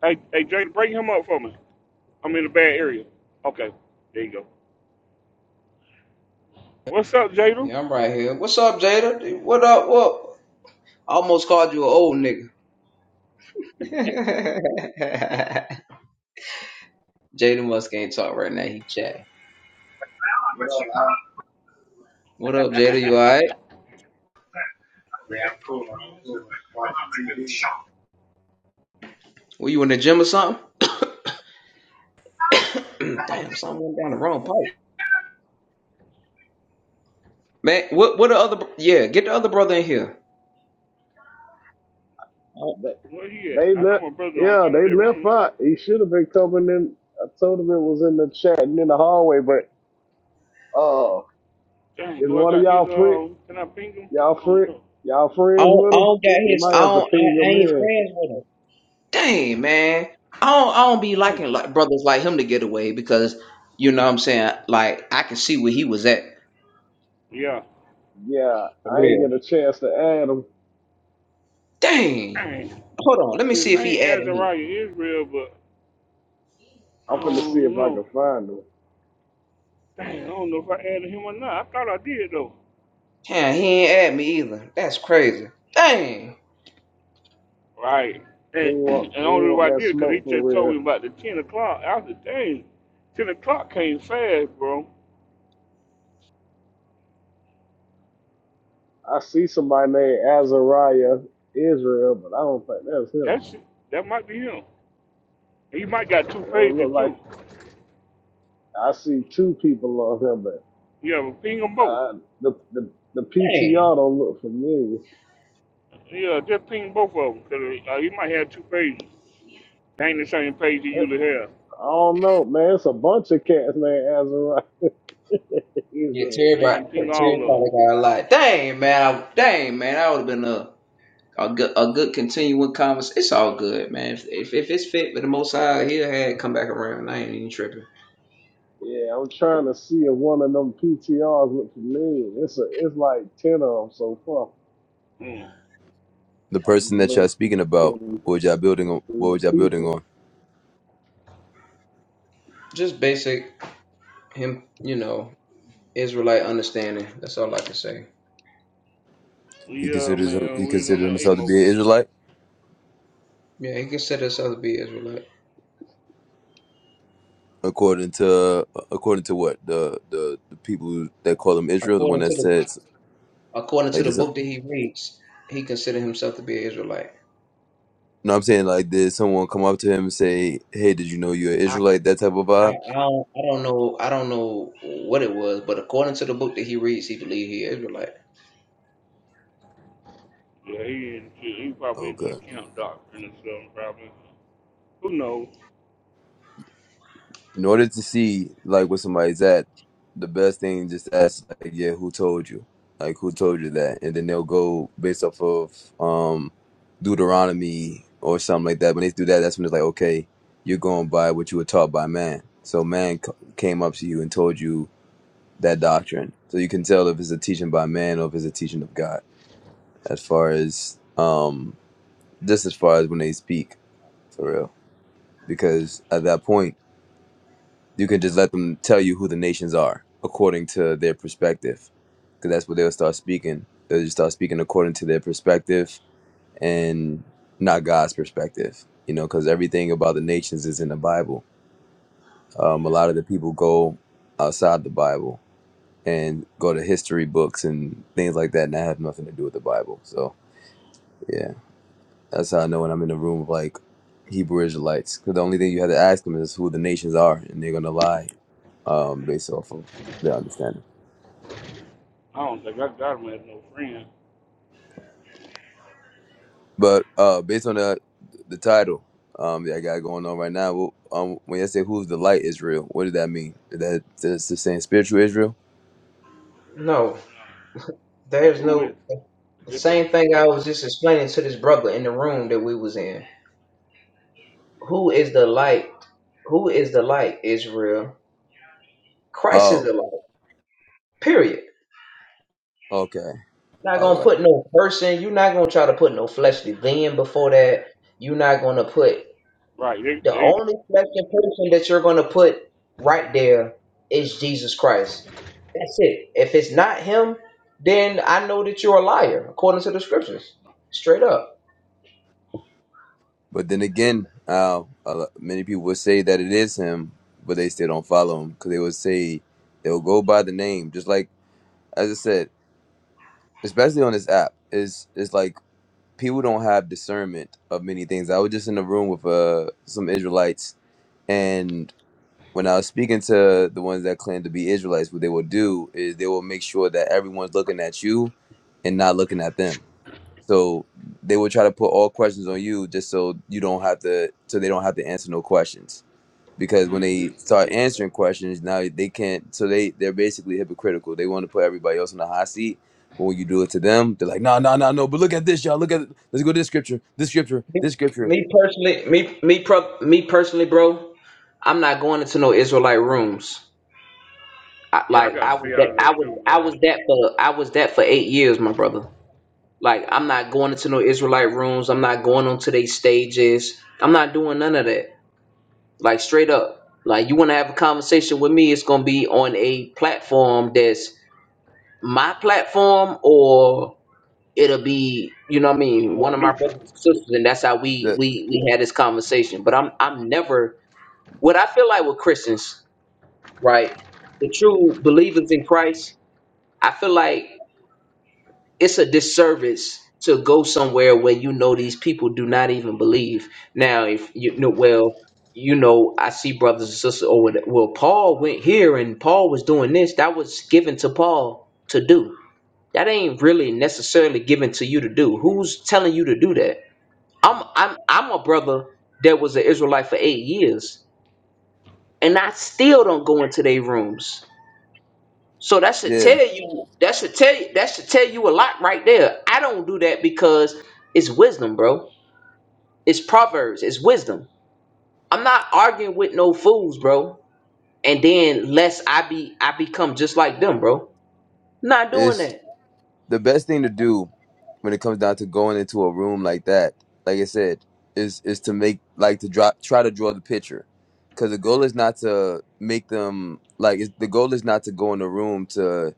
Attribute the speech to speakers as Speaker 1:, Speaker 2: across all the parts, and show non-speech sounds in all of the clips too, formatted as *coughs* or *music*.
Speaker 1: Hey, hey, Jada, bring him up for me. I'm in a bad area. Okay, there you go. What's up, Jada?
Speaker 2: Yeah, I'm right here. What's up, Jada? What up? What? I almost called you an old nigga. *laughs* Jada Musk ain't talk right now. He chatting.
Speaker 3: They are
Speaker 2: What up, Jada? You alright? Were you in the gym or something? *coughs* *clears throat* Damn, something went down the wrong pipe. Man, what? What the other? br- Yeah, get the other brother in here. I don't.
Speaker 4: They
Speaker 1: Where he at?
Speaker 4: they
Speaker 1: I know
Speaker 4: left.
Speaker 1: my brother on the
Speaker 4: Yeah,
Speaker 1: end of
Speaker 4: they
Speaker 1: that
Speaker 4: left
Speaker 1: room.
Speaker 4: out. He should have been coming in. I told him it was in the chat and in the hallway. But uh,
Speaker 1: Dang,
Speaker 4: is
Speaker 1: do I
Speaker 4: one of
Speaker 1: got
Speaker 4: y'all
Speaker 1: his,
Speaker 4: friend?
Speaker 1: uh, can I ping him?
Speaker 4: Y'all
Speaker 1: I don't
Speaker 4: friend?
Speaker 1: know.
Speaker 4: Y'all
Speaker 2: I
Speaker 4: friends
Speaker 2: don't,
Speaker 4: with
Speaker 2: I
Speaker 4: him?
Speaker 2: don't got
Speaker 4: You
Speaker 2: his.
Speaker 4: might
Speaker 2: I
Speaker 4: have to
Speaker 2: don't. I,
Speaker 4: ping him
Speaker 2: ain't
Speaker 4: in.
Speaker 2: friends with him. Dang, man. I don't. I don't be
Speaker 1: Dang.
Speaker 2: liking like brothers like him to get away because you know what I'm saying. Like I can see where he was at.
Speaker 1: Yeah.
Speaker 4: Yeah,
Speaker 2: For
Speaker 4: I ain't
Speaker 2: real.
Speaker 4: get a chance to add him.
Speaker 2: Dang.
Speaker 1: Dang.
Speaker 2: Hold on, let me
Speaker 1: His
Speaker 2: see if he
Speaker 1: name
Speaker 2: added me.
Speaker 1: Azariah Israel, but I
Speaker 4: I'm finna see
Speaker 1: don't
Speaker 4: if I can
Speaker 1: know.
Speaker 4: find him.
Speaker 1: Dang, I don't know if I added him or not. I thought I did, though.
Speaker 2: Yeah, he ain't add me either. That's crazy. Dang,
Speaker 1: Right.
Speaker 4: He
Speaker 1: And,
Speaker 4: ain't
Speaker 1: *clears throat* and
Speaker 4: want
Speaker 1: the
Speaker 4: he ain't
Speaker 1: only
Speaker 4: want
Speaker 1: why I
Speaker 4: that
Speaker 1: did it, because he
Speaker 4: smoke for
Speaker 1: just told
Speaker 4: real.
Speaker 1: me about the 10 o'clock. I was like, dang, 10 o'clock came fast, bro.
Speaker 4: I see somebody named Azariah Israel, but I don't think that's him.
Speaker 1: That's, that might be him. He might got two
Speaker 4: It don't
Speaker 1: pages
Speaker 4: look like
Speaker 1: too.
Speaker 4: I see two people on him,
Speaker 1: Yeah, ping them both.
Speaker 4: Uh, the, the the
Speaker 2: dang.
Speaker 4: PTR don't look familiar.
Speaker 1: Yeah, just ping both of them. Cause uh, he might have two pages. They ain't the same page he
Speaker 4: Uh,
Speaker 1: usually have.
Speaker 4: I don't know, man. It's a bunch of cats, man. Azariah, *laughs*
Speaker 2: Yeah,
Speaker 4: Israel.
Speaker 2: Terry,
Speaker 1: Let
Speaker 2: brought-
Speaker 1: him ping all
Speaker 2: Terry
Speaker 1: of
Speaker 2: probably got a lot. Dang, man. I, dang, man. I would have been a a good a good continuing conversation. It's all good, man. If if, if it's fit for the Most High, he'll have it come back around. I ain't even tripping.
Speaker 4: Yeah, I'm trying to see if one of them PTRs look familiar. It's a, it's like ten of them so far.
Speaker 1: them. Mm.
Speaker 5: The person
Speaker 4: I'm
Speaker 5: that y'all speaking about,
Speaker 4: looking
Speaker 5: what was y'all building on?
Speaker 4: through
Speaker 5: What
Speaker 4: the
Speaker 5: was y'all building
Speaker 4: people.
Speaker 5: on?
Speaker 2: Just basic him, you know, Israelite understanding. That's all I can say.
Speaker 5: He
Speaker 1: Yeah,
Speaker 5: considers him- he
Speaker 1: man, we was on
Speaker 5: considers
Speaker 1: that
Speaker 5: himself to be
Speaker 1: Amos.
Speaker 5: an Israelite,
Speaker 2: Yeah, he considered himself to be Israelite
Speaker 5: according to according to what the the, the people that call him Israel, the one
Speaker 2: according
Speaker 5: that
Speaker 2: to the
Speaker 5: says
Speaker 2: according to
Speaker 5: like
Speaker 2: the
Speaker 5: this.
Speaker 2: book that he reads. He considered himself to be an Israelite.
Speaker 5: No, I'm saying like did someone come up to him and say, "Hey, did you know you're an Israelite?" That type of
Speaker 2: I,
Speaker 5: vibe.
Speaker 2: I don't I don't know I don't know what it was, but according to the book that he reads, he believed he Israelite.
Speaker 1: Yeah, he he probably into
Speaker 5: Okay.
Speaker 1: the camp doctrine or something probably. Who knows?
Speaker 5: in order to see like where somebody's at, the best thing is just ask like, yeah, who told you? Like who told you that? And then they'll go based off of um Deuteronomy or something like that. When they do that, that's when it's like, okay, you're going by what you were taught by man. So man c- came up to you and told you that doctrine. So you can tell if it's a teaching by man or if it's a teaching of God. As far as um, just as far as when they speak for real, because at that point. You can just let them tell you who the nations are according to their perspective, because that's what they'll start speaking. They'll just start speaking according to their perspective and not God's perspective. You know, because everything about the nations is in the Bible. Um, a lot of the people go outside the Bible and go to history books and things like that, and that have nothing to do with the Bible. So yeah. That's how I know when I'm in a room of like Hebrew Israelites, because the only thing you have to ask them is who the nations are, and they're gonna lie, um, based off of their understanding.
Speaker 1: I don't think I got him as no friend.
Speaker 5: But uh, based on the the title um, that I got going on right now, well, um, when I say who's the light Israel, what does that mean? Is that that's the saying spiritual Israel?
Speaker 2: No,
Speaker 1: Yeah. Like
Speaker 2: there's
Speaker 1: who is?
Speaker 2: no the
Speaker 1: it? *laughs*
Speaker 2: same thing I
Speaker 1: But,
Speaker 2: was just explaining to this brother in the room that we was in. Who is the light? Who is the light, Israel? Christ is
Speaker 5: Oh,
Speaker 2: the light. Period.
Speaker 5: okay,
Speaker 2: Not
Speaker 5: all
Speaker 2: gonna
Speaker 5: right.
Speaker 2: put no person. You're not gonna try to put no fleshly being before that. You're not gonna put.
Speaker 1: right. They,
Speaker 2: The
Speaker 1: they,
Speaker 2: only special person that you're going to put right there is Jesus Christ. That's it. If it's not him, then I know that you're a liar, according to the scriptures, straight up.
Speaker 5: But then again, uh, a lo- many people would say that it is him, but they still don't follow him because they would say they'll go by the name, just like as I said. especially on this app, is is like people don't have discernment of many things. I was just in a room with uh some Israelites, and when I was speaking to the ones that claim to be Israelites, what they will do is they will make sure that everyone's looking at you and not looking at them. So they will try to put all questions on you just so you don't have to so they don't have to answer no questions because when they
Speaker 1: hmm
Speaker 5: start answering questions now they can't so they they're basically hypocritical they want to put everybody else in the hot seat but when you do it to them they're like no no no no but look at this y'all look at it. let's go to this scripture this scripture
Speaker 2: Me
Speaker 5: this scripture
Speaker 2: me personally, me me pro, me personally, bro. I'm not going into no Israelite rooms. I,
Speaker 1: Yeah, I
Speaker 2: like
Speaker 1: got
Speaker 2: I
Speaker 1: to
Speaker 2: was
Speaker 1: see out
Speaker 2: that
Speaker 1: of there
Speaker 2: I
Speaker 1: too,
Speaker 2: was I
Speaker 1: man.
Speaker 2: was that for I was that for eight years, my brother. Like I'm not going into no Israelite rooms. I'm not going onto their stages. I'm not doing none of that. Like straight up. Like you want to have a conversation with me, it's gonna be on a platform that's my platform, or it'll be, you know, what I
Speaker 1: Something
Speaker 2: mean,
Speaker 1: more
Speaker 2: one of my
Speaker 1: neutral.
Speaker 2: brothers and sisters, and that's how we
Speaker 5: the
Speaker 2: we we had this conversation. But I'm I'm never what I feel like with Christians, right? The true believers in Christ. I feel like it's a disservice to go somewhere where you know these people do not even believe. Now, if you know, well, you know, I see brothers and sisters. Oh, well, well, Paul went here and Paul was doing this. That was given to Paul to do. That ain't really necessarily given to you to do. Who's telling you to do that? I'm, I'm, I'm a brother that was an Israelite for eight years, and I still don't go into their rooms. So that should tell
Speaker 5: yeah
Speaker 2: you that should tell you that should tell you a lot right there. I don't do that because it's wisdom, bro. It's proverbs, it's wisdom. I'm not arguing with no fools, bro. And then lest I be I become just like them, bro. Not doing
Speaker 5: it's
Speaker 2: that.
Speaker 5: the best thing to do when it comes down to going into a room like that, like I said, is is to make like to draw try to draw the picture, because the goal is not to make them like it's, the goal is not to go in the room to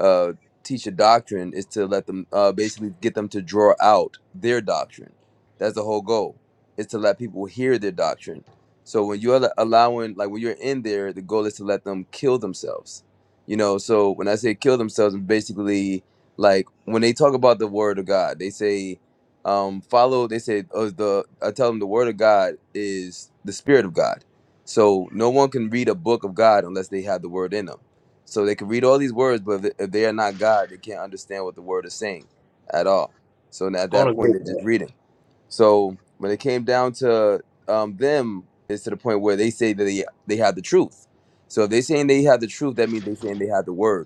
Speaker 5: uh, teach a doctrine, is to let them uh, basically get them to draw out their doctrine. That's the whole goal, is to let people hear their doctrine. So when you're al- allowing like when you're in there, the goal is to let them kill themselves. You know, so when I say kill themselves, I'm basically like when they talk about the word of God, they say, um, follow. They say, oh, the I tell them the word of God is the spirit of God. So no one can read a book of God unless they have the word in them. So they can read all these words, but if if they are not God, they can't understand what the word is saying at all. So at
Speaker 2: I don't
Speaker 5: that point,
Speaker 2: agree
Speaker 5: they're
Speaker 2: with
Speaker 5: just
Speaker 2: that.
Speaker 5: reading. So when it came down to um, them, it's to the point where they say that they, they have the truth. So if they're saying they have the truth, that means they're saying they have the word.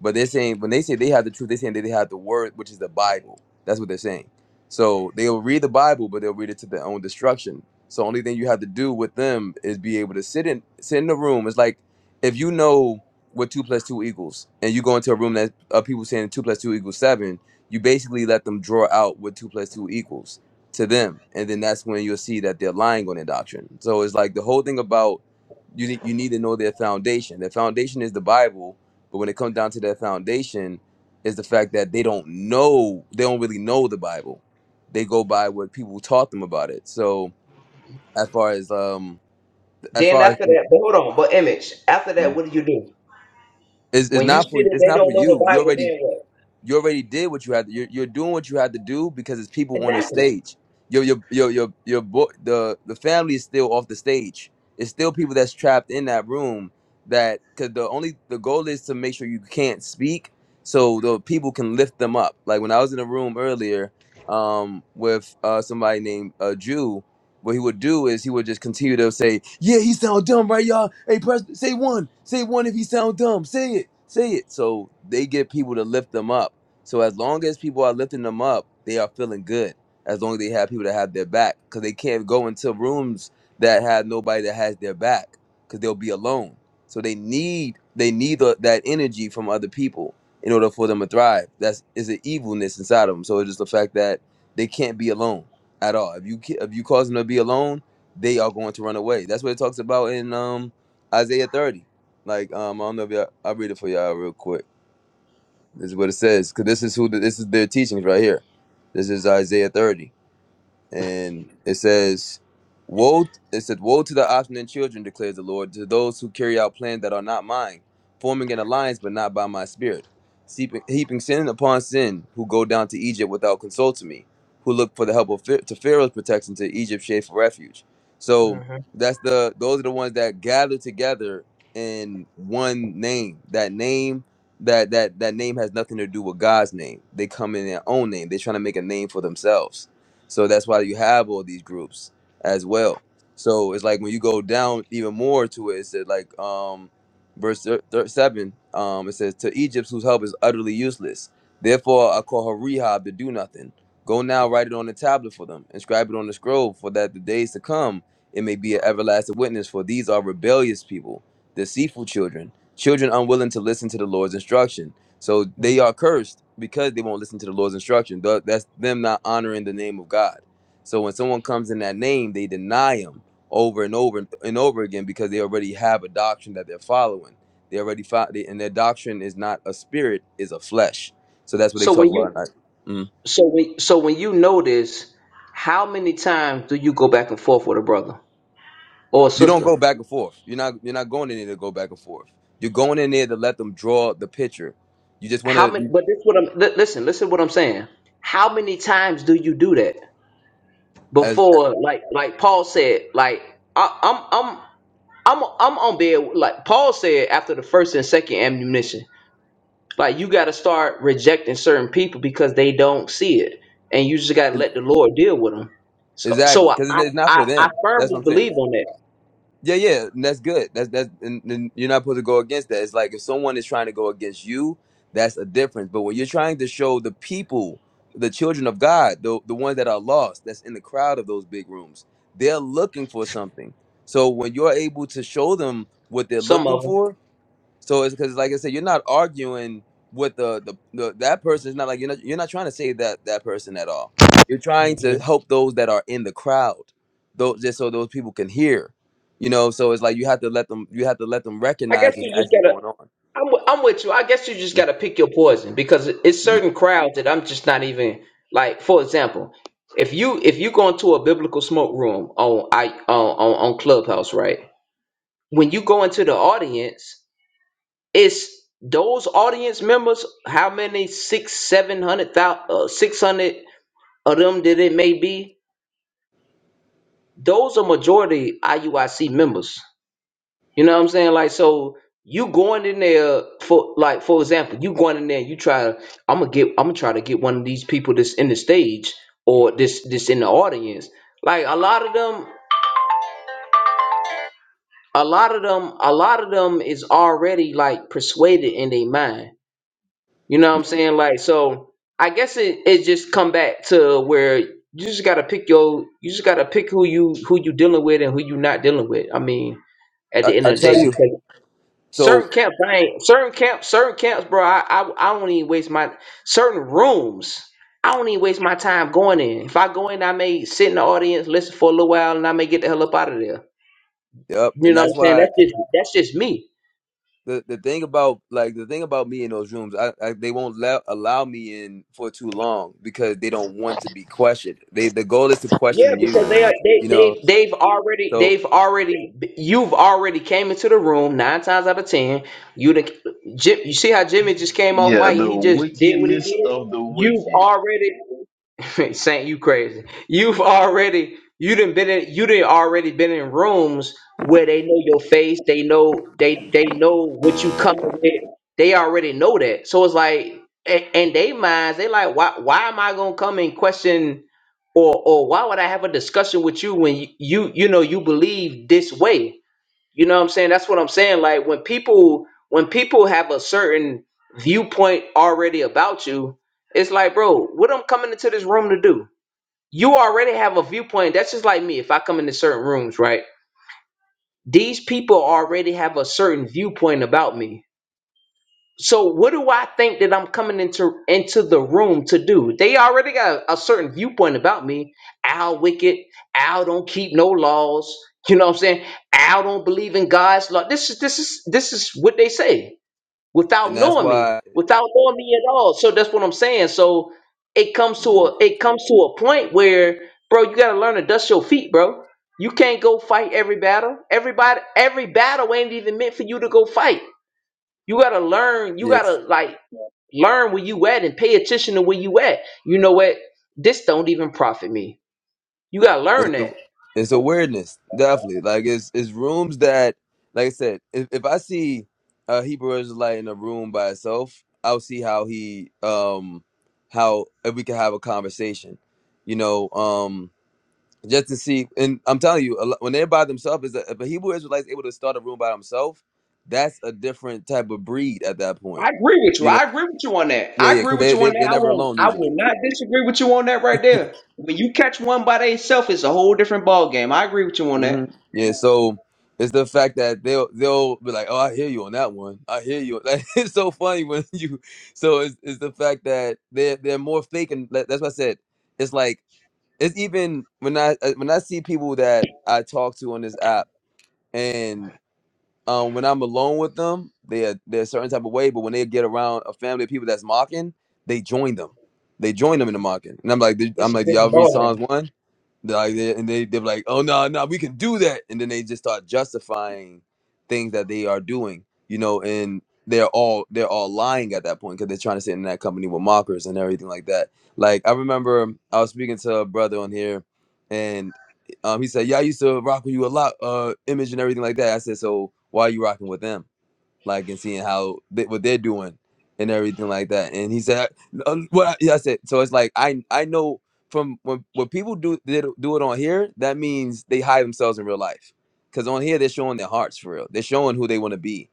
Speaker 5: But they're saying when they say they have the truth, they're saying that they have the word, which is the Bible. That's what they're saying. So they'll read the Bible, but they'll read it to their own destruction. So only thing you have to do with them is be able to sit in sit in the room. It's like if you know what two plus two equals, and you go into a room that uh, people saying two plus two equals seven, you basically let them draw out what two plus two equals to them, and then that's when you'll see that they're lying on their doctrine. So it's like the whole thing about you need you need to know their foundation. Their foundation is the Bible, but when it comes down to their foundation, is the fact that they don't know, they don't really know the Bible. They go by what people taught them about it. So as far as um, as
Speaker 2: Then
Speaker 5: far as
Speaker 2: after that, but hold on, but image. After that, what do you do?
Speaker 5: it's, it's
Speaker 2: When you
Speaker 5: not
Speaker 2: see
Speaker 5: for
Speaker 2: that
Speaker 5: it's
Speaker 2: they
Speaker 5: not for
Speaker 2: don't know
Speaker 5: you.
Speaker 2: the
Speaker 5: You
Speaker 2: Bible,
Speaker 5: already
Speaker 2: then what?
Speaker 5: you already did what you had. You're, you're doing what you had to do because it's people on a
Speaker 2: Exactly.
Speaker 5: stage. Your your your your your bo- the the family is still off the stage. It's still people that's trapped in that room. That because the only the goal is to make sure you can't speak, so the people can lift them up. Like when I was in a room earlier, um, with uh somebody named uh, Jew what he would do is he would just continue to say, "Yeah, he sound dumb, right, y'all? Hey, press, say one, say one if he sound dumb. Say it, say it." So they get people to lift them up. So as long as people are lifting them up, they are feeling good. As long as they have people that have their back, because they can't go into rooms that have nobody that has their back, because they'll be alone. So they need they need the, that energy from other people in order for them to thrive. That's is an evilness inside of them. So it's just the fact that they can't be alone at all. If you ki- if you cause them to be alone, they are going to run away. That's what it talks about in um Isaiah 30. Like um I don't know if y'all, I'll read it for y'all real quick. This is what it says because this is who the, this is their teachings right here. This is Isaiah 30 and it says, "Woe!" It said, "Woe to the obstinate children," declares the Lord, to those who carry out plans that are not mine, forming an alliance but not by my spirit, heaping, heaping sin upon sin, who go down to Egypt without consulting me, who look for the help of Phar- to Pharaoh's protection to Egypt's shade for refuge. So that's the those are the ones that gather together in one name. That name. That, that that name has nothing to do with God's name. They come in their own name. They're trying to make a name for themselves so that's why you have all these groups as well. So it's like when you go down even more to it, it said like um, verse thir- thir- seven. Um, it says to Egypt, whose help is utterly useless. Therefore, I call her Rehab to do nothing. Go now, write it on the tablet for them, inscribe it on the scroll, for that the days to come it may be an everlasting witness. For these are rebellious people, deceitful children, children unwilling to listen to the Lord's instruction. So
Speaker 2: Mhm.
Speaker 5: they are cursed because they won't listen to the Lord's instruction. Tha- That's them not honoring the name of God. So when someone comes in that name, they deny him over and over and and over again because they already have a doctrine that they're following. They already fo- they, and their doctrine is not a spirit, is a flesh. So that's what they
Speaker 2: So
Speaker 5: talk
Speaker 2: when you
Speaker 5: about. Like, mm.
Speaker 2: So when so when you notice, how many times do you go back and forth with a brother or a
Speaker 5: You don't
Speaker 2: sister?
Speaker 5: go back and forth. You're not you're not going in there to go back and forth. You're going in there to let them draw the picture. You just want
Speaker 2: How many?
Speaker 5: to
Speaker 2: But this what I'm li- listen. Listen what I'm saying. How many times do you do that
Speaker 5: as
Speaker 2: before? Like like Paul said. Like I, I'm I'm. I'm I'm on bed like Paul said after the first and second ammunition. Like you got to start rejecting certain people because they don't see it, and you just got to
Speaker 5: as-
Speaker 2: let the Lord deal with them. So so
Speaker 5: exactly
Speaker 2: I
Speaker 5: because it's it's not
Speaker 2: I,
Speaker 5: for
Speaker 2: I
Speaker 5: them. That's what
Speaker 2: firmly
Speaker 5: I'm saying.
Speaker 2: believe on that.
Speaker 5: Yeah, yeah, and that's good. That's that's and, and you're not supposed to go against that. It's like if someone is trying to go against you, that's a difference. But when you're trying to show the people, the children of God, the the ones that are lost, that's in the crowd of those big rooms, they're looking for something. So when you're able to show them what they're
Speaker 2: Some
Speaker 5: looking
Speaker 2: of
Speaker 5: for, so it's because, like I said, you're not arguing with the, the the that person. It's not like you're not you're not trying to save that that person at all. You're trying
Speaker 2: them.
Speaker 5: to help those that are in the crowd, those just so those people can hear. You know, so it's like you have to let them you have to let them
Speaker 2: I guess
Speaker 5: recognize what's
Speaker 2: you just
Speaker 5: actually
Speaker 2: gotta.
Speaker 5: going on.
Speaker 2: I'm, wi- am with you. I guess you just gotta pick your poison because it- it's
Speaker 5: Mhm.
Speaker 2: certain crowds that I'm just not even like. For example, if you if you go into a biblical smoke room on I on on, on Clubhouse, right? When you go into the audience, it's those audience members. How many six seven hundred thousand uh, six hundred of them that it may be? Those are majority IUIC members. You know what I'm saying? Like, so you going in there for like, for example, you going in there, you try to I'm gonna get I'm gonna try to get one of these people that's in the stage or this this in the audience. Like a lot of them, a lot of them, a lot of them is already like persuaded in their mind. You know what I'm saying? Like, so I guess it, it just come back to where you just gotta pick your you just gotta pick who you who you dealing with and who you not dealing with. I mean, at
Speaker 5: I,
Speaker 2: the end
Speaker 5: I
Speaker 2: of the
Speaker 5: tell you,
Speaker 2: day,
Speaker 5: so
Speaker 2: Certain camps, I ain't certain camps, certain camps, bro. I, I I don't even waste my certain rooms. I don't even waste my time going in. If I go in, I may sit in the audience, listen for a little while, and I may get the hell up out of there.
Speaker 5: yep,
Speaker 2: You
Speaker 5: and
Speaker 2: know what I'm
Speaker 5: that's
Speaker 2: saying?
Speaker 5: why
Speaker 2: That's just that's just me.
Speaker 5: the the thing about like the thing about me in those rooms, I, I they won't let allow me in for too long because they don't want to be questioned. They the goal is to
Speaker 2: Yeah,
Speaker 5: question
Speaker 2: because
Speaker 5: you,
Speaker 2: they are they
Speaker 5: you know.
Speaker 2: they they've already
Speaker 5: so.
Speaker 2: they've already you've already came into the room nine times out of ten. You the Jim, you see how Jimmy just came off
Speaker 6: Yeah,
Speaker 2: mic and
Speaker 6: the
Speaker 2: he just did what he
Speaker 6: wickedness
Speaker 2: did.
Speaker 6: of the
Speaker 2: You've
Speaker 6: wicked.
Speaker 2: already *laughs* Saint, you crazy. You've already you didn't been in you didn't already been in rooms where they know your face. They know they they know what you coming with. They already know that. So it's like a- in they minds they like why why am I gonna come and question or or why would I have a discussion with you when you you, you know you believe this way? You know what I'm saying? That's what I'm saying. Like when people when people have a certain viewpoint already about you, it's like, bro, what I'm coming into this room to do? You already have a viewpoint. That's just like me. If I come into certain rooms, right? These people already have a certain viewpoint about me so what do I think that I'm coming into into the room to do? They already got a certain viewpoint about me. Al wicked, Al don't keep no laws. You know what I'm saying? Al don't believe in God's law. This is this is this is what they say without
Speaker 5: and that's
Speaker 2: knowing me,
Speaker 5: why
Speaker 2: without knowing me at all. So that's what I'm saying. So it comes to
Speaker 5: hmm
Speaker 2: a it comes to a point where, bro, you gotta learn to dust your feet, bro. You can't go fight every battle. Everybody, every battle ain't even meant for you to go fight you gotta learn. You
Speaker 5: yes,
Speaker 2: gotta like learn where you at and pay attention to where you at. You know what? This don't even profit me. You gotta
Speaker 5: it's
Speaker 2: learn
Speaker 5: a,
Speaker 2: that.
Speaker 5: it's a weirdness, definitely. Like it's it's rooms that, like I said, if, if I see a Hebrew Israelite in a room by itself, I'll see how he um how if we can have a conversation, you know, um just to see. And I'm telling you, a lo- when they're by themselves, is a, if a Hebrew Israelite's able to start a room by himself, that's a different type of breed at that
Speaker 2: I
Speaker 5: point.
Speaker 2: agree with you.
Speaker 5: You know,
Speaker 2: I agree with you on that.
Speaker 5: yeah,
Speaker 2: I
Speaker 5: yeah,
Speaker 2: agree
Speaker 5: because
Speaker 2: with
Speaker 5: they,
Speaker 2: you on
Speaker 5: they
Speaker 2: that.
Speaker 5: they're
Speaker 2: I
Speaker 5: never
Speaker 2: will
Speaker 5: alone
Speaker 2: I
Speaker 5: usually.
Speaker 2: will not disagree with you on that right there. When you catch one by itself, it's a whole different ball game. I agree with you on that.
Speaker 5: hmm Yeah, so it's the fact that they'll they'll be like, "Oh, I hear you on that one. I hear you." *laughs* Like it's so funny when *laughs* you. So it's, it's the fact that they're they're more fake, and that- that's what I said. It's like it's even when I uh, when I see people that I talk to on this app, and um when I'm alone with them, they are they're a certain type of way. But when they get around a family of people that's mocking, they join them. They join them in the mocking, and I'm like, "Did- I'm
Speaker 2: It's a
Speaker 5: like, do y'all
Speaker 2: different
Speaker 5: read Psalms
Speaker 2: ball
Speaker 5: one? They're Like they, and they they're like, oh no, no, we can do that, and then they just start justifying things that they are doing, you know, and they're all they're all lying at that point because they're trying to sit in that company with mockers and everything like that. Like I remember I was speaking to a brother on here, and um, he said, yeah, I used to rock with you a lot, uh, image and everything like that. I said, so why are you rocking with them? like and seeing how they, what they're doing and everything like that. And he said, uh, "What?" I, yeah, I said, "So it's like I I know from when when people do they do it on here, that means they hide themselves in real life. Because on here they're showing their hearts for real. They're showing who they want to be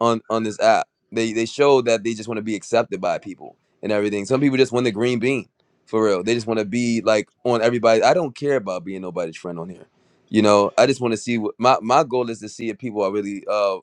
Speaker 5: on on this app. They they show that they just want to be accepted by people and everything. Some people just want the green bean for real. They just want to be like on everybody. I don't care about being nobody's friend on here." You know, I just want to see what my, my goal is to see if people are really uh."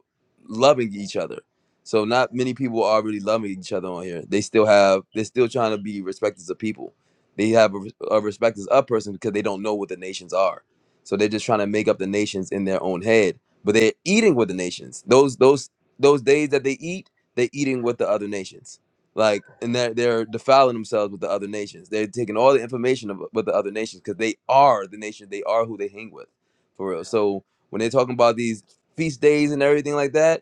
Speaker 5: loving each other. So not many people are really loving each other on here. They still have they're still trying to be respecters of people. They have a, a respect of person because they don't know what the nations are. So they're just trying to make up the nations in their own head. But they're eating with the nations. Those those those days that they eat, they're eating with the other nations. Like and they're they're defiling themselves with the other nations. They're taking all the information of, with the other nations because they are the nation. They are who they hang with, for real. So when they're talking about these feast days and everything like that.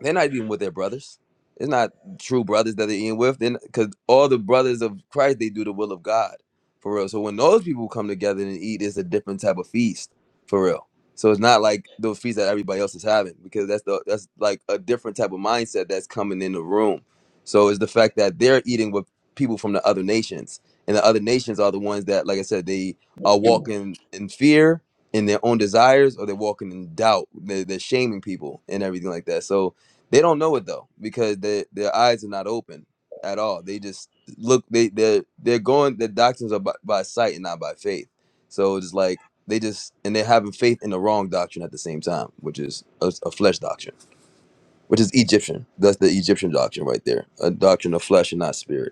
Speaker 5: They're not even with their brothers. It's not true brothers that they're eating with. Then because all the brothers of Christ, they do the will of God for real. So when those people come together and eat, it's a different type of feast for real. So it's not like those feasts that everybody else is having because that's the that's like a different type of mindset that's coming in the room. So it's the fact that they're eating with people from the other nations, and the other nations are the ones that, like I said, they are walking in fear in their own desires or they're walking in doubt. They're, they're shaming people and everything like that. So they don't know it though because their their eyes are not open at all. They just look they they're they're going the doctrines are by, by sight and not by faith. So it's like they just and they're having faith in the wrong doctrine at the same time, which is a, a flesh doctrine, which is Egyptian. That's the Egyptian doctrine right there, a doctrine of flesh and not spirit.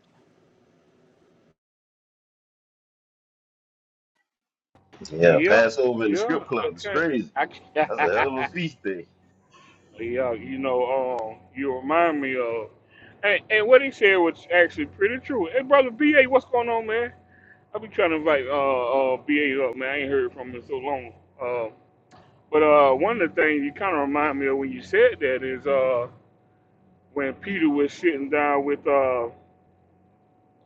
Speaker 6: Yeah,
Speaker 1: Yeah,
Speaker 6: Passover in the
Speaker 1: yeah,
Speaker 6: strip
Speaker 1: I
Speaker 6: club is
Speaker 1: can't,
Speaker 6: crazy.
Speaker 1: I can't.
Speaker 6: That's a hell of a feast day.
Speaker 1: Yeah, you know, um, you remind me of, and, and what he said was actually pretty true. Hey, brother BA, what's going on, man? I be trying to invite uh, uh BA up, man. I ain't heard from him in so long. Uh, but uh, one of the things you kind of remind me of when you said that is uh when Peter was sitting down with uh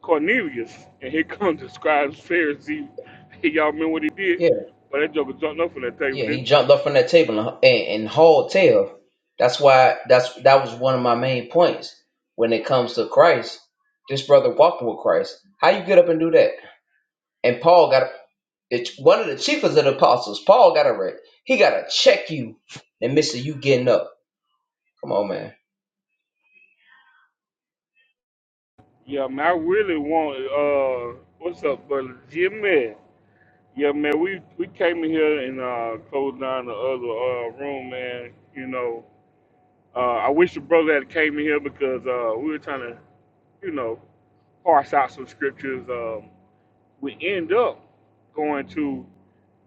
Speaker 1: Cornelius, and here *laughs* comes the scribes, Pharisees. *laughs* Y'all remember what he did?
Speaker 2: game.
Speaker 1: But that joker jumped up from that table,
Speaker 2: Yeah,
Speaker 1: didn't?
Speaker 2: he
Speaker 1: he?
Speaker 2: jumped up from that table and, and, and hauled tail. That's why that's that was one of my main points when it comes to Christ. This brother walking with Christ. How you get up and do that? And Paul got the one of the chiefest of the apostles. Paul got a wreck. He got to check you and Mister, you getting up. Come on, man.
Speaker 1: Yeah, man, I really want uh what's up, brother Jimmy? Yeah, man, we we came in here and uh closed down the other uh room, man. You know, uh I wish the brother had came in here because uh we were trying to, you know, parse out some scriptures. Um we end up going to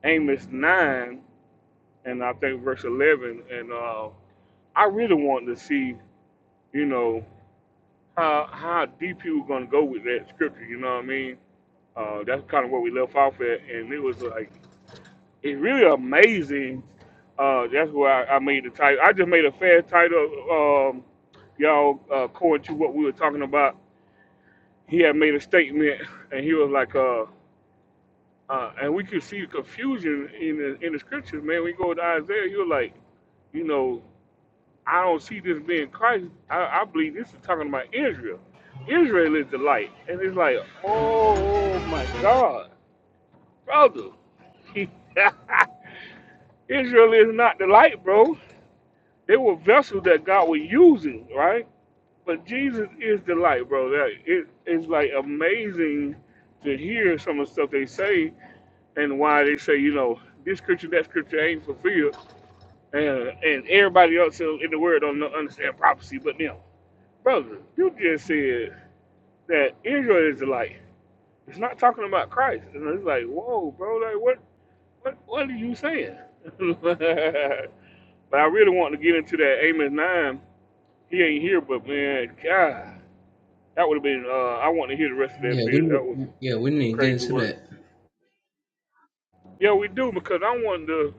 Speaker 1: Amos nine and I think verse eleven and uh I really wanted to see, you know, how how deep he was gonna go with that scripture, you know what I mean? Uh, that's kind of where we left off at, and it was like it's really amazing. Uh, that's why I, I made the title. I just made a fair title. Um, y'all, uh, according to what we were talking about, he had made a statement, and he was like, uh, uh, and we could see the confusion in the in the scriptures, man. We go to Isaiah, he was like, you know, I don't see this being Christ. I, I believe this is talking about Israel. Israel is the light, and it's like, oh my God, brother. *laughs* Israel is not the light, bro. They were vessels that God was using, right? But Jesus is the light, bro. That it is like amazing to hear some of the stuff they say and why they say, you know, this scripture, that scripture ain't fulfilled, and and everybody else in the world don't know, understand prophecy, but them, brother. You just said that Israel is the light. It's not talking about Christ, and it's like, whoa, bro, like what, what, what are you saying? *laughs* But I really wanted to get into that Amos nine. He ain't here, but man, God, that would have been. Uh, I want to hear the rest of
Speaker 2: Yeah,
Speaker 1: that
Speaker 2: we
Speaker 1: bill.
Speaker 2: need.
Speaker 1: That was
Speaker 2: Yeah, we
Speaker 1: some
Speaker 2: need to get
Speaker 1: crazy
Speaker 2: into
Speaker 1: work.
Speaker 2: that.
Speaker 1: Yeah, we do because I wanted to.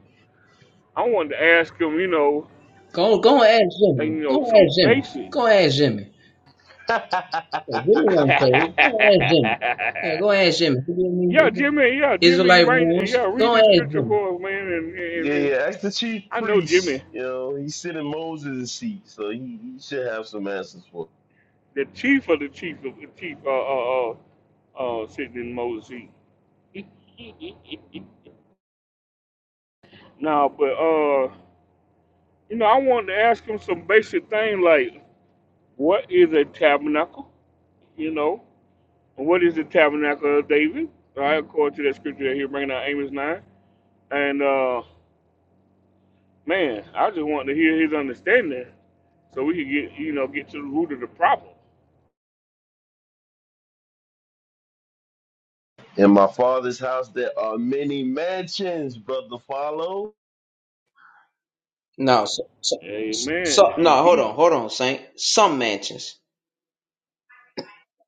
Speaker 1: I wanted to ask him, you know,
Speaker 2: Go, go and ask
Speaker 1: and
Speaker 2: Jimmy.
Speaker 1: you
Speaker 2: Go
Speaker 1: know,
Speaker 2: and
Speaker 1: some
Speaker 2: ask Jimmy.
Speaker 1: basic.
Speaker 2: Go and ask Jimmy.
Speaker 6: *laughs*
Speaker 2: So give me
Speaker 1: *laughs*
Speaker 2: one Go ask Jimmy. Yeah, go
Speaker 1: yeah,
Speaker 2: ask Jimmy. Give me any
Speaker 1: Jimmy. Yeah, Jimmy. You
Speaker 2: Israelite
Speaker 1: might.
Speaker 2: rules.
Speaker 1: Yeah, read
Speaker 2: Go ask
Speaker 1: this scripture
Speaker 2: Jimmy.
Speaker 1: for us, man. And, and,
Speaker 6: yeah,
Speaker 1: and
Speaker 6: yeah. Ask the chief
Speaker 1: I know Jimmy,
Speaker 6: priest. You know, he's sitting Moses' seat, so he, he should have some answers for.
Speaker 1: the chief of the chief of the chief. Uh, uh, uh, uh sitting in Moses' seat. *laughs* Nah, but uh. You know, I wanted to ask him some basic thing like, what is a tabernacle? You know, what is the tabernacle of David? Right, according to that scripture that he bringing out Amos nine. And uh, man, I just wanted to hear his understanding so we could get you know get to the root of the problem.
Speaker 6: It. In my father's house, there are many mansions, brother. Follow?
Speaker 2: No, so, so,
Speaker 1: Amen.
Speaker 2: so no, hold on,
Speaker 1: Indeed,
Speaker 2: hold on, Saint. Some mansions.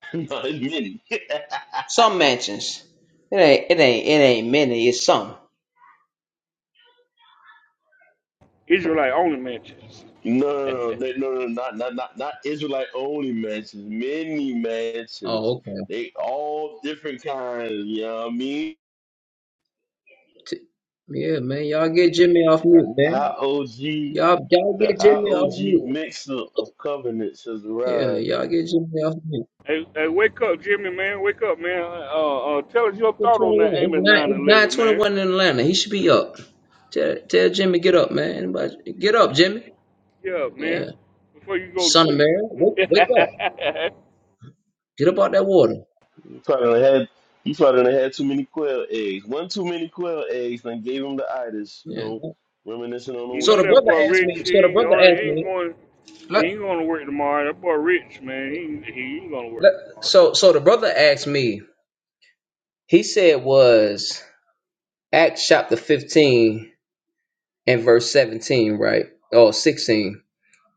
Speaker 6: *laughs* Not many. *laughs*
Speaker 2: Some mansions. It ain't it ain't it ain't many, it's some.
Speaker 1: Israelite only mentions.
Speaker 6: No, no, no, no, no, not, not, not, not Israelite only mansions. Many mansions.
Speaker 2: Oh, okay.
Speaker 6: They all different kinds. You know what I mean?
Speaker 2: T- Yeah, man. Y'all get Jimmy off
Speaker 6: The
Speaker 2: mute, man.
Speaker 6: IOG,
Speaker 2: Y'all, y'all
Speaker 6: the
Speaker 2: get Jimmy off
Speaker 6: IOG
Speaker 2: mute.
Speaker 6: mix-up of covenants has arrived.
Speaker 2: Yeah, y'all get Jimmy off mute.
Speaker 1: Hey, hey, wake up, Jimmy, man. Wake up, man. Uh, uh, tell us your
Speaker 2: It's
Speaker 1: thought on
Speaker 2: 21.
Speaker 1: that
Speaker 2: It's
Speaker 1: Amos
Speaker 2: not.
Speaker 1: nine
Speaker 2: It's nine
Speaker 1: eleven, man.
Speaker 2: twenty-one in Atlanta. He should be up. Tell, tell Jimmy get up, man. Anybody, get up, Jimmy.
Speaker 1: Yeah,
Speaker 2: Yeah.
Speaker 1: man. Before you go to
Speaker 2: Son of
Speaker 1: sleep.
Speaker 2: Mary, wake, wake up.
Speaker 1: *laughs*
Speaker 2: Get up out that water.
Speaker 6: You probably done had, you probably done had too many quail eggs. One too many quail eggs, and gave him the itis. You
Speaker 2: Yeah.
Speaker 6: know, reminiscing on the
Speaker 1: You
Speaker 2: So
Speaker 1: know
Speaker 2: the
Speaker 1: that
Speaker 2: brother
Speaker 1: boy
Speaker 6: wilderness.
Speaker 2: asked me,
Speaker 1: Rich, he,
Speaker 2: so the
Speaker 1: you
Speaker 2: brother
Speaker 1: know, he
Speaker 2: asked
Speaker 1: ain't
Speaker 2: me,
Speaker 1: going he
Speaker 2: let,
Speaker 1: ain't going to work tomorrow. That boy Rich, man, he, he ain't going to
Speaker 2: let,
Speaker 1: work tomorrow.
Speaker 2: so so the brother asked me, he said was Acts chapter 15 and verse 17, right? Or 16.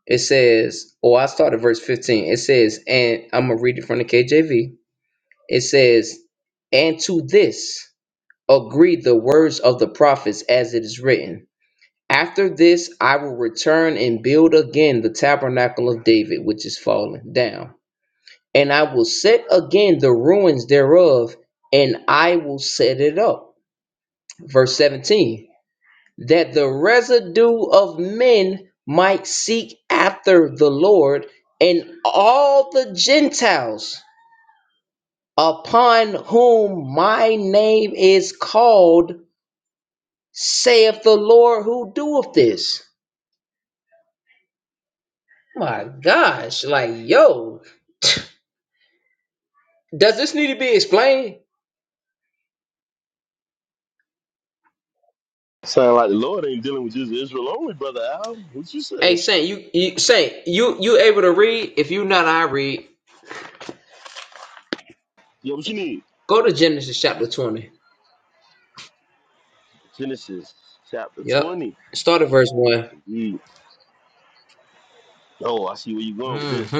Speaker 2: It says, Oh, I started verse 15. It says, and I'm gonna read it from the KJV. It says, and to this agreed the words of the prophets as it is written. After this I will return and build again the tabernacle of David, which is fallen down. And I will set again the ruins thereof, and I will set it up. Verse 17 That the residue of men might seek after the Lord, and all the Gentiles upon whom my name is called, saith the Lord who doeth this. My gosh, like yo, Does this need to be explained?
Speaker 6: Sound like the Lord ain't dealing with just Israel only, brother Al. What you
Speaker 2: Hey,
Speaker 6: say?
Speaker 2: Saint, you, you Saint, you you able to read? If you not, I read.
Speaker 6: Yeah, what you need?
Speaker 2: Go to Genesis chapter twenty.
Speaker 6: Genesis chapter
Speaker 2: Yep.
Speaker 6: twenty.
Speaker 2: Start at verse one.
Speaker 6: indeed. Oh, I see where you're going with this.
Speaker 2: Mm-hmm.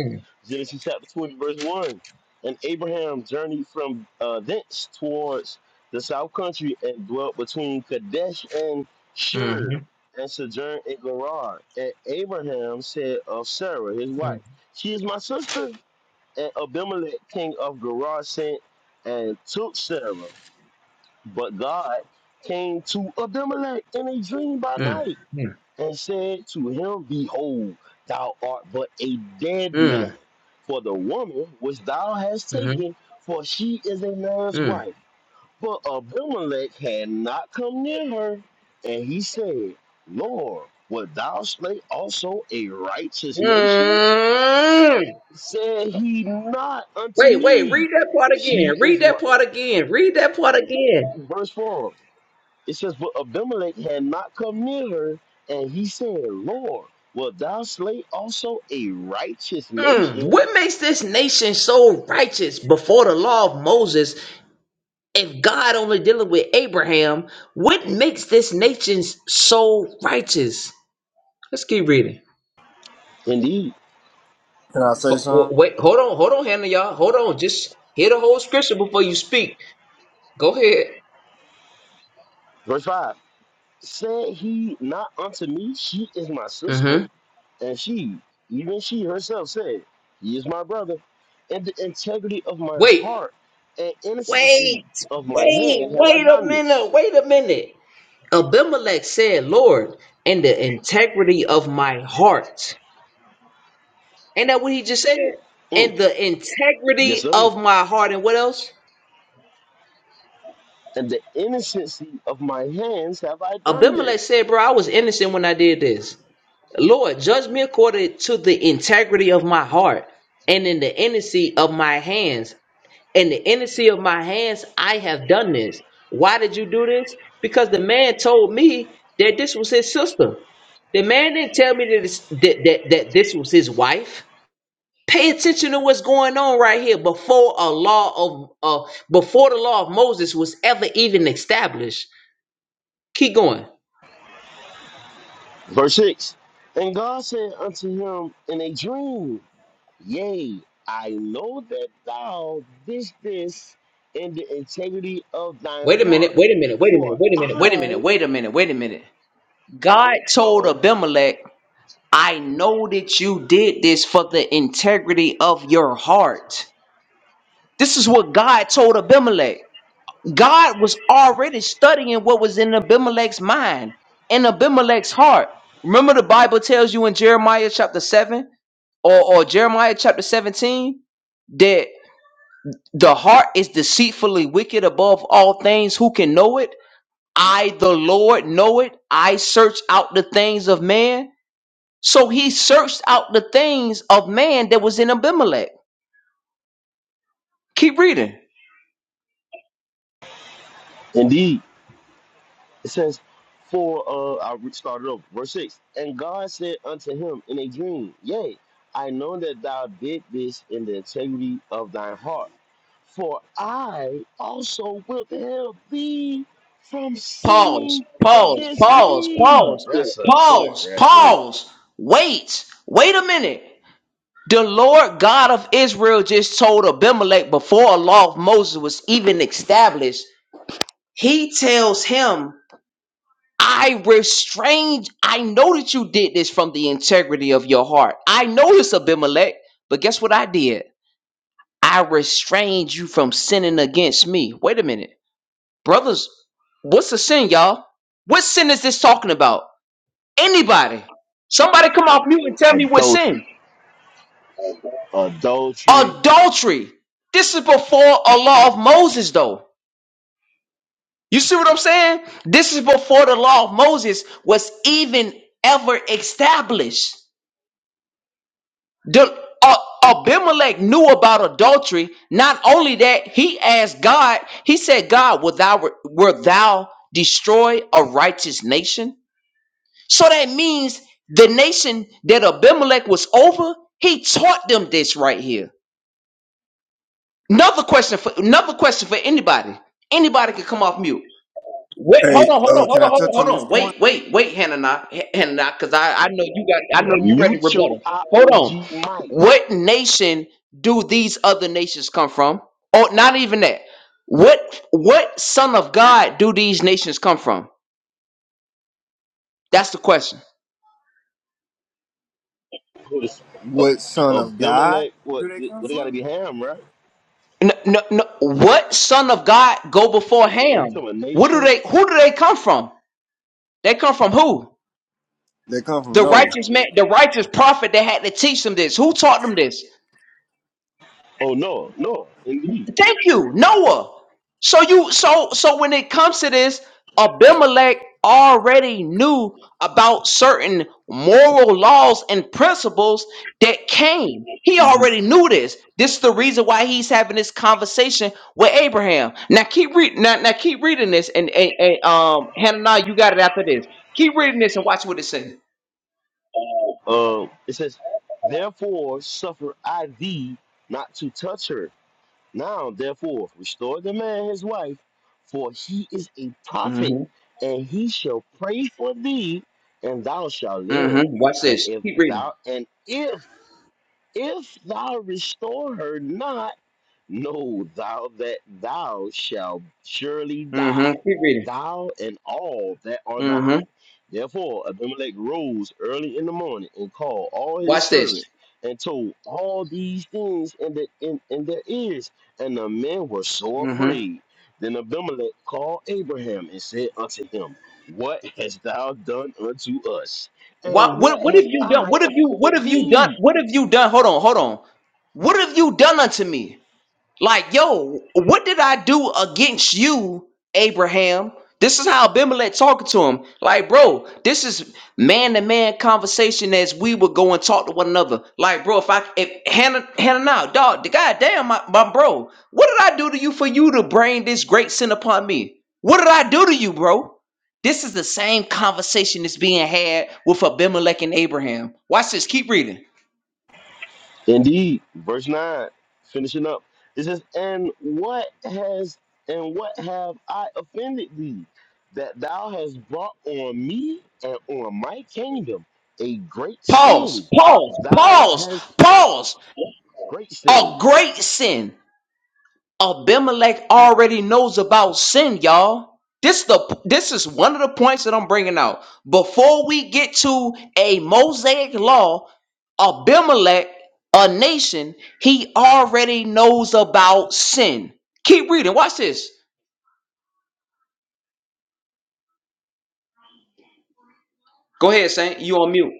Speaker 6: Genesis chapter 20, verse 1. And Abraham journeyed from uh, thence towards the south country and dwelt between Kadesh and Shur
Speaker 2: Mm-hmm.
Speaker 6: and sojourned in Gerar. And Abraham said of Sarah, his wife, She is my sister. And Abimelech, king of Gerar, sent and took Sarah. But God came to Abimelech in a dream by night
Speaker 2: Mm-hmm.
Speaker 6: and said to him, Behold, thou art but a dead man.
Speaker 2: Mm-hmm.
Speaker 6: For the woman which thou hast taken, for she is a man's
Speaker 2: Mm-hmm.
Speaker 6: wife. But Abimelech had not come near her. And he said, Lord, wilt thou slay also a righteous nation?
Speaker 2: Mm-hmm.
Speaker 6: Said he not unto
Speaker 2: Wait, wait.
Speaker 6: me,
Speaker 2: Read that part again.
Speaker 6: She
Speaker 2: Read
Speaker 6: is my.
Speaker 2: that part again. Read that part again.
Speaker 6: Verse 4 It says, But Abimelech had not come near her, and he said, Lord, wilt thou slay also a righteous
Speaker 2: Mm.
Speaker 6: nation?
Speaker 2: What makes this nation so righteous before the law of Moses if God only dealing with Abraham, what makes this nation so righteous? Let's keep reading.
Speaker 6: Indeed.
Speaker 7: Can I say
Speaker 2: Ho- ho-
Speaker 7: something?
Speaker 2: Wait, hold on, hold on, Hannah, y'all. Hold on. Just hear the whole scripture before you speak. Go ahead.
Speaker 6: Verse 5 Said he not unto me, She is my sister?
Speaker 2: hmm
Speaker 6: And she, even she herself, said, He is my brother. In the integrity of my
Speaker 2: Wait,
Speaker 6: heart and innocency
Speaker 2: wait,
Speaker 6: of my
Speaker 2: wait,
Speaker 6: hand have I
Speaker 2: wait a
Speaker 6: done this.
Speaker 2: minute, wait a minute. Abimelech said, Lord, in the integrity of my heart. Ain't that what he just said?
Speaker 6: Mm,
Speaker 2: In the
Speaker 6: Yes,
Speaker 2: integrity
Speaker 6: sir.
Speaker 2: of my heart. And what else?
Speaker 6: And the innocency of my hands have I done
Speaker 2: Abimelech
Speaker 6: this.
Speaker 2: said, Bro, I was innocent when I did this. Lord, judge me according to the integrity of my heart and in the innocency of my hands. In the innocency of my hands, I have done this. Why did you do this? Because the man told me that this was his sister. The man didn't tell me that, this, that, that, that this was his wife. Pay attention to what's going on right here before a law of uh, before the law of Moses was ever even established. Keep going.
Speaker 6: Verse 6 And God said unto him in a dream, Yea, I know that thou didst this in the integrity of thine
Speaker 2: Wait a minute,
Speaker 6: heart.
Speaker 2: wait a minute, wait a minute,
Speaker 6: For
Speaker 2: wait a minute, wait a minute,
Speaker 6: I,
Speaker 2: wait a minute, wait a minute. God
Speaker 6: uh
Speaker 2: told
Speaker 6: oh,
Speaker 2: Abimelech, I know that you did this for the integrity of your heart. This is what God told Abimelech. God was already studying what was in Abimelech's mind, in Abimelech's heart. Remember, the Bible tells you in Jeremiah chapter 7 or, or Jeremiah chapter 17 that the heart is deceitfully wicked above all things. Who can know it? I, the Lord, know it. I search out the things of man So he searched out the things of man that was in Abimelech. Keep reading.
Speaker 6: indeed, it says, for, uh, I re- started over, verse 6. And God said unto him in a dream, Yea, I know that thou did this in the integrity of thine heart. For I also withheld thee from
Speaker 2: Pause,
Speaker 6: sinning
Speaker 2: pause,
Speaker 6: against
Speaker 2: pause,
Speaker 6: me.
Speaker 2: pause,
Speaker 6: That's a cut
Speaker 2: pause,
Speaker 6: right there.
Speaker 2: pause. Wait, wait a minute. The Lord God of Israel just told Abimelech before a law of Moses was even established, he tells him, I restrained, I know that you did this from the integrity of your heart. I know this, Abimelech, but guess what I did? I restrained you from sinning against me. Wait a minute. Brothers, what's a sin, y'all? What sin is this talking about? Anybody? Somebody come off mute and tell me what sin.
Speaker 6: Adultery. Adultery.
Speaker 2: Adultery. This is before a law of Moses, though. You see what I'm saying? This is before the law of Moses was even ever established. The- uh, Abimelech knew about adultery. Not only that, he asked God, he said, God, wilt thou, wilt thou destroy a righteous nation? So that means the nation that Abimelech was over, he taught them this right here. Another question for another question for anybody. Anybody can come off mute. Wait, hold
Speaker 7: Hey,
Speaker 2: on, hold
Speaker 7: uh,
Speaker 2: on, hold
Speaker 7: can I
Speaker 2: on, hold
Speaker 7: touch
Speaker 2: on,
Speaker 7: on
Speaker 2: hold
Speaker 7: this
Speaker 2: on.
Speaker 7: point?
Speaker 2: Wait, wait, wait, Hannah, Hannah, because I, I know you got, I know
Speaker 6: A
Speaker 2: you ready to
Speaker 6: mutual
Speaker 2: rebuttal. Hold on.
Speaker 6: IOG might.
Speaker 2: What nation do these other nations come from? Oh, not even that. What, what son of God do these nations come from? That's the question.
Speaker 6: Who this- uh,
Speaker 7: What son of God
Speaker 6: Abimelech, what,
Speaker 7: do they come
Speaker 6: what they gotta
Speaker 7: from?
Speaker 6: be Ham, right?
Speaker 2: No, no, no. What son of God go before
Speaker 6: Are you
Speaker 2: Ham?
Speaker 6: talking about
Speaker 2: What do
Speaker 6: nation?
Speaker 2: they? Who do they come from? They come from who?
Speaker 7: They come from
Speaker 2: The
Speaker 7: Noah.
Speaker 2: righteous man, the righteous prophet that had to teach them this. Who taught them this?
Speaker 6: Oh, no, no, indeed.
Speaker 2: Thank you, Noah. So you so so when it comes to this, Abimelech already knew about certain moral laws and principles that came. He
Speaker 7: hmm
Speaker 2: already knew this. This is the reason why he's having this conversation with Abraham. Now keep reading now, now keep reading this and, and, and um Hannah, you got it after this. Keep reading this and watch what it says.
Speaker 6: Um, it says, Therefore suffer I thee not to touch her. Now, therefore, restore the man his wife, for he is a prophet,
Speaker 2: Mm-hmm.
Speaker 6: and he shall pray for thee, and thou shalt
Speaker 2: Mm-hmm.
Speaker 6: live.
Speaker 2: Watch
Speaker 6: And
Speaker 2: this.
Speaker 6: if
Speaker 2: Keep reading.
Speaker 6: thou and if if thou restore her not, Know thou that thou shalt surely
Speaker 2: Mm-hmm.
Speaker 6: die,
Speaker 2: Keep reading.
Speaker 6: thou and all that are
Speaker 2: Mm-hmm.
Speaker 6: thine. Therefore Abimelech rose early in the morning and called all his
Speaker 2: Watch
Speaker 6: servants
Speaker 2: this.
Speaker 6: and told all these things in, the, in, in their ears, and the men were so afraid. Then Abimelech called Abraham and said unto him, What hast thou done unto us? And
Speaker 2: What,
Speaker 6: what
Speaker 2: what what
Speaker 6: have
Speaker 2: have you done?
Speaker 6: I
Speaker 2: What have you what
Speaker 6: offended
Speaker 2: have you done?
Speaker 6: thee?
Speaker 2: What have you done? Hold on, hold on. What have you done unto me? Like, yo, what did I do against you, Abraham? This is how Abimelech talking to him. Like, bro, this is man to man conversation as we would go and talk to one another. Like, bro, if I if Hannah Hannah now, dog, the goddamn my, my bro, what did I do to you for you to bring this great sin upon me? What did I do to you, bro? This is the same conversation that's being had with Abimelech and Abraham. Watch this, keep reading.
Speaker 6: Indeed, verse nine, finishing up. It says, "And what has and what have I offended thee, that thou hast brought on me and on my kingdom a great
Speaker 2: Pause,
Speaker 6: sin?
Speaker 2: pause,
Speaker 6: Thou
Speaker 2: pause,
Speaker 6: hast
Speaker 2: pause.
Speaker 6: great sin.
Speaker 2: a great sin. Abimelech already knows about sin, y'all. This the this is one of the points that I'm bringing out. Before we get to a Mosaic law, Abimelech, a nation, he already knows about sin. Keep reading. Watch this. Go ahead, Saint. You on mute.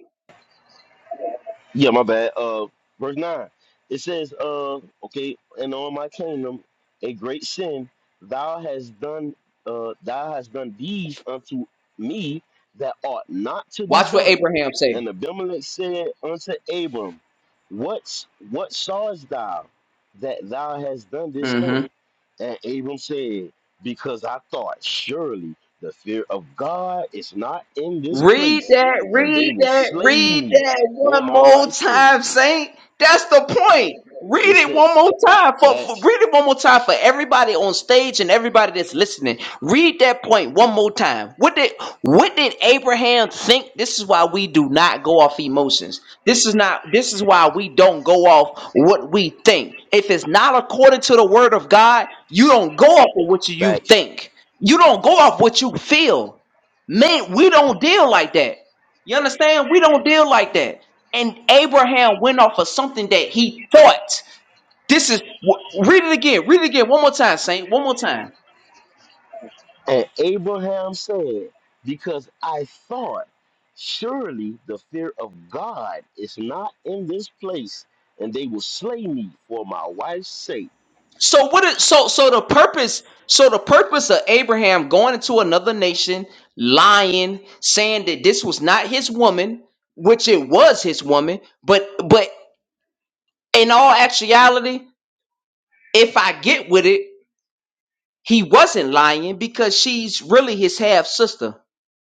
Speaker 6: Yeah, my bad. Uh, verse nine. It says, "Uh, okay, and on my kingdom, a great sin thou hast done. Uh, thou hast done these unto me that ought not to be
Speaker 2: Watch what
Speaker 6: done."
Speaker 2: Abraham say.
Speaker 6: And Abimelech said unto Abram, "What's what sawest thou that thou hast done this thing?" And Abram said, "Because I thought surely the fear of God is not in this
Speaker 2: Read
Speaker 6: place,
Speaker 2: that,
Speaker 6: and they
Speaker 2: read
Speaker 6: will
Speaker 2: that,
Speaker 6: slay
Speaker 2: read
Speaker 6: me."
Speaker 2: that
Speaker 6: Or
Speaker 2: one
Speaker 6: my
Speaker 2: more
Speaker 6: wife said,
Speaker 2: time, Saint. That's the point. Read
Speaker 6: it's
Speaker 2: it
Speaker 6: it.
Speaker 2: one more time for, for
Speaker 6: Facts,
Speaker 2: read it one more time for everybody on stage and everybody that's listening. Read that point one more time. What did what did Abraham think? This is why we do not go off emotions. This is not this is why we don't go off what we think. If it's not according to the word of God, you don't go off of what you
Speaker 6: facts.
Speaker 2: think. You don't go off what you feel. Man, we don't deal like that. You understand? We don't deal like that. And Abraham went off of something that he thought. This is wh- read it again. Read it again one more time, Saint. One more time.
Speaker 6: And Abraham said, because I thought, surely the fear of God is not in this place, and they will slay me for my wife's sake.
Speaker 2: So what? Is, so so the purpose. So the purpose of Abraham going into another nation, lying, saying that this was not his woman, which it was his woman, but but in all actuality, if I get with it, he wasn't lying because she's really his half sister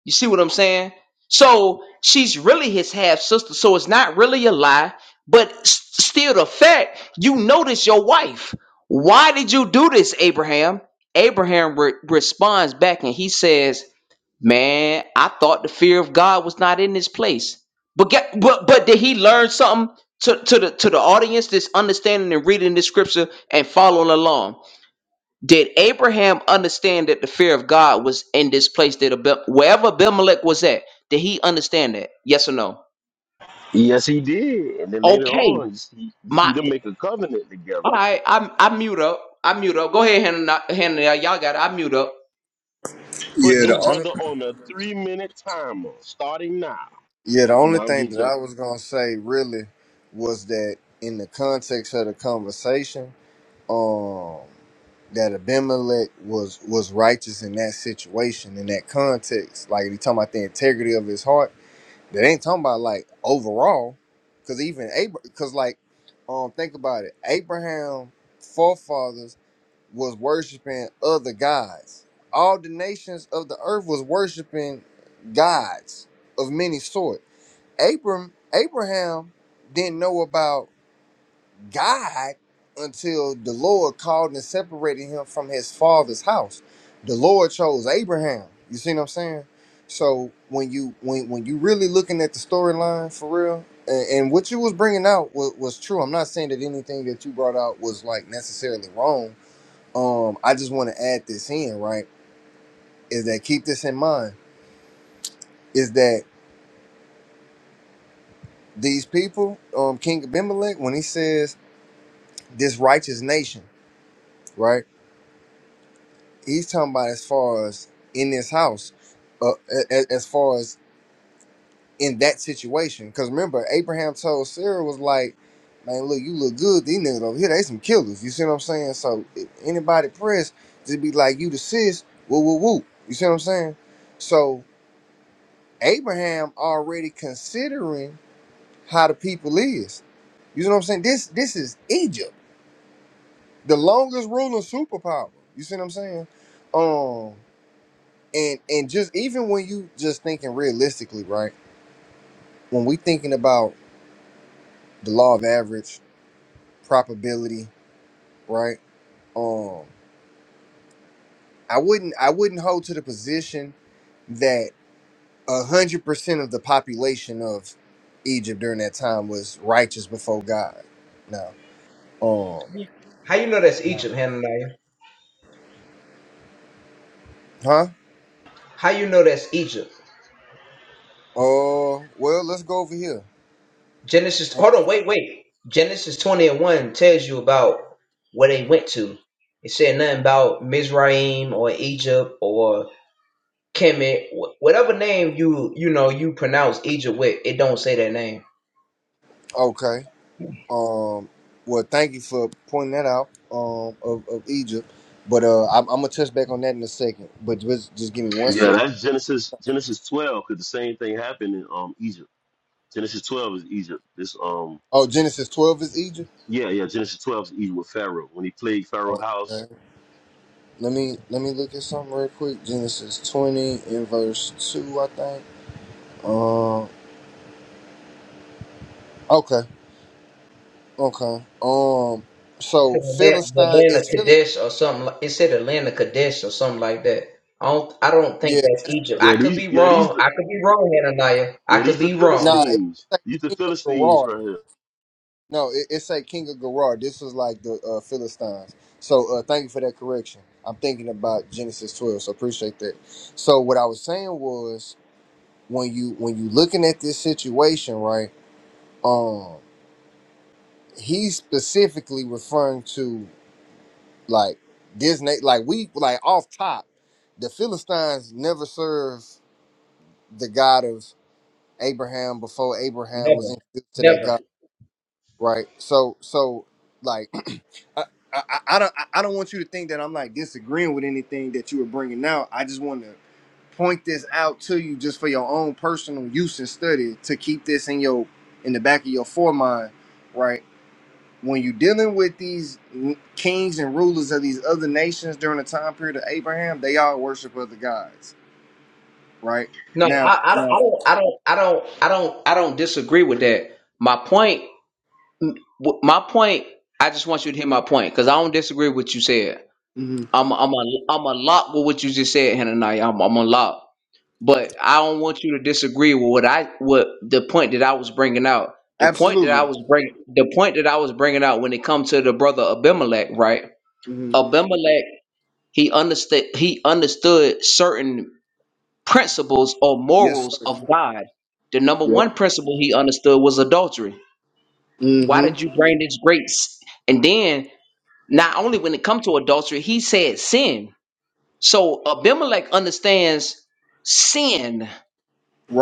Speaker 2: You see what I'm saying? So she's really his half sister. So it's not really a lie, but s- still the fact you notice your wife. Why did you do this, Abraham? Abraham re- responds back and he says, "Man, I thought the fear of God was not in this place." But get, but but did he learn something to, to the to the audience that's understanding and reading this scripture and following along? Did Abraham understand that the fear of God was in this place that Abim- wherever Abimelech was at? Did he understand that? Yes or no?
Speaker 6: Yes, he did. And then later
Speaker 2: Okay,
Speaker 6: on, you see, you
Speaker 2: my
Speaker 6: see them make a covenant together.
Speaker 2: all right. I'm I mute up. I mute up. Go ahead, Hannah. Hannah, y'all got it. I mute up.
Speaker 6: Put
Speaker 7: Yeah,
Speaker 6: this
Speaker 7: the only
Speaker 6: brother on a three-minute timer, starting now. *laughs*
Speaker 7: yeah the only
Speaker 6: No, I'm
Speaker 7: thing
Speaker 6: just
Speaker 7: that I
Speaker 6: joking.
Speaker 7: was gonna say really was that in the context of the conversation, um, that Abimelech was was righteous in that situation in that context. Like he talking about the integrity of his heart. That ain't talking about like overall, because even Abra, because like, um, think about it. Abraham forefathers was worshiping other gods. All the nations of the earth was worshiping gods of many sort. Abram Abraham didn't know about God until the Lord called and separated him from his father's house. The Lord chose Abraham. You see what I'm saying? So when you when when you really looking at the storyline for real, and, and what you was bringing out was, was true. I'm not saying that anything that you brought out was like necessarily wrong um i just want to add this in right is that keep this in mind is that these people um king abimelech when he says this righteous nation right he's talking about as far as in this house uh, a- a- as far as in that situation because remember abraham told sarah was like man look you look good these niggas over here they some killers you see what i'm saying so if anybody press just be like you the sis woo woo woo you see what i'm saying so abraham already considering how the people is. You see what I'm saying? This this is Egypt, the longest ruling superpower. You see what I'm saying? Um, and and just even when you just thinking realistically, right? When we thinking about the law of average probability, right? Um, I wouldn't I wouldn't hold to the position that a hundred percent of the population of Egypt during that time was righteous before God. No, um,
Speaker 2: How you know that's
Speaker 7: No.
Speaker 2: Egypt, Hananiah?
Speaker 7: huh?
Speaker 2: How you know that's Egypt?
Speaker 7: Uh, well, let's go over here.
Speaker 2: Genesis. Hold on, wait, wait. Genesis twenty and one tells you about where they went to. It said nothing about Mizraim or Egypt or. Kemet, whatever name you you know you pronounce Egypt with, it don't say that name.
Speaker 7: Okay. Um. Well, thank you for pointing that out. Um. Of, of Egypt, but uh, I'm, I'm gonna touch back on that in a second. But just just give me one
Speaker 6: Yeah,
Speaker 7: second.
Speaker 6: that's Genesis Genesis 12, because the same thing happened in um Egypt. Genesis 12 is Egypt. This um
Speaker 7: Oh, Genesis 12 is Egypt.
Speaker 6: yeah, yeah, Genesis 12 is Egypt with Pharaoh. When he plagued Pharaoh's house.
Speaker 7: Okay. Let me let me look at something real quick. Genesis 20 in verse two, I think. Um. Okay. Okay. Um.
Speaker 2: It
Speaker 7: So
Speaker 2: said
Speaker 7: Philistine
Speaker 2: Atla- Atlanta
Speaker 7: is Philistine.
Speaker 2: Kadesh or something. Like, it said Atlanta Kadesh or something like that. I don't I don't think
Speaker 7: Yeah.
Speaker 2: that's Egypt. I
Speaker 6: Yeah,
Speaker 2: could
Speaker 6: these
Speaker 2: be
Speaker 6: yeah, these
Speaker 2: wrong.
Speaker 6: the
Speaker 2: I could be wrong, Hananiah. I
Speaker 6: yeah,
Speaker 2: could
Speaker 6: these the
Speaker 2: be
Speaker 7: Nah.
Speaker 2: wrong.
Speaker 7: It's
Speaker 6: Philistines.
Speaker 7: like
Speaker 6: These the
Speaker 7: king of
Speaker 6: Philistines
Speaker 7: Gerar.
Speaker 6: right here.
Speaker 7: No, it, it's like King of Gerar. This was like the uh, Philistines. So uh, thank you for that correction. I'm thinking about Genesis 12, so appreciate that. So what I was saying was when you when you looking at this situation, right? Um, he's specifically referring to like this, na- like we like off top. The Philistines never served the God of Abraham before Abraham was
Speaker 2: Never,
Speaker 7: introduced to that God.
Speaker 2: never.
Speaker 7: right? So so like *clears throat* I, I I I don't I I don't want you to think that I'm like disagreeing with anything that you were bringing out. I just want to point this out to you just for your own personal use and study to keep this in your in the back of your foremind, right? When you're dealing with these n- kings and rulers of these other nations during the time period of Abraham, they all worship other gods, right?
Speaker 2: No,
Speaker 7: Now,
Speaker 2: I I don't I
Speaker 7: now,
Speaker 2: don't I don't I don't I don't, I don't disagree with that. My point, my point. I just want you to hear my point because I don't disagree with what you said.
Speaker 7: mhm.
Speaker 2: I'm I'm a, I'm a lock with what you just said, Hananiah. I'm I'm a lock. but I don't want you to disagree with what I what the point that I was bringing out. The point that I
Speaker 7: absolutely,
Speaker 2: was bring the point that I was bringing out when it comes to the brother Abimelech, right?
Speaker 7: hmm
Speaker 2: Abimelech, he understood he understood certain principles or
Speaker 7: yes,
Speaker 2: morals
Speaker 7: sir,
Speaker 2: of God. The number
Speaker 7: yep,
Speaker 2: one principle he understood was adultery. Why
Speaker 7: hmm
Speaker 2: did you bring this great? s- And then not only when it comes to adultery, he said sin. So Abimelech understands sin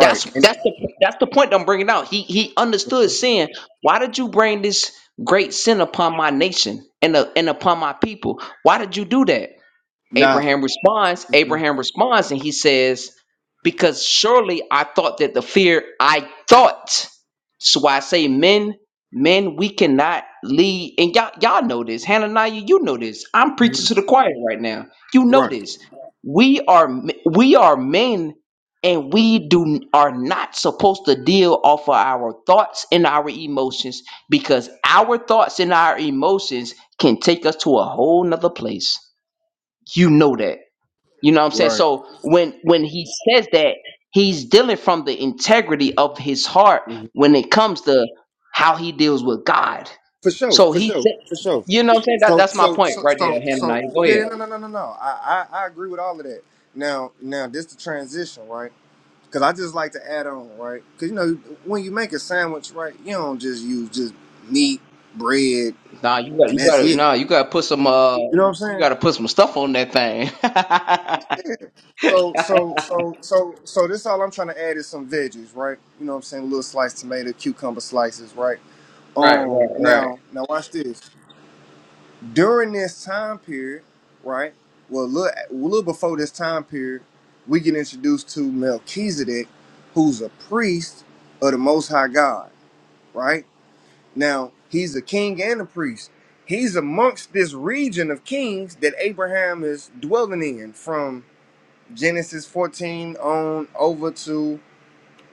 Speaker 2: That's
Speaker 7: and.
Speaker 2: that's the that's the point I'm bringing out. He he understood sin. Why did you bring this great sin upon my nation and uh, and upon my people? Why did you do that?
Speaker 7: nah,
Speaker 2: Abraham responds,
Speaker 7: hmm
Speaker 2: Abraham responds, and he says, Because surely I thought that the fear I thought. So I say, men, men, we cannot lead. And y'all, y'all know this. Hananiah, you know this. I'm
Speaker 7: hmm
Speaker 2: preaching to the choir right now. You know
Speaker 7: Right,
Speaker 2: this. We are m- we are men and we do are not supposed to deal off of our thoughts and our emotions because our thoughts and our emotions can take us to a whole nother place you know that you know what i'm saying
Speaker 7: right.
Speaker 2: so when when he says that he's dealing from the integrity of his heart
Speaker 7: hmm
Speaker 2: when it comes to how he deals with god
Speaker 7: For sure,
Speaker 2: so
Speaker 7: for
Speaker 2: he
Speaker 7: sure,
Speaker 2: said
Speaker 7: for sure.
Speaker 2: you know what i'm saying that,
Speaker 7: So,
Speaker 2: that's my
Speaker 7: so,
Speaker 2: point
Speaker 7: so,
Speaker 2: right
Speaker 7: so,
Speaker 2: there him now
Speaker 7: so,
Speaker 2: go ahead
Speaker 7: yeah, no, no, no, no, no. I, I, I agree with all of that. Now, now, this the transition, right? Because I just like to add on, right? Because you know, when you make a sandwich, right, you don't just use just meat, bread,
Speaker 2: nah you got
Speaker 7: and
Speaker 2: you
Speaker 7: that's
Speaker 2: gotta
Speaker 7: it.
Speaker 2: nah you gotta put some uh
Speaker 7: You know what I'm
Speaker 2: you
Speaker 7: saying?
Speaker 2: gotta put some stuff on that thing *laughs*
Speaker 7: So, so, so, so, so, this all I'm trying to add is some veggies, right? You know what I'm saying? little sliced tomato, cucumber slices, right?
Speaker 2: right right
Speaker 7: Um,
Speaker 2: right
Speaker 7: now, now watch this. during this time period, right? Well, a little, a little before this time period, we get introduced to Melchizedek, who's a priest of the Most High God, right? Now, he's a king and a priest. He's amongst this region of kings that Abraham is dwelling in from Genesis 14 on over to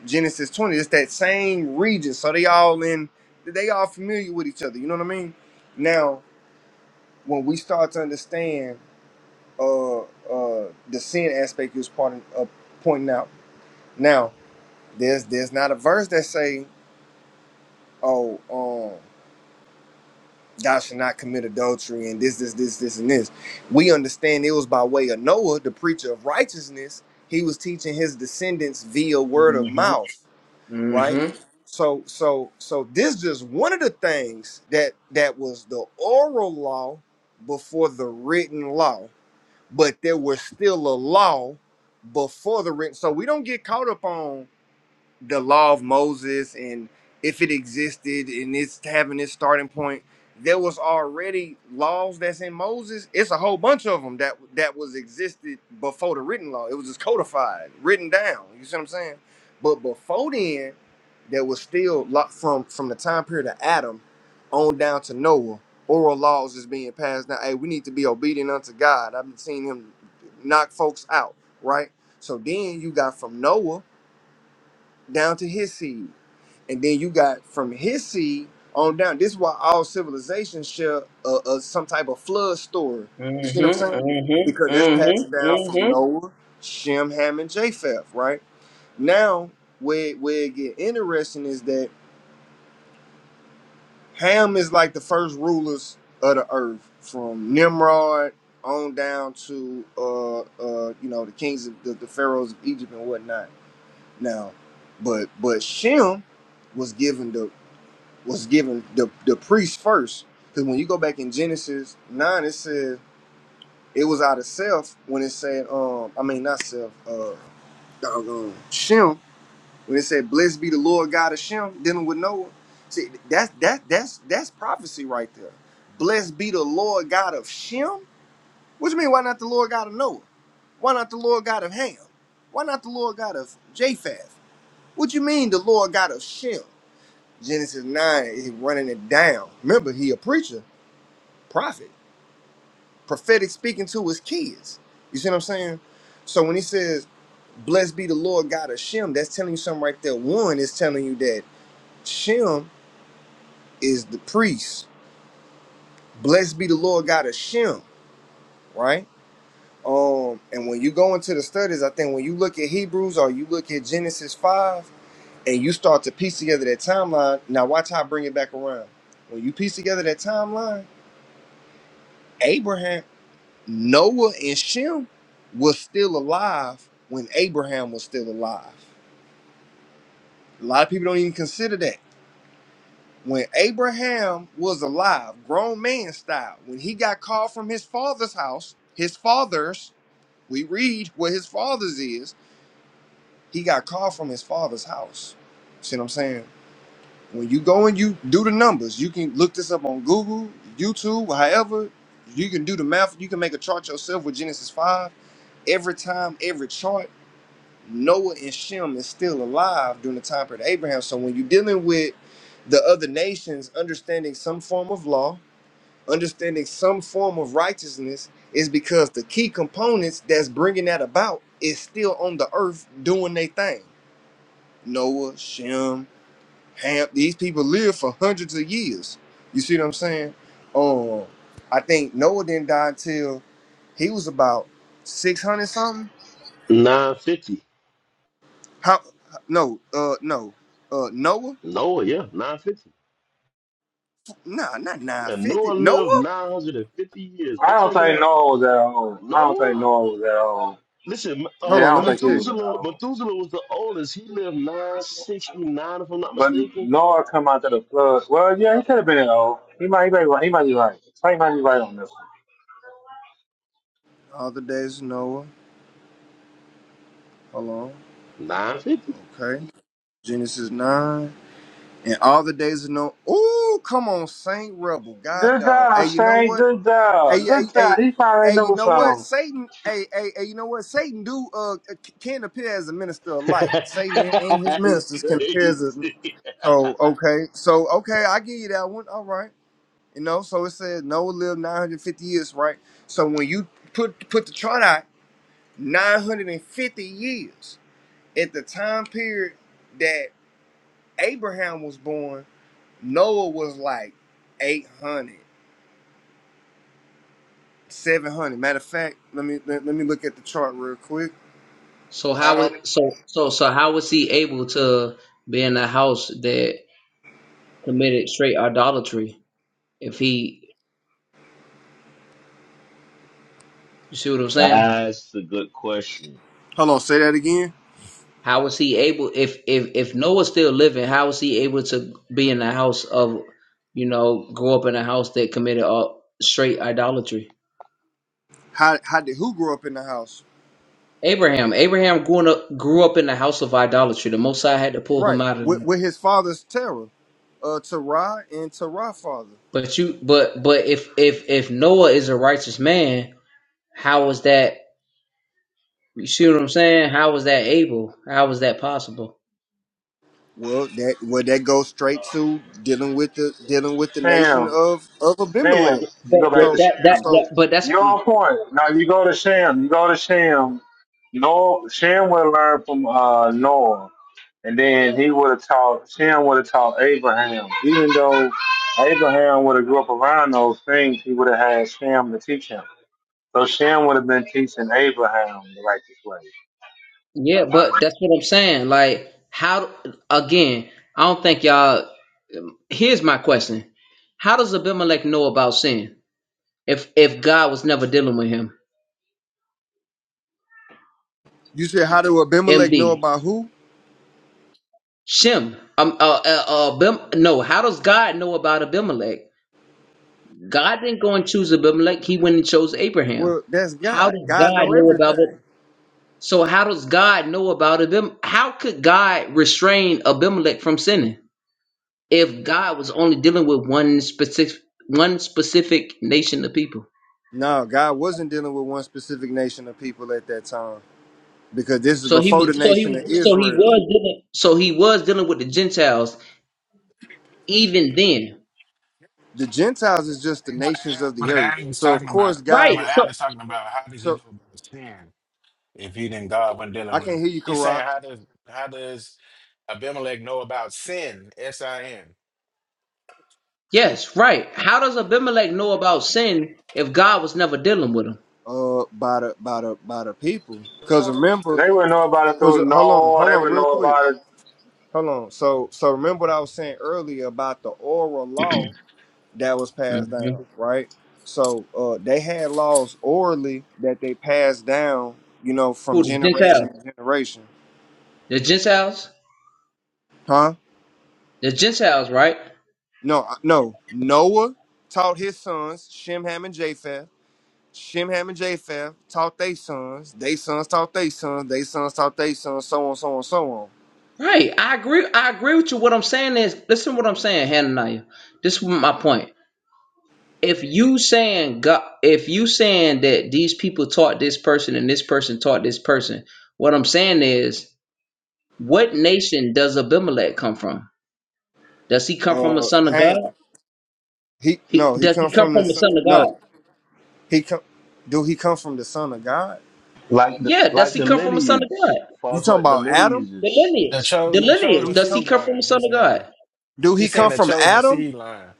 Speaker 7: Genesis 20. It's that same region. So they all in, they all familiar with each other. You know what I mean? Now, when we start to understand uh, uh, the sin aspect you was pointing, uh, pointing out. Now, there's there's not a verse that say, "Oh, um, thou shalt not commit adultery," and this, this, this, this, and this. We understand it was by way of Noah, the preacher of righteousness. He was teaching his descendants via word of
Speaker 2: mm-hmm
Speaker 7: mouth, right?
Speaker 2: mm-hmm
Speaker 7: So, so, so this just one of the things that that was the oral law before the written law but there was still a law before the rent. So we don't get caught up on the law of Moses and if it existed and it's having its starting point, there was already laws that's in Moses. It's a whole bunch of them that that was existed before the written law. It was just codified, written down. You see what I'm saying? But before then, there was still lo- from from the time period of Adam on down to Noah. Oral laws is being passed now. Hey, we need to be obedient unto God. I've been seeing him knock folks out, right? So then you got from Noah down to his seed. And then you got from his seed on down. This is why all civilizations share a uh, some type of flood story. You see what I'm
Speaker 2: mm-hmm
Speaker 7: saying? Because
Speaker 2: mm-hmm
Speaker 7: that's passing
Speaker 2: mm-hmm
Speaker 7: down from
Speaker 2: mm-hmm.
Speaker 7: Noah, Shem, Ham, and Japheth, right? Now, where, where it get interesting is that Ham is like the first rulers of the earth from Nimrod on down to, uh, uh, you know, the kings of the, the pharaohs of Egypt and whatnot. Now, but but Shem was given the was given the, the priest first. Because when you go back in Genesis 9, it says it was out of self when it said, um, I mean, not self, uh, doggone, Shem, when it said, Blessed be the Lord God of Shem, dealing with Noah. See, that's, that, that's, that's prophecy right there. Blessed be the Lord God of Shem? What you mean, why not the Lord God of Noah? Why not the Lord God of Ham? Why not the Lord God of Japheth? What you mean, the Lord God of Shem? Genesis 9 is running it down. Remember, he a preacher. prophet. Prophetic speaking to his kids. You see what I'm saying? So when he says, Blessed be the Lord God of Shem, that's telling you something right there. One is telling you that Shem is the priest. Blessed be the Lord God of Shem, right? Um, and when you go into the studies, I think when you look at Hebrews or you look at Genesis 5 and you start to piece together that timeline, now watch how I bring it back around. When you piece together that timeline, Abraham. Noah and Shem was still alive when Abraham was still alive. A lot of people don't even consider that. When Abraham was alive, grown man style, when he got called from his father's house, his father's, we read what his father's is, he got called from his father's house. See what I'm saying? When you go and you do the numbers, you can look this up on Google, YouTube, however, you can do the math, you can make a chart yourself with Genesis 5 every time, every chart. Noah and Shem is still alive during the time period of Abraham. So when you're dealing with the other nations, understanding some form of law, understanding some form of righteousness, is because the key components that's bringing that about is still on the earth doing their thing. Noah, Shem, Ham. These people lived for hundreds of years. You see what I'm saying? Um, I think Noah didn't die until he was about 600 something.
Speaker 6: 950.
Speaker 7: How? No, uh, no, uh, Noah.
Speaker 6: Noah, yeah, 950.
Speaker 7: Nah, not
Speaker 6: And
Speaker 7: 950.
Speaker 6: Noah lived
Speaker 7: Noah?
Speaker 6: 950 years.
Speaker 8: I
Speaker 6: Go
Speaker 8: don't
Speaker 6: check it
Speaker 8: think
Speaker 6: out.
Speaker 8: Noah was at home. I don't think
Speaker 6: Noah?
Speaker 8: Noah was at home.
Speaker 6: Listen,
Speaker 8: Yeah,
Speaker 6: uh,
Speaker 7: Hold
Speaker 8: I
Speaker 7: on, let
Speaker 8: don't
Speaker 7: me
Speaker 8: think he
Speaker 7: check.
Speaker 8: was at
Speaker 6: Methuselah,
Speaker 8: home.
Speaker 6: Methuselah was the oldest. He lived 969, if I'm not
Speaker 8: But
Speaker 6: mistaken.
Speaker 8: Noah come out to the flood. Well, yeah, he could have been at home. He might, he might, be right- he might be right. He might be right on this. one.
Speaker 7: All the days of Noah. Hold on.
Speaker 6: 950.
Speaker 7: Okay. Genesis 9. And all the days of Noah. Ooh, come on, Saint Rebel. God
Speaker 8: Good
Speaker 7: dog. Hey,
Speaker 8: job,
Speaker 7: you know
Speaker 8: Shane.
Speaker 7: what?
Speaker 8: Good
Speaker 7: Hey,
Speaker 8: job. Good
Speaker 7: hey, hey.
Speaker 8: job. He probably
Speaker 7: Hey, you
Speaker 8: knows
Speaker 7: know what?
Speaker 8: something.
Speaker 7: Satan, hey, hey, hey, you know what? Satan do uh c- can appear as a minister of light. Satan and, and
Speaker 6: *laughs*
Speaker 7: his
Speaker 6: That's
Speaker 7: ministers can appear as a
Speaker 6: crazy.
Speaker 7: so okay. So okay, I give you that one. All right. You know, so it said Noah lived 950 years, right? So when you put put the chart out 950 years. At the time period that Abraham was born, Noah was like 800, 700. Matter of fact, let me let, let me look at the chart real quick.
Speaker 2: So how
Speaker 7: How,
Speaker 2: it so so so how was he able to be in a house that committed straight idolatry? If he, you see what I'm
Speaker 6: *laughs*
Speaker 2: saying?
Speaker 6: That's a good question.
Speaker 7: hold on, say that again.
Speaker 2: How was he able? If if if Noah's still living, how was he able to be in a house of, you know, grow up in a house that committed all straight idolatry?
Speaker 7: How how did who grow up in the house?
Speaker 2: Abraham, Abraham grew up grew up in the house of idolatry. The Most High had to pull
Speaker 7: Right,
Speaker 2: him out of
Speaker 7: with,
Speaker 2: that.
Speaker 7: with his father's Terah, uh, Terah and Terah father.
Speaker 2: But you, but but if if if Noah is a righteous man, how is that? You see what I'm saying? How was that able? How was that possible?
Speaker 7: Well, that well that goes straight to dealing with the dealing with the nation
Speaker 8: Damn.
Speaker 7: of of
Speaker 8: Damn.
Speaker 7: Abimelech.
Speaker 8: You
Speaker 2: But
Speaker 8: go
Speaker 2: that
Speaker 8: back to
Speaker 7: So
Speaker 2: that that,
Speaker 8: Shem.
Speaker 7: so
Speaker 2: that but that's
Speaker 8: You're on point. Now you go to Shem. You go to Shem. Noah, Shem would have learned from uh, Noah, and then he would have taught. Shem would have taught Abraham. Even though Abraham would have grew up around those things, he would have had Shem to teach him. So Shem would have been teaching Abraham the righteous way.
Speaker 2: yeah, but that's what I'm saying. Like how again, I don't think y'all here's my question. How does Abimelech know about sin if if God was never dealing with him?
Speaker 7: you said how do Abimelech know
Speaker 2: MD
Speaker 7: about who?
Speaker 2: Shem um uh, uh, uh Abim, no, how does God know about Abimelech? God didn't go and choose Abimelech, he went and chose Abraham.
Speaker 7: Well, that's
Speaker 2: How
Speaker 7: God.
Speaker 2: does
Speaker 7: God
Speaker 2: God
Speaker 7: know
Speaker 2: know about it?
Speaker 7: everything.
Speaker 2: So how does God know about Abimelech? How could God restrain Abimelech from sinning if God was only dealing with one specific one specific nation of people?
Speaker 7: No, God wasn't dealing with one specific nation of people at that time because this is
Speaker 2: So he
Speaker 7: before the
Speaker 2: was so
Speaker 7: nation of
Speaker 2: he so he
Speaker 7: Israel.
Speaker 2: was dealing so he was dealing with the Gentiles even then.
Speaker 7: The Gentiles is just the
Speaker 9: What Ann,
Speaker 7: nations of the
Speaker 9: what
Speaker 7: earth.
Speaker 9: Ann was
Speaker 7: So of
Speaker 9: talking
Speaker 7: course
Speaker 9: about,
Speaker 7: God
Speaker 2: Right.
Speaker 9: what
Speaker 7: would.
Speaker 2: So
Speaker 9: Ann is talking about, how did he
Speaker 7: So
Speaker 9: know about sin if he didn't God wasn't dealing
Speaker 7: I
Speaker 9: with
Speaker 7: can't
Speaker 9: him?
Speaker 7: hear you,
Speaker 9: He's saying
Speaker 7: Karak.
Speaker 9: how does how does Abimelech know about sin? S I N.
Speaker 2: yes, right. How does Abimelech know about sin if God was never dealing with him?
Speaker 7: Uh, by the by the by the people. Cause remember,
Speaker 8: They would know about it
Speaker 7: cause
Speaker 8: through
Speaker 7: hold on,
Speaker 8: Noah.
Speaker 7: hold
Speaker 8: They
Speaker 7: on,
Speaker 8: would
Speaker 7: real
Speaker 8: know
Speaker 7: quick,
Speaker 8: about it.
Speaker 7: hold on. So so remember what I was saying earlier about the oral law that was passed down,
Speaker 2: Mhm.
Speaker 7: right? So uh, they had laws orally that they passed down, you know, from
Speaker 2: Who the Gentiles?
Speaker 7: generation to generation,
Speaker 2: The Gentiles?
Speaker 7: huh?
Speaker 2: The Gentiles, right?
Speaker 7: No, I- no. Noah taught his sons Shem, Ham, and Japheth. Shem, Ham, and Japheth taught their sons. They sons taught their sons. They sons taught their sons. So on, so on, so
Speaker 2: Right. I agree. I agree with you. What I'm saying is, listen to what I'm saying, Hananiah. This is my point. If you saying God, if you saying that these people taught this person and this person taught this person, what I'm saying is, what nation does Abimelech come from? Does he come from a
Speaker 7: on. Uh,
Speaker 2: son of
Speaker 7: Ham.
Speaker 2: God?
Speaker 7: He
Speaker 2: He,
Speaker 7: no. He
Speaker 2: does
Speaker 7: come
Speaker 2: he come
Speaker 7: from the
Speaker 2: from a
Speaker 7: son.
Speaker 2: son of God?
Speaker 7: No. He come. Do he come from the son of God?
Speaker 6: Like the,
Speaker 2: Yeah. Does
Speaker 6: like
Speaker 2: he
Speaker 6: the
Speaker 2: come from a son of
Speaker 6: lineage.
Speaker 2: God?
Speaker 7: You
Speaker 6: Falls
Speaker 7: talking
Speaker 6: like the
Speaker 7: about Adam?
Speaker 2: The
Speaker 6: lineages.
Speaker 9: The
Speaker 2: lineage. The
Speaker 9: chosen
Speaker 7: Do
Speaker 2: lineage.
Speaker 9: chosen
Speaker 7: he
Speaker 2: Does
Speaker 7: come?
Speaker 2: he
Speaker 9: seed
Speaker 2: come from a
Speaker 9: line.
Speaker 2: son
Speaker 9: He's
Speaker 2: of
Speaker 9: saying
Speaker 2: God?
Speaker 7: Do he
Speaker 9: he's saying
Speaker 7: come
Speaker 9: the
Speaker 7: from
Speaker 9: chosen
Speaker 7: Adam?
Speaker 9: seed line.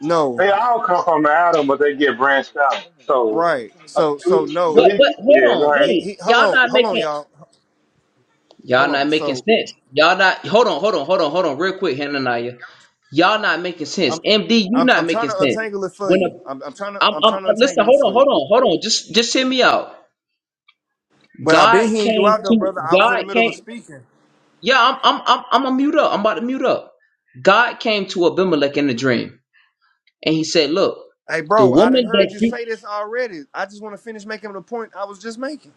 Speaker 7: No.
Speaker 8: They all come from Adam, but they get branched out. So,
Speaker 7: Right.
Speaker 8: uh,
Speaker 7: So
Speaker 8: do,
Speaker 7: so
Speaker 8: we, do
Speaker 2: But
Speaker 7: no.
Speaker 8: we,
Speaker 2: but hold
Speaker 8: yeah, go
Speaker 2: on,
Speaker 8: ahead.
Speaker 7: He
Speaker 2: wait.
Speaker 7: he hold
Speaker 2: Y'all
Speaker 7: on,
Speaker 2: not
Speaker 7: hold
Speaker 2: making
Speaker 7: on, y'all.
Speaker 2: Y'all
Speaker 7: Hold
Speaker 2: not
Speaker 7: on.
Speaker 2: making
Speaker 7: So
Speaker 2: sense. Y'all not hold on, hold on, hold on, hold on, real quick, Hananiah. Y'all not making sense.
Speaker 7: I'm
Speaker 2: MD, you
Speaker 7: I'm
Speaker 2: not
Speaker 7: I'm trying
Speaker 2: making
Speaker 7: to
Speaker 2: sense.
Speaker 7: untangle it for
Speaker 2: When a,
Speaker 7: you. I'm I'm trying to
Speaker 2: I'm,
Speaker 7: I'm
Speaker 2: I'm
Speaker 7: trying to
Speaker 2: uh, listen,
Speaker 7: untangle it
Speaker 2: hold on,
Speaker 7: for
Speaker 2: hold
Speaker 7: you.
Speaker 2: on, hold on. Just just hear me out.
Speaker 7: But I've been
Speaker 2: God
Speaker 7: hearing you
Speaker 2: came
Speaker 7: out though,
Speaker 2: to
Speaker 7: brother. I was in the
Speaker 2: God
Speaker 7: middle of
Speaker 2: came.
Speaker 7: speaking.
Speaker 2: Yeah, I'm I'm I'm I'm gonna mute up. I'm about to mute up. God came to Abimelech in a dream, and he said, "Look,
Speaker 7: Hey
Speaker 2: the
Speaker 7: bro, I done
Speaker 2: woman
Speaker 7: heard
Speaker 2: that
Speaker 7: you
Speaker 2: you,
Speaker 7: say this already. I just want to finish making the point I was just making.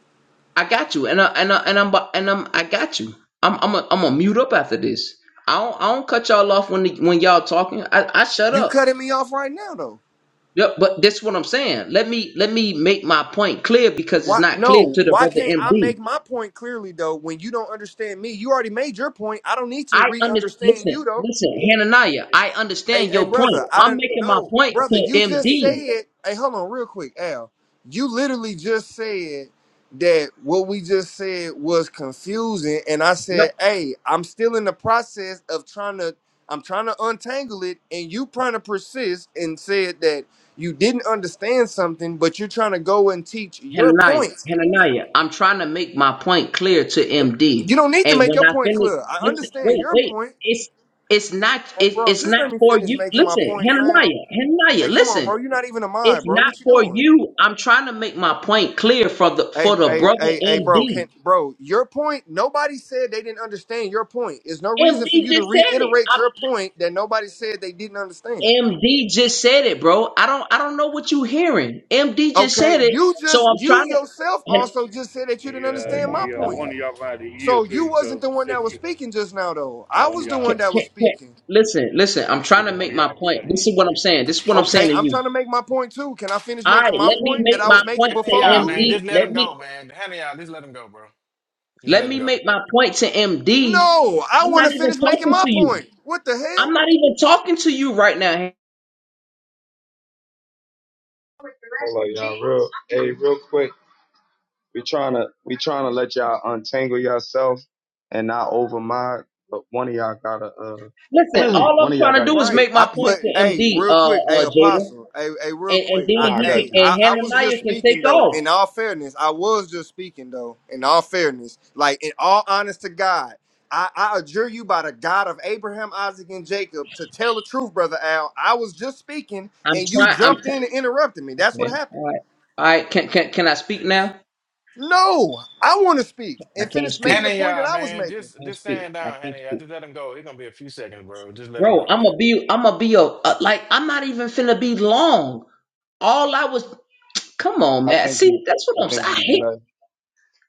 Speaker 2: I got you, and I and I and I'm about- and I'm I got you. I'm I'm a, I'm gonna mute up after this. I don't I don't cut y'all off when the, when y'all talking. I I shut
Speaker 7: You
Speaker 2: up."
Speaker 7: cutting me off right now though.
Speaker 2: Yep, but that's what I'm saying. Let me let me make my point clear because it's
Speaker 7: Why
Speaker 2: not clear
Speaker 7: no,
Speaker 2: to the
Speaker 7: why
Speaker 2: brother
Speaker 7: can't I
Speaker 2: MD.
Speaker 7: make my point clearly though when you don't understand me? You already made your point. I don't need to
Speaker 2: I
Speaker 7: re
Speaker 2: understand.
Speaker 7: understand
Speaker 2: Listen,
Speaker 7: you though.
Speaker 2: listen, Hananiah. I
Speaker 7: Hey,
Speaker 2: understand
Speaker 7: hey,
Speaker 2: your point.
Speaker 7: brother, I
Speaker 2: I'm
Speaker 7: didn't
Speaker 2: making my
Speaker 7: know.
Speaker 2: point
Speaker 7: Brother,
Speaker 2: to
Speaker 7: you just
Speaker 2: MD.
Speaker 7: said, hey, hold on real quick, Al. You literally just said that what we just said was confusing. And I
Speaker 2: No,
Speaker 7: said, hey, I'm still in the process of trying to, I'm trying to untangle it. And you trying to persist and said that you didn't understand something, but you're trying to go and teach your
Speaker 2: Hananiah,
Speaker 7: point.
Speaker 2: Hananiah. I'm trying to make my point clear to
Speaker 7: Eh, You
Speaker 2: MD.
Speaker 7: don't need to
Speaker 2: And
Speaker 7: make
Speaker 2: when
Speaker 7: your
Speaker 2: I
Speaker 7: point
Speaker 2: finish,
Speaker 7: clear. I
Speaker 2: listen,
Speaker 7: understand
Speaker 2: wait,
Speaker 7: your
Speaker 2: wait.
Speaker 7: point.
Speaker 2: It's it's not
Speaker 7: Hey,
Speaker 2: it,
Speaker 7: bro,
Speaker 2: it's
Speaker 7: just let
Speaker 2: not
Speaker 7: me
Speaker 2: for
Speaker 7: finish
Speaker 2: you.
Speaker 7: making my
Speaker 2: Listen,
Speaker 7: point, fam.
Speaker 2: Hananiah, Hananiah.
Speaker 7: Hey, come on,
Speaker 2: Listen,
Speaker 7: bro. You're not even a
Speaker 2: it's
Speaker 7: mod, bro.
Speaker 2: not
Speaker 7: What you
Speaker 2: for
Speaker 7: doing?
Speaker 2: you. I'm trying to make my point clear for the
Speaker 7: Hey,
Speaker 2: for the
Speaker 7: hey,
Speaker 2: brother
Speaker 7: hey, hey, bro.
Speaker 2: MD.
Speaker 7: Can bro, your point. Nobody said they didn't understand your point. There's no
Speaker 2: MD
Speaker 7: reason for you to
Speaker 2: just said it.
Speaker 7: reiterate your
Speaker 2: I,
Speaker 7: point that nobody said they didn't understand.
Speaker 2: MD just said it, bro. I don't I don't know what you hearing. MD just
Speaker 7: Okay,
Speaker 2: said it.
Speaker 7: you
Speaker 2: So
Speaker 7: just
Speaker 2: I'm
Speaker 7: you
Speaker 2: trying to.
Speaker 7: yourself
Speaker 2: and-
Speaker 7: also just said that you didn't
Speaker 2: oh
Speaker 7: understand my
Speaker 1: Yeah, yeah,
Speaker 2: my
Speaker 7: point.
Speaker 1: one
Speaker 2: god!
Speaker 1: of y'all got to yield
Speaker 7: So
Speaker 1: to
Speaker 7: you
Speaker 1: each other.
Speaker 7: wasn't the one that was speaking just now, though.
Speaker 1: *laughs*
Speaker 7: I
Speaker 1: one of
Speaker 7: was the
Speaker 1: y'all,
Speaker 2: Can,
Speaker 7: one that
Speaker 2: can,
Speaker 7: was
Speaker 2: can,
Speaker 7: speaking.
Speaker 2: listen, listen. I'm trying
Speaker 1: there's
Speaker 2: to
Speaker 1: one
Speaker 2: make
Speaker 1: of
Speaker 2: my
Speaker 1: y'all
Speaker 2: point.
Speaker 1: got to
Speaker 2: This
Speaker 1: yield
Speaker 2: is what
Speaker 1: to
Speaker 2: I'm
Speaker 1: each
Speaker 2: saying. This is
Speaker 1: other.
Speaker 2: what I'm
Speaker 7: Okay,
Speaker 2: saying to
Speaker 7: I'm
Speaker 2: you.
Speaker 7: trying to make my point too. Can I finish
Speaker 2: All
Speaker 7: making
Speaker 2: right,
Speaker 7: my
Speaker 2: let me
Speaker 7: point that
Speaker 2: make
Speaker 7: I
Speaker 2: my
Speaker 7: was making
Speaker 2: point to
Speaker 9: Hannah
Speaker 7: before
Speaker 9: y'all
Speaker 7: you?
Speaker 9: man,
Speaker 2: MD.
Speaker 9: just let
Speaker 2: Let
Speaker 9: him go,
Speaker 2: me
Speaker 9: man. Hannah y'all, just let him go, bro. Just
Speaker 2: let
Speaker 9: let him
Speaker 2: me
Speaker 9: go.
Speaker 2: make my point to MD.
Speaker 7: No, I
Speaker 2: I'm
Speaker 7: want
Speaker 2: not
Speaker 7: to
Speaker 2: even
Speaker 7: finish making
Speaker 2: talking
Speaker 7: my
Speaker 2: to
Speaker 7: point.
Speaker 2: you.
Speaker 7: What the hell?
Speaker 2: I'm not even talking to you right now.
Speaker 10: Hold on, y'all. Real, hey, real quick. We trying to we trying to let y'all untangle yourself and not over my. But one of y'all gotta
Speaker 2: Listen,
Speaker 10: uh, *clears throat*
Speaker 2: all
Speaker 10: one
Speaker 2: I'm
Speaker 10: of y'all
Speaker 2: trying to
Speaker 10: gotta.
Speaker 2: do is
Speaker 7: Right.
Speaker 2: make my
Speaker 7: I,
Speaker 2: point
Speaker 7: but
Speaker 2: to
Speaker 7: hey,
Speaker 2: MD.
Speaker 7: real
Speaker 2: Uh,
Speaker 7: quick, hey
Speaker 2: uh, Jada.
Speaker 7: apostle, hey, hey, real
Speaker 2: and, and then
Speaker 7: quick. I
Speaker 10: Nah, I
Speaker 7: hey,
Speaker 2: he
Speaker 10: got
Speaker 2: can
Speaker 10: you.
Speaker 7: I,
Speaker 2: and
Speaker 7: I was just
Speaker 2: Hananiah can
Speaker 7: speaking
Speaker 2: take
Speaker 7: though.
Speaker 2: off.
Speaker 7: In all fairness, I was just speaking though. In all fairness. Like in all honest to God. I, I adjure you by the God of Abraham, Isaac, and Jacob to tell the truth, brother Al. I was just speaking
Speaker 2: I'm
Speaker 7: and you
Speaker 2: trying. I'm
Speaker 7: jumped in and
Speaker 2: try-
Speaker 7: interrupted me. That's what
Speaker 2: okay.
Speaker 7: happened.
Speaker 2: All right. All right. Can can can I speak now?
Speaker 7: No, I want to speak
Speaker 2: I
Speaker 7: and
Speaker 2: can't
Speaker 7: finish
Speaker 2: speak.
Speaker 7: making the
Speaker 9: Hannah
Speaker 2: I
Speaker 7: point that
Speaker 9: y'all,
Speaker 7: I was
Speaker 9: man,
Speaker 7: making.
Speaker 9: just
Speaker 2: can't
Speaker 9: just
Speaker 2: speak.
Speaker 9: stand
Speaker 2: I
Speaker 9: down,
Speaker 2: can't
Speaker 9: Hannah y'all.
Speaker 2: speak.
Speaker 9: Just let him go. It's gonna be a few seconds, bro. Just let him
Speaker 2: Bro,
Speaker 9: go,
Speaker 2: I'm
Speaker 9: man.
Speaker 2: gonna be. I'm gonna be a, a like. I'm not even finna be long. All I was. Come on,
Speaker 10: I
Speaker 2: man.
Speaker 10: think he.
Speaker 2: See, that's
Speaker 10: I
Speaker 2: what I'm
Speaker 10: think
Speaker 2: saying. I
Speaker 10: he
Speaker 2: hate.
Speaker 10: left.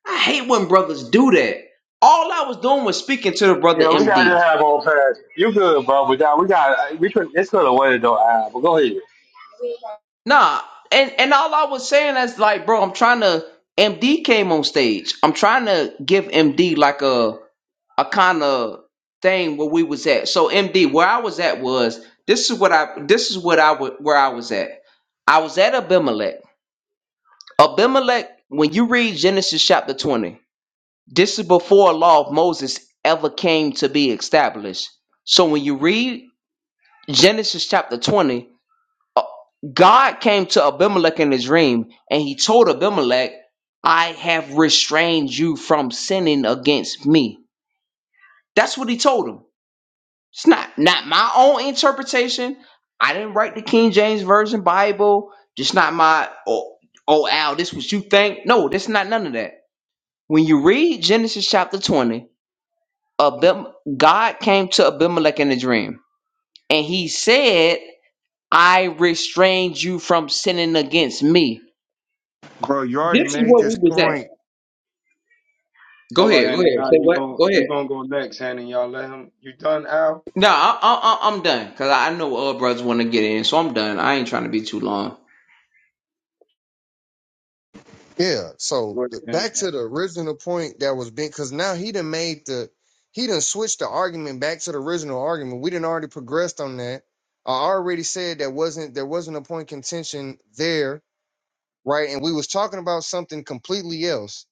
Speaker 2: I hate when brothers do that. All I was doing was speaking to the brother
Speaker 8: Yeah, we gotta
Speaker 2: MD.
Speaker 8: just have old fast. You good, bro? But down, we got we could this could have waited though. Al, but go ahead.
Speaker 2: Nah, and and all I was saying is like, bro, I'm trying to. MD came on stage. I'm trying to give MD like a a kind of thing where we was at. So MD, where I was at was this is what I this is what I wa- where I was at. I was at Abimelech. Abimelech, when you read Genesis chapter 20, this is before law of Moses ever came to be established. So when you read Genesis chapter 20, God came to Abimelech in his dream and he told Abimelech, I have restrained you from sinning against me. That's what he told him. It's not not my own interpretation. I didn't write the King James Version Bible. Just not my oh, oh Al, this what you think. No, that's not none of that. When you read Genesis chapter 20, Abim- God came to Abimelech in a dream and he said, I restrained you from sinning against me.
Speaker 11: Bro, you already
Speaker 2: This is
Speaker 11: made
Speaker 2: what we
Speaker 11: this
Speaker 2: was at.
Speaker 11: point.
Speaker 2: Go
Speaker 10: Hold on,
Speaker 2: ahead, go
Speaker 10: Hanny.
Speaker 2: ahead.
Speaker 10: Y'all,
Speaker 2: Say
Speaker 10: you
Speaker 2: what?
Speaker 10: gon'
Speaker 2: Go ahead.
Speaker 10: you gonna go next, Hanny. Y'all let him. You done, Al?
Speaker 2: No, I, I, I- I'm done because I know other brothers want to get in, so I'm done. I ain't trying to be too long.
Speaker 11: Yeah.
Speaker 10: Go
Speaker 11: So
Speaker 10: ahead,
Speaker 11: th-
Speaker 10: Hanny.
Speaker 11: back to the original point that was being, because now he done made the, he done switched the argument back to the original argument. We didn't already progressed on that. I already said that wasn't there wasn't a point contention there, right? And we was talking about something completely else.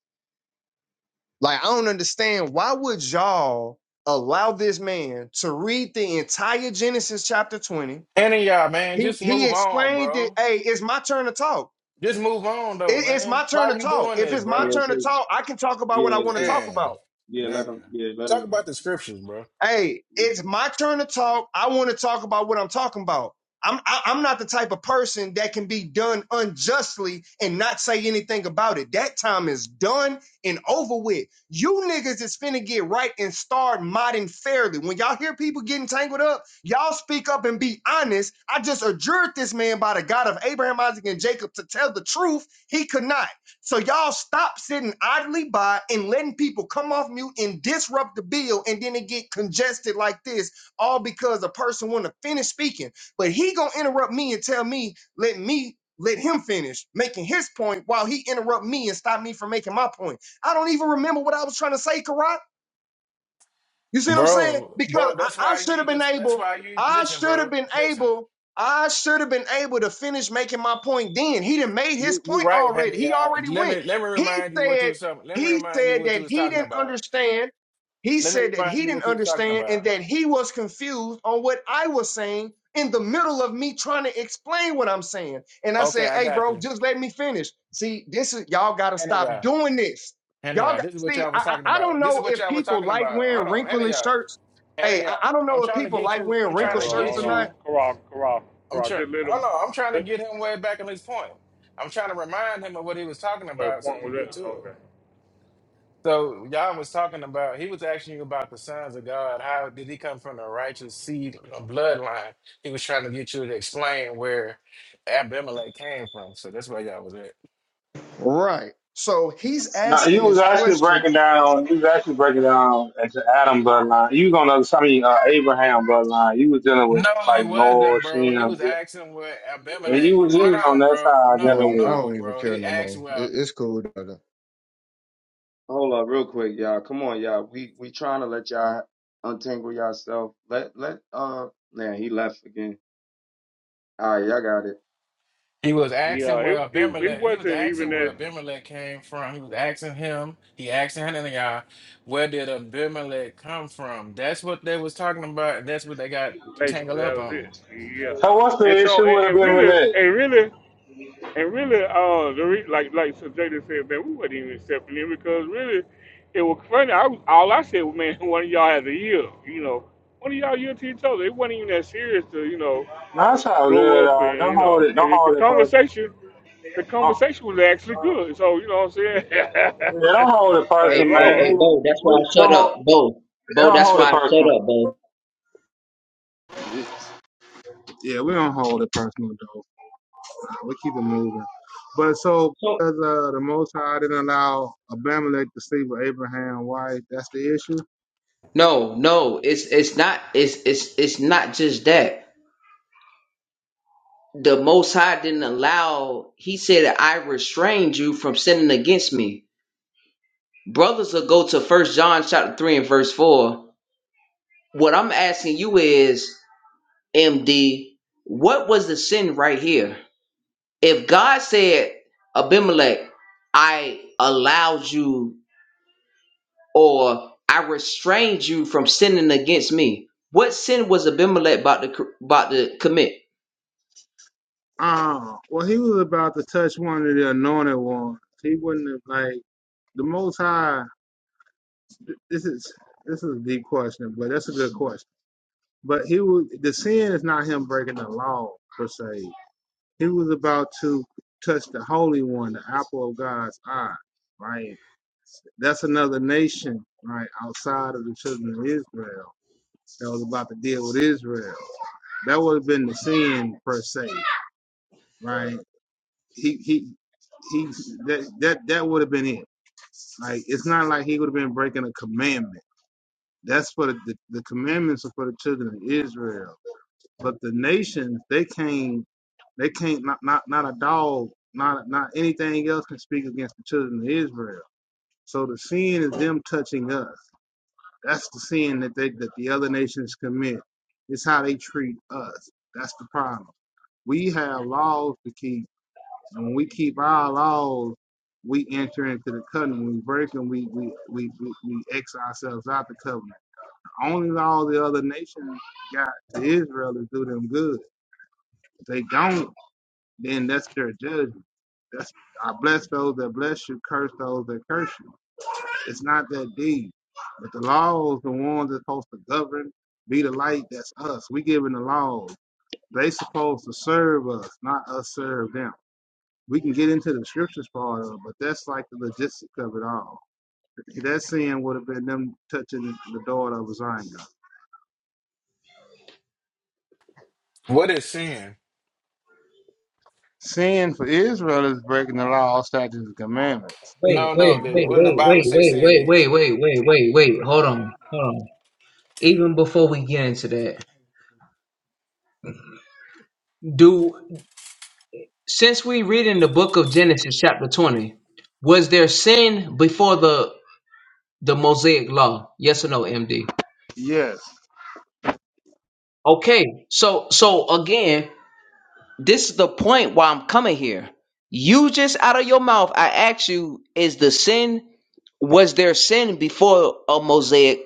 Speaker 11: Like I don't understand why would y'all allow this man to read the entire Genesis chapter twenty?
Speaker 9: Hannah y'all, man,
Speaker 11: He
Speaker 9: just
Speaker 11: he
Speaker 9: move on,
Speaker 11: explained it.
Speaker 9: bro.
Speaker 11: Hey, it's my turn to talk.
Speaker 9: Just move on though,
Speaker 11: It, it's
Speaker 9: man.
Speaker 11: my turn
Speaker 9: Why
Speaker 11: to
Speaker 9: you
Speaker 11: talk.
Speaker 9: doing
Speaker 11: If
Speaker 9: this,
Speaker 11: it's my
Speaker 10: Yeah,
Speaker 9: bro?
Speaker 10: it's
Speaker 11: turn to
Speaker 10: his.
Speaker 11: talk, I can talk about
Speaker 10: Yeah,
Speaker 11: what I
Speaker 10: it's
Speaker 11: want to
Speaker 10: his.
Speaker 11: talk
Speaker 9: Damn.
Speaker 11: about.
Speaker 10: Yeah, let
Speaker 9: Man.
Speaker 10: him. Yeah, let him
Speaker 9: Talk about the
Speaker 10: go.
Speaker 9: scriptures, bro.
Speaker 11: Hey, it's my turn to talk. I want to talk about what I'm talking about. I'm I, I'm not the type of person that can be done unjustly and not say anything about it. That time is done and over with. You niggas is finna get right and start modding fairly. When y'all hear people getting tangled up, y'all speak up and be honest. I just adjured this man by the God of Abraham, Isaac, and Jacob to tell the truth. He could not. So y'all stop sitting idly by and letting people come off mute and disrupt the bill, and then it get congested like this, all because a person want to finish speaking, but he gonna interrupt me and tell me, let me let him finish making his point while he interrupt me and stop me from making my point. I don't even remember what I was trying to say, Karat. You see what I'm saying?
Speaker 9: Bro, bro,
Speaker 11: Because I,
Speaker 9: that's
Speaker 11: I
Speaker 9: why you
Speaker 11: should have
Speaker 9: need
Speaker 11: been
Speaker 9: to that's
Speaker 11: able,
Speaker 9: why you
Speaker 11: I
Speaker 9: listen,
Speaker 11: should have
Speaker 9: bro.
Speaker 11: been
Speaker 9: Listen.
Speaker 11: able, I should have been able to finish making my point then. He done made his
Speaker 9: You you
Speaker 11: point
Speaker 9: right,
Speaker 11: already.
Speaker 9: honey.
Speaker 11: He
Speaker 9: Uh,
Speaker 11: already
Speaker 9: let
Speaker 11: went.
Speaker 9: me let me
Speaker 11: He
Speaker 9: remind you what you
Speaker 11: said,
Speaker 9: was talking. Let me
Speaker 11: he
Speaker 9: remind you
Speaker 11: said
Speaker 9: what you
Speaker 11: that
Speaker 9: was
Speaker 11: he
Speaker 9: talking
Speaker 11: didn't
Speaker 9: about.
Speaker 11: understand. He
Speaker 9: Let me
Speaker 11: said that
Speaker 9: remind
Speaker 11: he
Speaker 9: you
Speaker 11: didn't
Speaker 9: what you was talking
Speaker 11: understand and
Speaker 9: about.
Speaker 11: that he was confused on what I was saying in the middle of me trying to explain what I'm saying. And I
Speaker 9: Okay,
Speaker 11: said,
Speaker 9: I
Speaker 11: hey,
Speaker 9: got
Speaker 11: bro,
Speaker 9: you.
Speaker 11: just let me finish. See, this is y'all gotta
Speaker 9: Honey
Speaker 11: stop
Speaker 9: y'all.
Speaker 11: doing this.
Speaker 9: Honey
Speaker 11: Y'all
Speaker 9: y'all.
Speaker 11: got,
Speaker 9: This is what
Speaker 11: see,
Speaker 9: y'all was
Speaker 11: I,
Speaker 9: talking
Speaker 11: I I don't
Speaker 9: about. This is
Speaker 11: know
Speaker 9: what
Speaker 11: if
Speaker 9: y'all was
Speaker 11: people
Speaker 9: talking
Speaker 11: like
Speaker 9: about. Hold
Speaker 11: wearing
Speaker 9: on, honey
Speaker 11: wrinkly
Speaker 9: y'all.
Speaker 11: shirts. Hey,
Speaker 9: Honey y'all.
Speaker 11: I, I don't
Speaker 9: I'm
Speaker 11: know if
Speaker 9: trying to
Speaker 11: people
Speaker 9: get
Speaker 11: like
Speaker 9: you.
Speaker 11: wearing
Speaker 9: I'm
Speaker 1: Now,
Speaker 9: trying
Speaker 11: wrinkled
Speaker 1: hold
Speaker 9: to
Speaker 1: on,
Speaker 11: shirts
Speaker 9: get
Speaker 1: hold
Speaker 11: or
Speaker 1: on.
Speaker 11: not.
Speaker 9: you.
Speaker 1: Corral, corral,
Speaker 9: I'm
Speaker 1: corral.
Speaker 9: trying.
Speaker 1: Just let him,
Speaker 9: Hold on. I'm trying to
Speaker 1: let,
Speaker 9: get him way back on his point. I'm trying to remind him of what he was talking
Speaker 1: what
Speaker 9: about so he
Speaker 1: point was
Speaker 9: can get to
Speaker 1: that?
Speaker 9: it.
Speaker 1: Okay.
Speaker 9: So y'all was talking about. He was asking you about the sons of God. How did he come from the righteous seed or bloodline? He was trying to get you to explain where Abimelech came from. So that's where y'all was at.
Speaker 11: Right. So he's
Speaker 8: No, you
Speaker 11: asking
Speaker 8: was
Speaker 11: this
Speaker 8: actually
Speaker 11: question.
Speaker 8: breaking down. You was actually breaking down at the Adam bloodline. You was on the other- I mean uh, Abraham bloodline. You was dealing with
Speaker 9: No, it
Speaker 8: like Noah,
Speaker 9: wasn't,
Speaker 8: Shem,
Speaker 9: bro. He was asking where
Speaker 8: and you
Speaker 9: Abimelech.
Speaker 8: was you was on
Speaker 9: Hold on,
Speaker 8: that
Speaker 9: bro.
Speaker 8: side
Speaker 9: No,
Speaker 11: Man,
Speaker 8: dealing
Speaker 11: I
Speaker 8: with it.
Speaker 9: no,
Speaker 11: don't even
Speaker 9: bro.
Speaker 11: care
Speaker 9: He
Speaker 11: no
Speaker 9: asked
Speaker 11: more.
Speaker 9: where
Speaker 11: It, it's cool.
Speaker 10: Hold up, real quick, y'all. Come on, y'all. We we trying to let y'all untangle yourself. Let let uh. Now he left again. All right, y'all got it.
Speaker 9: He was
Speaker 1: Yeah,
Speaker 9: asking where
Speaker 1: it, it, it
Speaker 9: Abimelech. He was
Speaker 1: wasn't even
Speaker 9: asking where
Speaker 1: that,
Speaker 9: Abimelech came from. He was asking him. He asking Hananiah, where did Abimelech come from? That's what they was talking about. and That's what they got tangled
Speaker 1: basically,
Speaker 9: up
Speaker 1: that was
Speaker 9: on.
Speaker 1: it. Yeah.
Speaker 8: So what's the
Speaker 1: And so,
Speaker 8: issue
Speaker 1: and,
Speaker 8: would have
Speaker 1: and
Speaker 8: been with
Speaker 1: really,
Speaker 8: that?
Speaker 1: and really, And really, uh, the re- like like Sir Jada said, man, we wasn't even stepping in because really, it was funny. I was, all I said was, man, *laughs* one of y'all has a year, you know, one of y'all year to each other. It wasn't even that serious to you know
Speaker 8: No, that's all
Speaker 1: blow
Speaker 8: good.
Speaker 1: up and
Speaker 8: Uh, don't
Speaker 1: you
Speaker 8: hold
Speaker 1: know
Speaker 8: it.
Speaker 1: and
Speaker 8: Don't
Speaker 1: it, the
Speaker 8: hold it, person.
Speaker 1: conversation. The
Speaker 8: Uh,
Speaker 1: conversation was actually good, so you know what I'm saying.
Speaker 8: yeah, don't hold it
Speaker 1: *laughs* like
Speaker 8: personal,
Speaker 2: Hey, hey,
Speaker 8: man.
Speaker 1: Lord,
Speaker 2: hey,
Speaker 8: We
Speaker 2: Bo, that's why I
Speaker 8: we don't
Speaker 2: shut
Speaker 8: hold.
Speaker 2: up. Bo,
Speaker 8: They
Speaker 2: Bo,
Speaker 8: don't
Speaker 2: that's
Speaker 8: hold
Speaker 2: why
Speaker 8: it
Speaker 2: I shut
Speaker 8: personal.
Speaker 2: up, Bo.
Speaker 8: Yeah, we don't hold it personal, We keep it moving. But so
Speaker 2: So
Speaker 8: because uh, the Most High didn't allow Abimelech to sleep with Abraham's wife, that's the issue.
Speaker 2: no, no, it's it's not it's it's it's not just that. The most high didn't allow he said I restrained you from sinning against me. Brothers will go to first John chapter three and verse four. What I'm asking you is, MD, what was the sin right here? If God said, Abimelech, I allowed you or I restrained you from sinning against me. What sin was Abimelech about to about to commit?
Speaker 8: Uh, well, he was about to touch one of the anointed ones. He wouldn't have like the Most High. This is this is a deep question, but that's a good question. But he would the sin is not him breaking the law per se. He was about to touch the Holy One, the apple of God's eye. Right, that's another nation, right, outside of the children of Israel that was about to deal with Israel. That would have been the sin per se, right? He he he that that that would have been it. Like it's not like he would have been breaking a commandment. That's for the, the, the commandments are for the children of Israel. But the nations, they can't they can't not not, not a dog, not not anything else can speak against the children of Israel. So the sin is them touching us. That's the sin that they that the other nations commit. It's how they treat us. That's the problem. We have laws to keep, and when we keep our laws, we enter into the covenant. When we break them, we we we we, we X ourselves out the covenant. The only law the other nations got to Israel is do them good. If they don't, then that's their judgment. That's I bless those that bless you, curse those that curse you. It's not that deep. But the laws, the ones that's supposed to govern, be the light, that's us. We giving the laws. They supposed to serve us, not us serve them. we can get into the scriptures part of it, but that's like the logistics of it all. That sin would have been them touching the daughter of Zion.
Speaker 9: What is sin?
Speaker 8: Sin for Israel is breaking the law, statutes, and commandments.
Speaker 2: Wait,
Speaker 9: No, no.
Speaker 2: wait,
Speaker 9: the-
Speaker 2: wait,
Speaker 9: What did the
Speaker 2: wait,
Speaker 9: Bible
Speaker 2: wait,
Speaker 9: say
Speaker 2: wait,
Speaker 9: sin
Speaker 2: wait,
Speaker 9: is?
Speaker 2: wait, wait, wait, wait, wait. Hold on, hold on. Even before we get into that, do since we read in the book of Genesis chapter twenty, was there sin before the the Mosaic law? Yes or no, MD?
Speaker 8: Yes.
Speaker 2: Okay, so so again, This is the point why I'm coming here. You just out of your mouth, I asked you, is the sin, was there sin before a Mosaic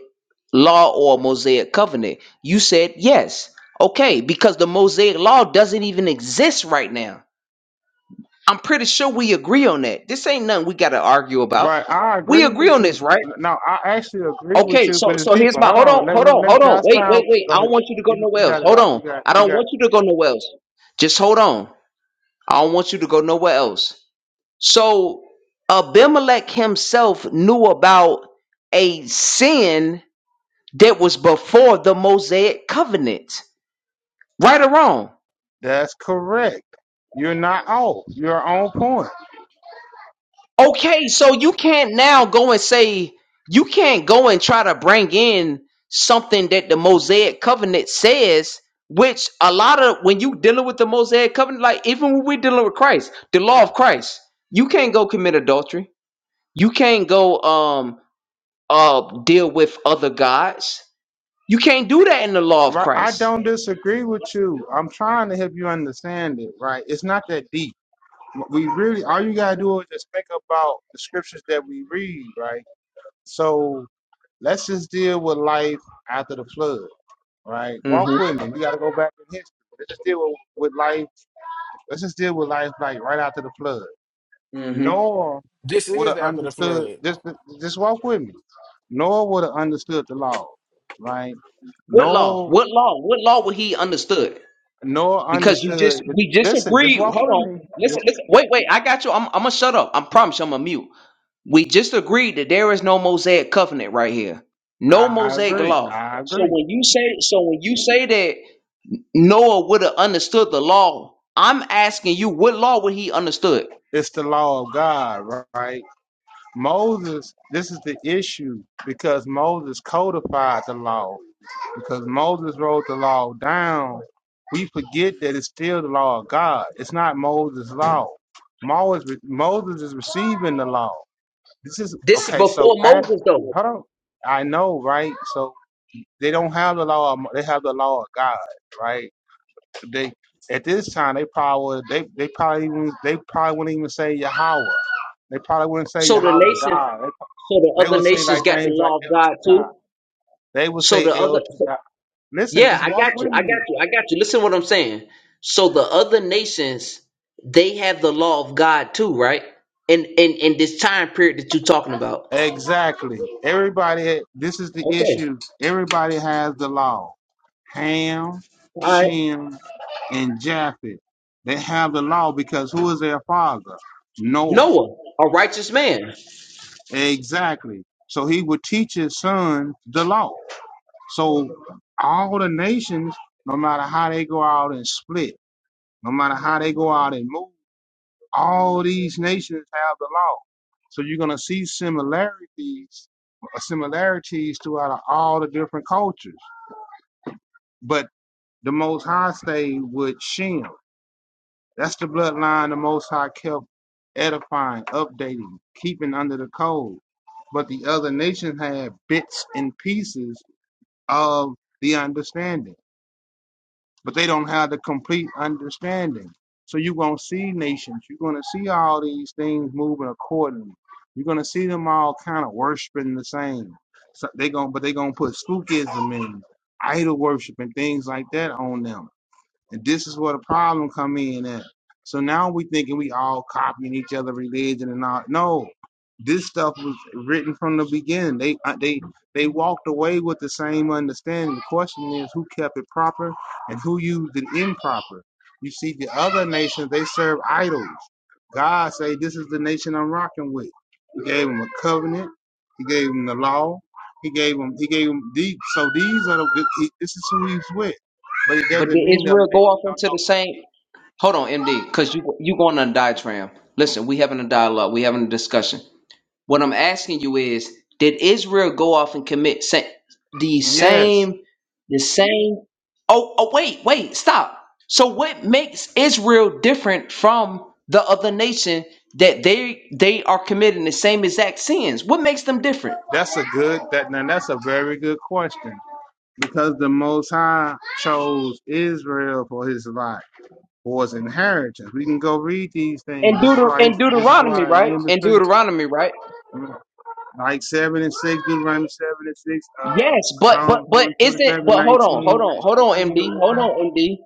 Speaker 2: law or a Mosaic covenant? You said yes. Okay, because the Mosaic law doesn't even exist right now. I'm pretty sure we agree on that. This ain't nothing we got to argue about.
Speaker 8: Right. I
Speaker 2: We
Speaker 8: agree
Speaker 2: agree
Speaker 8: with
Speaker 2: on
Speaker 8: you.
Speaker 2: this, right?
Speaker 8: No, I actually agree with
Speaker 2: Okay,
Speaker 8: you,
Speaker 2: so
Speaker 8: but it's
Speaker 2: so here's
Speaker 8: deeper.
Speaker 2: my
Speaker 8: Hold
Speaker 2: hold on,
Speaker 8: on. Let,
Speaker 2: hold
Speaker 8: let,
Speaker 2: on,
Speaker 8: let me
Speaker 2: hold on.
Speaker 8: tell
Speaker 2: Wait, wait,
Speaker 8: found.
Speaker 2: wait.
Speaker 8: Go
Speaker 2: I
Speaker 8: ahead.
Speaker 2: don't want you to go
Speaker 8: You, you
Speaker 2: nowhere else.
Speaker 8: got it
Speaker 2: Hold
Speaker 8: out.
Speaker 2: on.
Speaker 8: You got
Speaker 2: I
Speaker 8: you
Speaker 2: don't
Speaker 8: got
Speaker 2: want you to go nowhere else. Just hold on. I don't want you to go nowhere else. So Abimelech himself knew about a sin that was before the Mosaic covenant, right or wrong.
Speaker 8: that's correct. You're not off. You're on point.
Speaker 2: Okay, so you can't now go and say, you can't go and try to bring in something that the Mosaic covenant says. Which a lot of when you dealing with the Mosaic covenant, like even when we're dealing with Christ, the law of Christ, you can't go commit adultery. You can't go um uh deal with other gods. You can't do that in the law of
Speaker 8: Right. I
Speaker 2: Christ.
Speaker 8: don't disagree with you. I'm trying to help you understand it, right? It's not that deep we really all you gotta do is just think about the scriptures that we read, right? So let's just deal with life after the flood, right? Walk
Speaker 2: Mm-hmm.
Speaker 8: with me. We gotta go back in history. Let's just deal with, with life. Let's just deal with life like right after the flood.
Speaker 2: Mm-hmm.
Speaker 8: Noah
Speaker 9: This
Speaker 8: would
Speaker 9: is
Speaker 8: have
Speaker 9: after the
Speaker 8: understood.
Speaker 9: flood.
Speaker 8: Just just walk with me. Noah would have understood the law, right?
Speaker 2: What law?
Speaker 8: Noah
Speaker 2: What law? What law would he understood?
Speaker 8: Noah
Speaker 2: Because you
Speaker 8: understood.
Speaker 2: just we just
Speaker 8: Listen, just
Speaker 2: agreed.
Speaker 8: walk
Speaker 2: Hold
Speaker 8: with
Speaker 2: on.
Speaker 8: me.
Speaker 2: Listen,
Speaker 8: Just
Speaker 2: listen. Wait, wait. I got you. I'm, I'm gonna shut up. I promise. you, I'm gonna mute. We just agreed that there is no Mosaic covenant right here. No
Speaker 8: I
Speaker 2: Mosaic
Speaker 8: agree.
Speaker 2: law.
Speaker 8: I
Speaker 2: So
Speaker 8: agree.
Speaker 2: when you say so when you say that Noah would have understood the law, I'm asking you what law would he understood?
Speaker 8: It's the law of God, right? Moses, this is the issue because Moses codified the law. Because Moses wrote the law down, we forget that it's still the law of God. It's not Moses' law. Moses, Moses is receiving the law. This is
Speaker 2: This is
Speaker 8: okay. So,
Speaker 2: before
Speaker 8: ask,
Speaker 2: Moses though.
Speaker 8: hold on. I know, right? So they don't have the law. Of, they have the law of God, right? They at this time they probably they they probably even, they probably wouldn't even say Yahweh. They probably wouldn't say
Speaker 2: So the
Speaker 8: Yahweh
Speaker 2: nation
Speaker 8: died. They
Speaker 2: So the
Speaker 8: they
Speaker 2: other
Speaker 8: will say
Speaker 2: nations
Speaker 8: like
Speaker 2: got the
Speaker 8: things like
Speaker 2: law of
Speaker 8: El Shaddai.
Speaker 2: God too.
Speaker 8: They will
Speaker 2: So
Speaker 8: say
Speaker 2: the
Speaker 8: El
Speaker 2: other, so,
Speaker 8: Shaddai. Listen,
Speaker 2: yeah,
Speaker 8: just
Speaker 2: I got
Speaker 8: walk
Speaker 2: you.
Speaker 8: with
Speaker 2: I got
Speaker 8: me.
Speaker 2: you. I got you. Listen to what I'm saying. So the other nations, they have the law of God too, right? In in in this time period that you're talking about.
Speaker 8: Exactly. Everybody, this is the
Speaker 2: Okay.
Speaker 8: issue. Everybody has the law. Ham,
Speaker 2: All right.
Speaker 8: Shem, and Japheth. They have the law because who is their father? Noah.
Speaker 2: Noah, a righteous man.
Speaker 8: Exactly. So he would teach his son the law. So all the nations, no matter how they go out and split, no matter how they go out and move, all these nations have the law. So you're going to see similarities, uh, similarities throughout all the different cultures. But the Most High stayed with Shem. That's the bloodline the Most High kept edifying, updating, keeping under the code. But the other nations had bits and pieces of the understanding. but they don't have the complete understanding. So you're going to see nations. You're going to see all these things moving accordingly. You're going to see them all kind of worshiping the same. So they going to but they're going to put spookism and idol worship and things like that on them. And this is where the problem come in at. So now we thinking we all copying each other religion and all. No, this stuff was written from the beginning. They uh, they they walked away with the same understanding. The question is who kept it proper and who used it improper. You see, the other nations they serve idols. God say this is the nation I'm rocking with. He gave them a covenant. He gave them the law. He gave them. He gave them these. So these are the. He, This is who he's with but it
Speaker 2: But did
Speaker 8: doesn't mean that
Speaker 2: Israel
Speaker 8: other
Speaker 2: go off into the same? Hold on, MD, because you you going on a diatribe. Listen, we having a dialogue. We having a discussion. What I'm asking you is, did Israel go off and commit sa- the
Speaker 8: Yes,
Speaker 2: same, the same? Oh, oh, wait, wait, stop. So what makes Israel different from the other nation that they they are committing the same exact sins? What makes them different?
Speaker 8: that's a good that now that's a very good question because the Most High chose Israel for His life for His inheritance. We can go read these things.
Speaker 2: And
Speaker 8: This is
Speaker 2: Deuter
Speaker 8: why
Speaker 2: and
Speaker 8: this is
Speaker 2: Deuteronomy,
Speaker 8: why in
Speaker 2: right?
Speaker 8: Amos
Speaker 2: And
Speaker 8: three,
Speaker 2: Deuteronomy, right?
Speaker 8: like seven and six, Deuteronomy seven and six, uh,
Speaker 2: Yes, but but
Speaker 8: Psalms
Speaker 2: but
Speaker 8: one forty
Speaker 2: isn't
Speaker 8: seven
Speaker 2: but hold on, hold
Speaker 8: nineteen,
Speaker 2: on,
Speaker 8: Amos
Speaker 2: hold on,
Speaker 8: three
Speaker 2: MD,
Speaker 8: and
Speaker 2: hold
Speaker 8: one.
Speaker 2: on, MD.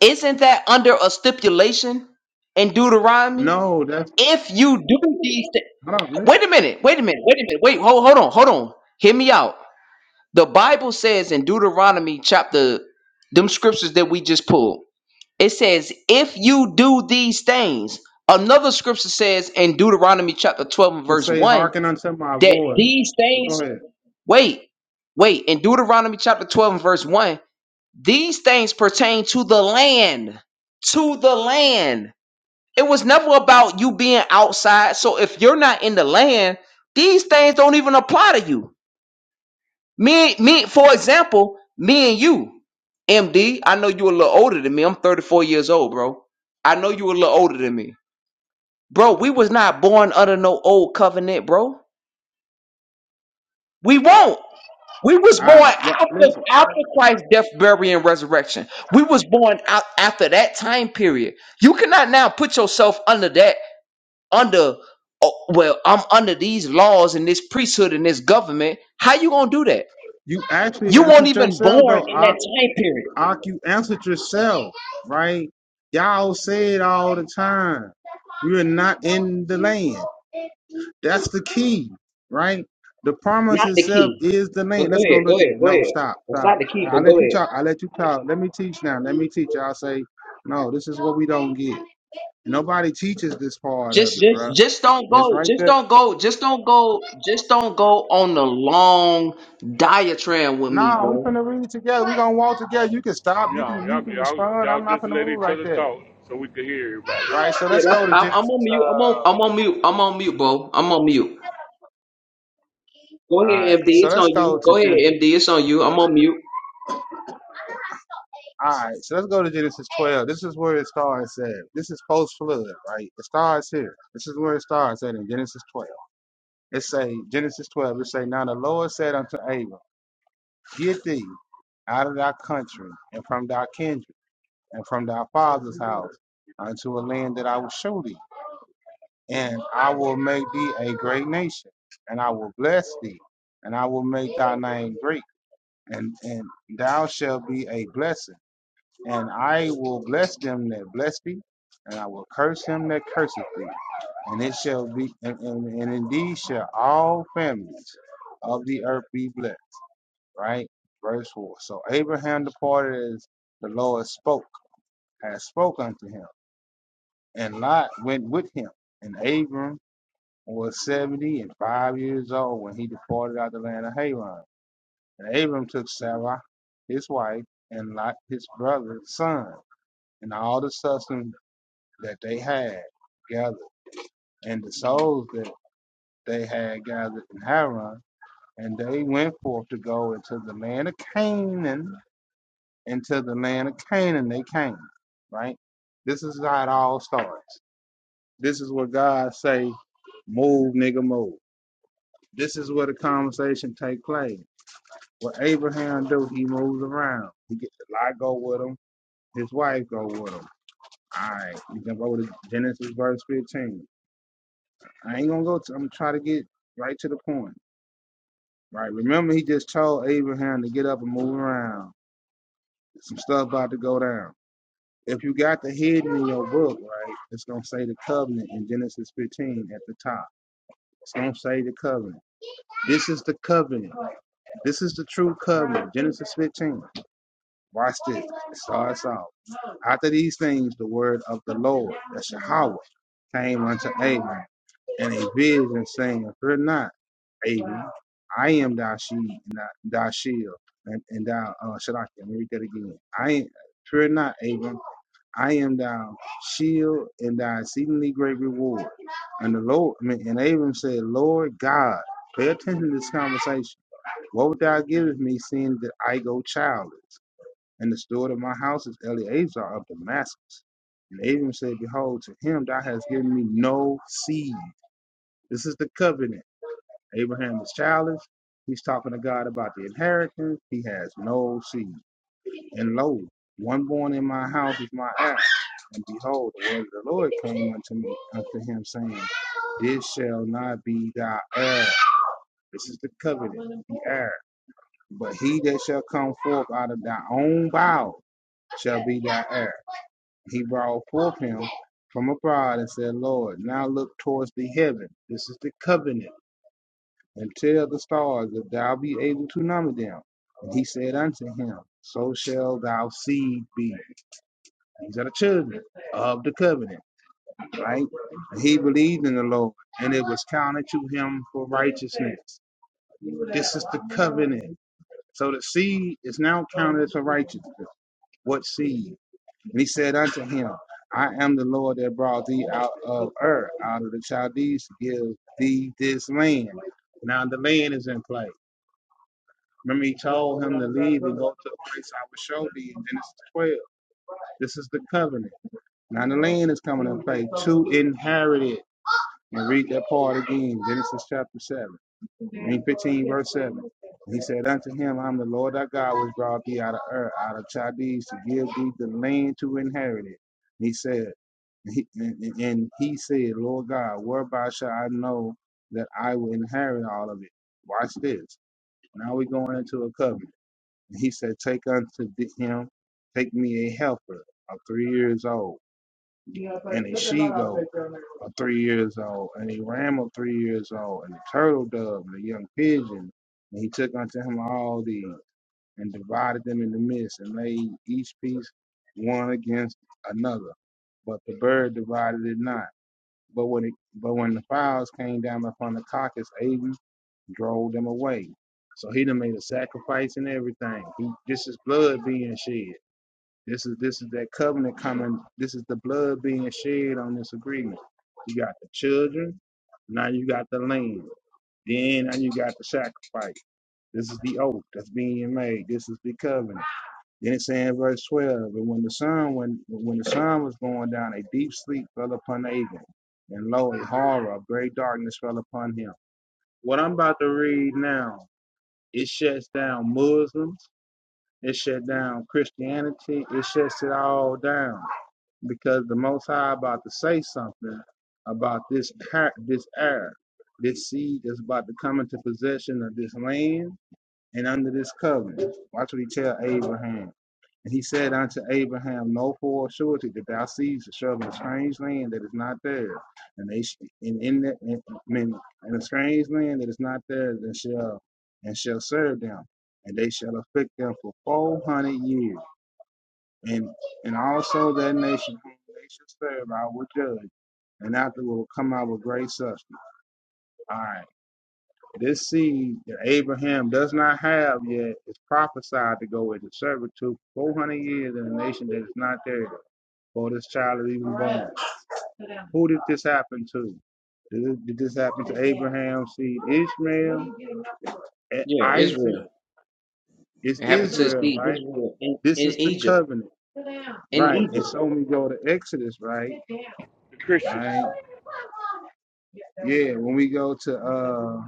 Speaker 2: Isn't that under a stipulation in Deuteronomy?
Speaker 8: No, that's
Speaker 2: If you do these things,
Speaker 8: hold on. Listen,
Speaker 2: wait a minute, wait a minute, wait a minute, wait, hold, hold on, hold on. Hear me out. The Bible says in Deuteronomy chapter, them scriptures that we just pulled, it says, if you do these things, another scripture says in Deuteronomy chapter 12 and
Speaker 8: it
Speaker 2: verse
Speaker 8: say
Speaker 2: 1
Speaker 8: hearken unto my
Speaker 2: that
Speaker 8: voice.
Speaker 2: these
Speaker 8: But
Speaker 2: things,
Speaker 8: go ahead.
Speaker 2: wait, wait, in Deuteronomy chapter 12 and verse 1, these things pertain to the land, to the land. It was never about you being outside. So if you're not in the land, these things don't even apply to you. Me, me, for example, me and you, MD. I know you a little older than me. I'm 34 years old, bro. I know you a little older than me, bro. We was not born under no old covenant, bro. We won't. We was born
Speaker 8: All right, what?
Speaker 2: after
Speaker 8: Listen,
Speaker 2: after Christ's death, burial, and resurrection. We was born out after that time period. You cannot now put yourself under that under oh, well i'm under these laws and this priesthood and this government how you gonna do that
Speaker 8: you actually
Speaker 2: you weren't
Speaker 8: answered
Speaker 2: even
Speaker 8: yourself
Speaker 2: born
Speaker 8: though.
Speaker 2: in that time period
Speaker 8: Ak, you answered yourself, right? Y'all say it all the time. you are not in the land. That's the key, right? The promise
Speaker 2: not the
Speaker 8: itself
Speaker 2: key
Speaker 8: is the
Speaker 2: but
Speaker 8: land.
Speaker 2: go
Speaker 8: Let's go
Speaker 2: ahead go
Speaker 8: look at
Speaker 2: ahead
Speaker 8: it.
Speaker 2: go
Speaker 8: No,
Speaker 2: ahead
Speaker 8: stop,
Speaker 2: it's not
Speaker 8: stop.
Speaker 2: the key
Speaker 8: I
Speaker 2: but go
Speaker 8: let you
Speaker 2: ahead
Speaker 8: talk. I let you talk. Let me teach now. Let me teach. I'll say, no, this is what we don't get. Nobody teaches this part of
Speaker 2: just
Speaker 8: it,
Speaker 2: just
Speaker 8: bro.
Speaker 2: just don't
Speaker 8: And it's
Speaker 2: go
Speaker 8: right
Speaker 2: just
Speaker 8: there.
Speaker 2: don't go just don't go just don't go on the long diatribe with me
Speaker 8: No, we
Speaker 2: bro
Speaker 8: finna read it together. we gonna walk together. You can stop.
Speaker 1: you
Speaker 8: You
Speaker 1: know,
Speaker 8: can you
Speaker 1: y'all
Speaker 8: can
Speaker 1: y'all
Speaker 8: respond.
Speaker 1: y'all
Speaker 8: I'm not
Speaker 1: just
Speaker 8: finna
Speaker 1: let
Speaker 8: move
Speaker 1: each
Speaker 8: like
Speaker 1: other
Speaker 8: that.
Speaker 1: talk so we could hear everybody.
Speaker 8: Right? So
Speaker 2: yeah
Speaker 8: let's
Speaker 2: that's
Speaker 8: go to
Speaker 2: i'm,
Speaker 1: Amen.
Speaker 2: I'm
Speaker 8: Genesis
Speaker 2: on mute i'm
Speaker 8: Uh,
Speaker 2: on i'm on mute i'm on mute bro i'm on mute go
Speaker 8: All right,
Speaker 2: ahead md
Speaker 8: so
Speaker 2: it's on
Speaker 8: let's go
Speaker 2: you
Speaker 8: to
Speaker 2: go ahead
Speaker 8: Genesis.
Speaker 2: md it's on you i'm on mute
Speaker 8: All right, so let's go to Genesis 12. This is where it starts at. This is post flood, right? It starts here. This is where it starts at in Genesis 12. It say Genesis 12. It say, now the Lord said unto Abram, get thee out of thy country and from thy kindred and from thy father's house unto a land that I will show thee, and I will make thee a great nation, and I will bless thee, and I will make thy name great, and and thou shalt be a blessing. And I will bless them that bless thee, and I will curse him that curseth thee. And it shall be, and, and, and indeed shall all families of the earth be blessed. Right? Verse 4. So Abraham departed as the Lord spoke, has spoke unto him. And Lot went with him. And Abram was 70 and 5 years old when he departed out of the land of Haran. And Abram took Sarah, his wife, and Lot, his brother's son, and all the substance that they had gathered and the souls that they had gathered in Haran. And they went forth to go into the land of Canaan. Into the land of Canaan they came, right? This is how it all starts. This is what God say, move, nigga, move. This is where the conversation take place. What Abraham do, he moves around. He get the Lot go with him. His wife go with him. All right, you can go to Genesis verse 15. I ain't gonna go to. I'm gonna try to get right to the point. Right. Remember, he just told Abraham to get up and move around. Some stuff about to go down. If you got the hidden in your book, right, it's gonna say the covenant in Genesis 15 at the top. It's gonna say the covenant. This is the covenant. This is the true covenant. Genesis 15. Watch this. It starts off. After these things, the word of the Lord, the Yahweh, came unto Abram in a vision, saying, Fear not, Abram, I am thy shield, and thy thy shield, and, and thy uh, Shadrach. Let me read that again. I am, fear not, Abram, I am thy shield and thy exceedingly great reward. And the Lord, I mean, and Abram said, Lord God, pay attention to this conversation. What would thou give me, seeing that I go childless? And the steward of my house is Eleazar of Damascus. And Abram said, Behold, to him thou hast given me no seed. This is the covenant. Abraham is childless. He's talking to God about the inheritance. He has no seed. And lo, one born in my house is my ass. And behold, the word of the Lord came unto me, unto him, saying, This shall not be thy heir. This is the covenant, the heir. But he that shall come forth out of thy own bowels shall be thy heir. He brought forth him from abroad and said, Lord, now look towards the heaven. This is the covenant. And tell the stars that thou be able to number them. And he said unto him, So shall thou seed be. These are the children of the covenant, right? And he believed in the Lord, and it was counted to him for righteousness. This is the covenant. So the seed is now counted for righteousness. What seed? And he said unto him, I am the Lord that brought thee out of Ur, out of the Chaldees, to give thee this land. Now the land is in play. Remember, he told him to leave and go to a place I will show thee in Genesis 12. This is the covenant. Now the land is coming in play to inherit it. And read that part again, Genesis chapter 7. In 15, verse 7. He said unto him, I'm the Lord thy God, which brought thee out of Ur, out of Chaldees, to give thee the land to inherit it. And he said, he, and, and and he said, Lord God, whereby shall I know that I will inherit all of it? Watch this. Now we going into a covenant. And he said, Take unto thee- him, take me a helper of three years old and a she goat, a three years old, and a ram of three years old, and a turtle dove, and a young pigeon. And he took unto him all these, and divided them in the midst, and laid each piece one against another. But the bird divided it not. But when it, but when the fowls came down upon the carcass, Abram drove them away. So he done made a sacrifice and everything. He, this is blood being shed. This is this is that covenant coming. This is the blood being shed on this agreement. You got the children. Now you got the land. Then now you got the sacrifice. This is the oath that's being made. This is the covenant. Then it says in verse 12, and when the sun when when the sun was going down, a deep sleep fell upon Abel, and lo, a horror of great darkness fell upon him. What I'm about to read now, it shuts down Muslims, it shut down Christianity, it shuts it all down because the Most High about to say something about this par- this heir, this seed that's about to come into possession of this land and under this covenant. Watch what he tell Abraham. And he said unto Abraham, Know for a surety that thou seest shall be a strange land that is not theirs, and they sh- and in the, in, in in a strange land that is not theirs, and shall and shall serve them, and they shall afflict them for four hundred years and and also that nation whom they shall serve I will judge, and after will come out with great substance. All right. This seed that Abraham does not have yet is prophesied to go into servitude four hundred years in a nation that is not there. For this child is even born. who did this happen to? Did, it- did this happen Abraham's seed Ishmael
Speaker 2: yeah Israel.
Speaker 8: Isaac? It's
Speaker 2: It happened to
Speaker 8: Israel,
Speaker 2: see
Speaker 8: right?
Speaker 2: Israel in,
Speaker 8: This
Speaker 2: in
Speaker 8: is the
Speaker 2: Egypt.
Speaker 8: covenant.
Speaker 2: In
Speaker 8: Right. And
Speaker 2: Egypt.
Speaker 8: so when we go to Exodus, right?
Speaker 1: The Christians.
Speaker 8: Yeah, when we go to uh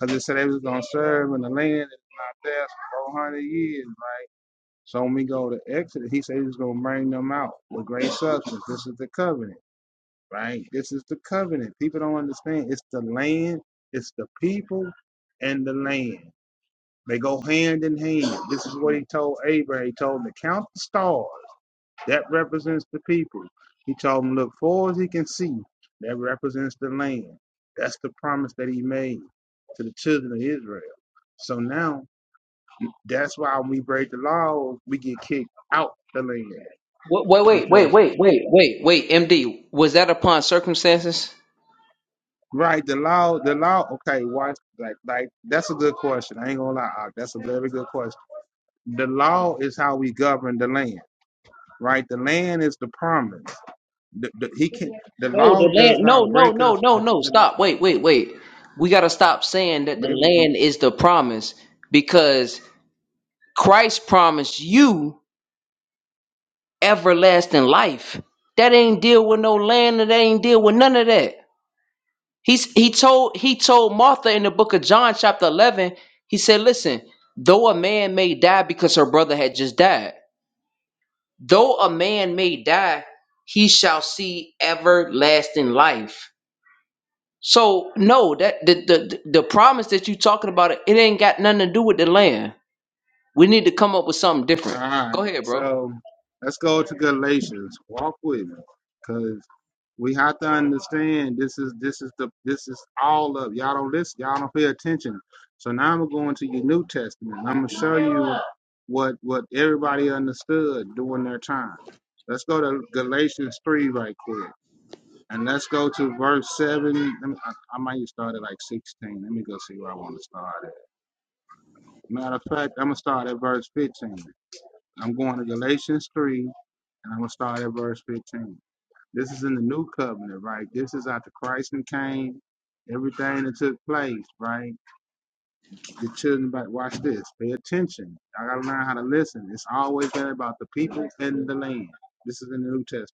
Speaker 8: Because it said they was going to serve in the land that's not theirs for 400 years. Right? So when we go to Exodus, he said he was going to bring them out with great substance. This is the covenant, right? This is the covenant. People don't understand. It's the land, it's the people, and the land. They go hand in hand. This is what he told Abraham. He told him to count the stars. That represents the people. He told him, look, far as he can see, that represents the land. That's the promise that he made to the children of Israel. So now that's why when we break the law, we get kicked out the land.
Speaker 2: Wait, wait,
Speaker 8: Because
Speaker 2: wait, wait, wait, wait, wait. MD, was that upon circumstances?
Speaker 8: right, the law, the law, okay, watch like like that's a good question. I ain't gonna lie, that's a very good question. The law is how we govern the land, right? The land is the promise. The, the, he, the
Speaker 2: No,
Speaker 8: law
Speaker 2: the
Speaker 8: does
Speaker 2: land. No,
Speaker 8: not
Speaker 2: no,
Speaker 8: break us.
Speaker 2: no, no,
Speaker 8: The,
Speaker 2: no.
Speaker 8: the,
Speaker 2: Stop. Wait, wait, wait. We gotta stop saying that the
Speaker 8: maybe
Speaker 2: land is the promise because Christ promised you everlasting life. That ain't deal with no land. That ain't deal with none of that. He's he told he told Martha in the book of John chapter 11, he said, "Listen, though a man may die because her brother had just died, though a man may die, he shall see everlasting life." So, no, that the the the promise that you talking about, it ain't got nothing to do with the land. We need to come up with something
Speaker 8: All
Speaker 2: different.
Speaker 8: right.
Speaker 2: Go ahead, bro.
Speaker 8: So let's go to Galatians. Walk with me, because we have to understand this is this is the this is all of y'all don't listen. Y'all don't pay attention. So now I'm going to your New Testament. I'm gonna show what what everybody understood during their time. Let's go to Galatians three right quick, and let's go to verse seven. Let me, I, I might start at like sixteen. Let me go see where I want to start at. Matter of fact, I'm gonna start at verse fifteen. I'm going to Galatians 3, and I'm going to start at verse 15. This is in the new covenant, right? This is after Christ and came, everything that took place, right? The children, but watch this, pay attention. I got to learn how to listen. It's always been about the people and the land. This is in the New Testament.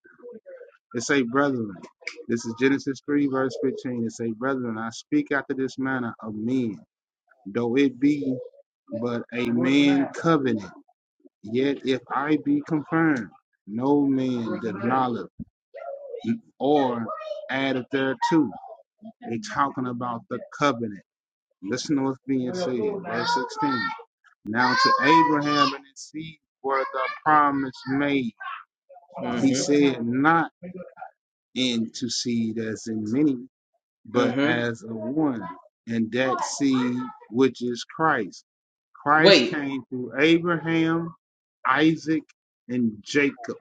Speaker 8: It say, brethren. This is Genesis 3, verse 15. It say, brethren, I speak after this manner of men, though it be but a covenant. Yet if I be confirmed, no man olive or added thereto. They talking about the covenant. Listen to what's being 16. Now to Abraham and his seed were the promise made.
Speaker 2: mm
Speaker 8: He
Speaker 2: Mhm.
Speaker 8: said not into seed as in many,
Speaker 2: mm
Speaker 8: but
Speaker 2: Mhm.
Speaker 8: as of one, and that seed which is Christ. Christ
Speaker 2: Wait,
Speaker 8: came through Abraham, Isaac, and Jacob.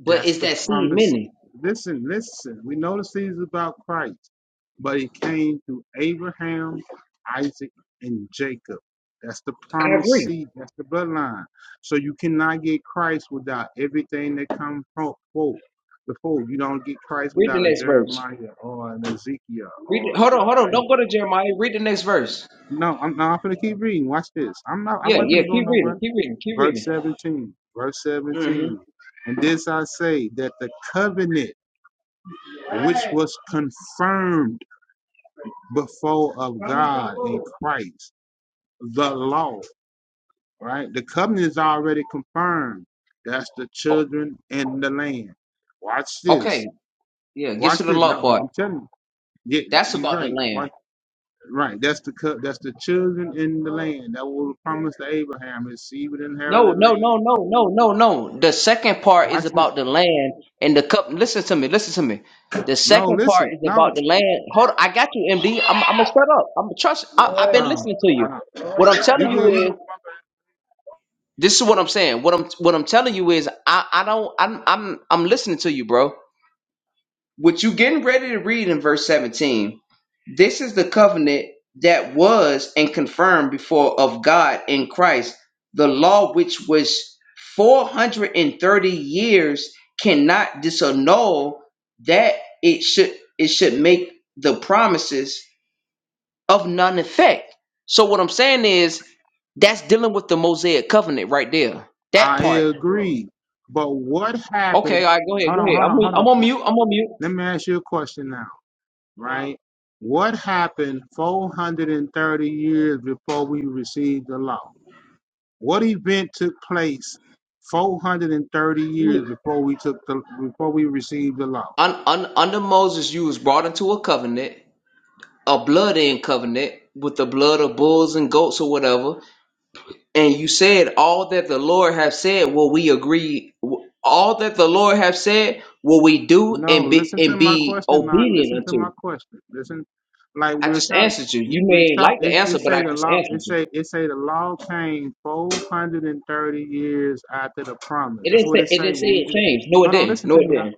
Speaker 2: but
Speaker 8: That's
Speaker 2: is
Speaker 8: the
Speaker 2: that seed
Speaker 8: promise.
Speaker 2: many?
Speaker 8: Listen, listen. We know the seed is about Christ, but he came through Abraham, Isaac, and Jacob. That's the
Speaker 2: I
Speaker 8: promised
Speaker 2: agree.
Speaker 8: seed. That's the bloodline. So you cannot get Christ without everything that comes fro- forth. Before you don't get Christ
Speaker 2: Read the
Speaker 8: without a
Speaker 2: next verse.
Speaker 8: Jeremiah or an Ezekiel
Speaker 2: Read. The,
Speaker 8: or
Speaker 2: hold on, hold on.
Speaker 8: an
Speaker 2: Don't go
Speaker 8: Isaac.
Speaker 2: to Jeremiah. Read the next verse.
Speaker 8: No, I'm not going to keep reading. Watch this. I'm not. I
Speaker 2: Yeah,
Speaker 8: wasn't going
Speaker 2: yeah,
Speaker 8: to go
Speaker 2: keep reading,
Speaker 8: nowhere.
Speaker 2: keep reading, keep
Speaker 8: Verse
Speaker 2: reading.
Speaker 8: 17. Verse
Speaker 2: Mm-hmm.
Speaker 8: 17. And this I say that the covenant was confirmed before of Christ, the law, right? The covenant is already confirmed. That's the
Speaker 2: Oh,
Speaker 8: children and the land. Watch this.
Speaker 2: okay, yeah, get
Speaker 8: Watch
Speaker 2: to the
Speaker 8: this.
Speaker 2: law
Speaker 8: No,
Speaker 2: part.
Speaker 8: I'm telling you. Yeah,
Speaker 2: That's
Speaker 8: you're
Speaker 2: about the
Speaker 8: right.
Speaker 2: land.
Speaker 8: Watch, right. That's the co- that's the children in the land that was promised to Abraham. His seed would inherit
Speaker 2: No,
Speaker 8: the
Speaker 2: no,
Speaker 8: land.
Speaker 2: no, no, no, no, no. The second part is
Speaker 8: Watch this.
Speaker 2: about the land and the cup. Listen to me, listen to me. The
Speaker 8: No,
Speaker 2: second part
Speaker 8: listen.
Speaker 2: is about
Speaker 8: No.
Speaker 2: the land. Hold on, I got you, MD. I'm, I'm gonna shut up. I'm gonna trust. I, I've been
Speaker 8: Um,
Speaker 2: listening to you.
Speaker 8: I,
Speaker 2: What I'm telling
Speaker 8: you
Speaker 2: you
Speaker 8: good, you good.
Speaker 2: is, this is what I'm saying. What I'm, what I'm telling you is, I, I don't, I'm, I'm, I'm listening to you, bro. What you getting ready to read in verse 17? This is the covenant that was and confirmed before of God in Christ. The law, which was 430 years, cannot disannul that it should it should make the promises of none effect. So what I'm saying is that's dealing with the Mosaic covenant right there. That
Speaker 8: I
Speaker 2: part.
Speaker 8: agree. But what
Speaker 2: Okay,
Speaker 8: happened?
Speaker 2: all right, go ahead,
Speaker 8: Hold
Speaker 2: go
Speaker 8: on,
Speaker 2: ahead.
Speaker 8: hold
Speaker 2: I'm
Speaker 8: on, hold
Speaker 2: I'm
Speaker 8: on.
Speaker 2: on mute. I'm on mute.
Speaker 8: Let me ask you a question now, right? What happened 430 years before we received the law? What event took place 430 years
Speaker 2: You-
Speaker 8: before we took the before we received the law?
Speaker 2: un, un, under Moses, you was brought into a covenant a blood in covenant with the blood of bulls and goats or whatever and you said all that the lord have said will we agree all that the lord have said will we do
Speaker 8: No,
Speaker 2: and be
Speaker 8: listen
Speaker 2: and
Speaker 8: to my
Speaker 2: be
Speaker 8: question, Nog.
Speaker 2: obedient
Speaker 8: Listen to my
Speaker 2: unto
Speaker 8: question. Listen, like
Speaker 2: i
Speaker 8: we're
Speaker 2: just
Speaker 8: talking,
Speaker 2: answered you you
Speaker 8: we
Speaker 2: may ain't like
Speaker 8: talk.
Speaker 2: the
Speaker 8: It,
Speaker 2: answer
Speaker 8: it
Speaker 2: but i
Speaker 8: say the
Speaker 2: just
Speaker 8: law.
Speaker 2: answered
Speaker 8: It
Speaker 2: you
Speaker 8: say it say the law came 430 years after the promise.
Speaker 2: it
Speaker 8: That's
Speaker 2: didn't
Speaker 8: what
Speaker 2: say
Speaker 8: it
Speaker 2: it
Speaker 8: say.
Speaker 2: didn't say
Speaker 8: What we
Speaker 2: it
Speaker 8: did.
Speaker 2: changed no it
Speaker 8: Hold on.
Speaker 2: didn't
Speaker 8: Listen
Speaker 2: no
Speaker 8: to
Speaker 2: it
Speaker 8: me. Out.
Speaker 2: didn't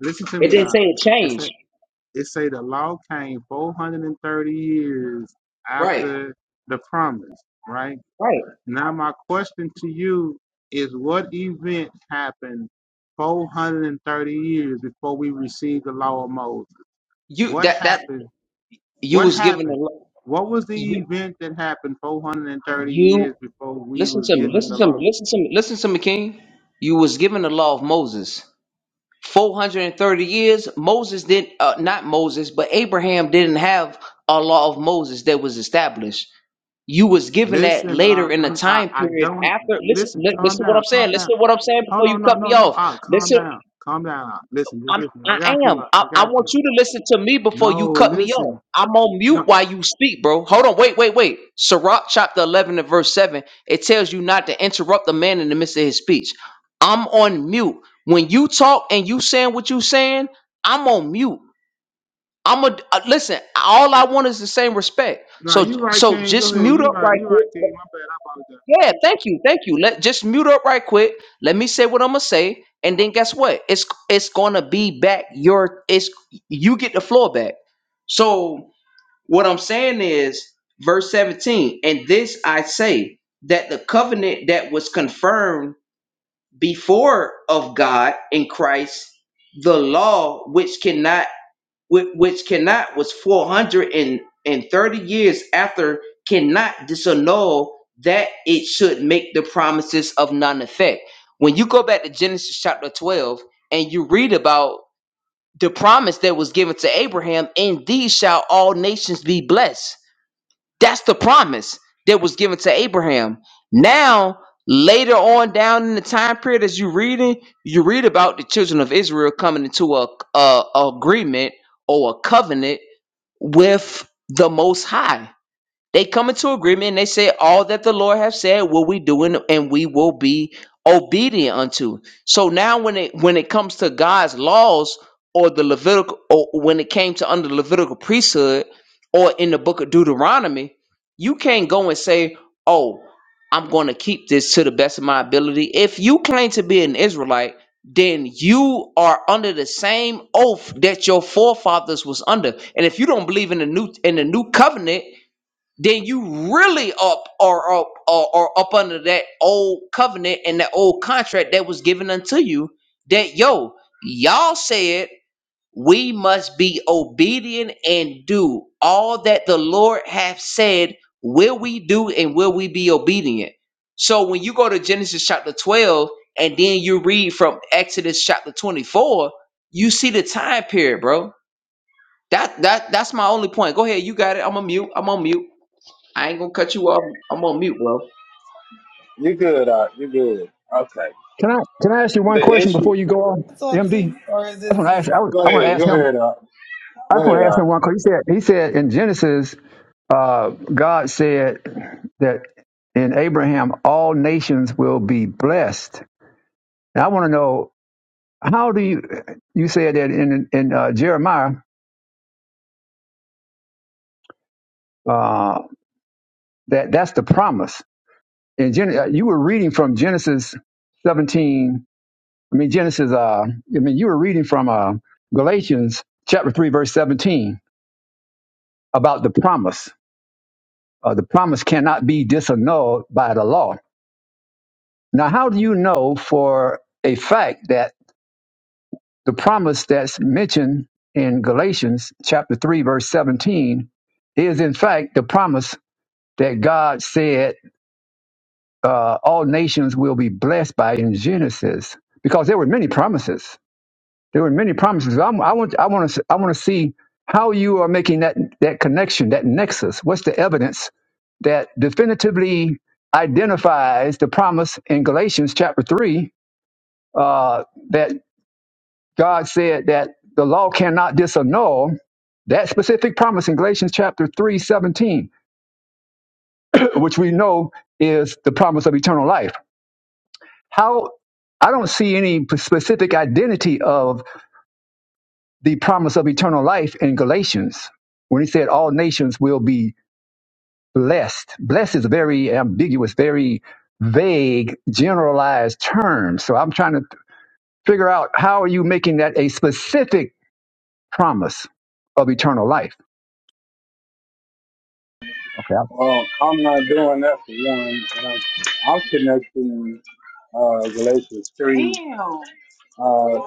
Speaker 8: Listen to
Speaker 2: it
Speaker 8: me.
Speaker 2: didn't
Speaker 8: Y'all.
Speaker 2: say it
Speaker 8: it Out.
Speaker 2: changed
Speaker 8: It say the law came 430 years
Speaker 2: right
Speaker 8: after the promise, right?
Speaker 2: right
Speaker 8: Now my question to you is what event happened 430 years before we received the law of Moses?
Speaker 2: you
Speaker 8: What
Speaker 2: that that
Speaker 8: happened?
Speaker 2: you
Speaker 8: What
Speaker 2: was given the
Speaker 8: happened?
Speaker 2: law.
Speaker 8: What was the
Speaker 2: you
Speaker 8: event that happened 430
Speaker 2: you
Speaker 8: years before we
Speaker 2: listen
Speaker 8: was
Speaker 2: to me
Speaker 8: given
Speaker 2: listen
Speaker 8: the
Speaker 2: to
Speaker 8: law?
Speaker 2: me listen to me listen to me king you was given the law of moses 430 years moses did uh, not moses but abraham didn't have a law of moses that was established you was given that
Speaker 8: Listen, uh,
Speaker 2: later in the
Speaker 8: I'm, I
Speaker 2: time
Speaker 8: I
Speaker 2: period
Speaker 8: don't
Speaker 2: after listen
Speaker 8: listen.
Speaker 2: li-
Speaker 8: Calm
Speaker 2: listen to what
Speaker 8: down,
Speaker 2: i'm saying
Speaker 8: calm down.
Speaker 2: listen to what i'm saying
Speaker 8: Hold
Speaker 2: before you
Speaker 8: on, no,
Speaker 2: cut me
Speaker 8: no, no.
Speaker 2: off
Speaker 8: Ah, calm
Speaker 2: listen
Speaker 8: down, calm down. Ah, Listen, just
Speaker 2: I'm,
Speaker 8: listen. I
Speaker 2: I
Speaker 8: got you.
Speaker 2: am.
Speaker 8: ah,
Speaker 2: I,
Speaker 8: I
Speaker 2: I
Speaker 8: got
Speaker 2: want
Speaker 8: you.
Speaker 2: you to listen to me before you
Speaker 8: No,
Speaker 2: cut me
Speaker 8: listen.
Speaker 2: off. I'm on mute
Speaker 8: No,
Speaker 2: while you speak, bro. Hold on. Wait, wait, wait. Sirach chapter 11 and verse 7, it tells you not to interrupt the man in the midst of his speech. I'm on mute. When you talk and you saying what you saying, I'm on mute. I'm a uh, listen. All I want is the same respect.
Speaker 8: no.
Speaker 2: So,
Speaker 8: You right,
Speaker 2: so
Speaker 8: King. Go
Speaker 2: just
Speaker 8: ahead.
Speaker 2: mute
Speaker 8: You
Speaker 2: up
Speaker 8: right.
Speaker 2: right
Speaker 8: You right,
Speaker 2: quick.
Speaker 8: King. My bad. I apologize.
Speaker 2: Yeah, thank you, thank you. Let just mute up right quick. Let me say what I'm gonna say, and then guess what? It's it's gonna be back. Your it's you get the floor back. So what I'm saying is verse 17, and this I say that the covenant that was confirmed before of God in Christ, the law which cannot which, which cannot was 430 years after cannot disannul that it should make the promises of none effect when you go back to genesis chapter 12 and you read about the promise that was given to abraham in these shall all nations be blessed that's the promise that was given to Abraham. Now, later on down in the time period, as you reading, you read about the children of Israel coming into a, a agreement or a covenant with the Most High. They come into agreement and they say, All that the Lord have said will we do and and we will be obedient unto. So now when it when it comes to God's laws or the Levitical or when it came to under the Levitical priesthood or in the book of Deuteronomy, you can't go and say, Oh, I'm gonna keep this to the best of my ability. If you claim to be an Israelite, then you are under the same oath that your forefathers was under. And if you don't believe in the new in the new covenant, then you really up or up or, or up under that old covenant and that old contract that was given unto you that yo y'all said we must be obedient and do all that the lord hath said will we do and will we be obedient so when you go to genesis chapter 12 and then you read from exodus chapter 24 you see the time period bro that that that's my only point go ahead you got it i'm on mute i'm on mute I ain't gonna cut you off. I'm on mute, bro.
Speaker 8: You good, Art. You good. Okay.
Speaker 12: Can I can I ask you one
Speaker 8: The
Speaker 12: question
Speaker 8: issue.
Speaker 12: before you go on,
Speaker 13: I talk
Speaker 12: MD?
Speaker 13: to? Or is
Speaker 12: I just want to
Speaker 13: this,
Speaker 12: ask. I, was,
Speaker 8: Go
Speaker 12: I want to
Speaker 8: ahead. Go
Speaker 12: ask him.
Speaker 8: ahead, Art.
Speaker 12: I
Speaker 8: Go
Speaker 12: just
Speaker 8: ahead,
Speaker 12: want to
Speaker 8: Art.
Speaker 12: ask him one question. He said he said in Genesis, uh, God said that in Abraham all nations will be blessed. And I want to know how do you you said that in in uh, Jeremiah uh, that that's the promise. In Gen- uh, you were reading from Genesis seventeen. I mean Genesis. Uh, I mean you were reading from uh, Galatians chapter three verse seventeen about the promise. Uh, the promise cannot be disannulled by the law. Now, how do you know for a fact that the promise that's mentioned in Galatians chapter 3, verse 17, is in fact the promise that God said uh, all nations will be blessed by in Genesis? Because there were many promises. There were many promises. I'm, I want, I want to, I want to see how you are making that that connection, that nexus. What's the evidence that definitively identifies the promise in Galatians chapter 3 uh, that God said that the law cannot disannul that specific promise in Galatians chapter 3 17, *clears throat* which we know is the promise of eternal life. How I don't see any specific identity of the promise of eternal life in Galatians when he said all nations will be blessed. Blessed is a very ambiguous, very vague, generalized term. So I'm trying to figure out how are you making that a specific promise of eternal life? Okay.
Speaker 8: Well, I'm not doing that for one. And I'm, I'm connecting uh, Galatians 3 uh, to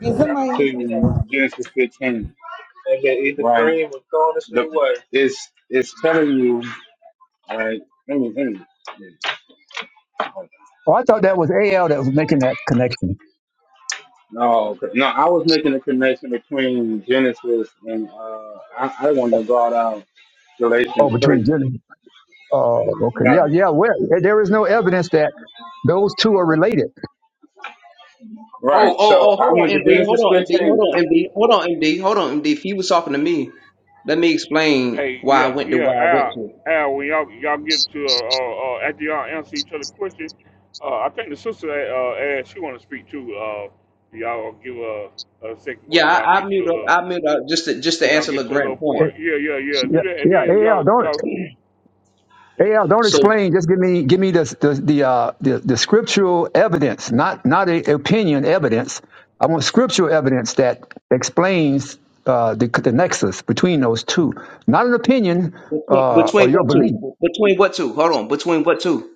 Speaker 13: is somebody else?
Speaker 8: Genesis 15. They can eat the Right? cream and go on the The, way. it's, it's telling you, like, let me, let me.
Speaker 12: Oh, I thought that was AL that was making that connection.
Speaker 8: No, okay. no, I was making a connection between Genesis and uh, I, I want to go out
Speaker 12: Oh,
Speaker 8: Galatians
Speaker 12: between
Speaker 8: 3.
Speaker 12: gen- Oh, okay.
Speaker 8: Right.
Speaker 12: Yeah, yeah. Where there is no evidence that those two are related.
Speaker 8: Right.
Speaker 2: Oh, oh,
Speaker 8: So
Speaker 2: oh,
Speaker 8: I
Speaker 2: hold on,
Speaker 8: went to
Speaker 2: MD. Hold
Speaker 8: Genesis
Speaker 2: on, MD.
Speaker 8: 15
Speaker 2: Hold on, MD. Hold on, MD. Hold on, MD. If he was talking to me, let me explain
Speaker 1: Hey,
Speaker 2: why I
Speaker 1: yeah,
Speaker 2: went to where I went
Speaker 1: yeah,
Speaker 2: to.
Speaker 1: Al, Al, when y'all y'all get to uh, uh, uh after y'all answer each other question, uh, I think the sister uh, asked she want to speak too. Uh, y'all give a, a second
Speaker 2: Yeah,
Speaker 1: once y'all
Speaker 2: I, I
Speaker 1: get to a
Speaker 2: mute up.
Speaker 1: little
Speaker 2: I mute up just to just to
Speaker 1: when y'all
Speaker 2: answer
Speaker 1: get to a
Speaker 2: LeGrand's
Speaker 1: little
Speaker 2: point.
Speaker 1: point.
Speaker 12: It,
Speaker 1: Yeah, yeah, yeah.
Speaker 12: yeah,
Speaker 1: Do that, and
Speaker 12: yeah.
Speaker 1: then
Speaker 12: AL,
Speaker 1: y'all
Speaker 12: don't.
Speaker 1: y'all.
Speaker 12: Hey, Al, don't
Speaker 2: So
Speaker 12: explain. Just give me give me the the the, uh, the, the scriptural evidence, not not a opinion evidence. I want scriptural evidence that explains uh, the the nexus between those two, not an opinion
Speaker 2: between,
Speaker 12: uh, or
Speaker 2: between
Speaker 12: your
Speaker 2: what
Speaker 12: belief.
Speaker 2: two? Between what two? Hold on. Between what two?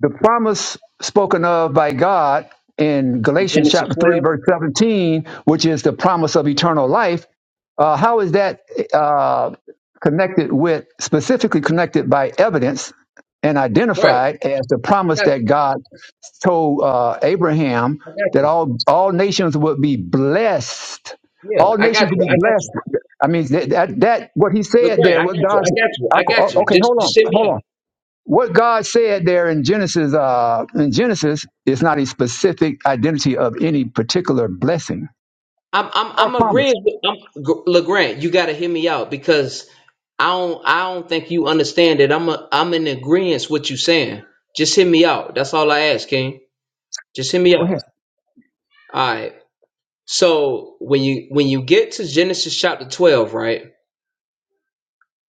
Speaker 12: The promise spoken of by God in Galatians
Speaker 2: Genesis
Speaker 12: chapter
Speaker 2: 12.
Speaker 12: 3, verse 17, which is the promise of eternal life, uh, how is that uh, connected with, specifically connected by evidence and
Speaker 2: Right. I
Speaker 12: identified as the promise
Speaker 2: got
Speaker 12: that
Speaker 2: you.
Speaker 12: God told uh, Abraham
Speaker 2: I got
Speaker 12: that
Speaker 2: you.
Speaker 12: all all nations would be blessed.
Speaker 2: Yeah,
Speaker 12: All
Speaker 2: I
Speaker 12: nations
Speaker 2: got
Speaker 12: would
Speaker 2: you.
Speaker 12: be
Speaker 2: I got
Speaker 12: blessed.
Speaker 2: you.
Speaker 12: I mean, that, that, that what he
Speaker 2: Look,
Speaker 12: said
Speaker 2: right.
Speaker 12: there,
Speaker 2: I
Speaker 12: what
Speaker 2: got you. I
Speaker 12: God's.
Speaker 2: got you. I got you.
Speaker 12: Okay,
Speaker 2: Just,
Speaker 12: hold
Speaker 2: just
Speaker 12: on,
Speaker 2: hit me
Speaker 12: hold
Speaker 2: up.
Speaker 12: on. What God said there in Genesis, uh, in Genesis, is not a specific identity of any particular blessing
Speaker 2: I'm I'm
Speaker 12: or
Speaker 2: I'm
Speaker 12: promise.
Speaker 2: agreeing with I'm, G- You got to hear me out because I don't I don't think you understand that I'm a, I'm in agreement with what you saying. Just hear me out. That's all I ask, King. Just hear me
Speaker 12: Go ahead.
Speaker 2: out. All right. So when you when you get to Genesis chapter 12, right?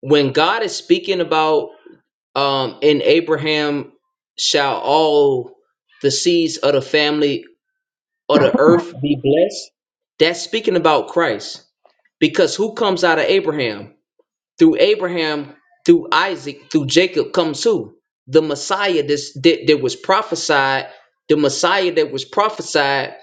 Speaker 2: When God is speaking about um in Abraham shall all the seeds of the family of the earth be blessed, that's speaking about Christ. Because who comes out of Abraham? through Abraham, through Isaac, through Jacob comes who? The Messiah this, that, that was prophesied, the Messiah that was prophesied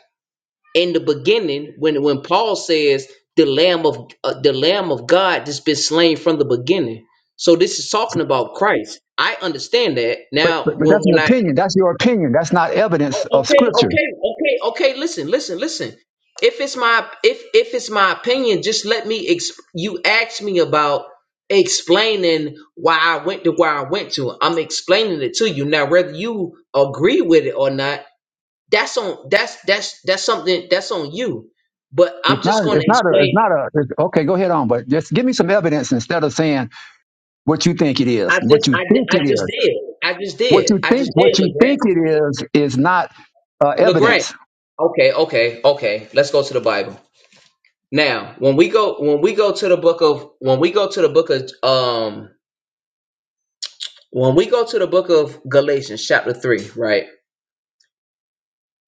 Speaker 2: in the beginning when, when Paul says the Lamb of uh, the Lamb of God that's been slain from the beginning. So this is talking about Christ. I understand that.
Speaker 12: But,
Speaker 2: Now
Speaker 12: but but
Speaker 2: when,
Speaker 12: that's an
Speaker 2: when I
Speaker 12: opinion. That's your opinion. That's not
Speaker 2: Oh,
Speaker 12: evidence of
Speaker 2: okay,
Speaker 12: Scripture.
Speaker 2: okay, okay, okay. Listen, listen, listen. If it's my if if it's my opinion, just let me. Exp- you asked me about explaining why I went to where I went to. I'm explaining it to you now. Whether you agree with it or not, that's on that's that's that's something that's on you. But I'm
Speaker 12: It's not.
Speaker 2: just going to
Speaker 12: It's not a. It's
Speaker 2: explain.
Speaker 12: not a. It's, okay, go ahead on. But just give me some evidence instead of saying what you think it is.
Speaker 2: I just
Speaker 12: What you
Speaker 2: I did
Speaker 12: think
Speaker 2: I
Speaker 12: it
Speaker 2: just
Speaker 12: is.
Speaker 2: did I just
Speaker 12: What
Speaker 2: did
Speaker 12: you
Speaker 2: I just
Speaker 12: think.
Speaker 2: did
Speaker 12: What you
Speaker 2: Legrand
Speaker 12: think it is is not uh,
Speaker 2: Legrand.
Speaker 12: evidence.
Speaker 2: Okay, okay, okay. Let's go to the Bible. Now, when we go when we go to the book of when we go to the book of um when we go to the book of Galatians chapter 3, right?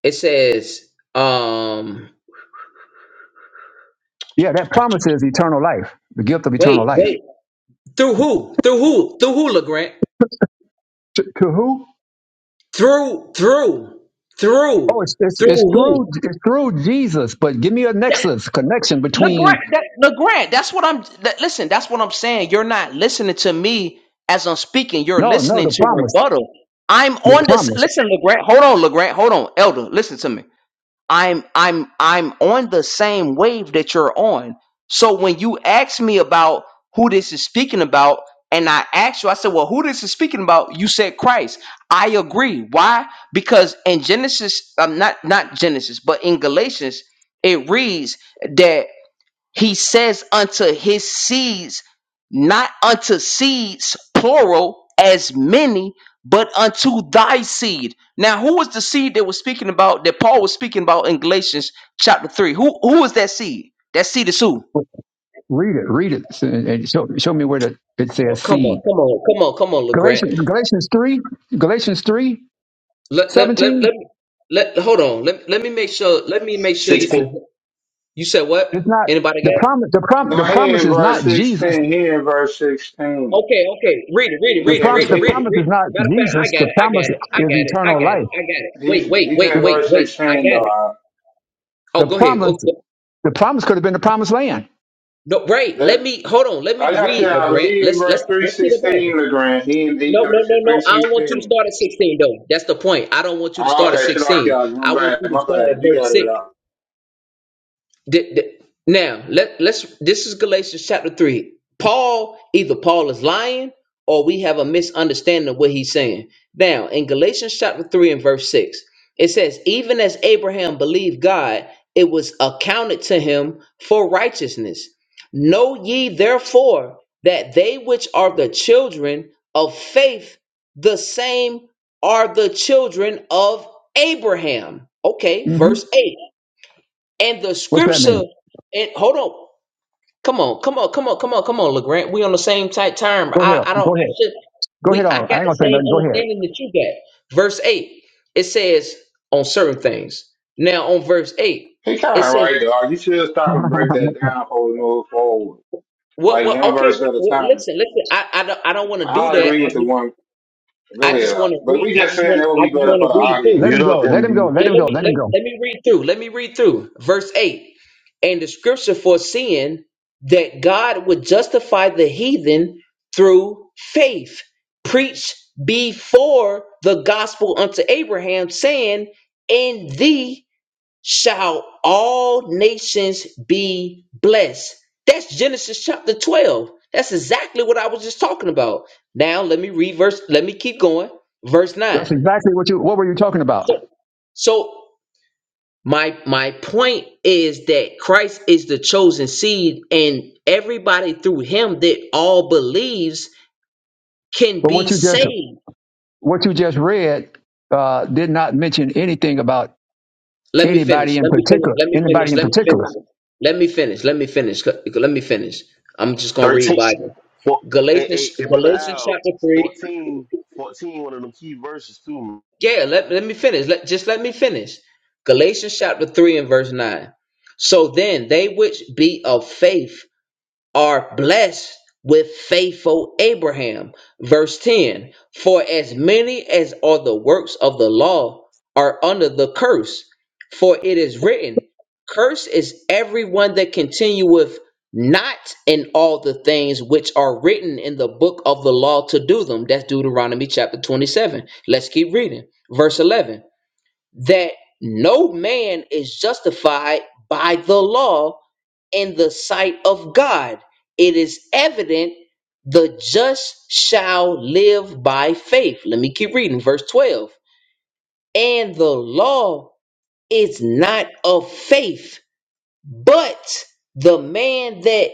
Speaker 2: It says um
Speaker 12: Yeah, that promise is eternal life, the gift of
Speaker 2: wait,
Speaker 12: eternal life.
Speaker 2: wait. Through who? Through who? Through who, LeGrant?
Speaker 12: To who?
Speaker 2: Through through
Speaker 12: Oh,
Speaker 2: through
Speaker 12: it's, it's
Speaker 2: through
Speaker 12: it's through
Speaker 2: who?
Speaker 12: it's through Jesus, but give me a
Speaker 2: That,
Speaker 12: nexus connection
Speaker 2: LeGrant,
Speaker 12: between
Speaker 2: that, LeGrant, that's what I'm that, listen, that's what I'm saying. You're not listening to me as I'm speaking. You're
Speaker 12: no no
Speaker 2: listening
Speaker 12: the
Speaker 2: to
Speaker 12: promise
Speaker 2: rebuttal. I'm
Speaker 12: the
Speaker 2: on this
Speaker 12: promise.
Speaker 2: listen, LeGrant. Hold on, LeGrant. Hold on, Elder. Listen to me. I'm I'm I'm on the same wave that you're on. So when you ask me about who this is speaking about, and I asked you, I said, Well, who this is speaking about? You said Christ. I agree. Why? Because in Genesis, um, not not Genesis, but in Galatians, it reads that he says unto his seeds, not unto seeds, plural, as many, but unto thy seed. Now, who was the seed that was speaking about that Paul was speaking about in Galatians chapter three? Who who is that seed? That seed is who?
Speaker 12: Read it, read it, and and show show me where the, it
Speaker 2: Oh,
Speaker 12: says
Speaker 2: come
Speaker 12: seed.
Speaker 2: on, come on, come on, come on, Legrand.
Speaker 12: Galatians Galatians three Galatians three
Speaker 2: Let let let let
Speaker 12: seventeen.
Speaker 2: me let hold on. Let let me make sure. Let me make sure this is.
Speaker 6: 16.
Speaker 2: You said what?
Speaker 12: It's not
Speaker 2: Anybody got?
Speaker 12: the
Speaker 2: it?
Speaker 12: promise. The prom
Speaker 8: No,
Speaker 12: the
Speaker 8: he
Speaker 12: promise
Speaker 8: in
Speaker 12: is
Speaker 8: verse
Speaker 12: not Jesus.
Speaker 8: sixteen. He in verse sixteen.
Speaker 2: Okay, okay. Read it, read it,
Speaker 8: He,
Speaker 12: The
Speaker 2: read it, read
Speaker 12: promise
Speaker 2: it,
Speaker 12: the
Speaker 8: he
Speaker 2: read it,
Speaker 12: promise
Speaker 2: read
Speaker 12: is
Speaker 2: it.
Speaker 12: not
Speaker 2: Matter of fact, I
Speaker 12: Jesus.
Speaker 2: got
Speaker 12: The
Speaker 2: it, I got
Speaker 12: promise
Speaker 2: it, I got
Speaker 12: is
Speaker 2: it, I
Speaker 12: eternal
Speaker 2: got it,
Speaker 12: life.
Speaker 2: I got it. Wait,
Speaker 8: he's he's
Speaker 2: wait,
Speaker 8: in
Speaker 2: wait,
Speaker 12: The
Speaker 2: wait,
Speaker 8: verse
Speaker 2: wait. I
Speaker 8: sixteen though.
Speaker 2: got it.
Speaker 8: I,
Speaker 2: Oh,
Speaker 12: the
Speaker 2: go ahead.
Speaker 12: promise
Speaker 2: Go, go.
Speaker 12: the promise could have been the promised land.
Speaker 2: No, right. Let
Speaker 8: that
Speaker 2: me hold on. Let me
Speaker 8: I got you.
Speaker 2: read,
Speaker 8: Now, but
Speaker 2: LeGrant.
Speaker 8: he in
Speaker 2: Let's
Speaker 8: verse
Speaker 2: let's
Speaker 8: three
Speaker 2: let's see the Bible.
Speaker 8: sixteen. Legrand. He in he
Speaker 2: No, no, no,
Speaker 8: Galatians three
Speaker 2: no. I don't want you to
Speaker 8: sixteen.
Speaker 2: start at 16 though. That's the point. I don't want you to
Speaker 8: Oh,
Speaker 2: start at
Speaker 8: okay, Shalaki,
Speaker 2: 16. I
Speaker 8: my
Speaker 2: want you
Speaker 8: bad,
Speaker 2: to
Speaker 8: my
Speaker 2: start at
Speaker 8: bad. You
Speaker 2: verse
Speaker 8: got
Speaker 2: 6.
Speaker 8: it out.
Speaker 2: Th- th- now let let's this is Galatians chapter three. Paul either Paul is lying or we have a misunderstanding of what he's saying. Now in Galatians chapter three and verse six, it says, "Even as Abraham believed God, it was accounted to him for righteousness. Know ye therefore that they which are the children of faith, the same are the children of Abraham." Okay,
Speaker 12: hmm
Speaker 2: verse eight. And the
Speaker 12: What's that
Speaker 2: scripture,
Speaker 12: mean?
Speaker 2: and hold on, come on, come on, come on, come on, come on, Legrand. We on the same type time.
Speaker 12: Go ahead.
Speaker 2: I, I don't,
Speaker 12: Go
Speaker 2: I
Speaker 12: ahead.
Speaker 2: should,
Speaker 12: Go
Speaker 2: we,
Speaker 12: ahead
Speaker 2: I
Speaker 12: on. I
Speaker 2: got
Speaker 12: ain't
Speaker 2: the
Speaker 12: gonna say
Speaker 2: same
Speaker 12: nothing. Go
Speaker 2: understanding that you got. Verse eight, it says on certain things. Now on verse eight,
Speaker 8: He kind
Speaker 2: it
Speaker 8: of
Speaker 2: says
Speaker 8: right dog. You should stop and break
Speaker 12: ahead. *laughs*
Speaker 8: that down before we move forward,
Speaker 2: what,
Speaker 8: like
Speaker 2: what?
Speaker 8: one
Speaker 2: Okay,
Speaker 8: verse
Speaker 2: we,
Speaker 8: at a
Speaker 2: we,
Speaker 8: time.
Speaker 2: listen, listen. I, I don't, I don't want to do
Speaker 8: I
Speaker 2: that.
Speaker 8: agree
Speaker 2: I
Speaker 8: with the
Speaker 2: just,
Speaker 8: one. Go
Speaker 2: I
Speaker 8: ahead,
Speaker 2: just want
Speaker 8: Doc.
Speaker 2: to
Speaker 8: but
Speaker 2: read.
Speaker 8: we
Speaker 2: I
Speaker 8: just
Speaker 2: just
Speaker 8: saying that
Speaker 2: want,
Speaker 8: would
Speaker 2: I
Speaker 8: be
Speaker 2: just
Speaker 8: better for
Speaker 2: want
Speaker 8: the
Speaker 2: to read through.
Speaker 12: Let
Speaker 6: Mute
Speaker 8: audience.
Speaker 12: him
Speaker 6: up,
Speaker 12: go. Let him go.
Speaker 6: MD.
Speaker 12: Let
Speaker 2: Yeah,
Speaker 12: him
Speaker 2: let
Speaker 12: go.
Speaker 2: me
Speaker 12: Let him
Speaker 2: let,
Speaker 12: go.
Speaker 2: let me read through. Let me read through verse eight. And the scripture foreseeing that God would justify the heathen through faith, preached before the gospel unto Abraham, saying, "In thee shall all nations be blessed." That's Genesis chapter twelve. That's exactly what I was just talking about. Now let me read verse. Let me keep going. Verse
Speaker 12: That's
Speaker 2: nine.
Speaker 12: exactly what you. What were you talking about?
Speaker 2: So, so my my point is that Christ is the chosen seed, and everybody through him that all believes can
Speaker 12: But
Speaker 2: be
Speaker 12: what you just
Speaker 2: saved.
Speaker 12: what you just read uh, did not mention anything about
Speaker 2: Let me finish.
Speaker 12: anybody in
Speaker 2: Let me finish.
Speaker 12: particular.
Speaker 2: Let me finish.
Speaker 12: Anybody in
Speaker 2: Let me finish.
Speaker 12: particular.
Speaker 2: Let me finish. Let me finish. Let me finish. I'm just gonna read
Speaker 6: 13.
Speaker 2: Bible.
Speaker 6: Four, hey, hey,
Speaker 2: Galatians
Speaker 6: hey, brother
Speaker 2: Galatians
Speaker 6: Al.
Speaker 2: chapter three.
Speaker 6: 14. 14, one of them key verses, too.
Speaker 2: Yeah, let, let me finish. Let just let me finish. Galatians chapter three and verse nine. So then they which be of faith are blessed with faithful Abraham. Verse 10 For as many as are the works of the law are under the curse, for it is written, Curse is everyone that continueth not in all the things which are written in the book of the law to do them. That's Deuteronomy chapter 27. Let's keep reading. Verse 11 that no man is justified by the law in the sight of God. It is evident the just shall live by faith. Let me keep reading, verse 12. And the law is not of faith but the man that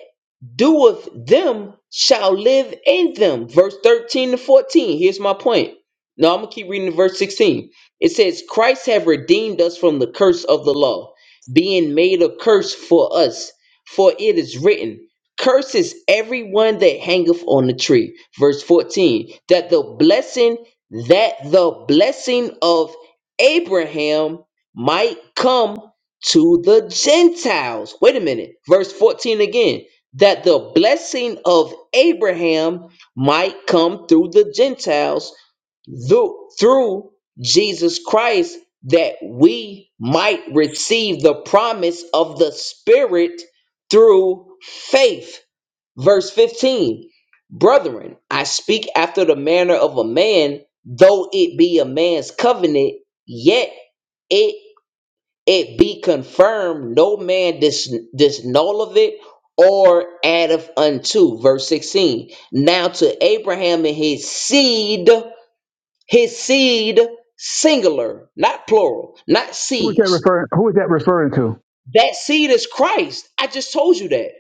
Speaker 2: doeth them shall live in them. Verse 13 to 14. Here's my point. Now I'm gonna keep reading to verse 16. It says, Christ have redeemed us from the curse of the law, being made a curse for us. For it is written, Curses everyone that hangeth on the tree. Verse 14. That the blessing, that the blessing of Abraham might come to the Gentiles. Wait a minute. Verse 14 again. That the blessing of Abraham might come through the Gentiles through, through Jesus Christ, that we might receive the promise of the Spirit through faith. Verse 15 Brethren, I speak after the manner of a man, though it be a man's covenant, yet it it be confirmed no man dis- disnulleth it or addeth unto verse 16 now to abraham and his seed his seed singular not plural not
Speaker 12: Who is that
Speaker 2: seeds
Speaker 12: referring? Who is that referring to?
Speaker 2: that seed is christ i just told you that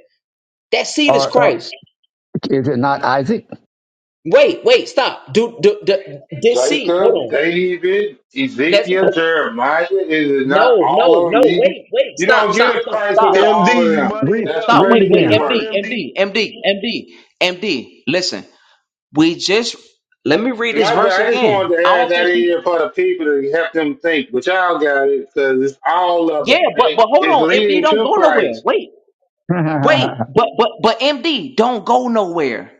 Speaker 2: that seed is
Speaker 12: Or uh,
Speaker 2: christ
Speaker 12: is it not Isaac?
Speaker 2: wait wait stop do, do, do this seed hold
Speaker 8: Jacob,
Speaker 2: on
Speaker 8: David,
Speaker 2: let's
Speaker 8: Ezekiel, Jeremiah. Is it not
Speaker 2: no no
Speaker 8: all of
Speaker 2: no
Speaker 8: them leading?
Speaker 2: wait wait
Speaker 8: You
Speaker 2: stop
Speaker 8: don't get
Speaker 2: stop
Speaker 8: a
Speaker 2: stop
Speaker 8: Christ
Speaker 2: stop
Speaker 8: without all
Speaker 6: MD,
Speaker 8: of
Speaker 6: you
Speaker 8: them.
Speaker 6: muddying
Speaker 12: Read
Speaker 6: it
Speaker 8: That's
Speaker 2: Stop.
Speaker 6: up.
Speaker 12: read
Speaker 2: Wait, wait,
Speaker 8: crazy
Speaker 6: Mute
Speaker 12: again.
Speaker 6: up,
Speaker 8: work.
Speaker 2: MD,
Speaker 6: MD.
Speaker 2: MD, MD, MD, MD. Listen, we just let me read this
Speaker 8: My
Speaker 2: verse
Speaker 8: bad. I just
Speaker 2: again.
Speaker 8: wanted to
Speaker 2: I
Speaker 8: add
Speaker 2: don't think
Speaker 8: that in
Speaker 2: you
Speaker 8: here for the people to help them think. But y'all got it because it's all of
Speaker 2: Yeah,
Speaker 8: them.
Speaker 2: but
Speaker 8: Hey,
Speaker 2: but hold
Speaker 8: It's
Speaker 2: on, MD
Speaker 8: leading
Speaker 2: don't
Speaker 8: to
Speaker 2: go nowhere.
Speaker 8: Christ.
Speaker 2: Wait, wait,
Speaker 12: *laughs*
Speaker 2: but but but MD don't go nowhere.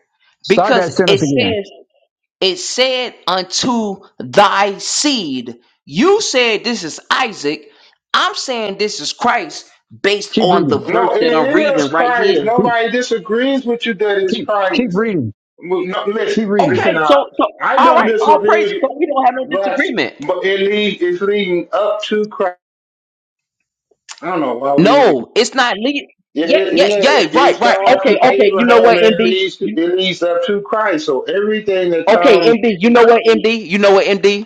Speaker 12: Start
Speaker 2: Because
Speaker 12: that
Speaker 2: it
Speaker 12: sentence again.
Speaker 2: says it said unto thy seed. You said this is Isaac. I'm saying this is Christ based
Speaker 12: Keep
Speaker 2: on the
Speaker 12: reading.
Speaker 2: verse
Speaker 8: No, it
Speaker 2: that I'm reading
Speaker 8: is
Speaker 2: right here.
Speaker 8: Christ.
Speaker 12: Keep
Speaker 8: Nobody disagrees with you that it's
Speaker 12: keep keep
Speaker 8: Christ.
Speaker 12: reading.
Speaker 8: Well, No,
Speaker 12: Keep
Speaker 8: listen,
Speaker 12: reading.
Speaker 2: Okay,
Speaker 8: listen. I,
Speaker 2: so so
Speaker 8: I
Speaker 2: all
Speaker 8: don't
Speaker 2: right, all
Speaker 8: disagree with
Speaker 2: praises.
Speaker 8: you,
Speaker 2: So we don't have no
Speaker 8: but
Speaker 2: disagreement.
Speaker 8: but it lead, it's leading up to Christ. I don't know why we.
Speaker 2: No, it's not legal.
Speaker 8: yeah,
Speaker 2: Yeah,
Speaker 8: it,
Speaker 2: yeah,
Speaker 8: yeah,
Speaker 2: yeah.
Speaker 8: it, it
Speaker 2: Right, right.
Speaker 8: starts
Speaker 2: Okay,
Speaker 8: from
Speaker 2: okay. You know
Speaker 8: Abraham
Speaker 2: what,
Speaker 8: and it
Speaker 2: MD?
Speaker 8: leads to,
Speaker 2: You,
Speaker 8: it leads up to Christ. So everything that
Speaker 2: okay,
Speaker 8: comes
Speaker 2: MD. You know what, MD? You know what, MD?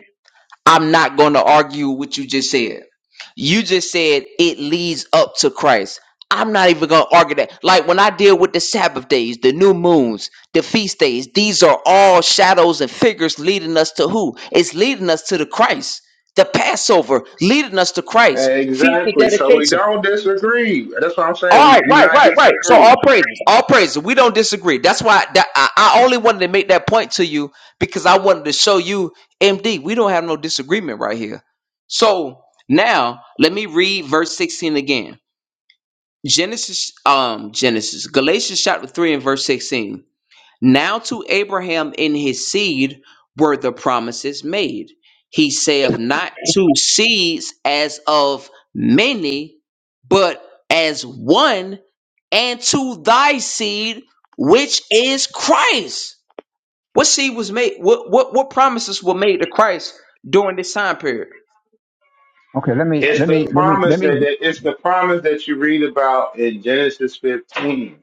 Speaker 2: I'm not going to argue what you just said. You just said it leads up to Christ. I'm not even going to argue that. Like when I deal with the Sabbath days, the new moons, the feast days, these are all shadows and figures leading us to who? It's leading us to the Christ. The Passover leading us to Christ. Feast of
Speaker 8: exactly. So we
Speaker 2: dedication
Speaker 8: don't disagree. That's what I'm
Speaker 2: All
Speaker 8: saying. We
Speaker 2: right,
Speaker 8: do
Speaker 2: right,
Speaker 8: not
Speaker 2: right, right. So all
Speaker 8: disagree.
Speaker 2: praises, all praises. We don't disagree. That's why that, I, I only wanted to make that point to you because I wanted to show you, MD, we don't have no disagreement right here. So now let me read verse 16 again. Genesis, um, Genesis, Galatians chapter 3 and verse 16. Now to Abraham in his seed were the promises made. He saith not to seeds as of many, but as one, and to thy seed, which is Christ. What seed was made? What what, what promises were made to Christ during this time period?
Speaker 12: Okay. Let me
Speaker 8: It's
Speaker 12: let me
Speaker 8: the
Speaker 12: let me let
Speaker 8: promise
Speaker 12: me
Speaker 8: that, that it's the promise that you read about in Genesis 15,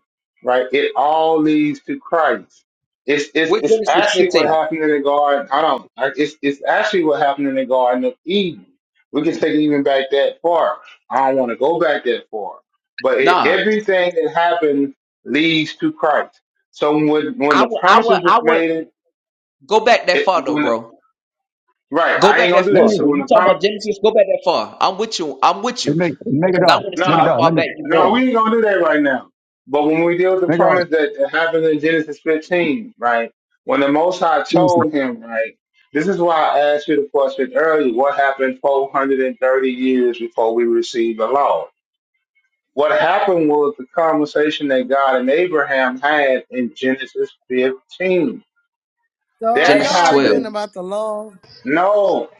Speaker 8: right? It all leads to Christ. It's it's
Speaker 2: With
Speaker 8: it's
Speaker 2: Genesis
Speaker 8: actually what
Speaker 2: 15.
Speaker 8: happened in the garden. I don't. I- It's it's actually what happened in the Garden of Eden. We can take it even back that far. I don't want to go back that far, but it,
Speaker 2: Nah.
Speaker 8: everything that happened leads to Christ. So when when
Speaker 2: I
Speaker 8: the
Speaker 2: would I would
Speaker 8: promises was
Speaker 2: I would
Speaker 8: made,
Speaker 2: go back that
Speaker 8: it
Speaker 2: far though,
Speaker 8: when
Speaker 2: bro.
Speaker 8: right,
Speaker 2: Go
Speaker 8: I ain't
Speaker 2: back
Speaker 8: gonna
Speaker 2: that
Speaker 8: do
Speaker 12: let
Speaker 8: that.
Speaker 2: far.
Speaker 12: me
Speaker 8: So
Speaker 2: When
Speaker 8: when
Speaker 2: you
Speaker 8: the
Speaker 2: talk
Speaker 8: promises
Speaker 2: about Genesis, go back that far. I'm with you. I'm with you.
Speaker 12: make make it
Speaker 2: Because I
Speaker 12: all.
Speaker 2: want to see
Speaker 12: Make
Speaker 2: how
Speaker 12: it
Speaker 8: Nah,
Speaker 12: all.
Speaker 2: far
Speaker 12: Let me
Speaker 2: back you're
Speaker 8: no,
Speaker 2: going.
Speaker 8: we ain't gonna do that right now. But when we deal with the
Speaker 12: make it all.
Speaker 8: promise that happened in Genesis 15, right? When the Most High
Speaker 12: Genesis.
Speaker 8: told him, right? This is why I asked you the question earlier. What happened 430 years before we received the law? What happened was the conversation that God and Abraham had in Genesis 15.
Speaker 13: So are
Speaker 8: That
Speaker 2: Genesis
Speaker 13: y'all
Speaker 2: 12.
Speaker 13: arguing
Speaker 8: happened.
Speaker 13: about the law?
Speaker 8: No,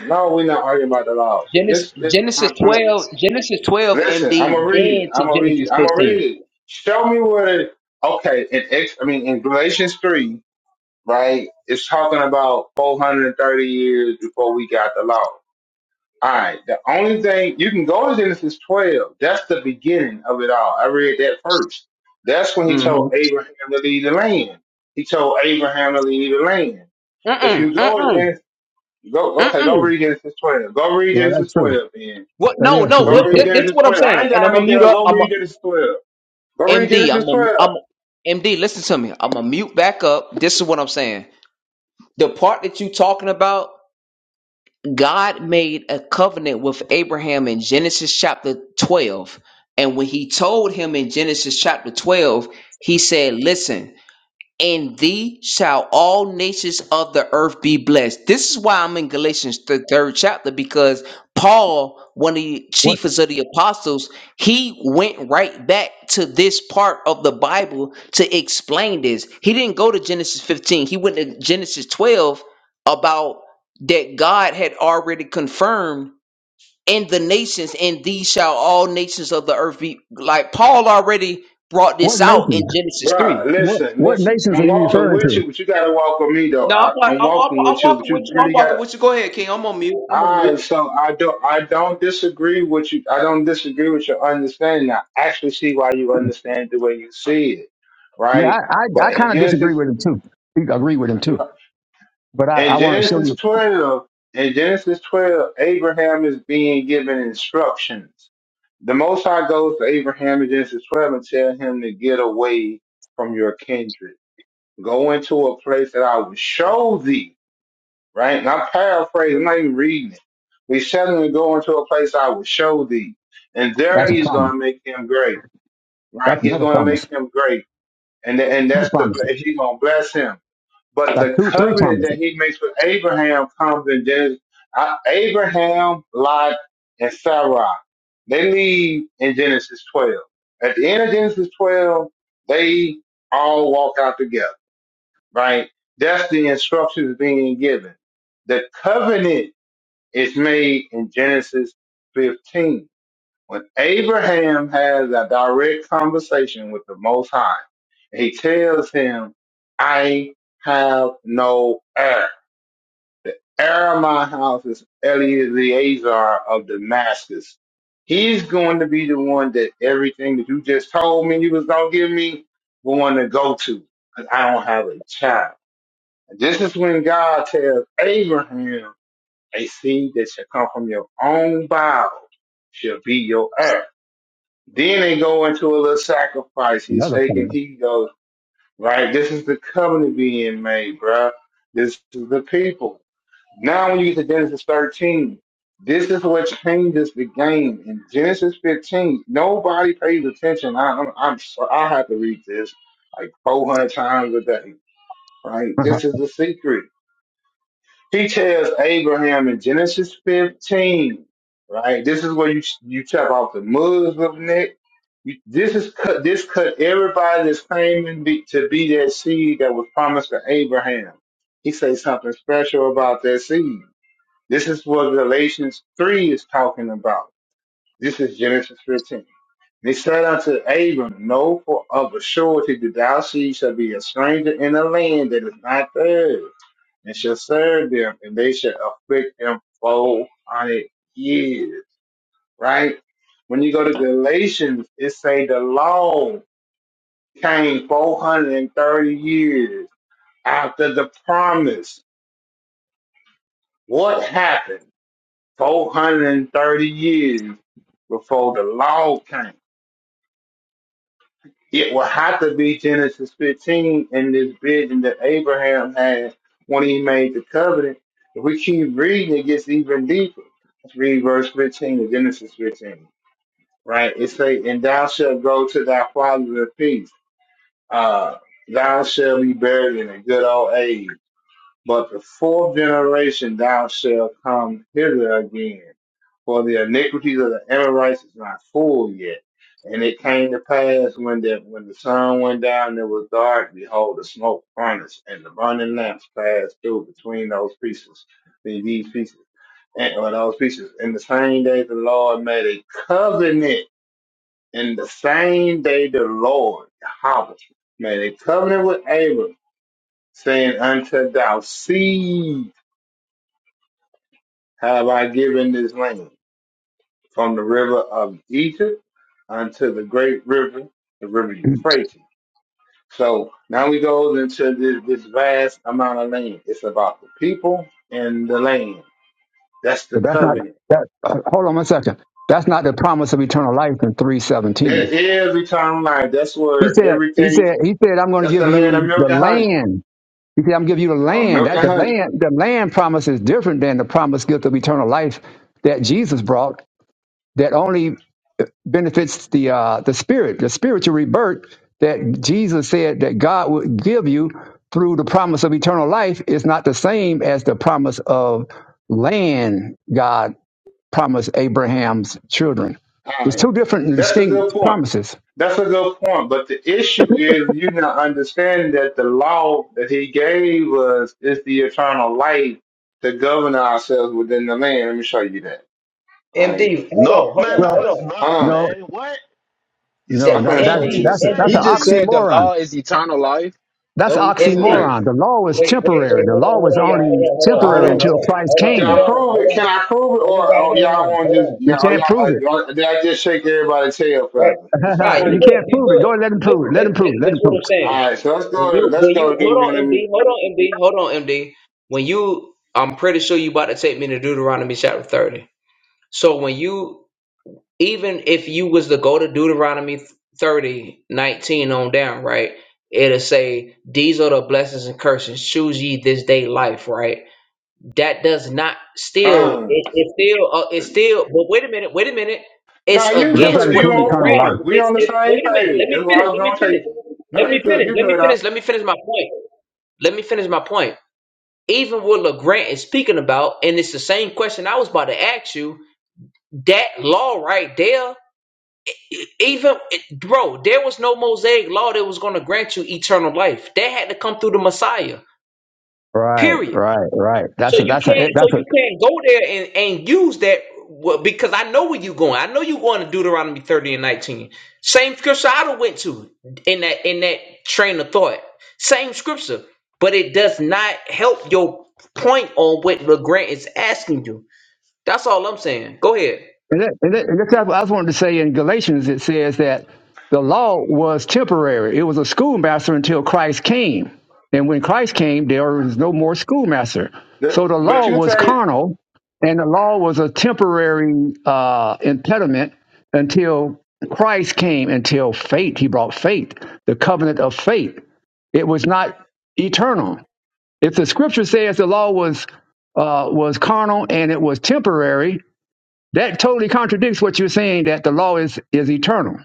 Speaker 8: no, we're not arguing about the law.
Speaker 2: Genesis,
Speaker 8: This, this,
Speaker 2: Genesis
Speaker 8: I'm trying
Speaker 2: 12. Genesis 12,
Speaker 8: Listen, I'm
Speaker 2: MD,
Speaker 8: gonna read it.
Speaker 2: then
Speaker 8: I'm
Speaker 2: to
Speaker 8: gonna read it.
Speaker 2: Genesis
Speaker 8: I'm gonna read
Speaker 2: 15.
Speaker 8: it. Show me what it. Okay, in X, I mean in Galatians three, right? It's talking about 430 years before we got the law. All right. The only thing you can go to Genesis 12. That's the beginning of it all. I read that first. That's when he
Speaker 2: Mm-hmm.
Speaker 8: told Abraham to leave the land. He told Abraham to leave the land. If
Speaker 2: Mm-mm.
Speaker 8: you go to
Speaker 2: Mm-mm.
Speaker 8: Genesis, go okay, go
Speaker 2: Mm-mm.
Speaker 8: read Genesis 12. Go read
Speaker 12: Well,
Speaker 8: Genesis
Speaker 12: that's true.
Speaker 8: 12 then
Speaker 2: What?
Speaker 12: That
Speaker 2: No,
Speaker 12: is,
Speaker 2: no.
Speaker 12: he
Speaker 8: Go
Speaker 2: What, this,
Speaker 8: read
Speaker 12: said,
Speaker 2: this is
Speaker 8: Genesis
Speaker 2: what I'm
Speaker 8: 12. I
Speaker 2: saying.
Speaker 8: ain't
Speaker 2: And I'm
Speaker 8: gotta
Speaker 2: going
Speaker 8: make
Speaker 2: to
Speaker 8: it
Speaker 2: mute
Speaker 8: up. Go
Speaker 2: up.
Speaker 8: read Genesis 12. Go read
Speaker 2: MD, I'm
Speaker 8: Genesis
Speaker 2: a, I'm
Speaker 8: 12.
Speaker 2: a, MD. Listen to me. I'm gonna mute back up. This is what I'm saying. The part that you talking about, God made a covenant with Abraham in Genesis chapter 12, and when He told him in Genesis chapter 12, He said, "Listen." in thee shall all nations of the earth be blessed. This is why I'm in Galatians, the third chapter, because Paul, one of the
Speaker 12: what
Speaker 2: chiefest of the apostles, he went right back to this part of the Bible to explain this. He didn't go to Genesis 15, he went to Genesis 12 about that God had already confirmed in the nations, and these shall all nations of the earth be like Paul already brought
Speaker 12: what
Speaker 2: this out in
Speaker 12: nations?
Speaker 2: Genesis 3.
Speaker 8: Bruh,
Speaker 12: What
Speaker 8: listen,
Speaker 12: what
Speaker 8: listen.
Speaker 12: nations
Speaker 8: I'm
Speaker 12: are you
Speaker 8: walking
Speaker 12: referring
Speaker 8: with you,
Speaker 12: to?
Speaker 8: but you gotta walk with me though.
Speaker 2: No, I'm,
Speaker 8: I,
Speaker 2: wa-
Speaker 8: I'm
Speaker 2: I'm, I'm,
Speaker 8: walking
Speaker 2: I'm
Speaker 8: with you, but
Speaker 2: walking with
Speaker 8: you
Speaker 2: you. I'm
Speaker 8: really
Speaker 2: walking
Speaker 8: gotta.
Speaker 2: with you. Go ahead, King. I'm on mute. I'm on
Speaker 8: I
Speaker 2: mute.
Speaker 8: so I don't I don't disagree with you. I don't disagree with your understanding. I actually see why you understand the way you see it,
Speaker 12: Yeah, I
Speaker 8: right?
Speaker 12: I, I
Speaker 8: But in
Speaker 12: kind of disagree
Speaker 8: Genesis,
Speaker 12: with him too. You agree with him too, but I,
Speaker 8: in
Speaker 12: I want to show
Speaker 8: Genesis
Speaker 12: you
Speaker 8: 12, in Genesis 12, Abraham is being given instructions The Most High goes to Abraham in Genesis 12 and tell him to get away from your kindred. Go into a place that I will show thee, right? And I'm paraphrasing, I'm not even reading it. We said him to go into a place I will show thee. And there
Speaker 12: that's a
Speaker 8: he's
Speaker 12: promise.
Speaker 8: going to make him great, right?
Speaker 12: That's
Speaker 8: He's
Speaker 12: another
Speaker 8: going to
Speaker 12: promise.
Speaker 8: make him great. And, and
Speaker 12: Two
Speaker 8: that's the,
Speaker 12: promises.
Speaker 8: he's going to bless him. But
Speaker 12: That's
Speaker 8: the
Speaker 12: two three
Speaker 8: covenant that
Speaker 12: promises.
Speaker 8: he makes with Abraham comes in Genesis. I- Abraham, Lot, and Sarah. They leave in Genesis 12. At the end of Genesis 12, they all walk out together, right? That's the instructions being given. The covenant is made in Genesis 15 when Abraham has a direct conversation with the Most High, he tells him, I have no heir. The heir of my house is Eleazar of Damascus. He's going to be the one that everything that you just told me you was going to give me, we're going to go to, because I don't have a child. And this is when God tells Abraham, a seed that shall come from your own bowels shall be your heir. Then they go into a little sacrifice. He's
Speaker 12: Another
Speaker 8: taking,
Speaker 12: promise.
Speaker 8: he goes, right, this is the covenant being made, bruh. This is the people. Now, when you get to Genesis 13, this is what changes the game. In Genesis 15, nobody pays attention. I, I'm, I'm, so- I have to read this like 400 times a day, right? This is the secret. He tells Abraham in Genesis 15, right? This is where you you chop off the Muslim neck. You, this is cut. This cut everybody that's claiming be, to be that seed that was promised to Abraham. He says something special about that seed. This is what Galatians three is talking about. This is Genesis 15. They said unto Abram, Know for of a surety that thou seed shall be a stranger in a land that is not theirs and shall serve them, and they shall afflict them four hundred years. Right? When you go to Galatians, it say the law came four hundred and thirty years after the promise. What happened? Four hundred and thirty years before the law came. It will have to be Genesis 15 and this vision that Abraham had when he made the covenant. If we keep reading, it gets even deeper. Let's read verse 15 of Genesis 15, right? It say, and thou shalt go to thy father in peace. Uh, thou shalt be buried in a good old age. But the fourth generation thou shalt come hither again, for the iniquities of the Amorites is not full yet. And it came to pass when the when the sun went down, and it was dark. Behold, the smoke furnace and the burning lamps passed through between those pieces, the- these pieces, and, or those pieces. In the same day, the Lord made a covenant. In the same day, the Lord, Yahweh, made a covenant with Abram, saying unto thou seed. have I given this land from the river of Egypt unto the great river, the river
Speaker 12: *laughs*
Speaker 8: Euphrates. So now we go into this, this vast amount of land. It's about the people and the land. That's the
Speaker 12: but that's not
Speaker 8: covenant.
Speaker 12: that. Uh, hold on one second. That's not the promise of eternal life in three seventeen.
Speaker 8: That is eternal life. That's
Speaker 12: He
Speaker 8: where
Speaker 12: said he
Speaker 8: everything,
Speaker 12: said he said I'm going
Speaker 8: that's
Speaker 12: to
Speaker 8: the
Speaker 12: give
Speaker 8: land of
Speaker 12: you
Speaker 8: milk
Speaker 12: the
Speaker 8: and honey,
Speaker 12: land He said, I'm giving you the
Speaker 8: or
Speaker 12: land.
Speaker 8: milk
Speaker 12: That
Speaker 8: and
Speaker 12: the
Speaker 8: honey.
Speaker 12: land, the land promise is different than the promised gift of eternal life that Jesus brought that only benefits the uh, the spirit, the spiritual rebirth that Jesus said that God would give you through the promise of eternal life is not the same as the promise of land God promised Abraham's children.
Speaker 8: All
Speaker 12: It's
Speaker 8: right.
Speaker 12: two different and
Speaker 8: That's a good
Speaker 12: distinct
Speaker 8: point.
Speaker 12: promises.
Speaker 8: That's a good point, but the issue is you not understanding that the law that he gave us is the eternal life to govern ourselves within the land. Let me show you that. All right.
Speaker 2: MD, hold
Speaker 6: No,
Speaker 2: on, hold
Speaker 6: man,
Speaker 2: on,
Speaker 12: Well,
Speaker 6: no,
Speaker 2: hold
Speaker 6: it's
Speaker 2: on.
Speaker 6: not,
Speaker 8: Huh?
Speaker 12: no,
Speaker 6: man. What? You said,
Speaker 2: That
Speaker 12: no,
Speaker 8: I'm
Speaker 6: hold
Speaker 12: that,
Speaker 8: gonna
Speaker 6: on,
Speaker 8: show
Speaker 12: that
Speaker 6: what you
Speaker 8: you
Speaker 2: MD,
Speaker 6: just
Speaker 8: that.
Speaker 12: that's a,
Speaker 6: said,
Speaker 12: that's
Speaker 14: He
Speaker 2: MD,
Speaker 14: just
Speaker 12: an
Speaker 6: MD?
Speaker 14: said the
Speaker 12: oxymoron.
Speaker 14: law is eternal life.
Speaker 12: That's
Speaker 14: That what he just said?
Speaker 8: Right.
Speaker 2: MD.
Speaker 12: oxymoron. The law is
Speaker 2: Wait, wait,
Speaker 12: temporary.
Speaker 2: wait,
Speaker 12: The
Speaker 2: hold on,
Speaker 12: law
Speaker 2: hold
Speaker 12: was
Speaker 2: on, y'all. Hold
Speaker 12: only
Speaker 2: on, hold on, hold
Speaker 12: temporary
Speaker 2: on,
Speaker 8: All right.
Speaker 2: hold
Speaker 12: until
Speaker 2: on,
Speaker 12: Christ
Speaker 2: hold on,
Speaker 8: Can I
Speaker 12: came.
Speaker 2: hold on,
Speaker 8: prove
Speaker 2: hold
Speaker 8: it? Can I prove it?
Speaker 2: on.
Speaker 8: Or,
Speaker 2: Everybody,
Speaker 8: or
Speaker 2: hold
Speaker 8: y'all
Speaker 2: on,
Speaker 8: want
Speaker 2: hold
Speaker 8: to just
Speaker 12: You
Speaker 2: on.
Speaker 8: yeah? Or
Speaker 12: can't prove it.
Speaker 8: y'all uh, did I just shake everybody's tail
Speaker 2: Right.
Speaker 8: feather?
Speaker 12: *laughs*
Speaker 8: This is
Speaker 2: Nah, you
Speaker 12: you
Speaker 8: crazy.
Speaker 2: good,
Speaker 12: can't
Speaker 2: you
Speaker 12: prove it. Go and let
Speaker 2: good.
Speaker 12: him prove
Speaker 2: Listen,
Speaker 12: it. Let
Speaker 2: this,
Speaker 12: him
Speaker 2: this,
Speaker 12: prove it.
Speaker 2: this
Speaker 12: Let
Speaker 2: is
Speaker 12: him
Speaker 2: what
Speaker 12: prove
Speaker 2: I'm saying.
Speaker 8: All right. So let's
Speaker 2: When
Speaker 8: go. to,
Speaker 2: you, when
Speaker 8: Let's go
Speaker 2: you,
Speaker 8: to
Speaker 2: hold on,
Speaker 8: Deuteronomy.
Speaker 2: MD, hold on, MD, hold on, MD. When you, I'm pretty sure you about to take me to Deuteronomy chapter 30. So when you even if you was to go to Deuteronomy 30 19 on down, right? It'll say, These are the blessings and curses. Choose ye this day life, right? That does not still,
Speaker 8: Come.
Speaker 2: it, it's still, uh, it's still, but wait a minute, wait a minute. It's
Speaker 8: Nah, you
Speaker 12: it. It does not
Speaker 2: against
Speaker 8: good.
Speaker 2: what
Speaker 8: You
Speaker 12: include
Speaker 2: the
Speaker 8: on
Speaker 12: eternal life.
Speaker 8: point.
Speaker 2: grant,
Speaker 8: We
Speaker 2: it's,
Speaker 8: on the
Speaker 2: it's, wait
Speaker 8: same
Speaker 2: a minute, let
Speaker 8: page.
Speaker 2: me
Speaker 8: That's what I
Speaker 2: finish,
Speaker 8: was
Speaker 2: let me
Speaker 8: gonna
Speaker 2: finish,
Speaker 8: take you.
Speaker 2: let
Speaker 8: No, you
Speaker 2: me
Speaker 8: good.
Speaker 2: finish,
Speaker 8: You
Speaker 2: let me
Speaker 8: good. I,
Speaker 2: finish, let me finish my point. Let me finish my point. Even what LeGrant is speaking about, and it's the same question I was about to ask you, that law right there even bro, there was no Mosaic law that was going to grant you eternal life. That had to come through the Messiah.
Speaker 12: Right,
Speaker 2: Period.
Speaker 12: right, right.
Speaker 2: So
Speaker 12: That's a
Speaker 2: you
Speaker 12: that's a
Speaker 2: can't. So
Speaker 12: that's a
Speaker 2: you can't go there and and use that well, because I know where you going. I know you going to Deuteronomy thirty and nineteen. Same scripture I done went to in that in that train of thought. Same scripture, but it does not help your point on what the grant is asking you. That's all I'm saying. Go ahead.
Speaker 12: And, that, and, that, and that's what I was wanting to say in Galatians. It says that the law was temporary. It was a schoolmaster until Christ came. And when Christ came, there was no more schoolmaster.
Speaker 8: the,
Speaker 12: So the
Speaker 8: but
Speaker 12: law
Speaker 8: you
Speaker 12: was
Speaker 8: think
Speaker 12: carnal, and the law was a temporary uh, impediment until Christ came, until faith. He brought faith, the covenant of faith. It was not eternal. If the scripture says the law was uh, was carnal and it was temporary, that totally contradicts what you're saying that the law is is eternal.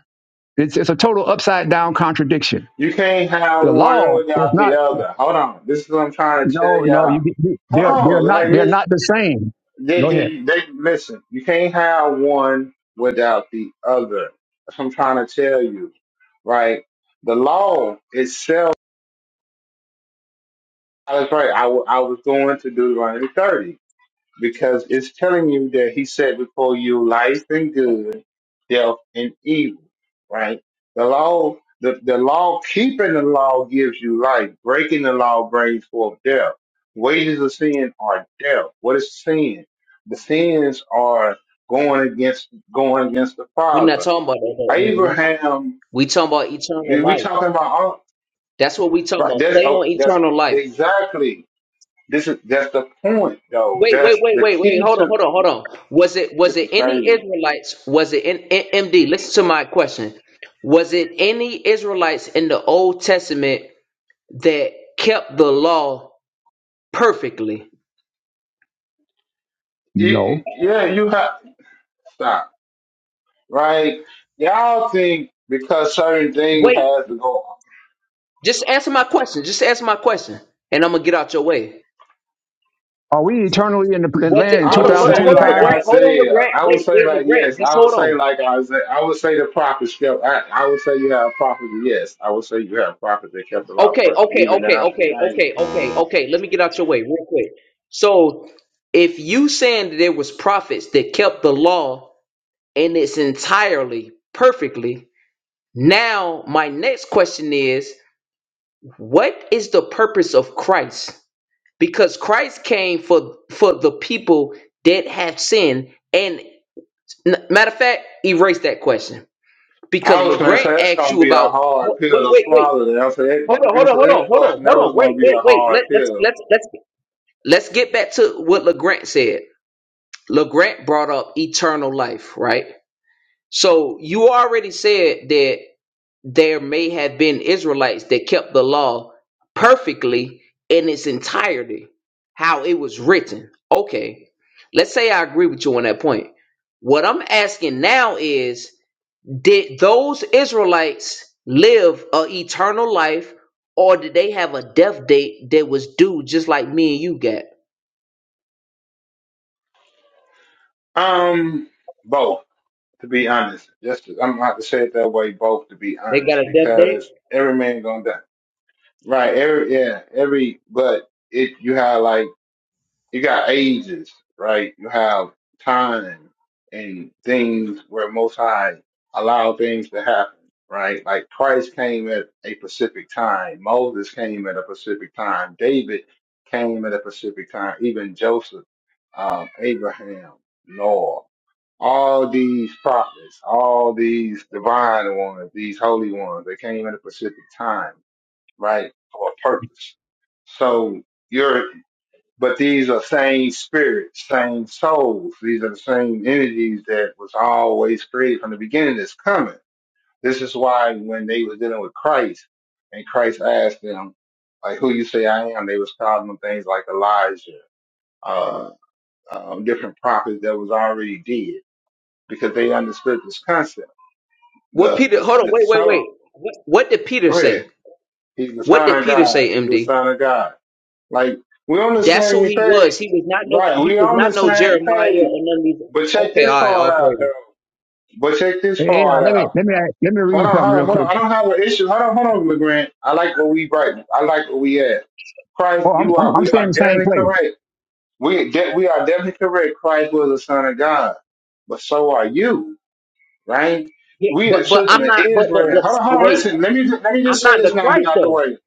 Speaker 12: It's it's a total upside down contradiction.
Speaker 8: you can't have
Speaker 12: The
Speaker 8: one
Speaker 12: law is
Speaker 8: without
Speaker 12: not.
Speaker 8: the other. Hold on. This is what I'm trying to tell
Speaker 12: No, no,
Speaker 8: y'all.
Speaker 12: you, you
Speaker 8: Hold
Speaker 12: they're they're
Speaker 8: on.
Speaker 12: not
Speaker 8: Like
Speaker 12: they're
Speaker 8: listen,
Speaker 12: not the same.
Speaker 8: they,
Speaker 12: Go ahead.
Speaker 8: they, they listen. You can't have one without the other. That's what I'm trying to tell you. Right. The law itself. I was right. I, w- I was going to Deuteronomy 30. because it's telling you that he said before you life and good, death and evil, right? The law, the, the law, keeping the law gives you life. Breaking the law brings forth death. Wages of sin are death. What is sin? The sins are going against, going against the
Speaker 2: We're not
Speaker 8: Father.
Speaker 2: talking about that though, MD.
Speaker 8: Abraham,
Speaker 2: We talking about eternal
Speaker 8: we
Speaker 2: life.
Speaker 8: talking about, all-
Speaker 2: That's what we talk
Speaker 8: right?
Speaker 2: about.
Speaker 8: That's,
Speaker 2: Stay
Speaker 8: oh,
Speaker 2: on
Speaker 8: that's
Speaker 2: eternal life.
Speaker 8: exactly, this is, that's the point though.
Speaker 2: Wait, wait,
Speaker 8: That's
Speaker 2: wait,
Speaker 8: the
Speaker 2: wait, wait.
Speaker 8: key
Speaker 2: Hold on,
Speaker 8: to,
Speaker 2: hold on, hold on. Was it was
Speaker 8: this
Speaker 2: it
Speaker 8: is
Speaker 2: any
Speaker 8: crazy
Speaker 2: Israelites? Was it in, in MD? Listen to my question. Was it any Israelites in the Old Testament that kept the law perfectly?
Speaker 8: it,
Speaker 12: No.
Speaker 8: yeah, you have stop, right? Y'all think because certain things
Speaker 2: Wait,
Speaker 8: has to go.
Speaker 2: just answer my question. Just answer my question, and I'm gonna get out your way.
Speaker 12: Are we eternally in the in
Speaker 2: Was
Speaker 12: land
Speaker 2: it?
Speaker 12: in
Speaker 8: I
Speaker 2: Hold on,
Speaker 8: would
Speaker 2: hold on,
Speaker 8: say
Speaker 2: hold on,
Speaker 8: like
Speaker 12: 2025?
Speaker 2: Legrand. Hold on,
Speaker 8: Isaiah.
Speaker 2: Legrand.
Speaker 8: I would
Speaker 2: Wait,
Speaker 8: say
Speaker 2: wait,
Speaker 8: like
Speaker 2: Legrand.
Speaker 8: yes.
Speaker 2: Just
Speaker 8: I would
Speaker 2: hold
Speaker 8: say
Speaker 2: on.
Speaker 8: like Isaiah. I would say the prophets kept. I, I would say you have prophets. Yes, I would say you have prophets that kept the law
Speaker 2: Okay,
Speaker 8: perfect,
Speaker 2: okay,
Speaker 8: even
Speaker 2: okay,
Speaker 8: down to
Speaker 2: okay,
Speaker 8: Daniel.
Speaker 2: okay, okay, okay. Let me get out your way real quick. So, if you saying that there was prophets that kept the law in its entirely perfectly, now my next question is, what is the purpose of Christ? Because Christ came for for the people that have sinned. And n- matter of fact, erase that question because
Speaker 8: I was gonna
Speaker 2: LeGrant
Speaker 8: say that's
Speaker 2: asked
Speaker 8: gonna
Speaker 2: you
Speaker 8: be a
Speaker 2: about.
Speaker 8: hard
Speaker 2: Wait,
Speaker 8: pill to
Speaker 2: wait, wait.
Speaker 8: swallow. That I said
Speaker 2: hold
Speaker 8: when
Speaker 2: on,
Speaker 8: I
Speaker 2: hold on,
Speaker 8: answered
Speaker 2: hold on,
Speaker 8: that
Speaker 2: hold on,
Speaker 8: question, that
Speaker 2: hold on.
Speaker 8: was
Speaker 2: Wait,
Speaker 8: gonna be
Speaker 2: wait,
Speaker 8: a
Speaker 2: wait. Let,
Speaker 8: hard
Speaker 2: let's
Speaker 8: pill.
Speaker 2: let's let's let's get back to what LeGrant said. LeGrant brought up eternal life, right? So you already said that there may have been Israelites that kept the law perfectly in its entirety, how it was written. Okay. Let's say I agree with you on that point. What I'm asking now is did those Israelites live a eternal life, or did they have a death date that was due, just like me and you got?
Speaker 8: Um, both. to be honest. Just I'm gonna have to say it that way, both to be
Speaker 2: They got
Speaker 8: honest,
Speaker 2: a death date.
Speaker 8: because every man gonna die, right? Every yeah, every but it you have like you got ages, right? You have time and things where Most High allow things to happen, right? Like Christ came at a specific time, Moses came at a specific time, David came at a specific time, even Joseph, um, Abraham, Noah. All these prophets, all these divine ones, these holy ones, they came at a specific time, right? For a purpose. So you're but these are same spirits, same souls. These are the same energies that was always created from the beginning that's coming. This is why when they was dealing with Christ and Christ asked them, like, who you say I am, they was calling them things like Elijah, uh, um, different prophets that was already dead because they understood this concept.
Speaker 2: What
Speaker 8: The,
Speaker 2: Peter? Hold on,
Speaker 8: the, the
Speaker 2: wait, wait, wait.
Speaker 8: soul,
Speaker 2: What, what did Peter
Speaker 8: go ahead.
Speaker 2: say?
Speaker 8: He's the
Speaker 2: What
Speaker 8: son
Speaker 2: did
Speaker 8: of
Speaker 2: Peter say,
Speaker 8: God. He's the
Speaker 2: MD?
Speaker 8: son of God. Like, we're on the
Speaker 2: That's who
Speaker 8: same
Speaker 2: he was.
Speaker 8: page.
Speaker 2: He was not no.
Speaker 8: Right.
Speaker 2: He
Speaker 8: We're
Speaker 2: was
Speaker 8: on the
Speaker 2: not no
Speaker 8: same
Speaker 2: Jeremiah
Speaker 8: page
Speaker 2: or none of these.
Speaker 8: But check
Speaker 2: Okay,
Speaker 8: this
Speaker 2: all right, all
Speaker 8: part
Speaker 2: praise.
Speaker 8: out, though. But check this
Speaker 12: Yeah,
Speaker 8: part
Speaker 12: let me
Speaker 8: out.
Speaker 12: let me let me
Speaker 8: Hold
Speaker 12: read
Speaker 8: on,
Speaker 12: something
Speaker 8: hold
Speaker 12: real
Speaker 8: on, hold on.
Speaker 12: quick.
Speaker 8: I don't have an issue. Hold on, hold on, LeGrand. I like what we right. now. I like what we at. Christ,
Speaker 12: Oh, I'm
Speaker 8: you
Speaker 12: I'm,
Speaker 8: are.
Speaker 12: I'm
Speaker 8: We
Speaker 12: staying in
Speaker 8: are
Speaker 12: the same
Speaker 8: definitely
Speaker 12: place.
Speaker 8: correct. We de- we are definitely correct. Christ was the Son of God, but so are you, right?
Speaker 2: Yeah,
Speaker 8: We are
Speaker 2: but but
Speaker 8: children
Speaker 2: I'm
Speaker 8: of
Speaker 2: not. But but
Speaker 8: Israel. Hold on, hold
Speaker 2: but
Speaker 8: on.
Speaker 2: wait.
Speaker 8: Listen, let me ju- let me
Speaker 2: I'm
Speaker 8: just say
Speaker 2: not the
Speaker 8: this now. and Be
Speaker 2: Christ
Speaker 8: out the
Speaker 2: though.
Speaker 8: way.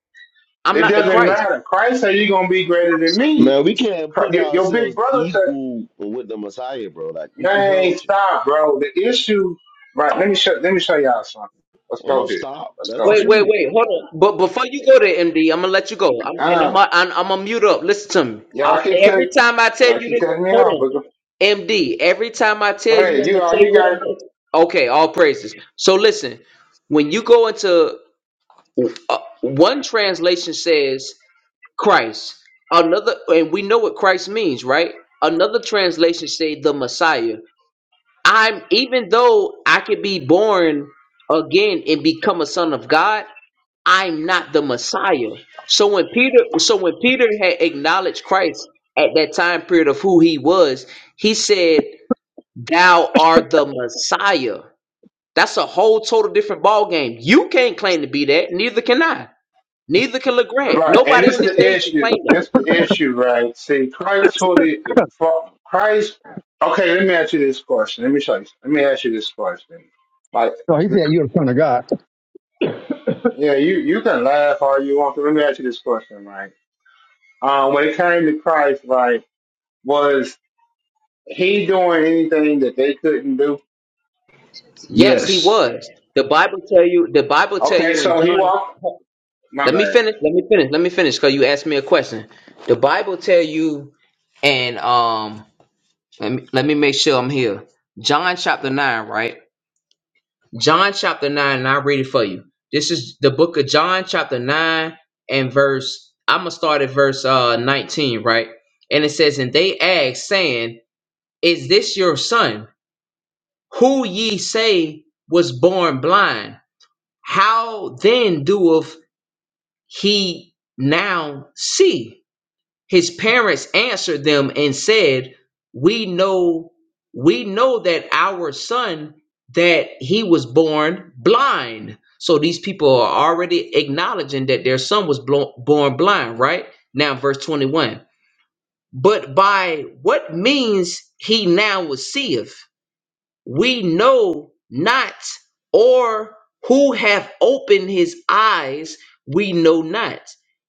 Speaker 2: I'm
Speaker 8: It
Speaker 2: not the
Speaker 8: doesn't
Speaker 2: Christ.
Speaker 8: matter. Christ said you're gonna be greater than me.
Speaker 6: Man, we can't
Speaker 8: Cri-
Speaker 6: put
Speaker 8: Your your big
Speaker 6: ourselves
Speaker 8: brother
Speaker 6: equal with the Messiah, bro. Like, what's, what's wrong
Speaker 8: Man,
Speaker 6: with you?
Speaker 8: stop, bro. The issue, right? Let me show. Let me show y'all something. Let's
Speaker 6: Ain't no
Speaker 8: go here.
Speaker 6: stop.
Speaker 8: Let's
Speaker 6: That's
Speaker 8: go
Speaker 6: the
Speaker 2: Wait,
Speaker 8: here.
Speaker 2: wait,
Speaker 6: truth.
Speaker 2: wait. Hold on. But before you go there, MD, I'm gonna let you go. I'm, and
Speaker 8: Um,
Speaker 2: I'm, I'm, I'm gonna mute up. Listen to me. I,
Speaker 8: y'all keep
Speaker 2: every
Speaker 8: cut.
Speaker 2: time I tell
Speaker 8: Y'all
Speaker 2: you
Speaker 8: keep
Speaker 2: this,
Speaker 8: cutting me
Speaker 2: hold
Speaker 8: off,
Speaker 2: on,
Speaker 8: but go,
Speaker 2: MD. Every time I
Speaker 8: go
Speaker 2: tell you,
Speaker 8: ahead.
Speaker 2: I'm
Speaker 8: You
Speaker 2: gonna
Speaker 8: all.
Speaker 2: say
Speaker 8: You
Speaker 2: what
Speaker 8: got
Speaker 2: I'm.
Speaker 8: it.
Speaker 2: Gonna, okay, all praises. So listen, when you go into uh, one translation says Christ, another, and we know what Christ means, right? Another translation say the Messiah. I'm even though I could be born again and become a son of God. I'm not the Messiah. So when Peter, so when Peter had acknowledged Christ at that time period of who he was, he said, "Thou art the Messiah." That's a whole total different ball game. You can't claim to be that. Neither can I. Neither can LeGrand.
Speaker 8: Right, and
Speaker 2: Nobody on
Speaker 8: this
Speaker 2: this
Speaker 8: the
Speaker 2: stage can
Speaker 8: issue.
Speaker 2: claim that.
Speaker 8: This the issue, right? See, Christ holy, Christ. Okay, let me ask you this question. Let me show you. Let me ask you this question. Like
Speaker 12: So he
Speaker 8: the,
Speaker 12: said you're the son of God.
Speaker 8: yeah, you you can laugh all you want. But let me ask you this question, right? Um, when it came to Christ, like was. He doing anything that they couldn't do.
Speaker 2: Yes, he
Speaker 6: Yes.
Speaker 2: was. The Bible tell you. The Bible tell
Speaker 8: Okay,
Speaker 2: you in
Speaker 8: so he
Speaker 2: John.
Speaker 8: walked. My
Speaker 2: Let me
Speaker 8: bad.
Speaker 2: finish. Let me finish. Let me finish. Cause you asked me a question. The Bible tell you, and um. Let me, let me make sure I'm here. John chapter 9, right? John chapter 9, and I'll read it for you. This is the book of John chapter 9 and verse, I'm going to start at verse uh, 19, right? And it says, And they asked, saying, Is this your son, who ye say was born blind? How then doeth he now see? his parents answered them and said we know we know that our son that he was born blind so these people are already acknowledging that their son was blo- born blind right now verse 21 but by what means he now was seeth we know not or who have opened his eyes we know not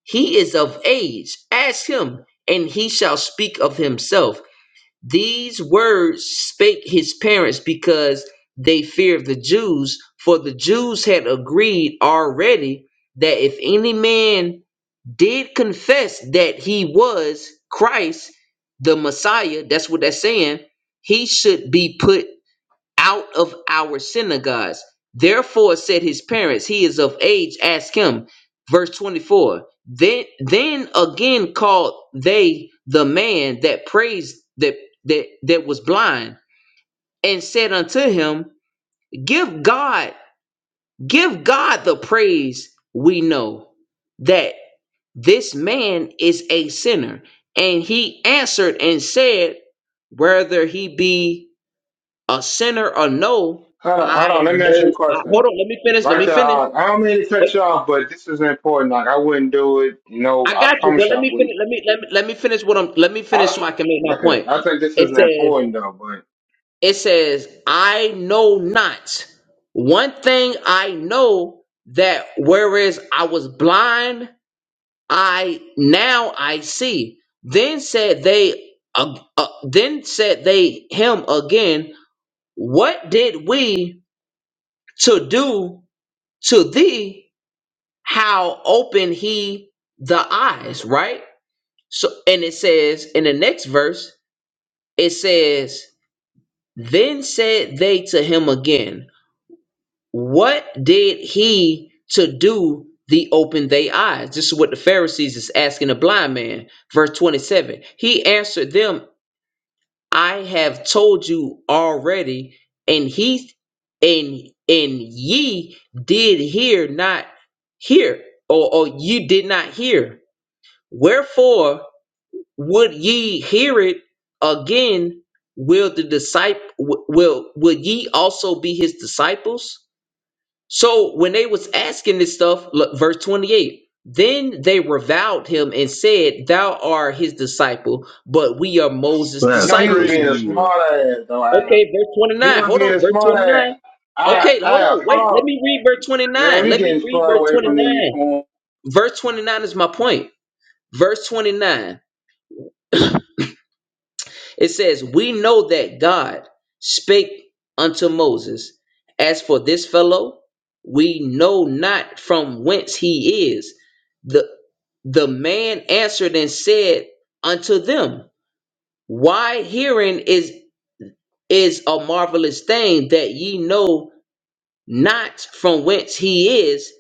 Speaker 2: he is of age ask him and he shall speak of himself these words spake his parents because they feared the jews for the jews had agreed already that if any man did confess that he was christ the messiah that's what that's saying he should be put out of our synagogues. Therefore said his parents, He is of age, ask him. Verse 24. Then then again called they the man that praised that that that was blind, and said unto him, Give God, give God the praise we know that this man is a sinner. And he answered and said, Whether he be a sinner or no,
Speaker 8: Hold on,
Speaker 2: I
Speaker 8: hold on. Let me ask you a
Speaker 2: know. I, hold
Speaker 8: question.
Speaker 2: on, let me finish. Let
Speaker 8: Right
Speaker 2: me
Speaker 8: there,
Speaker 2: finish.
Speaker 8: uh, I don't mean to
Speaker 2: Wait,
Speaker 8: cut you off, but this is important. Like I wouldn't do it. You know,
Speaker 2: I
Speaker 8: I
Speaker 2: got you, but
Speaker 8: promise you
Speaker 2: let
Speaker 8: I
Speaker 2: me
Speaker 8: would.
Speaker 2: finish. Let me let me let me finish what I'm. Let me finish
Speaker 8: I
Speaker 2: so I can make my
Speaker 8: go ahead.
Speaker 2: point.
Speaker 8: I think this
Speaker 2: It
Speaker 8: is
Speaker 2: says
Speaker 8: important though. But
Speaker 2: it says I know not. One thing I know that whereas I was blind, I now I see. Then said they. Uh, uh, then said they him again. What did we to do to thee how open he the eyes, right? So and it says in the next verse, it says, Then said they to him again, What did he to do the open they eyes? This is what the Pharisees is asking the blind man. Verse 27. He answered them, I have told you already, and he and and ye did hear not hear, or, or you did not hear Wherefore would ye hear it again? Will the disciple will will ye also be his disciples? So when they was asking this stuff, look, verse twenty eight. Then they reviled him and said, "Thou art his disciple, but we are Moses'
Speaker 8: you
Speaker 6: That's
Speaker 8: know, he was
Speaker 2: disciples."
Speaker 8: being a
Speaker 6: crazy, word.
Speaker 8: smart ass though. Al.
Speaker 2: Okay, verse twenty
Speaker 8: he
Speaker 2: nine.
Speaker 8: was
Speaker 2: Hold
Speaker 8: being
Speaker 2: on,
Speaker 8: a
Speaker 2: verse
Speaker 8: smart
Speaker 2: twenty
Speaker 8: ass.
Speaker 2: nine.
Speaker 8: I,
Speaker 2: Okay, hold
Speaker 8: I,
Speaker 2: on.
Speaker 8: hold
Speaker 2: Wait, let
Speaker 8: on,
Speaker 2: me read verse twenty
Speaker 8: man.
Speaker 2: nine.
Speaker 8: We
Speaker 2: Let me
Speaker 8: getting
Speaker 2: read
Speaker 8: far
Speaker 2: verse
Speaker 8: away
Speaker 2: twenty
Speaker 8: from the
Speaker 2: nine.
Speaker 8: point.
Speaker 2: Verse twenty nine is my point. Verse twenty nine. It says, We know that God spake unto Moses, As for this fellow, we know not from whence he is. The, the man answered and said unto them, Why hearing is, is a marvelous thing that ye know not from whence he is,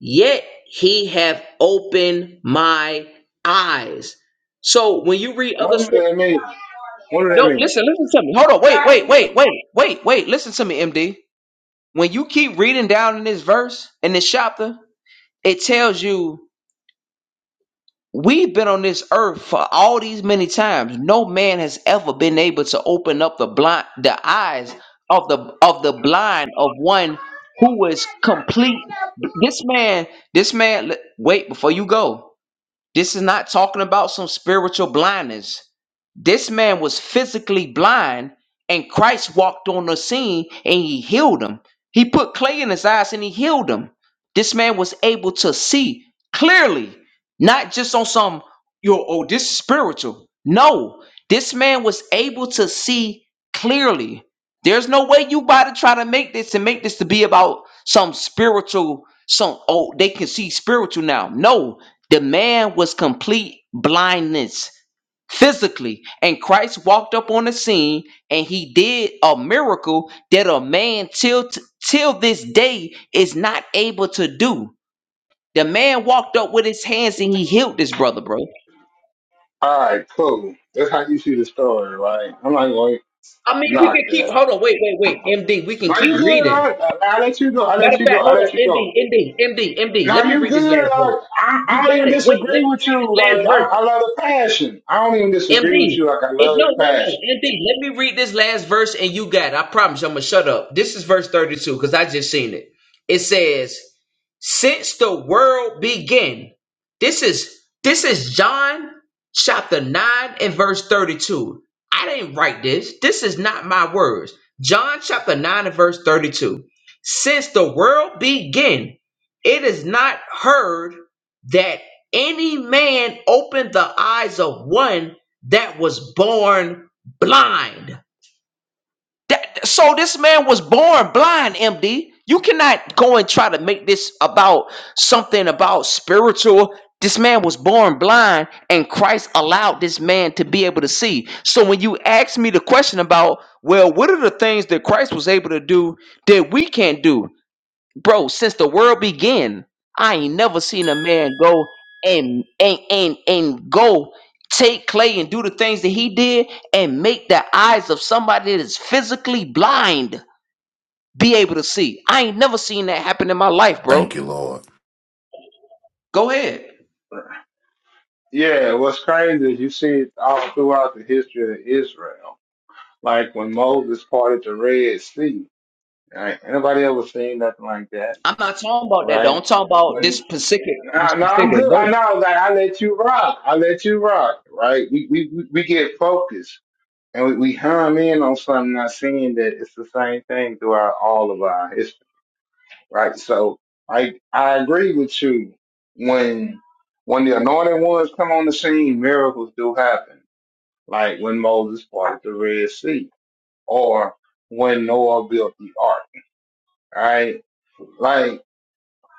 Speaker 2: yet he have opened my eyes. So when you read other scriptures,
Speaker 8: What do that mean? What do that
Speaker 2: no,
Speaker 8: mean?
Speaker 2: listen, listen to me. Hold on. Wait, wait, wait, wait, wait, wait. Listen to me, MD. When you keep reading down in this verse, in this chapter, it tells you we've been on this earth for all these many times. No man has ever been able to open up the blind the eyes of the of the blind of one who is complete. This man, this man, wait before you go. This is not talking about some spiritual blindness. This man was physically blind, and Christ walked on the scene and he healed him. He put clay in his eyes and he healed him. This man was able to see clearly, not just on some, yo, oh, this is spiritual. No, this man was able to see clearly. There's no way you about to try to make this and make this to be about some spiritual, some, oh, they can see spiritual now. No, the man was complete blindness physically, and Christ walked up on the scene and he did a miracle that a man till till this day is not able to do. The man walked up with his hands and he healed this brother, bro.
Speaker 8: All right, cool. That's how you see the story, right? I'm not going to
Speaker 2: I mean, we
Speaker 8: knock
Speaker 2: can keep.
Speaker 8: that.
Speaker 2: Hold on, wait, wait, wait. MD, we can
Speaker 8: No,
Speaker 2: keep
Speaker 8: you good. I,
Speaker 2: reading.
Speaker 8: I, I let you go. I
Speaker 2: Matter
Speaker 8: let
Speaker 2: of
Speaker 8: you
Speaker 2: fact,
Speaker 8: go. I
Speaker 2: hold on.
Speaker 8: let you
Speaker 2: MD,
Speaker 8: go.
Speaker 2: MD, MD, MD.
Speaker 8: No,
Speaker 2: Let me
Speaker 8: you
Speaker 2: read this
Speaker 8: good.
Speaker 2: last verse.
Speaker 8: I, I,
Speaker 2: You
Speaker 8: I don't
Speaker 2: got
Speaker 8: even
Speaker 2: it. Wait, let
Speaker 8: disagree
Speaker 2: me
Speaker 8: with
Speaker 2: read this
Speaker 8: you. Like,
Speaker 2: last
Speaker 8: I,
Speaker 2: verse.
Speaker 8: I love the passion. I don't even disagree
Speaker 2: MD.
Speaker 8: with you. Like, I
Speaker 2: It,
Speaker 8: love
Speaker 2: no,
Speaker 8: the
Speaker 2: no,
Speaker 8: passion.
Speaker 2: no. MD, let me read this last verse and you got it. I promise you, I'm going to shut up. This is verse 32 because I just seen it. It says, Since the world began, this is this is John chapter 9 and verse 32. I didn't write this. This is not my words. John chapter 9 and verse 32. Since the world began, it is not heard that any man opened the eyes of one that was born blind. That so this man was born blind, MD. You cannot go and try to make this about something about spiritual. This man was born blind and Christ allowed this man to be able to see. So when you ask me the question about, well, what are the things that Christ was able to do that we can't do? bro, since the world began, I ain't never seen a man go and and and and go take clay and do the things that he did and make the eyes of somebody that is physically blind be able to see. I ain't never seen that happen in my life, bro.
Speaker 15: Thank you, Lord.
Speaker 2: Go ahead.
Speaker 8: Yeah, what's crazy is you see it all throughout the history of Israel. Like when Moses parted the Red Sea, right? Anybody ever seen nothing like that,
Speaker 2: I'm not talking about that though.
Speaker 8: right?
Speaker 2: I'm talking about
Speaker 8: When
Speaker 2: this specific this
Speaker 8: No, no, I'm
Speaker 2: specific
Speaker 8: good. I
Speaker 2: verse.
Speaker 8: know, like I let you rock. I let you rock, right? We we we we get focused and we, we hum in on something, not seeing that it's the same thing throughout all of our history, right? So I I agree with you. When when the anointed ones come on the scene, miracles do happen, like when Moses parted the Red Sea, or when Noah built the ark, right? Like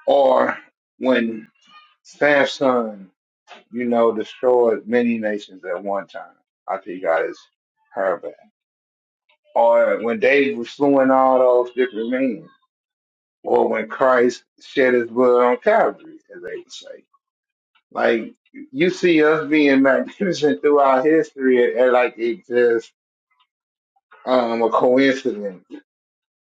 Speaker 8: or when Samson you know, destroyed many nations at one time after he got his hair back. Or when David was slewing all those different men. Or when Christ shed his blood on Calvary, as they would say. Like, you see us being *laughs* magnificent throughout history, and like it's just um, a coincidence.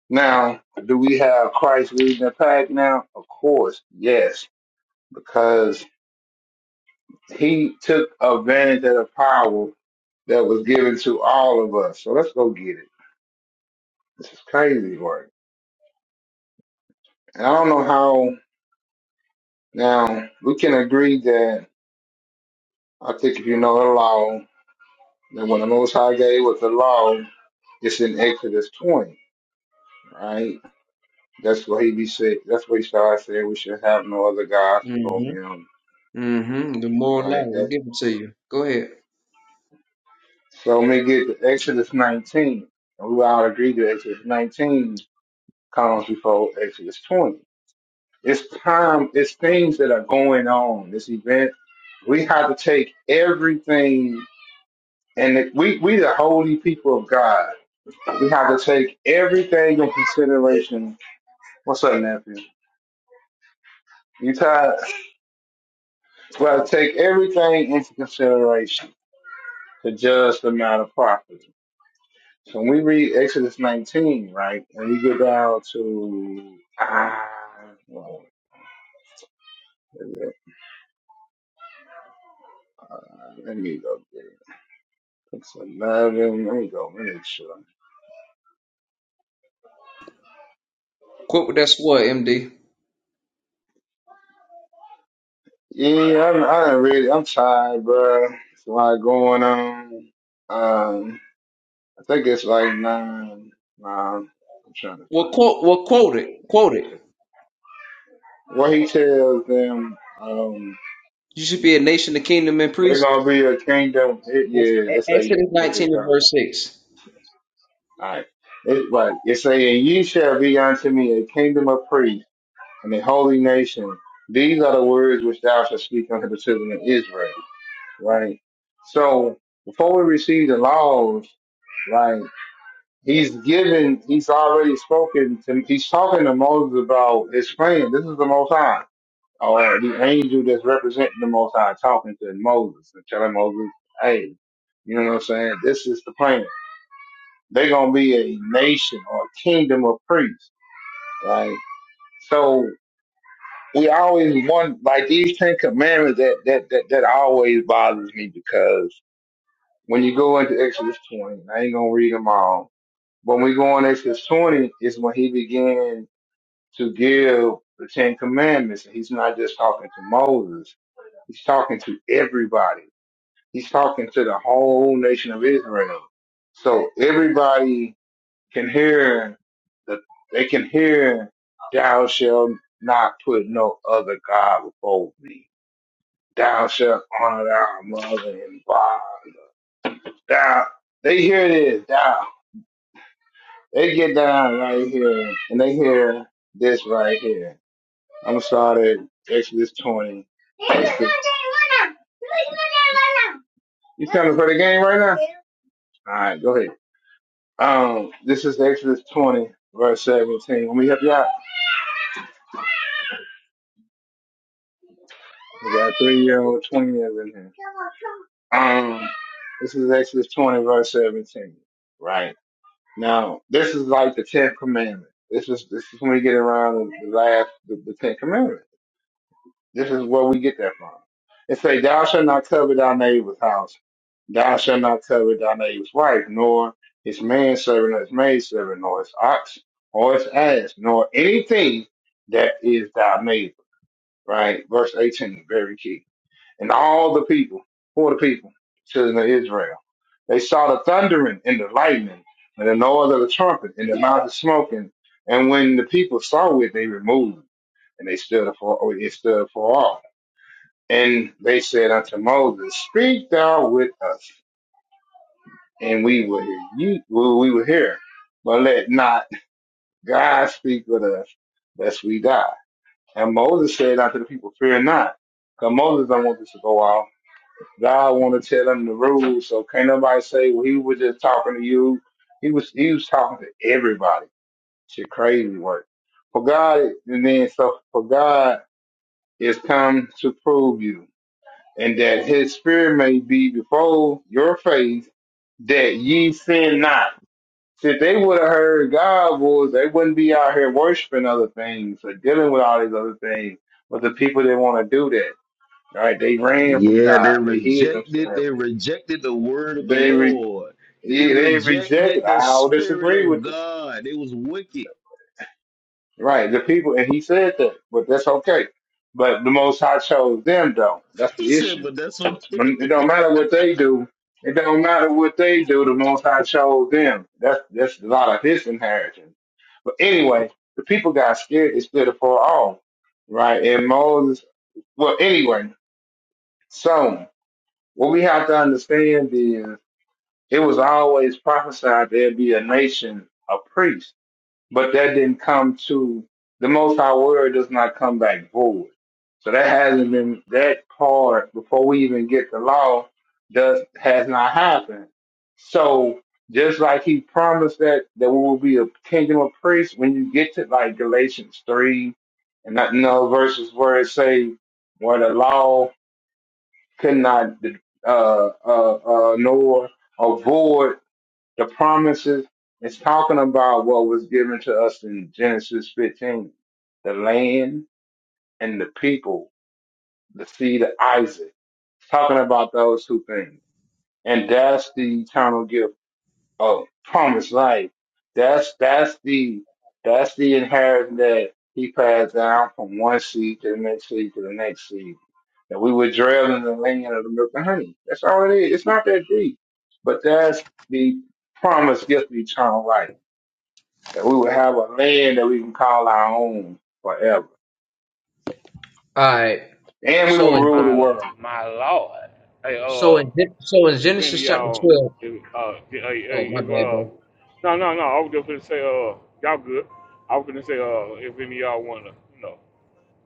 Speaker 8: Now, do we have Christ leading the pack now? Of course, yes, because he took advantage of the power that was given to all of us. So let's go get it. This is crazy work. And I don't know how now we can agree that I think if you know the law, that when the Most High gave us the law, it's in Exodus 20, right? That's what he be said. That's what he started saying. We should have no other gods before
Speaker 2: Mm-hmm.
Speaker 8: him,
Speaker 2: Mm-hmm. The moral law
Speaker 8: right?
Speaker 2: will
Speaker 8: That,
Speaker 2: give it to you. Go ahead.
Speaker 8: so when we get to Exodus 19, and we all agree that Exodus 19 comes before Exodus 20. It's time. It's things that are going on. This event. We have to take everything And we, we the holy people of God. We have to take everything in consideration. What's up, nephew? You tired? We have to take everything into consideration to judge the matter properly. So when we read Exodus 19, right, and we get down to, ah, well, let me go get it. It's 11. Let me go make sure.
Speaker 2: Quote what that's what, MD.
Speaker 8: Yeah, I'm, I done read it. I'm tired, bro. It's a lot going on. Um, I think it's like nine, nine. I'm trying to
Speaker 2: Well
Speaker 8: find it.
Speaker 2: quote well quote it. Quote
Speaker 8: I'm
Speaker 2: it.
Speaker 8: sorry. What he tells them, um,
Speaker 2: You should be a nation, a kingdom, and
Speaker 8: they're
Speaker 2: priest.
Speaker 8: gonna be a kingdom. It, yeah, it's like
Speaker 2: Exodus
Speaker 8: here
Speaker 2: 19
Speaker 8: it
Speaker 2: and
Speaker 8: goes.
Speaker 2: verse 6.
Speaker 8: All right. It, right. It's saying, "Ye shall be unto me a kingdom of priests and a holy nation." These are the words which thou shalt speak unto the children of Israel. Right. So before we receive the laws, right? he's given, he's already spoken to, he's talking to Moses about his plan. This is the Most High, or the angel that's representing the Most High talking to Moses and telling Moses, hey, you know what I'm saying? This is the plan. They're going to be a nation or a kingdom of priests, right? So we always want, like these Ten Commandments, that, that, that, that always bothers me because when you go into Exodus 20, I ain't going to read them all. When we go in Exodus 20 is when he began to give the Ten Commandments. And he's not just talking to Moses. He's talking to everybody. He's talking to the whole nation of Israel. So everybody can hear the, they can hear, thou shalt not put no other God before me. Thou shalt honor thy mother and father. Thou, they hear this, thou. They get down right here and they hear this right here. I'm gonna start at Exodus 20. You trying to play the game right now? All right, go ahead. Um, this is Exodus 20, verse 17. Let me help you out. We got three year old, 20 years in here. Um, this is Exodus 20, verse 17. Right now, this is like the 10th commandment. This is this is when we get around the the last the, the 10th commandment. This is where we get that from. It say, Thou shalt not covet thy neighbor's house. Thou shalt not covet thy neighbor's wife, nor his manservant, nor his maidservant, nor his ox, or his ass, nor anything that is thy neighbor. Right? Verse 18, very key. And all the people, who are the people? Children of Israel. They saw the thundering and the lightning and the noise of the trumpet and the mountain smoking. And when the people saw it, they removed and they stood afar, it stood afar off and they said unto Moses, Speak thou with us, and we will hear you. Well, we will hear. But let not God speak with us, lest we die. And Moses said unto the people, Fear not. Because Moses don't want this to go off. God want to tell them the rules, so can't nobody say, well, he was just talking to you. He was he was talking to everybody. Shit crazy work. For God, and then so for God is come to prove you and that his Spirit may be before your face, that ye sin not. See, If they would have heard God's voice, they wouldn't be out here worshiping other things or dealing with all these other things. But the people that want to do that, right? They ran from
Speaker 6: Yeah,
Speaker 8: God.
Speaker 6: they
Speaker 8: They hid
Speaker 6: rejected,
Speaker 8: themselves.
Speaker 6: they rejected the word of the
Speaker 8: They re-
Speaker 6: Lord. They
Speaker 8: yeah, they
Speaker 6: rejected
Speaker 8: rejected.
Speaker 6: the
Speaker 8: I'll
Speaker 6: spirit
Speaker 8: disagree
Speaker 6: of
Speaker 8: with this.
Speaker 6: God. They was wicked. *laughs*
Speaker 8: Right, the people, and he said that, but that's okay. But the Most High chose them, though. That's
Speaker 6: He
Speaker 8: the
Speaker 6: said,
Speaker 8: issue
Speaker 6: but that's okay.
Speaker 8: When- It don't
Speaker 6: *laughs*
Speaker 8: matter what they do. It don't matter what they do. The Most High chose them. That's that's a lot of his inheritance. But anyway, the people got scared. They stood afar off, right? And Moses. Well, anyway, so what we have to understand is it was always prophesied there'd be a nation of priests but that didn't come to the most high word does not come back void. So that hasn't been that part before we even get the law does has not happened. So just like he promised that that we will be a kingdom of priests when you get to like Galatians three and not no verses where it say where the law could not uh uh uh nor avoid the promises is talking about what was given to us in Genesis 15, the land and the people, the seed of Isaac. It's talking about those two things. And that's the eternal gift of promised life. That's, that's the, that's the inheritance that he passed down from one seed to the next seed to the next seed. That we would dwell in the land of the milk and honey. That's all it is. It's not that deep. But that's the promised gift of eternal life that we would have a land that we can call our own forever,
Speaker 2: All right.
Speaker 8: and we
Speaker 2: So
Speaker 8: will
Speaker 2: in
Speaker 8: rule the world.
Speaker 1: My lord. Hey,
Speaker 2: so
Speaker 1: uh,
Speaker 2: in so in
Speaker 1: if any
Speaker 2: Genesis
Speaker 1: of
Speaker 2: chapter
Speaker 1: y'all,
Speaker 2: 12.
Speaker 1: if, uh, hey, hey,
Speaker 2: Oh, my
Speaker 1: if
Speaker 2: bad,
Speaker 1: uh,
Speaker 2: bro.
Speaker 1: no, no, no. I was just gonna say, uh, y'all good. I was gonna say, uh, if any of y'all wanna, you know.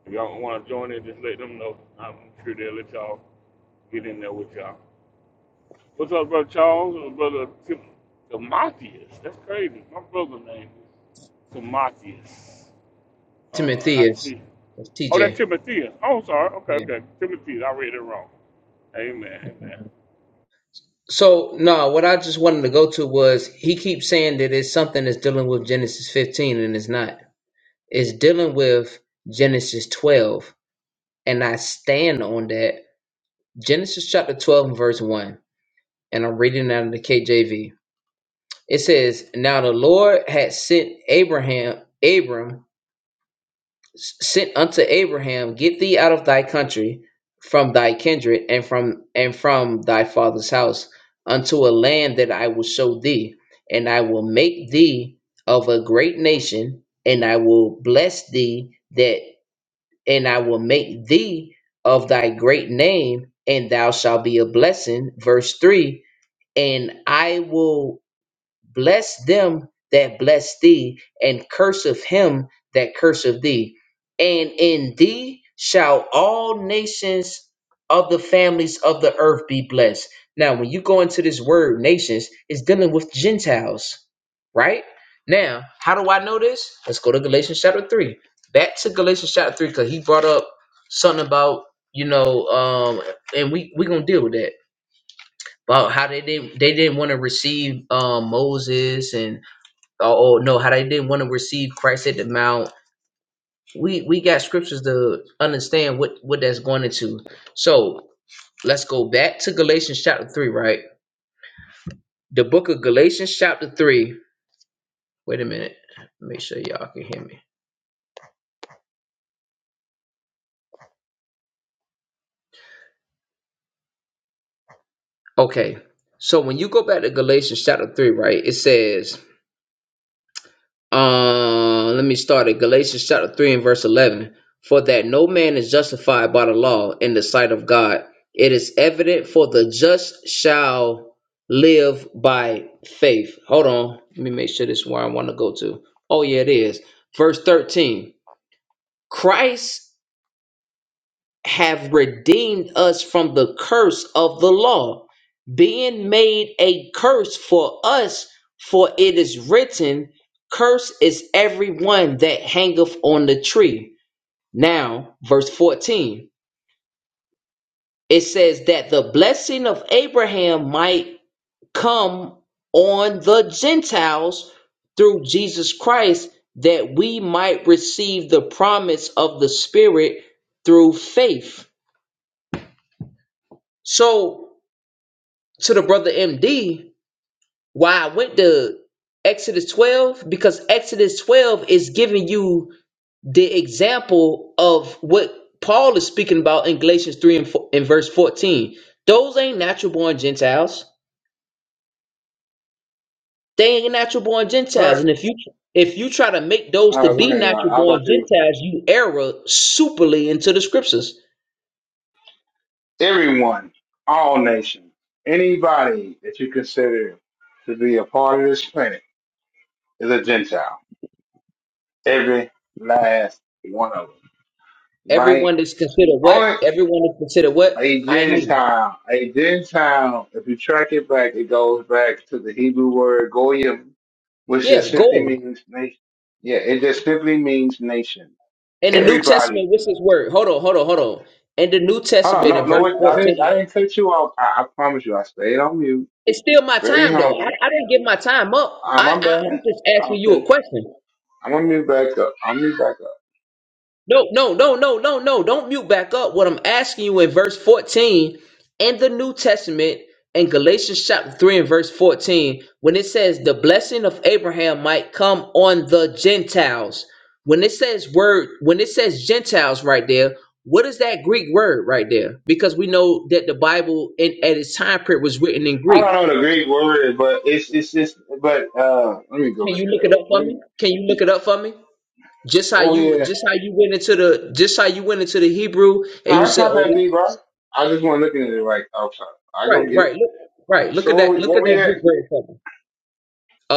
Speaker 1: If y'all want to join in, just let them know. I'm sure they'll let y'all get in there with y'all. What's up, Brother Charles? Uh, Brother Tim- Timotheus. That's crazy. My brother's name is Timotheus. Uh, I
Speaker 2: Timotheus.
Speaker 1: see.
Speaker 2: That's
Speaker 1: Oh, that's
Speaker 2: TJ.
Speaker 1: Timotheus. Oh, sorry. Okay,
Speaker 2: Yeah.
Speaker 1: okay. Timotheus. I read it wrong. Amen. Amen.
Speaker 2: So no, what I just wanted to go to was he keeps saying that it's something that's dealing with Genesis 15 and it's not. It's dealing with Genesis 12. And I stand on that. Genesis chapter 12 and verse 1. And I'm reading out of the KJV. It says, Now the Lord had sent Abraham, Abram sent unto Abraham, Get thee out of thy country, from thy kindred, and from and from thy father's house, unto a land that I will show thee, and I will make thee of a great nation, and I will bless thee that and I will make thee of thy great name, and thou shalt be a blessing. Verse three, and I will Bless them that bless thee, and curseth him that curseth thee. And in thee shall all nations of the families of the earth be blessed. Now, when you go into this word nations, it's dealing with Gentiles, right? Now, how do I know this? Let's go to Galatians chapter 3. Back to Galatians chapter 3, because he brought up something about, you know, um, and we we gonna deal with that about how they didn't they didn't want to receive um, Moses and oh oh, no had i didn't want to receive christ at the mount we we got scriptures to understand what what that's going into so let's go back to galatians chapter 3 right the book of galatians chapter 3 wait a minute make sure y'all can hear me okay so when you go back to galatians chapter 3 right it says Uh, let me start at Galatians chapter 3 and verse 11. For that no man is justified by the law in the sight of God, it is evident for the just shall live by faith. Hold on. Let me make sure this is where I want to go to. Oh, yeah, it is. Verse 13. Christ have redeemed us from the curse of the law, being made a curse for us, for it is written, "Cursed is every one that hangeth on the tree. Now, verse 14, it says that the blessing of Abraham might come on the Gentiles through Jesus Christ, that we might receive the promise of the Spirit through faith. So, to the brother MD why I went to Exodus 12 because Exodus 12 is giving you the example of what Paul is speaking about in Galatians 3 and, 4, and verse 14. Those ain't natural born Gentiles. They ain't natural born Gentiles. And
Speaker 8: But
Speaker 2: if you if you try to make those
Speaker 8: uh,
Speaker 2: to
Speaker 8: go
Speaker 2: be
Speaker 8: ahead. Uh,
Speaker 2: natural
Speaker 8: I
Speaker 2: born
Speaker 8: thought you was
Speaker 2: Gentiles, you error superly into the scriptures.
Speaker 8: everyone, all nations, anybody that you consider to be a part of this planet is a Gentile. Every last one of them, right?
Speaker 2: Everyone is considered
Speaker 8: Only
Speaker 2: what? Everyone is considered what?
Speaker 8: a
Speaker 2: I ain't hear you.
Speaker 8: Gentile, a Gentile. If you track it back, it goes back to the Hebrew word goyim, which just
Speaker 2: Yeah, go
Speaker 8: simply
Speaker 2: on.
Speaker 8: means nation. Yeah, it just simply means nation
Speaker 2: In the New Testament,
Speaker 8: Everybody. is-
Speaker 2: what's his word? Hold on, hold on, hold on. In the New
Speaker 8: Hold on.
Speaker 2: Testament, in
Speaker 8: No, no,
Speaker 2: verse
Speaker 8: wait. I didn't. I
Speaker 2: 14,
Speaker 8: didn't cut you off. I, I promise you. I stayed on mute.
Speaker 2: it's still my
Speaker 8: Very
Speaker 2: time, though. I,
Speaker 8: humble.
Speaker 2: I didn't give my time up.
Speaker 8: Uh,
Speaker 2: I,
Speaker 8: my
Speaker 2: I, I'm
Speaker 8: bad.
Speaker 2: just asking you
Speaker 8: Okay.
Speaker 2: a question.
Speaker 8: I'm gonna mute back up. I'm mute back up.
Speaker 2: No, no, no, no, no, no. Don't mute back up. What I'm asking you in verse 14 in the New Testament, in Galatians chapter 3 and verse 14, when it says the blessing of Abraham might come on the Gentiles, when it says word, when it says Gentiles right there, what is that Greek word right there? Because we know that the Bible in, at its time period was written in
Speaker 8: I
Speaker 2: Greek.
Speaker 8: don't know the Greek word, but it's it's just. But uh, let me go
Speaker 2: Can you
Speaker 8: look it
Speaker 2: look it
Speaker 8: up.
Speaker 2: up for
Speaker 8: What
Speaker 2: me?
Speaker 8: you-
Speaker 2: Can you look it up for me? Just how
Speaker 8: what
Speaker 2: you
Speaker 8: we at?
Speaker 2: just how you went into the just how you went into the Hebrew and
Speaker 8: No,
Speaker 2: you
Speaker 8: it's
Speaker 2: said,
Speaker 8: not
Speaker 2: "Oh,
Speaker 8: that
Speaker 2: this
Speaker 8: deep, right? I just want to look at it like outside. I
Speaker 2: Right,
Speaker 8: go get it.
Speaker 2: right, look, right. Look
Speaker 8: So
Speaker 2: at
Speaker 8: what
Speaker 2: that.
Speaker 8: we
Speaker 2: Look
Speaker 8: what
Speaker 2: at
Speaker 8: we
Speaker 2: that
Speaker 8: at?
Speaker 2: Greek word for me.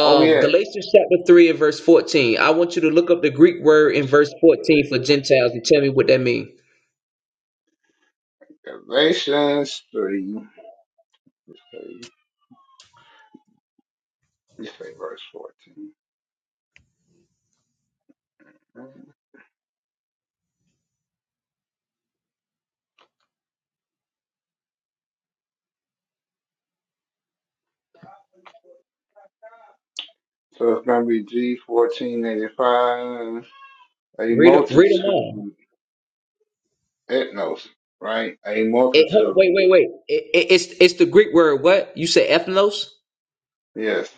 Speaker 8: What we at?
Speaker 2: Galatians chapter three and verse fourteen. I want you to look up the Greek word in
Speaker 8: Galatians
Speaker 2: verse fourteen
Speaker 8: three.
Speaker 2: for Gentiles and tell me what that means.
Speaker 8: Galatians three. Let's say, let's say verse fourteen. So it's going to be G fourteen eighty five. A
Speaker 2: Read, 'em- read them all.
Speaker 8: multitude, etnos right? A
Speaker 2: It, hold-
Speaker 8: multitude.
Speaker 2: wait, wait, wait. It, it, it's it's the Greek word. What you say, ethnos?
Speaker 8: Yes.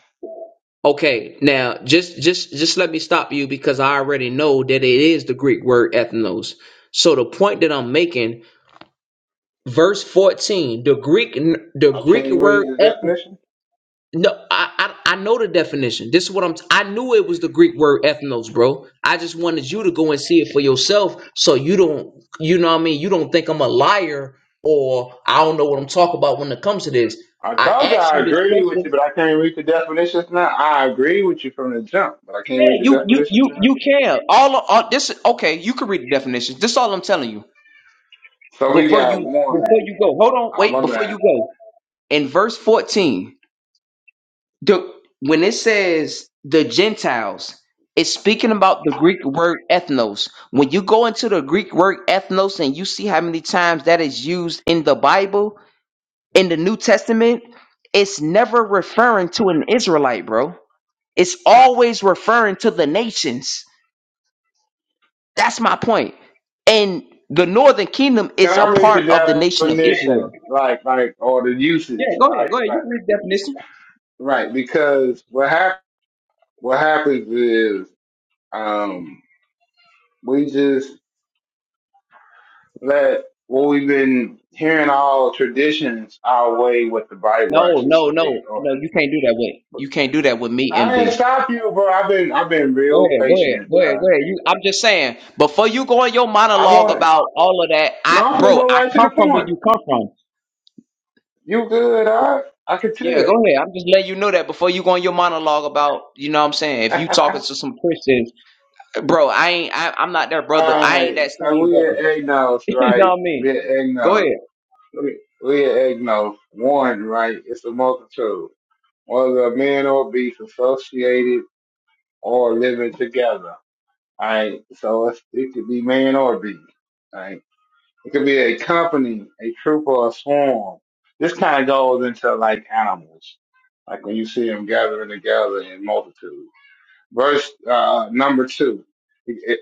Speaker 2: Okay, now just just just let me stop you because I already know that it is the Greek word ethnos. So the point that I'm making, verse 14, the Greek the
Speaker 8: I
Speaker 2: Greek
Speaker 8: can't
Speaker 2: word
Speaker 8: read the
Speaker 2: ethnos
Speaker 8: definition.
Speaker 2: No, I, I I know the definition. This is what I'm. T- I knew it was the Greek word ethnos, bro. I just wanted you to go and see it for yourself, so you don't. You know what I mean? You don't think I'm a liar or I don't know what I'm talking about when it comes to this.
Speaker 8: I
Speaker 2: I
Speaker 8: told you
Speaker 2: asked
Speaker 8: I
Speaker 2: you this
Speaker 8: agree with you,
Speaker 2: question.
Speaker 8: but I can't read the definitions now. I agree with you from the jump, but I can't read
Speaker 2: Yeah,
Speaker 8: the
Speaker 2: you you
Speaker 8: definitions
Speaker 2: you
Speaker 8: now.
Speaker 2: you can. All, all this. Okay, you can read the definitions. This is all I'm telling you.
Speaker 8: So we
Speaker 2: Before you
Speaker 8: got one.
Speaker 2: before you go, hold on,
Speaker 8: Oh
Speaker 2: wait.
Speaker 8: my
Speaker 2: Before you
Speaker 8: bad.
Speaker 2: go, in verse 14. the when it says the Gentiles, it's speaking about the Greek word ethnos. When you go into the Greek word ethnos and you see how many times that is used in the Bible, in the New Testament, it's never referring to an Israelite, bro. It's always referring to the nations. That's my point. And the northern kingdom
Speaker 8: Can
Speaker 2: is a
Speaker 8: I read the
Speaker 2: part of the nation of
Speaker 8: definition,
Speaker 2: Israel.
Speaker 8: like, like, or the
Speaker 2: Yeah,
Speaker 8: usage,
Speaker 2: go ahead,
Speaker 8: like,
Speaker 2: go ahead.
Speaker 8: like,
Speaker 2: You can read the definition.
Speaker 8: right? Because what hap- what happens is, um, we just that what we've been hearing all traditions our way what the Bible
Speaker 2: No,
Speaker 8: actually say.
Speaker 2: no, no,
Speaker 8: Or-
Speaker 2: no. You can't do that with. You can't do that with me,
Speaker 8: I didn't
Speaker 2: MD.
Speaker 8: stop you, bro. I've been I've been
Speaker 2: Go
Speaker 8: real
Speaker 2: ahead, go ahead,
Speaker 8: patient,
Speaker 2: go ahead,
Speaker 8: bro.
Speaker 2: go ahead. You, I'm just saying, before you go on your
Speaker 8: I
Speaker 2: monologue
Speaker 8: want
Speaker 2: about all of that, I,
Speaker 8: no, I'm gonna
Speaker 2: bro,
Speaker 8: go
Speaker 2: I
Speaker 8: right to the
Speaker 2: come from where
Speaker 8: point.
Speaker 2: you come from.
Speaker 8: You good, all right? I can
Speaker 2: Yeah, go
Speaker 8: tell.
Speaker 2: ahead. I'm just letting you know that before you go on your monologue about, you know what I'm saying? If you talking
Speaker 8: *laughs*
Speaker 2: to some Christians, bro, I ain't, I, I'm not their brother.
Speaker 8: all
Speaker 2: I ain't
Speaker 8: right,
Speaker 2: that
Speaker 8: so
Speaker 2: same
Speaker 8: we at
Speaker 2: brother.
Speaker 8: agnos
Speaker 2: *laughs* you know
Speaker 8: right?
Speaker 2: what I mean?
Speaker 8: We at
Speaker 2: Go
Speaker 8: agnos.
Speaker 2: ahead.
Speaker 8: We we at Egnos. One, right? It's a multitude, whether a man or beast associated or living together. Alright, so it's, it could be man or beast. Right, it could be a company, a troop, or a swarm. This kind of goes into like animals, like when you see them gathering together in multitude. Verse uh, number two: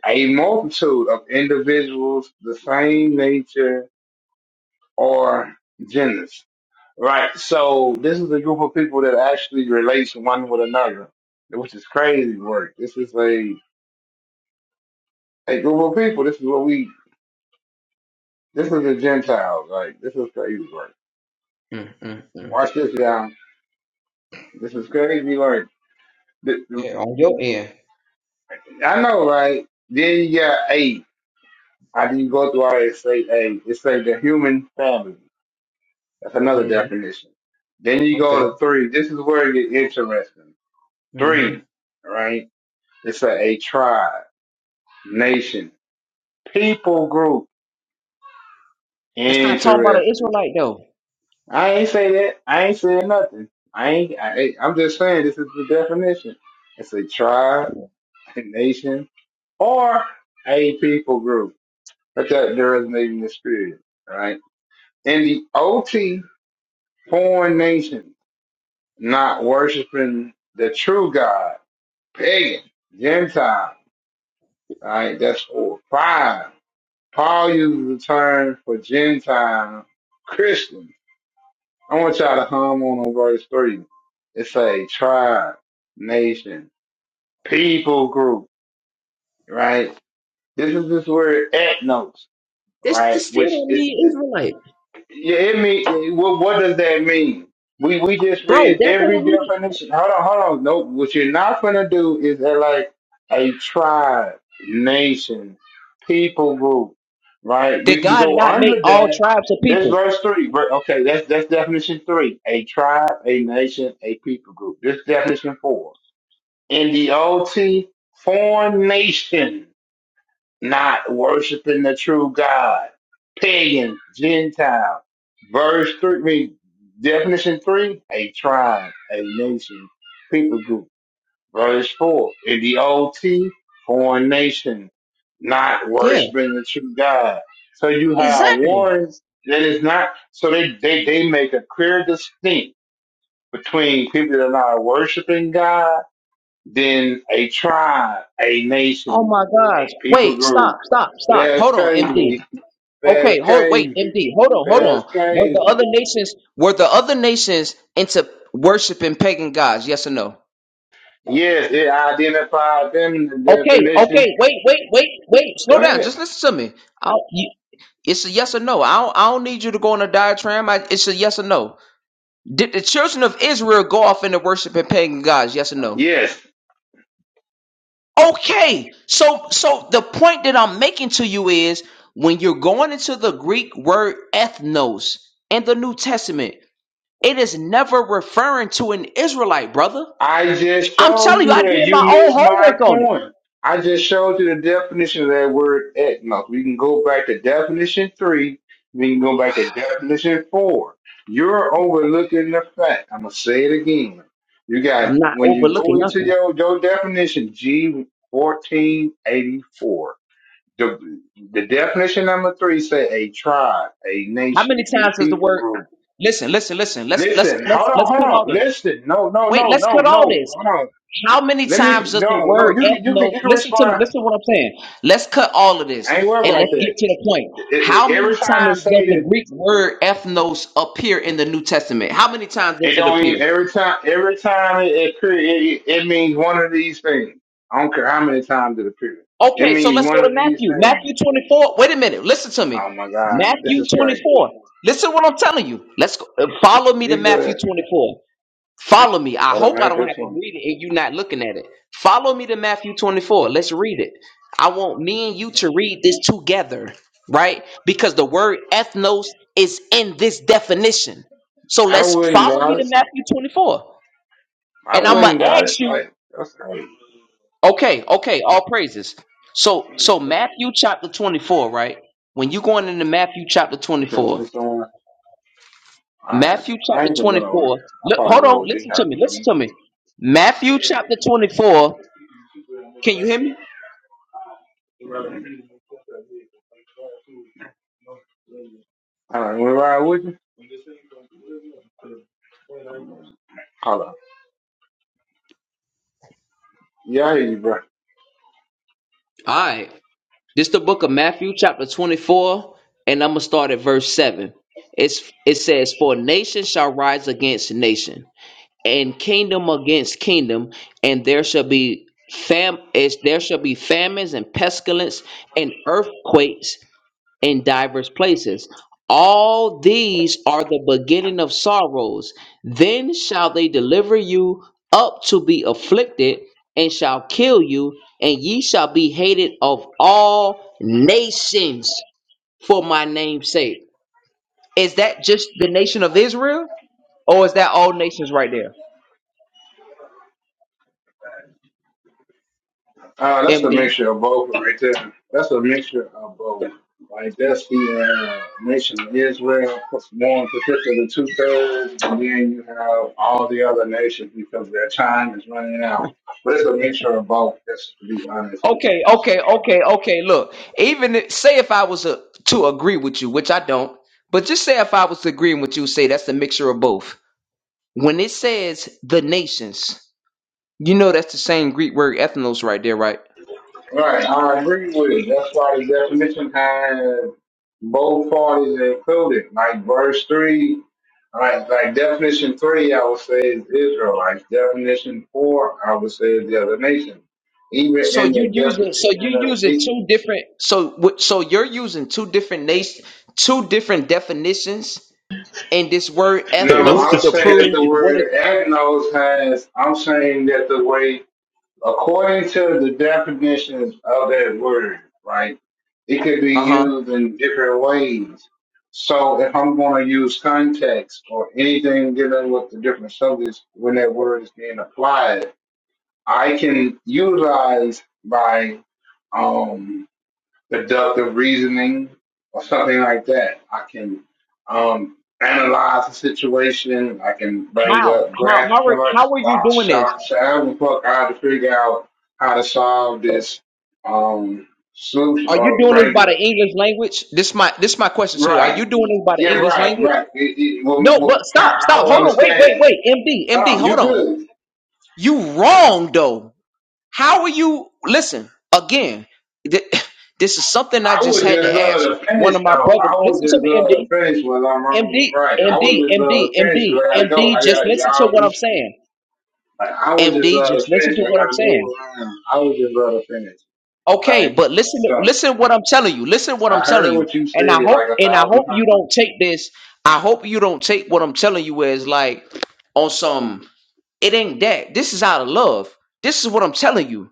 Speaker 8: a multitude of individuals, the same nature or genus. Right. So this is a group of people that actually relates one with another, which is crazy work. This is a a group of people. This is what we This is a Gentile. Like, this is crazy. Like,
Speaker 2: mm mm mm.
Speaker 8: watch this down. This is crazy. Like, th-
Speaker 2: Yeah, on your end.
Speaker 8: I know, right? Then you got A. How do go through all that? Say A. It's like the human family. That's another
Speaker 2: hmm
Speaker 8: definition. Then you
Speaker 2: Okay.
Speaker 8: go to three. This is where it get interesting.
Speaker 2: hmm
Speaker 8: Three, right? It's a, a tribe, nation, people group.
Speaker 2: That's not talking about an
Speaker 8: Interesting.
Speaker 2: Israelite though.
Speaker 8: I ain't say that. I ain't said nothing. I ain't. I, I'm just saying this is the definition. It's a tribe nation or a people group, but that there is the spirit, right? In the OT foreign nation, not worshiping the true God, pagan, Gentile, right? That's for five. Paul uses the term for Gentile Christians. I want y'all to hum on on verse three. It's a tribe, nation, people group, right? This is this word ethnos.
Speaker 2: This,
Speaker 8: right?
Speaker 2: this still
Speaker 8: Which
Speaker 2: don't
Speaker 8: is,
Speaker 2: mean Israelite,
Speaker 8: yeah, it mean, what, what does that mean? We, we just
Speaker 2: bro.
Speaker 8: read
Speaker 2: That
Speaker 8: every
Speaker 2: don't mean
Speaker 8: definition. Hold on, hold on. Nope. What you're not going to do is that like a tribe, nation, people group, right? We
Speaker 2: did
Speaker 8: can
Speaker 2: God
Speaker 8: go
Speaker 2: not make
Speaker 8: under
Speaker 2: all
Speaker 8: that.
Speaker 2: tribes of
Speaker 8: This
Speaker 2: people?
Speaker 8: verse three. ver- Okay. That's, that's definition three. A tribe, a nation, a people group. This definition four. In the OT, foreign nation not worshiping the true God, pagan, Gentile. Verse three, I mean, definition three, a tribe, a nation, people group. Verse four, in the OT, foreign nation, not
Speaker 2: Yeah,
Speaker 8: worshiping the true God. So you have
Speaker 2: exactly.
Speaker 8: warnings that is not, so they, they, they make a clear distinction between people that are not worshiping God, then a tribe, a
Speaker 2: Oh
Speaker 8: nation,
Speaker 2: my gosh.
Speaker 8: a people
Speaker 2: Wait,
Speaker 8: group
Speaker 2: stop, stop, stop.
Speaker 8: that's
Speaker 2: Hold on, MD.
Speaker 8: crazy. That's
Speaker 2: Okay, hold wait,
Speaker 8: crazy.
Speaker 2: MD. Hold on, hold
Speaker 8: That's
Speaker 2: on. Were the
Speaker 8: crazy.
Speaker 2: other nations were the other nations into worshiping pagan gods? Yes or no?
Speaker 8: Yes, it identified them in the
Speaker 2: Okay,
Speaker 8: definition.
Speaker 2: okay. Wait, wait, wait, wait. Slow down.
Speaker 8: Good.
Speaker 2: Just listen to me. I'll, you, it's a yes or no. I don't, I don't need you to go on a diatribe. I, it's a yes or no. Did the children of Israel go off into worshiping pagan gods? Yes or no?
Speaker 8: Yes.
Speaker 2: Okay. So so the point that I'm making to you is when you're going into the Greek word ethnos in the New Testament, it is never referring to an Israelite, brother.
Speaker 8: I just
Speaker 2: I'm
Speaker 8: showed
Speaker 2: telling you,
Speaker 8: you
Speaker 2: I
Speaker 8: that.
Speaker 2: did
Speaker 8: You
Speaker 2: my own
Speaker 8: missed my
Speaker 2: homework on it.
Speaker 8: point. I just showed you the definition of that word ethnos. We can go back to definition three. We can go back to definition four. You're overlooking the fact. I'm gonna say it again. You
Speaker 2: I'm
Speaker 8: got
Speaker 2: not
Speaker 8: when you
Speaker 2: overlooking
Speaker 8: go into
Speaker 2: nothing.
Speaker 8: your your definition, G fourteen eighty four. The, the definition number three say a tribe, a
Speaker 2: How
Speaker 8: nation,
Speaker 2: many
Speaker 8: a
Speaker 2: times does the
Speaker 8: people
Speaker 2: word
Speaker 8: group.
Speaker 2: listen, listen, listen, let's let's
Speaker 8: Listen,
Speaker 2: let's
Speaker 8: hold on,
Speaker 2: let's
Speaker 8: hold
Speaker 2: cut
Speaker 8: on.
Speaker 2: all this.
Speaker 8: Listen, no, no,
Speaker 2: Wait,
Speaker 8: no,
Speaker 2: let's
Speaker 8: no,
Speaker 2: cut all
Speaker 8: no.
Speaker 2: this.
Speaker 8: Hold on.
Speaker 2: How many
Speaker 8: Let me.
Speaker 2: times does the
Speaker 8: No, no.
Speaker 2: word
Speaker 8: You can, you can,
Speaker 2: ethnos?
Speaker 8: you can
Speaker 2: Listen to me.
Speaker 8: respond.
Speaker 2: Listen to what I'm saying. Let's cut all of
Speaker 8: I
Speaker 2: this
Speaker 8: ain't worried
Speaker 2: and
Speaker 8: about
Speaker 2: let's
Speaker 8: that.
Speaker 2: get to the point.
Speaker 8: It,
Speaker 2: How
Speaker 8: it, every
Speaker 2: many
Speaker 8: time it
Speaker 2: times does
Speaker 8: say
Speaker 2: the
Speaker 8: this,
Speaker 2: Greek word ethnos appear in the New Testament? How many times
Speaker 8: it
Speaker 2: does it
Speaker 8: don't.
Speaker 2: appear?
Speaker 8: Even, every time, every time it it, cre- it it means one of these things. I don't care how many times it appears. It
Speaker 2: Okay, so
Speaker 8: means
Speaker 2: let's
Speaker 8: one
Speaker 2: go to
Speaker 8: of these
Speaker 2: Matthew.
Speaker 8: things.
Speaker 2: Matthew 24. Wait a minute. Listen to me.
Speaker 8: Oh my God, this
Speaker 2: Matthew
Speaker 8: is crazy.
Speaker 2: 24. Listen to what I'm telling you. Let's go, uh, follow me to
Speaker 8: You
Speaker 2: Matthew
Speaker 8: could
Speaker 2: 24. Follow me. I hope I don't
Speaker 8: automatic
Speaker 2: have to
Speaker 8: twenty.
Speaker 2: read it and you not looking at it. Follow me to Matthew 24. Let's read it. I want me and you to read this together, right? Because the word ethnos is in this definition. So
Speaker 8: I
Speaker 2: let's
Speaker 8: wouldn't
Speaker 2: follow me
Speaker 8: doubt
Speaker 2: to
Speaker 8: it.
Speaker 2: Matthew 24.
Speaker 8: I
Speaker 2: And I'm gonna
Speaker 8: wouldn't. I,
Speaker 2: ask you,
Speaker 8: I, that's crazy.
Speaker 2: okay, okay, all praises. So
Speaker 8: Okay,
Speaker 2: so Matthew chapter 24, right? When you going into Matthew chapter
Speaker 8: let
Speaker 2: 24,
Speaker 8: me someone. I,
Speaker 2: Matthew
Speaker 8: I ain't
Speaker 2: chapter
Speaker 8: gonna go nowhere.
Speaker 2: 24,
Speaker 8: I
Speaker 2: look,
Speaker 8: probably
Speaker 2: hold on,
Speaker 8: go with D
Speaker 2: listen to
Speaker 8: House
Speaker 2: me,
Speaker 8: because I
Speaker 2: listen
Speaker 8: need
Speaker 2: to me.
Speaker 8: to.
Speaker 2: Matthew chapter 24 Can you hear me?
Speaker 8: I don't know. You wanna Ride with you? Hold on. Yeah, I hear you, bro.
Speaker 2: All right. This the book of Matthew, chapter 24, and I'm gonna start at verse 7. It's it says, For nation shall rise against nation, and kingdom against kingdom, and there shall be fam is there shall be famines and pestilence and earthquakes in divers places. All these are the beginning of sorrows. Then shall they deliver you up to be afflicted, and shall kill you, and ye shall be hated of all nations for my name's sake. Is that just the nation of Israel, or is that all nations right there,
Speaker 8: Uh, that's a
Speaker 2: MD?
Speaker 8: mixture of both right there. That's a mixture of both. Like that's the uh, nation of Israel, more in particular the two thirds, and then you have all the other nations because their time is running out. But it's a mixture of both. That's to be honest with
Speaker 2: Okay, okay,
Speaker 8: you.
Speaker 2: okay, okay. Look, even if- say if I was uh to agree with you, which I don't, but just say if I was agreeing with you, say that's a mixture of both When it says the nations, you know that's the same Greek word ethnos right there, right?
Speaker 8: Right, I agree with it. That's why the definition has both parties included. Like verse three, like like definition three, I would say is Israelites. Definition four, I would say is the other nation. Even
Speaker 2: So
Speaker 8: in
Speaker 2: you
Speaker 8: the
Speaker 2: using so
Speaker 8: definition
Speaker 2: you
Speaker 8: of
Speaker 2: using
Speaker 8: it,
Speaker 2: two different so what so you're using two different nation two different definitions in this word
Speaker 6: Hey,
Speaker 8: no,
Speaker 6: this
Speaker 2: ethnos
Speaker 6: is
Speaker 8: I'm
Speaker 2: to
Speaker 6: just
Speaker 8: saying that
Speaker 2: prove
Speaker 8: the
Speaker 6: crazy.
Speaker 2: what
Speaker 8: word
Speaker 2: it
Speaker 8: ethnos has. I'm saying that the way according to the definitions of that word, right, it could be
Speaker 2: uh-huh.
Speaker 8: used in different ways. So if I'm going to use context or anything dealing with the different subjects when that word is being applied, I can utilize my um, deductive reasoning or something like that. I can um, analyze the situation. I can bring
Speaker 2: How?
Speaker 8: up
Speaker 2: How
Speaker 8: graph
Speaker 2: how are how
Speaker 8: charts,
Speaker 2: are you
Speaker 8: box
Speaker 2: doing this?
Speaker 8: shots, however the fuck I have to figure out how to solve this um, solution
Speaker 2: Are you
Speaker 8: or
Speaker 2: doing this
Speaker 8: bring it
Speaker 2: by the
Speaker 8: up.
Speaker 2: English language? This my this my question to you. Are
Speaker 8: Right.
Speaker 2: you doing this by the
Speaker 8: Yeah,
Speaker 2: English
Speaker 8: right,
Speaker 2: language?
Speaker 8: right. It, it, well,
Speaker 2: No, but
Speaker 8: well, I,
Speaker 2: stop,
Speaker 8: I
Speaker 2: stop,
Speaker 8: will
Speaker 2: hold on, wait, wait,
Speaker 8: understand. it.
Speaker 2: wait, MD, MD,
Speaker 8: Tom, you
Speaker 2: hold on.
Speaker 8: good.
Speaker 2: You wrong though. How are you? Listen, again, th- *sighs* this is something I
Speaker 8: I
Speaker 2: just
Speaker 8: would
Speaker 2: had to
Speaker 8: just
Speaker 2: ask
Speaker 8: love to
Speaker 2: one
Speaker 8: finish,
Speaker 2: of my
Speaker 8: though.
Speaker 2: brothers.
Speaker 8: I would
Speaker 2: Listen to
Speaker 8: just
Speaker 2: me,
Speaker 8: love to
Speaker 2: MD.
Speaker 8: finish whether I'm wrong or
Speaker 2: MD,
Speaker 8: right. I
Speaker 2: MD,
Speaker 8: would just love
Speaker 2: MD,
Speaker 8: to finish
Speaker 2: MD,
Speaker 8: because I got to go.
Speaker 2: MD,
Speaker 8: I
Speaker 2: just
Speaker 8: got
Speaker 2: listen to
Speaker 8: to
Speaker 2: what
Speaker 8: y'all.
Speaker 2: I'm saying.
Speaker 8: Like I would just
Speaker 2: MD,
Speaker 8: love to
Speaker 2: just listen
Speaker 8: finish.
Speaker 2: to
Speaker 8: I
Speaker 2: what I'm
Speaker 8: gotta move
Speaker 2: saying.
Speaker 8: around. I would just love to finish.
Speaker 2: Okay,
Speaker 8: Like
Speaker 2: but listen to
Speaker 8: so,
Speaker 2: listen what I'm telling you. Listen what
Speaker 8: I
Speaker 2: I'm telling
Speaker 8: heard
Speaker 2: you.
Speaker 8: what you
Speaker 2: And I
Speaker 8: said
Speaker 2: hope
Speaker 8: like a
Speaker 2: and I
Speaker 8: thousand
Speaker 2: hope you
Speaker 8: times.
Speaker 2: don't take this. I hope you don't take what I'm telling you as like on some it ain't that. This is out of love. This is what I'm telling you.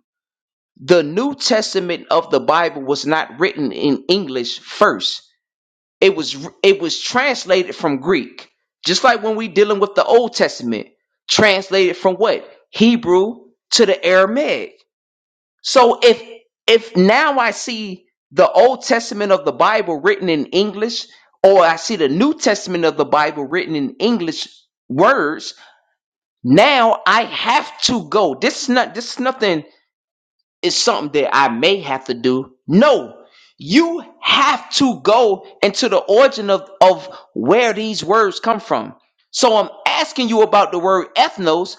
Speaker 2: the New Testament of the Bible was not written in English first. It was it was translated from Greek. Just like when we dealing with the Old Testament, translated from what? Hebrew to the Aramaic. So if if now I see the Old Testament of the Bible written in English or I see the New Testament of the Bible written in English words, now I have to go. This is not this is nothing it's something that I may have to do. No, you have to go into the origin of, of where these words come from. So I'm asking you about the word ethnos.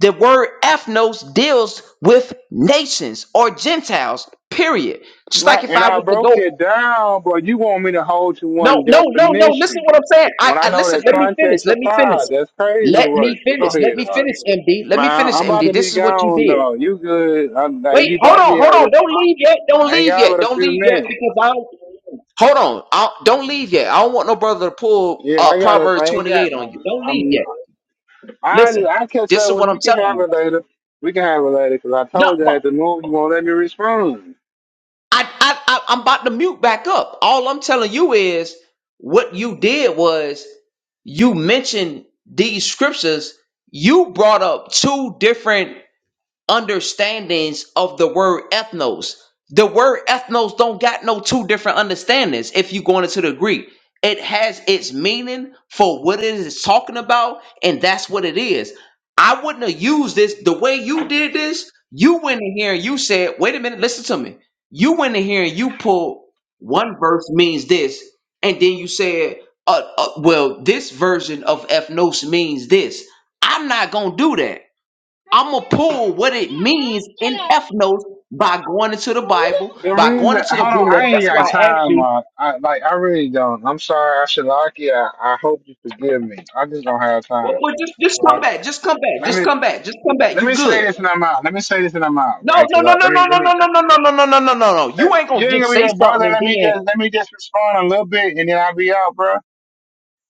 Speaker 2: The word ethnos deals with nations or Gentiles, period. Just like
Speaker 8: Right,
Speaker 2: if
Speaker 8: and
Speaker 2: I
Speaker 8: I
Speaker 2: was to
Speaker 8: broke
Speaker 2: go.
Speaker 8: it down, but you want me to hold to
Speaker 2: No,
Speaker 8: one
Speaker 2: no, no, no. Listen
Speaker 8: definition
Speaker 2: what I'm saying. I,
Speaker 8: when I
Speaker 2: I
Speaker 8: know
Speaker 2: listen,
Speaker 8: that
Speaker 2: let me finish.
Speaker 8: context
Speaker 2: Let me finish.
Speaker 8: applies. That's crazy
Speaker 2: Let
Speaker 8: work.
Speaker 2: me
Speaker 8: But go
Speaker 2: finish. Let
Speaker 8: ahead,
Speaker 2: me
Speaker 8: dog.
Speaker 2: finish, MD. Let
Speaker 8: man.
Speaker 2: me finish,
Speaker 8: I'm about
Speaker 2: MD.
Speaker 8: to be
Speaker 2: This is what you
Speaker 8: gone,
Speaker 2: did.
Speaker 8: though. You good? I'm, like,
Speaker 2: Wait,
Speaker 8: you
Speaker 2: hold
Speaker 8: about to
Speaker 2: on,
Speaker 8: be
Speaker 2: hold
Speaker 8: out of
Speaker 2: on.
Speaker 8: this?
Speaker 2: Don't leave yet. Don't
Speaker 8: I ain't
Speaker 2: leave
Speaker 8: got
Speaker 2: yet.
Speaker 8: but a
Speaker 2: Don't
Speaker 8: few
Speaker 2: leave yet
Speaker 8: minutes.
Speaker 2: because I don't. Hold on. I, don't leave yet. I don't want no brother to pull
Speaker 8: Yeah,
Speaker 2: uh,
Speaker 8: I got. to
Speaker 2: Proverbs
Speaker 8: I ain't got.
Speaker 2: 28 on
Speaker 8: uh,
Speaker 2: you. Don't leave
Speaker 8: I'm
Speaker 2: yet.
Speaker 8: I
Speaker 2: Listen,
Speaker 8: I catch
Speaker 2: this
Speaker 8: up
Speaker 2: is
Speaker 8: with.
Speaker 2: what I'm
Speaker 8: We can
Speaker 2: telling
Speaker 8: have
Speaker 2: you.
Speaker 8: it later. We can have it later because I
Speaker 2: No,
Speaker 8: told you I
Speaker 2: but
Speaker 8: had to move. You won't let me respond.
Speaker 2: I, I, I, I'm about to mute back up. All I'm telling you is what you did was you mentioned these scriptures. You brought up two different. understandings of the word ethnos. The word ethnos don't got no two different understandings if you going into the Greek. It has its meaning for what it is talking about, and that's what it is. I wouldn't have used this the way you did this. You went in here and you said, wait a minute, listen to me. You went in here and you pulled one verse means this, and then you said, uh, uh, well, this version of ethnos means this. I'm not going to do that. I'm gonna pull what it means in F by going into the Bible,
Speaker 8: The
Speaker 2: by
Speaker 8: reason,
Speaker 2: going into the B
Speaker 8: hold on,
Speaker 2: notes.
Speaker 8: I ain't
Speaker 2: That's why
Speaker 8: got
Speaker 2: I asked
Speaker 8: time.
Speaker 2: you.
Speaker 8: Uh, I like, I really don't. I'm sorry, Ashilaki. I, I hope you forgive me. I just don't have
Speaker 2: Well,
Speaker 8: time.
Speaker 2: well, just just come
Speaker 8: Right?
Speaker 2: back, just come back,
Speaker 8: Let
Speaker 2: just
Speaker 8: me
Speaker 2: come back, just come back.
Speaker 8: let
Speaker 2: You
Speaker 8: me say
Speaker 2: good?
Speaker 8: this and I'm out. Let me say this and I'm out.
Speaker 2: No,
Speaker 8: Right?
Speaker 2: no,
Speaker 8: Because
Speaker 2: no,
Speaker 8: I
Speaker 2: no,
Speaker 8: let
Speaker 2: no,
Speaker 8: me
Speaker 2: no,
Speaker 8: let
Speaker 2: no,
Speaker 8: me.
Speaker 2: no, no, no, no, no, no, no, no, no.
Speaker 8: Let,
Speaker 2: You ain't gonna
Speaker 8: you ain't
Speaker 2: just
Speaker 8: gonna be
Speaker 2: say
Speaker 8: a
Speaker 2: something
Speaker 8: brother.
Speaker 2: and
Speaker 8: Let me
Speaker 2: then
Speaker 8: just let me just respond a little bit and then I'll be out, bro.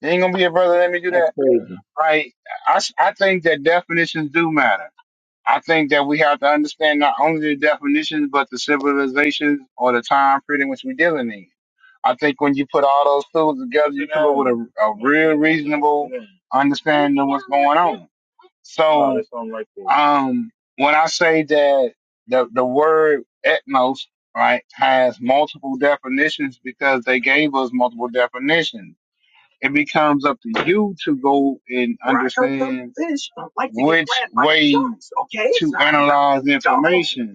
Speaker 8: You ain't gonna be a brother. Let me do
Speaker 2: that's
Speaker 8: that.
Speaker 2: crazy.
Speaker 8: Right? I s- I think that definitions do matter. I think that we have to understand not only the definitions, but the civilizations or the time period in which we're dealing in. I think when you put all those tools together, you come up with a, a real reasonable understanding of what's going on. So, um, when I say that the, the word ethnos, right, has multiple definitions because they gave us multiple definitions, it becomes up to you to go and understand which way to analyze information.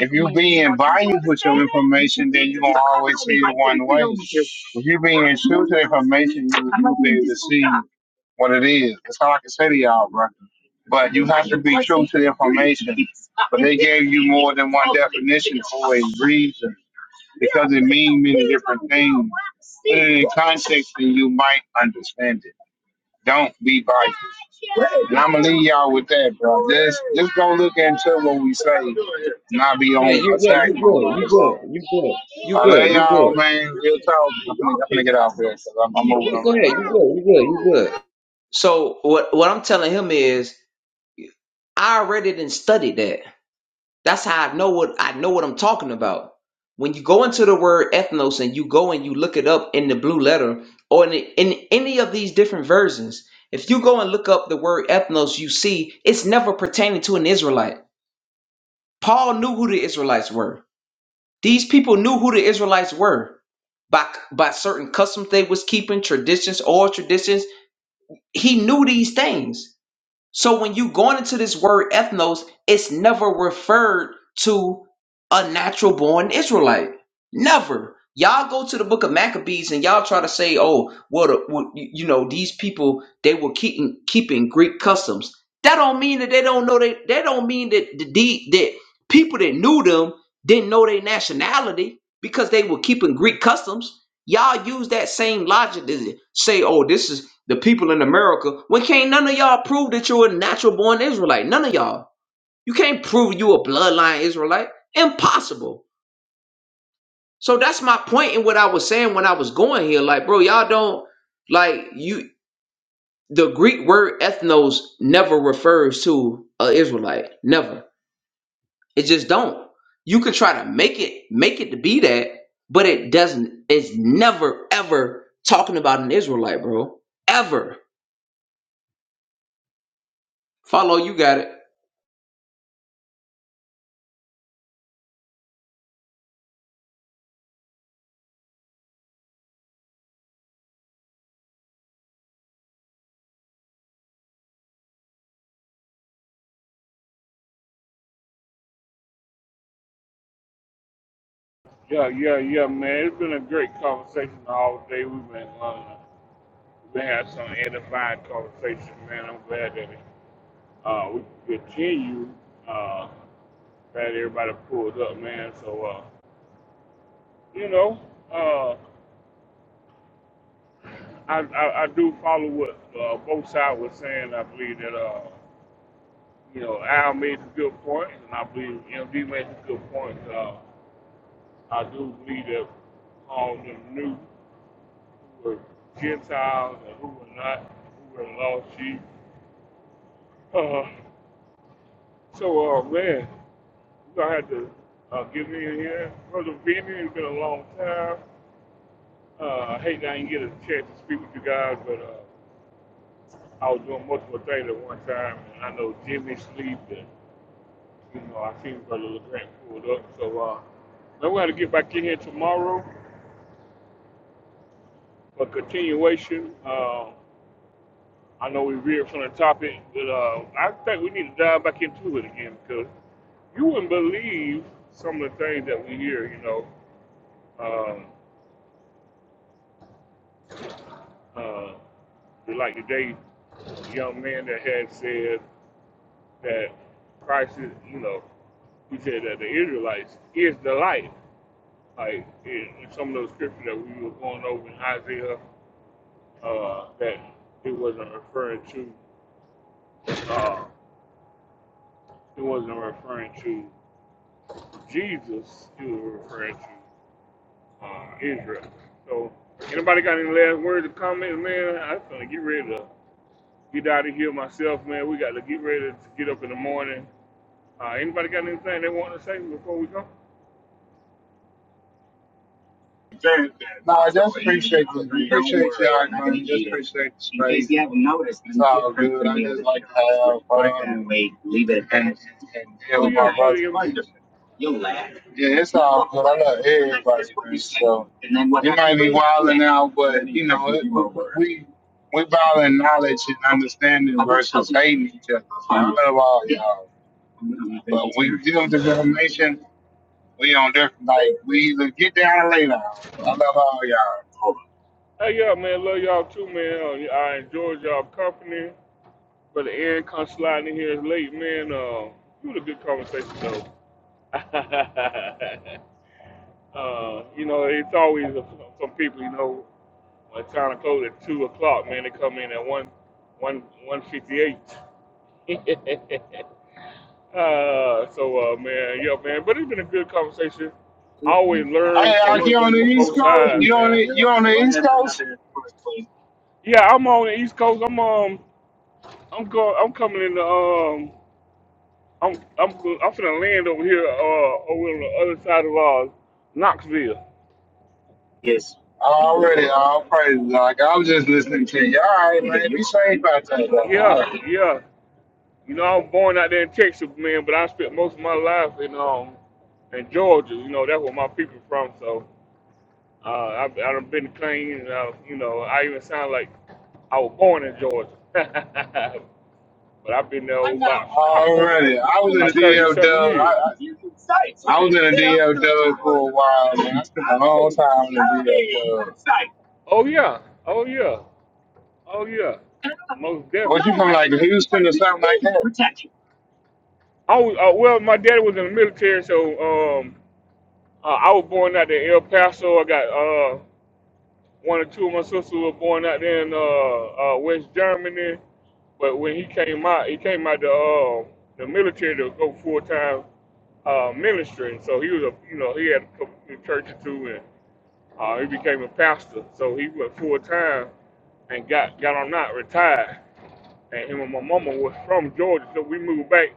Speaker 8: If you are being biased with your information, then you are gonna always see it one way. If you are being true to information, you will be able to see what it is. That's all I can say to y'all, bro. But you have to be true to the information. *laughs* But they gave you more than one definition for a reason because it means many different things. Put it in context and you might understand it. Don't be biased. And I'm gonna leave y'all with that, bro. Just just go look into what we say, not be
Speaker 2: Yeah,
Speaker 8: on
Speaker 2: you yeah,
Speaker 8: attack
Speaker 2: you
Speaker 8: mode all
Speaker 2: good, you
Speaker 8: the
Speaker 2: good, you good,
Speaker 8: time.
Speaker 2: you
Speaker 8: I
Speaker 2: good,
Speaker 8: love
Speaker 2: you
Speaker 8: y'all,
Speaker 2: good.
Speaker 8: man. Real talk. I'm gonna, I'm gonna get out here 'cause I'm, I'm moving
Speaker 2: Yeah,
Speaker 8: around.
Speaker 2: go ahead, you good, you good, you good. So what what I'm telling him is I already didn't study that. That's how I know what I know what I'm talking about. When you go into the word ethnos and you go and you look it up in the blue letter or in, in any of these different versions, if you go and look up the word ethnos, you see it's never pertaining to an Israelite. Paul knew who the Israelites were. These people knew who the Israelites were by by certain customs they was keeping, traditions, oral traditions. He knew these things. So when you going into this word ethnos, it's never referred to a natural born Israelite. Never. Y'all go to the book of Maccabees and y'all try to say, oh, well, the, well, you you know, these people they were keeping keeping Greek customs. That don't mean that they don't know they that don't mean that the deed that people that knew them didn't know their nationality because they were keeping Greek customs. Y'all use that same logic to say, oh, this is the people in America, when can't none of y'all prove that you're a natural born Israelite? None of y'all. You can't prove you a bloodline Israelite. Impossible. So that's my point in what I was saying when I was going here. Like, bro, y'all don't like you the Greek word ethnos never refers to a Israelite. Never. It just don't. You can try to make it make it to be that, but it doesn't. It's never ever talking about an Israelite, bro. Ever. Follow, you got it.
Speaker 1: Yeah, yeah, yeah, man. It's been a great conversation all day. We've been, uh, we had some edifying conversation, man. I'm glad that it Uh, we continue. Uh, glad everybody pulls up, man. So, uh, you know, uh, I, I I do follow what uh, both sides were saying. I believe that uh, you know Al made some good point, points, and I believe MD made some good points. Uh, I do believe that all them knew who were Gentiles and who were not, who were lost sheep. Uh, So, uh, man, you gonna have to uh, give me in here. Brother Vinny, it's been a long time. Uh, I hate that I didn't get a chance to speak with you guys, but uh, I was doing multiple things at one time, and I know Jimmy sleep, and you know I seen Brother LeGrand pulled up. So, uh, man, we're gonna get back in here tomorrow for continuation. Uh, I know we veered from the topic, but uh, I think we need to dive back into it again because you wouldn't believe some of the things that we hear, you know. Um, uh, like today, young man that had said that Christ is, you know, he said that the Israelites is the light. Like in, in some of those scriptures that we were going over in Isaiah, uh, that it wasn't referring to, uh, it wasn't referring to Jesus. It was referring to uh, Israel. So, anybody got any last words or comments, man? I'm gonna get ready to. get out of here myself, man. We got to get ready to get up in the morning. Uh, anybody got anything they want to say before we go?
Speaker 8: No, I just appreciate the appreciate y'all, man. Just appreciate the space. If You haven't noticed, it's all good. I just like to have fun. Leave it. And, and deal
Speaker 1: Oh,
Speaker 8: with
Speaker 1: yeah,
Speaker 8: my
Speaker 1: Brother MD.
Speaker 8: brother. Yeah, it's all good. I love everybody, man. So you might be wilding out, but you know it, we we value knowledge and understanding versus hating each other. So I love all y'all, but we deal with this information. We on different like we either get down or lay down. I love all y'all.
Speaker 1: Hey, yeah, man. Love y'all too, man. Uh, I enjoyed y'all company. Brother Aaron come sliding in here late, man. Uh, it was a good conversation, though. *laughs* uh, you know, it's always a, some people, you know, when time to close at 2 o'clock, man, they come in at one, one, one fifty-eight. *laughs* Uh, so uh, man, yeah, man. But it's been a good conversation. I always learn
Speaker 8: Hey, out
Speaker 1: from
Speaker 8: here on the
Speaker 1: from
Speaker 8: East
Speaker 1: both
Speaker 8: Coast,
Speaker 1: sides,
Speaker 8: you on
Speaker 1: man.
Speaker 8: the, you on the East Coast?
Speaker 1: Yeah, I'm on the East Coast. I'm um, I'm going. I'm coming in the um, I'm I'm go- I'm finna land over here uh over on the other side of uh Knoxville.
Speaker 8: Already, all praise. Like I was just listening to you. All right, man. Be safe out there. All
Speaker 1: Yeah,
Speaker 8: right.
Speaker 1: yeah. You know, I was born out there in Texas, man, but I spent most of my life in um in Georgia. You know, that's where my people from. So. Uh, I've I done been clean. Uh, you know, I even sound like I was born in Georgia, *laughs* but I've been there about about for
Speaker 8: Already, I was in the
Speaker 1: about thirty
Speaker 8: DL Dub.
Speaker 1: something years.
Speaker 8: I, I was in the DL Dub for a while, man. I spent a long time in the DL Dub.
Speaker 1: Oh yeah, oh yeah, oh yeah, most definitely.
Speaker 8: What you from, like Houston or something like that?
Speaker 1: I was uh, well, my daddy was in the military, so um, uh, I was born out in El Paso. I got uh, One or two of my sisters were born out there in uh, uh, West Germany, but when he came out, he came out the uh, the military to go full time uh, ministry. So he was a you know he had a couple of churches too, and uh, he became a pastor. So he went full time and got got on out retired. And him and my mama was from Georgia, so we moved back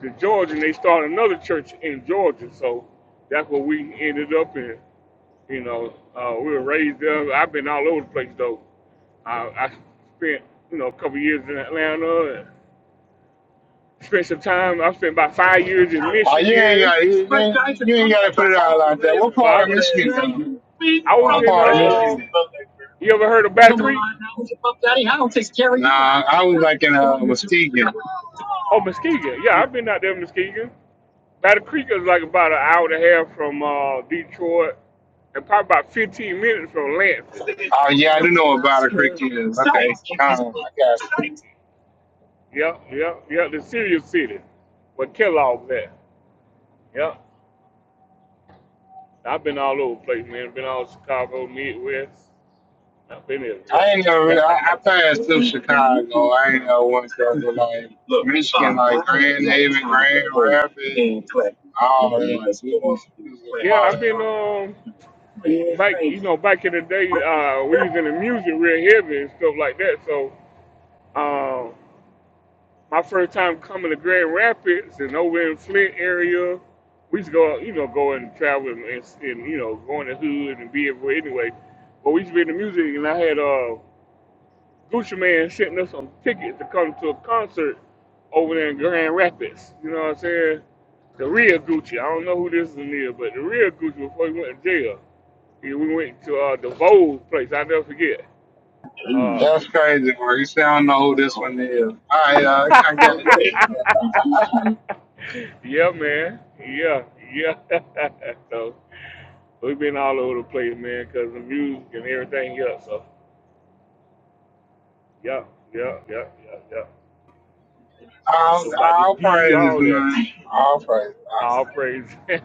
Speaker 1: to Georgia, and they started another church in Georgia. So that's what we ended up in. You know, uh, we were raised there. I've been all over the place though. I, I spent, you know, a couple years in Atlanta. And spent some time. I spent about five years in
Speaker 8: Oh, you ain't
Speaker 1: Michigan.
Speaker 8: got you, ain't- you ain't got to put it out like that. What part of
Speaker 1: Well,
Speaker 8: Michigan? you from?
Speaker 1: I, I was
Speaker 8: What
Speaker 1: in.
Speaker 8: part of
Speaker 1: Uh,
Speaker 8: Michigan?
Speaker 1: you ever heard of Battle
Speaker 8: Come on,
Speaker 1: Creek?
Speaker 8: I was above daddy. I don't take care of you. Nah, I was like in uh, Muskegon.
Speaker 1: Oh, Muskegon. Yeah, I've been out there in Muskegon. Battle Creek is like about an hour and a half from uh, Detroit, and probably about 15 minutes from Lansing.
Speaker 8: Oh yeah, I do know about a creek is. Okay, um, I got you.
Speaker 1: Yep, yep, yep. The serious city, where Kellogg's at. Yep. I've been all over the place, man. Been all Chicago, Midwest. I've been everywhere.
Speaker 8: I ain't gonna. I, I passed through Chicago. I ain't know once that to like Look, Michigan, like Grand Haven, Grand Rapids, all that.
Speaker 1: *laughs* yeah, I've been um back you know, back in the day, uh we was in the music real heavy and stuff like that. So um my first time coming to Grand Rapids and over in Flint area, we used to go, you know, go and travel and, and you know, go in the hood and be everywhere anyway. But we used to be in the music and I had uh Gucci Man sent us some tickets to come to a concert over there in Grand Rapids. You know what I'm saying? The real Gucci. I don't know who this one is near, but the real Gucci before he went to jail. He, we went to uh, the Vogue place. I never forget. Uh,
Speaker 8: That's crazy, bro. You say I don't know who this one is. All right, uh, I get it.
Speaker 1: *laughs* yeah, man. Yeah, yeah. *laughs* so we've been all over the place, man, because the music and everything else. So, yeah, yeah, yeah, yeah, yeah. I
Speaker 8: All,
Speaker 1: know about the
Speaker 8: all
Speaker 1: D,
Speaker 8: praises,
Speaker 1: all that.
Speaker 8: man. All praises.
Speaker 1: All
Speaker 8: All
Speaker 1: praise. *laughs*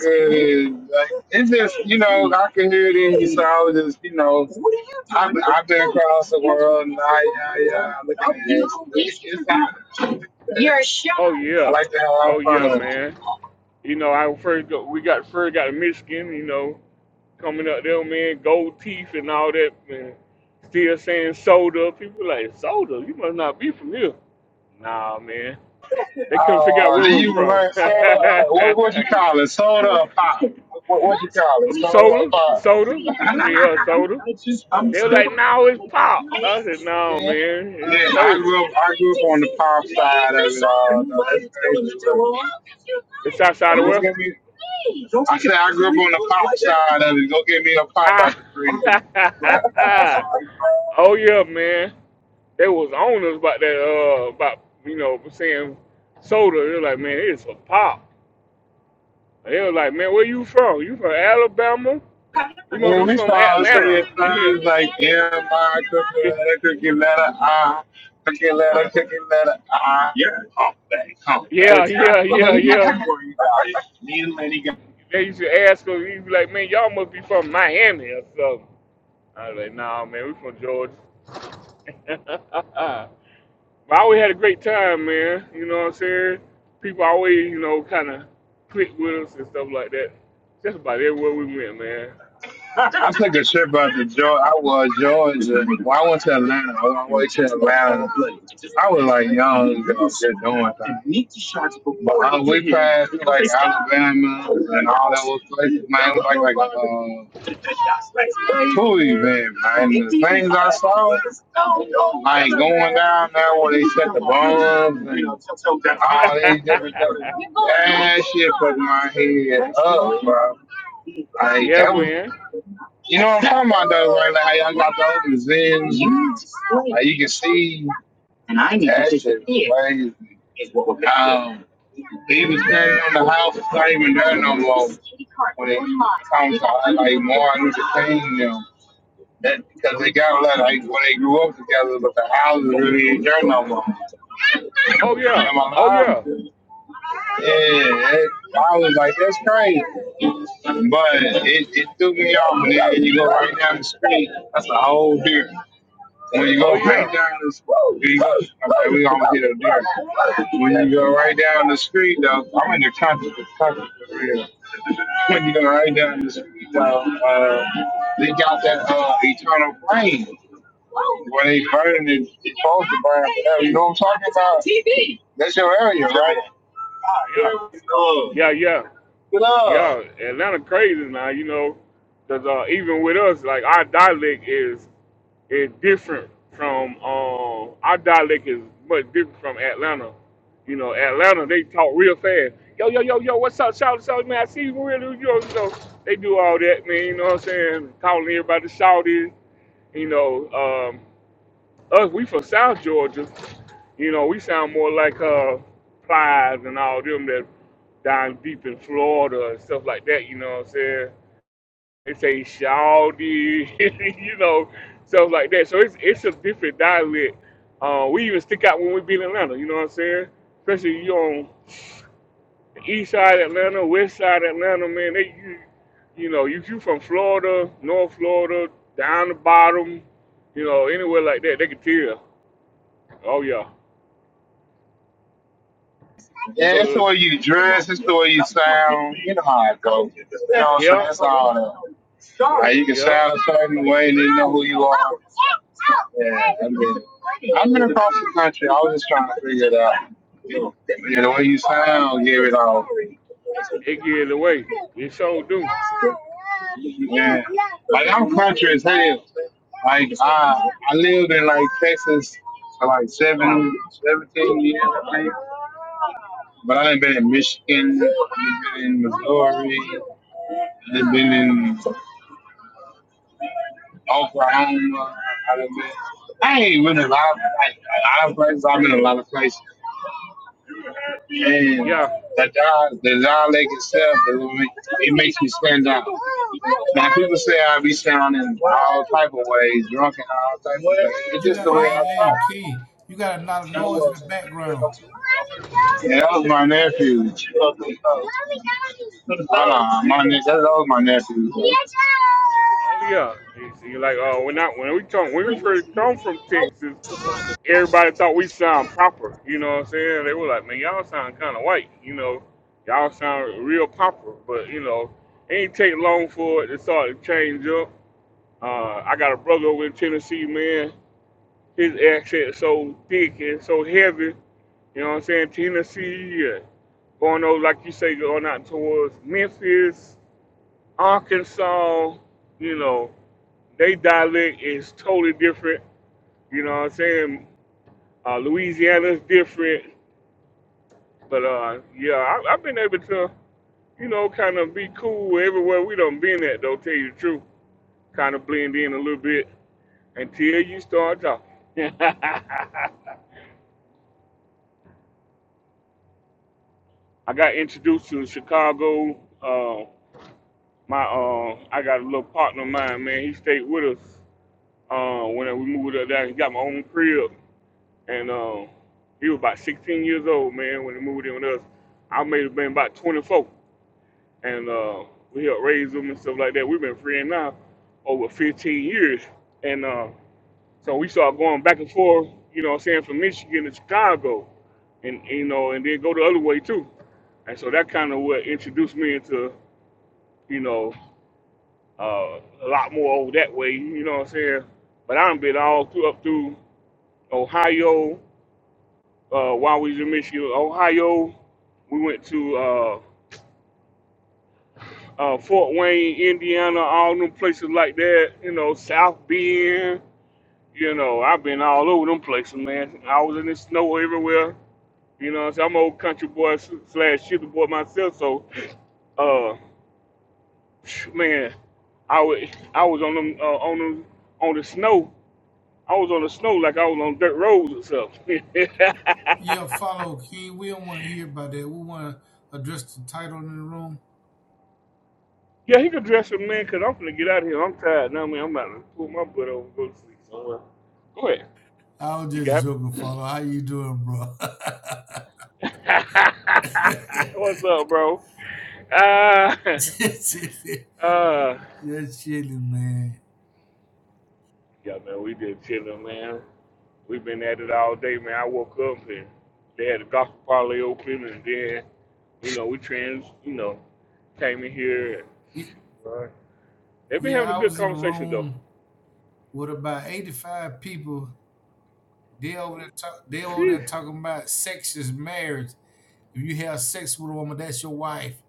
Speaker 8: good. Like, it's just, you know, I can hear it in you, so I was just, you know, I've, I've been across the world, and I, I, uh, look at it. It's, it's, it's,
Speaker 1: oh
Speaker 8: I
Speaker 1: yeah,
Speaker 8: like to have a lot
Speaker 1: oh yeah,
Speaker 8: of fun.
Speaker 1: man. You know, I first go, we got first got to Michigan. You know, coming up there, man, gold teeth and all that, man. Still saying soda. People like soda. You must not be from here. Nah, man. They couldn't figure out
Speaker 8: Uh,
Speaker 1: where
Speaker 8: do
Speaker 1: we're
Speaker 8: you
Speaker 1: from.
Speaker 8: prefer soda? what what you
Speaker 1: *laughs*
Speaker 8: call it? Soda or pop? What what you call it? Soda or
Speaker 1: soda,
Speaker 8: pop?
Speaker 1: soda, yeah, soda. They were like, no, it's pop. I said, no,
Speaker 8: Yeah,
Speaker 1: man,
Speaker 8: Yeah,
Speaker 1: it's
Speaker 8: I
Speaker 1: soda.
Speaker 8: grew up. I grew up on the pop side of it. all, though.
Speaker 1: It's outside of
Speaker 8: Go
Speaker 1: where?
Speaker 8: get me. I said I grew up on the pop side of it. Go get me a pop
Speaker 1: Ah,
Speaker 8: out the freezer. *laughs*
Speaker 1: *laughs* oh yeah, man. They was on us about that, uh, about you know saying soda. They're like, man, it's a pop. And they were like, man, where you from? You from Alabama? You must
Speaker 8: When
Speaker 1: be
Speaker 8: we
Speaker 1: from
Speaker 8: start saying
Speaker 1: Atlanta. *laughs*
Speaker 8: things like, yeah, my cookie letter, cookie letter, ah, cookie letter, cookie letter, ah, you're a humpback, humpback.
Speaker 1: Yeah, yeah, yeah, yeah.
Speaker 8: But,
Speaker 1: yeah.
Speaker 8: uh,
Speaker 1: They used to ask us. He'd be like, man, y'all must be from Miami or something. I was like, nah, man, we from Georgia. *laughs* But I always had a great time, man. You know what I'm saying? People always, you know, kind of click with us and stuff like that. Just about everywhere we went, man.
Speaker 8: I took a trip out to Georgia. I was Georgia. Well, I went to Atlanta. I went way to Atlanta. I was like young, just doing things. But uh, we passed like Alabama and all those places, man. It was like like uh, tourism, man. man. And the things I saw, like going down there where they set the bombs and all these different things. That shit put my head up, bro.
Speaker 1: *laughs*
Speaker 8: Like
Speaker 1: yeah,
Speaker 8: that was
Speaker 1: man.
Speaker 8: you know what I'm talking about though, right? Like how y'all got the open zins. Like you can see and I need that shit crazy. Um, they even standing on the house, it's not even there no more. When it comes about like more entertaining them, that because they got a lot like when they grew up together, but the houses really ain't there no more.
Speaker 1: Oh yeah.
Speaker 8: Am
Speaker 1: Oh
Speaker 8: I lying?
Speaker 1: yeah.
Speaker 8: Yeah, it, I was like, that's crazy. But it, it threw me off, and then you go right down the street, that's a whole different. When you go
Speaker 1: Oh
Speaker 8: right
Speaker 1: yeah.
Speaker 8: down the street, okay, we gonna get up there. When you go right down the street, though, I'm in the country, Kentucky, for real. When you go right down the street, though, uh, they got that uh, eternal flame where they burning it. It's supposed to burn forever. You know what I'm talking about? TV. That's your area, right?
Speaker 1: Yeah. Yeah. Yeah. Yeah, Atlanta crazy now, you know, 'cause uh, even with us, like our dialect is is different from um our dialect is much different from Atlanta. You know, Atlanta they talk real fast. Yo, yo, yo, yo, what's up, shout shout man? I see you really you know, you know they do all that, man, you know what I'm saying? Calling everybody shouty, you know, um us we from South Georgia, you know, we sound more like uh Plies and all them that down deep in Florida and stuff like that. You know what I'm saying? They say Shawty, *laughs* you know, stuff like that. So it's it's a different dialect. Uh, we even stick out when we be in Atlanta. You know what I'm saying? Especially you on the east side of Atlanta, west side of Atlanta, man. They you, you know, you you from Florida, North Florida, down the bottom, you know, anywhere like that, they can tell. Oh yeah, you
Speaker 8: Yeah, it's the
Speaker 1: go,
Speaker 8: way you dress, it's the way you sound. You know how it goes. You know what I'm saying?
Speaker 1: yeah,
Speaker 8: That's all that. Like, you can
Speaker 1: yeah,
Speaker 8: sound a certain way, and they know who you are. Yeah, I mean, I've been across the country. I was just trying to figure it out. Yeah, the way you sound gave it all.
Speaker 1: it get away. It sure do.
Speaker 8: Yeah, like I'm country as hell. Like I, I lived in like Texas for like seven, seventeen years, I think. But I've been in Michigan, I've been in Missouri, I've been in Oklahoma. I've been, I ain't been in a lot of like a lot of places. I've been in a lot of places. and
Speaker 1: Yeah.
Speaker 8: the Don, the dialect itself, it, make- it makes me stand out. Now people say I be sounding all type of ways, drunk and all type of ways. It's
Speaker 16: You
Speaker 8: just
Speaker 16: got,
Speaker 8: the way I
Speaker 16: hey,
Speaker 8: talk.
Speaker 16: hey, King, you got a lot of noise in the background.
Speaker 8: Yeah, that was my nephew. Hold on, my ne- that was my nephew.
Speaker 1: Oh yeah, you see, like uh, when I when we come when we first come from Texas, everybody thought we sound proper. You know what I'm saying? They were like, man, y'all sound kind of white. You know, y'all sound real proper. But you know, it ain't take long for it to start to change up. Uh, I got a brother over in Tennessee, man. His accent so thick and so heavy. You know what I'm saying? Tennessee, yeah. going over like you say, going out towards Memphis, Arkansas. You know. They dialect is totally different. You know what I'm saying? Uh, Louisiana's different. But uh, yeah, I, I've been able to, you know, kind of be cool everywhere we done been at, though, tell you the truth. Kind of blend in a little bit until you start talking. *laughs* I got introduced to Chicago. Uh, my uh, I got a little partner of mine, man. He stayed with us uh, when we moved up there. He got my own crib. and um, he was about 16 years old, man, when he moved in with us. I may have been about 24, and uh, we helped raise him and stuff like that. We've been friends now over 15 years, and uh, so we started going back and forth, you know, what I'm saying from Michigan to Chicago, and you know, and then go the other way too. And so that kind of what introduced me into, you know, uh, a lot more over that way, you know what I'm saying? But I've been all through, up through Ohio, uh, while we was in Michigan, Ohio. We went to uh, uh, Fort Wayne, Indiana, all them places like that. You know, South Bend. You know, I've been all over them places, man. I was in the snow everywhere. You know, what I'm saying? I'm an old country boy slash shifter boy myself. So, uh, man, I wa- I was on them uh, on them on the snow. I was on the snow like I was on dirt roads or something. *laughs*
Speaker 16: Yeah, follow, King. We don't want to hear about that. We want to address the title in the room.
Speaker 1: Yeah, he could dress him, man, because I'm going to get out of here. I'm tired now, man. I'm about to pull my butt over and go to sleep somewhere. Go ahead.
Speaker 16: I was
Speaker 1: You
Speaker 16: just
Speaker 1: got
Speaker 16: joking, follow. How you doing, bro? *laughs*
Speaker 1: *laughs* What's up, bro? Uh,
Speaker 16: just chilling,
Speaker 1: *laughs* uh,
Speaker 16: just chilling, man.
Speaker 1: yeah, man, we just chilling, man. We've been at it all day, man. I woke up and they had the gospel parlay open, and then, you know, we trans, you know, came in here. And,
Speaker 16: Y-
Speaker 1: right. They've been having a
Speaker 16: Yeah, I
Speaker 1: good
Speaker 16: was in a
Speaker 1: conversation, though.
Speaker 16: room with about eighty-five people. They over there, talk, they over
Speaker 1: Phew.
Speaker 16: there talking about sex is marriage. If you have sex with a woman, that's your wife.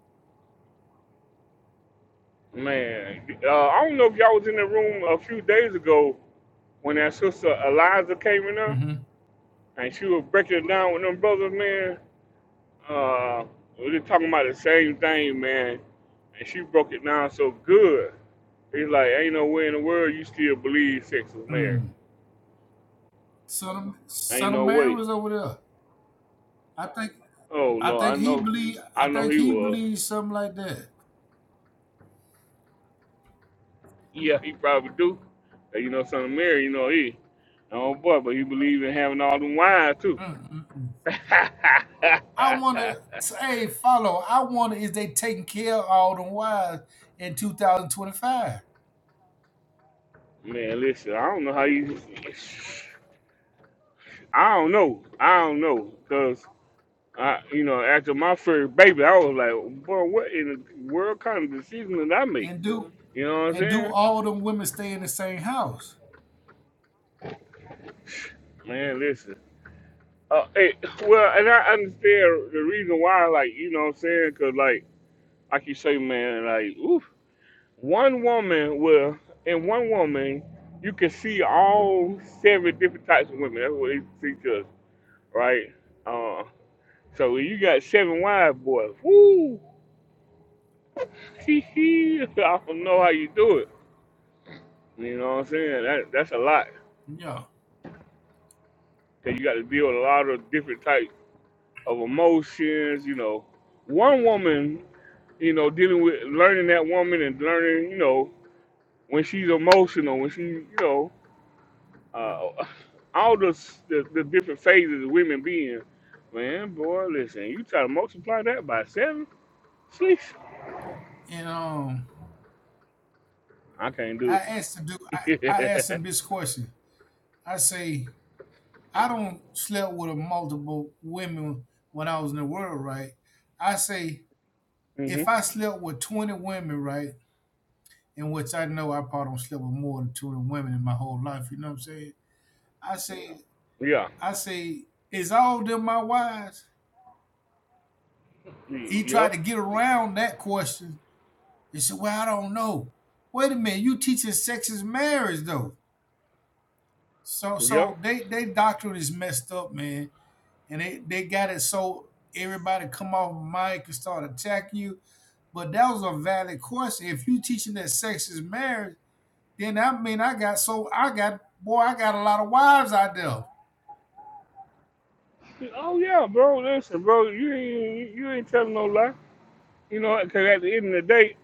Speaker 1: Man, uh, I don't know if y'all was in the room a few days ago when that sister Eliza came in there
Speaker 16: Mm-hmm.
Speaker 1: and she was breaking it down with them brothers, man, uh, we was talking about the same thing, man. And she broke it down so good. He's like, ain't no way in the world you still believe sex is marriage.
Speaker 16: Mm. Son of,
Speaker 1: Ain't
Speaker 16: Son of
Speaker 1: no
Speaker 16: Mary
Speaker 1: way.
Speaker 16: was over there. I think
Speaker 1: Oh
Speaker 16: I
Speaker 1: Lord,
Speaker 16: think
Speaker 1: I
Speaker 16: he
Speaker 1: know,
Speaker 16: believe
Speaker 1: I
Speaker 16: I
Speaker 1: know
Speaker 16: think
Speaker 1: he
Speaker 16: he
Speaker 1: was.
Speaker 16: believes something like that.
Speaker 1: Yeah, he probably do. And you know, son of Mary, you know he. Oh boy, but he believe in having all them wives too.
Speaker 16: Mm-mm-mm.
Speaker 1: *laughs*
Speaker 16: I want to say follow. I want is they taking care of all them wives in 2025
Speaker 1: man, listen, I don't know how you. I don't know. I don't know. Cause I, you know, after my first baby, I was like, boy, what in the world kind of decision did I make?
Speaker 16: and do
Speaker 1: You know what I'm
Speaker 16: and do
Speaker 1: saying?
Speaker 16: all them women stay in the same house?
Speaker 1: Man, listen. Uh, it, well, and I understand the reason why, like, you know what I'm saying? Cause like, like you say, man, like, oof, one woman will, in one woman, you can see all seven different types of women. That's what they teach us, right? Uh, so when you got seven wives, boy. Woo! T C, I don't know how you do it. You know what I'm saying? That that's a lot.
Speaker 16: Yeah.
Speaker 1: 'Cause you got to deal with a lot of different types of emotions. You know, one woman, you know, dealing with learning that woman and learning, you know, when she's emotional, when she, you know, uh, all the, the the different phases of women being, man, boy, listen, you try to multiply that by seven, sleesh,
Speaker 16: And um,
Speaker 1: I can't
Speaker 16: I
Speaker 1: do
Speaker 16: asked to do I I asked
Speaker 1: it.
Speaker 16: him this question. I say I don't slept with a multiple women when I was in the world, right? I say
Speaker 1: *laughs* hmm
Speaker 16: if I slept with 20 women, right? in which I know I probably don't sleep with more than two women in my whole life. You know what I'm saying? I say,
Speaker 1: Yeah.
Speaker 16: I say, is all of them my wives? He
Speaker 1: Yup.
Speaker 16: tried to get around that question. He said, "Well, I don't know." Wait a minute, you teaching sex is marriage though. So,
Speaker 1: Yup.
Speaker 16: so they they doctrine is messed up, man, and they they got it so everybody come off the mic and start attacking you. But that was a valid question. If you teaching that sex is marriage Then that mean I got so I got boy, I got a lot of wives out there.
Speaker 1: Oh yeah, bro. Listen, bro. You ain't you ain't telling no lie. You know, because at the end of the day,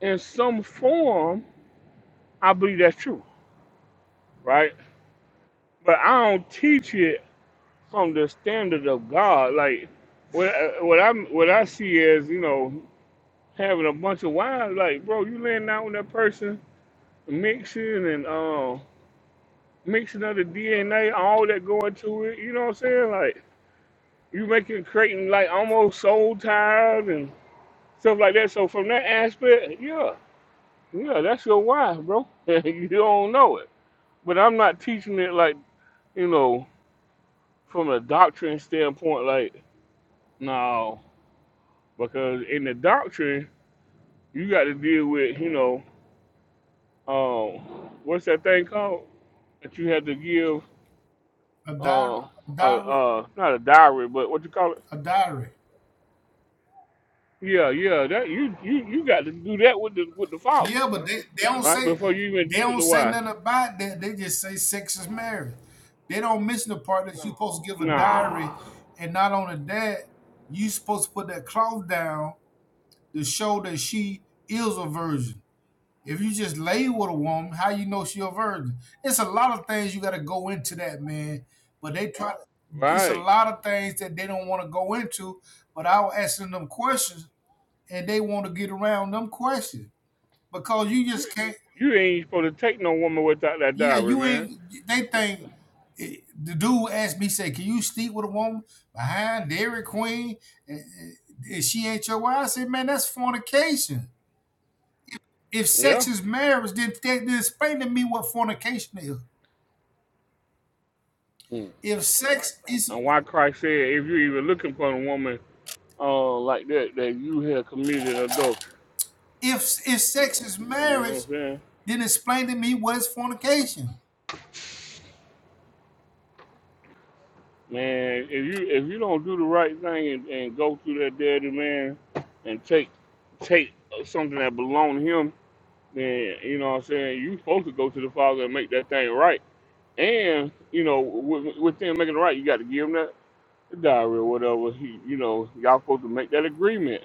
Speaker 1: in some form, I believe that's true, right? But I don't teach it from the standard of God. Like what I- what I what I see is you know having a bunch of wives. Like, bro, you laying out with that person, mixing and uh, mixing of the DNA, all that going to it. You know what I'm saying? Like you making creating like almost soul ties and. stuff like that. So from that aspect, yeah, yeah, that's your wife, bro. *laughs* you don't know it, but I'm not teaching it like you know from a doctrine standpoint. Like no, because in the doctrine, you got to deal with you know um, what's that thing called that you had to give
Speaker 16: A diary,
Speaker 1: uh, uh
Speaker 16: a diary,
Speaker 1: uh not a diary, but what you call it?
Speaker 16: a diary.
Speaker 1: Yeah, yeah, that you you you got to do that with the with the father,
Speaker 16: Yeah, but they, they don't
Speaker 1: right?
Speaker 16: say
Speaker 1: Before you even
Speaker 16: they
Speaker 1: deal with
Speaker 16: don't
Speaker 1: the
Speaker 16: say
Speaker 1: wife.
Speaker 16: nothing about that. They just say sex is marriage. They don't mention the part that you're supposed to give a diary,
Speaker 1: Nah,
Speaker 16: and not only that, you supposed to put that cloth down to show that she is a virgin. If you just lay with a woman, how you know she a virgin? It's a lot of things you got to go into that, man. But they try. It's a
Speaker 1: right.
Speaker 16: lot of things that they don't want to go into. But I was asking them questions, and they want to get around them questions because you just can't.
Speaker 1: You ain't supposed to take no woman without that
Speaker 16: Yeah,
Speaker 1: diary,
Speaker 16: you
Speaker 1: man.
Speaker 16: ain't. They think the dude asked me, say, "Can you sleep with a woman behind Dairy Queen and, and- and she ain't your wife?" I said, "Man, that's fornication. If
Speaker 1: Yeah.
Speaker 16: sex is marriage, then, then explain to me what fornication is."
Speaker 1: Mm.
Speaker 16: If sex is
Speaker 1: And why Christ said, if you're even looking for a woman uh, like that, that you have committed adultery.
Speaker 16: if if sex is
Speaker 1: You know
Speaker 16: marriage,
Speaker 1: what I'm saying?
Speaker 16: then explain to me what is fornication.
Speaker 1: Man, if you if you don't do the right thing and, and go through that daddy man and take take something that belonged to him, then you know what I'm saying, you supposed to go to the father and make that thing right. And, you know, with, with them making it right, you gotta give them that. the diary or whatever, he, you know, y'all supposed to make that agreement.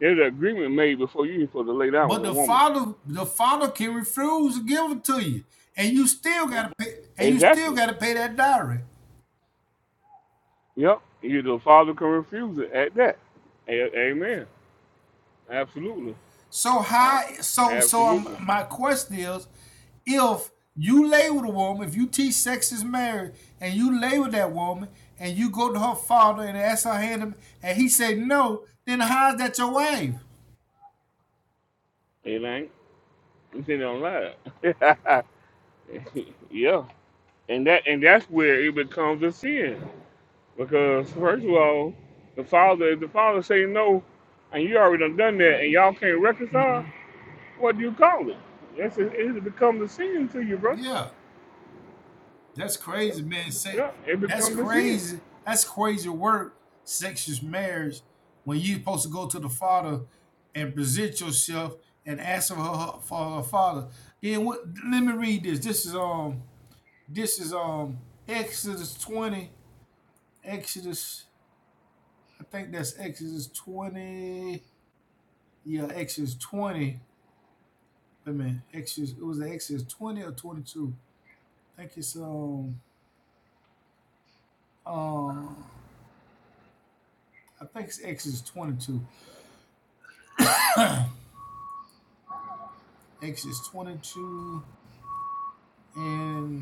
Speaker 1: There's an agreement made before you even supposed to lay down
Speaker 16: But
Speaker 1: with a
Speaker 16: the
Speaker 1: woman.
Speaker 16: father the father can refuse to give it to you, and you still gotta pay and you still
Speaker 1: Exactly.
Speaker 16: gotta pay that dowry.
Speaker 1: Yep. You the father can refuse it at that. A- amen. Absolutely.
Speaker 16: So how so so um,
Speaker 1: Absolutely.
Speaker 16: my question is, if you lay with a woman, if you teach sex is marriage, and you lay with that woman, and you go to her father and ask her hand, him, and he say no, then how's that your wife?
Speaker 1: It ain't. You see don't lie. *laughs* yeah. And that and that's where it becomes a sin. Because first of all, the father if the father say no and you already done done that and y'all can't reconcile,
Speaker 16: Mm-hmm.
Speaker 1: What do you call it? That's it, it becomes a sin to you, bro.
Speaker 16: Yeah. That's crazy, man. Say,
Speaker 1: Yeah, it
Speaker 16: that's
Speaker 1: becomes a sin.
Speaker 16: crazy. That's crazy work, sexist marriage, when you're supposed to go to the father and present yourself and ask for her for her father. Then what let me read this. This is um this is um Exodus 20. Exodus, I think that's Exodus 20. Yeah, Exodus 20. Wait a minute. Exodus, it was the Exodus 20 or 22. I think it's um um I think it's Exodus 22. *clears throat* Exodus 22 and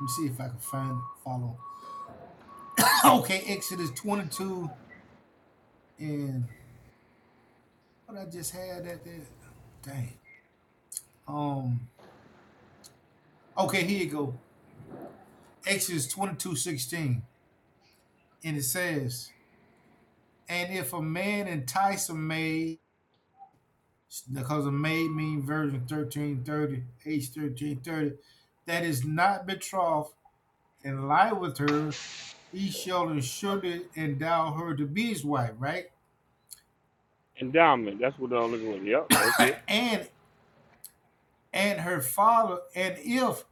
Speaker 16: let me see if I can find it, follow. *coughs* okay, Exodus 22 and what I just had at that. Dang. Um. Okay, here you go. Exodus 22:16 And it says, And if a man entice a maid, because a maid means version 1330, age 1330, that is not betrothed and lie with her, he shall surely endow her to be his wife, right?
Speaker 1: Endowment. That's what I'm looking at. Yep, that's it.
Speaker 16: And and her father, and if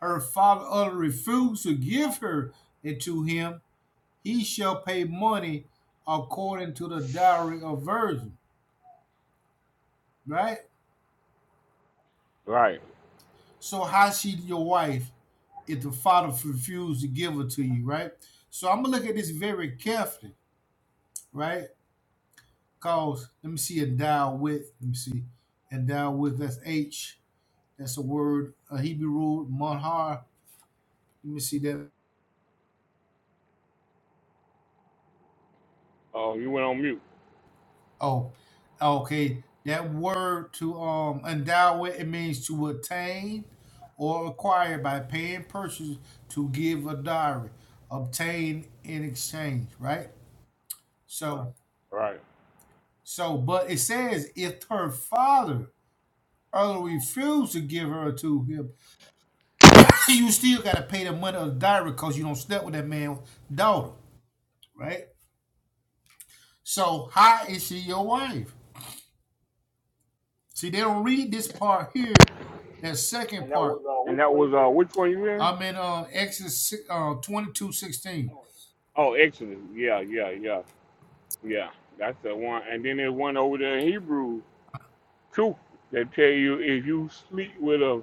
Speaker 16: her father utterly refuse to give her it to him, he shall pay money according to the dowry of virgin, right?
Speaker 1: Right.
Speaker 16: So how she your wife if the father refused to give her to you, right? So I'm gonna look at this very carefully, right? Cause let me see endow with, let me see, endow with that's H, that's a word, a Hebrew word, monhar. Let me see that
Speaker 1: Oh, you went on mute.
Speaker 16: Oh, okay. That word to um endow with it means to attain or acquire by paying purchase to give a dowry, obtain in exchange, right? So,
Speaker 1: Right.
Speaker 16: so, but it says if her father early refused to give her to him, *laughs* *clears throat* you still got to pay the money of the dowry because you don't step with that man's daughter, right? So, how is she your wife? See, they don't read this part here, that second And that part. was uh,
Speaker 1: And
Speaker 16: which
Speaker 1: that
Speaker 16: one
Speaker 1: was
Speaker 16: you in?
Speaker 1: uh, which one you in?
Speaker 16: I'm in uh, Exodus si- uh, 22:16.
Speaker 1: Oh, Exodus. Yeah, yeah, yeah, yeah. That's the one. And then there's one over there in Hebrew too. They tell you if you sleep with a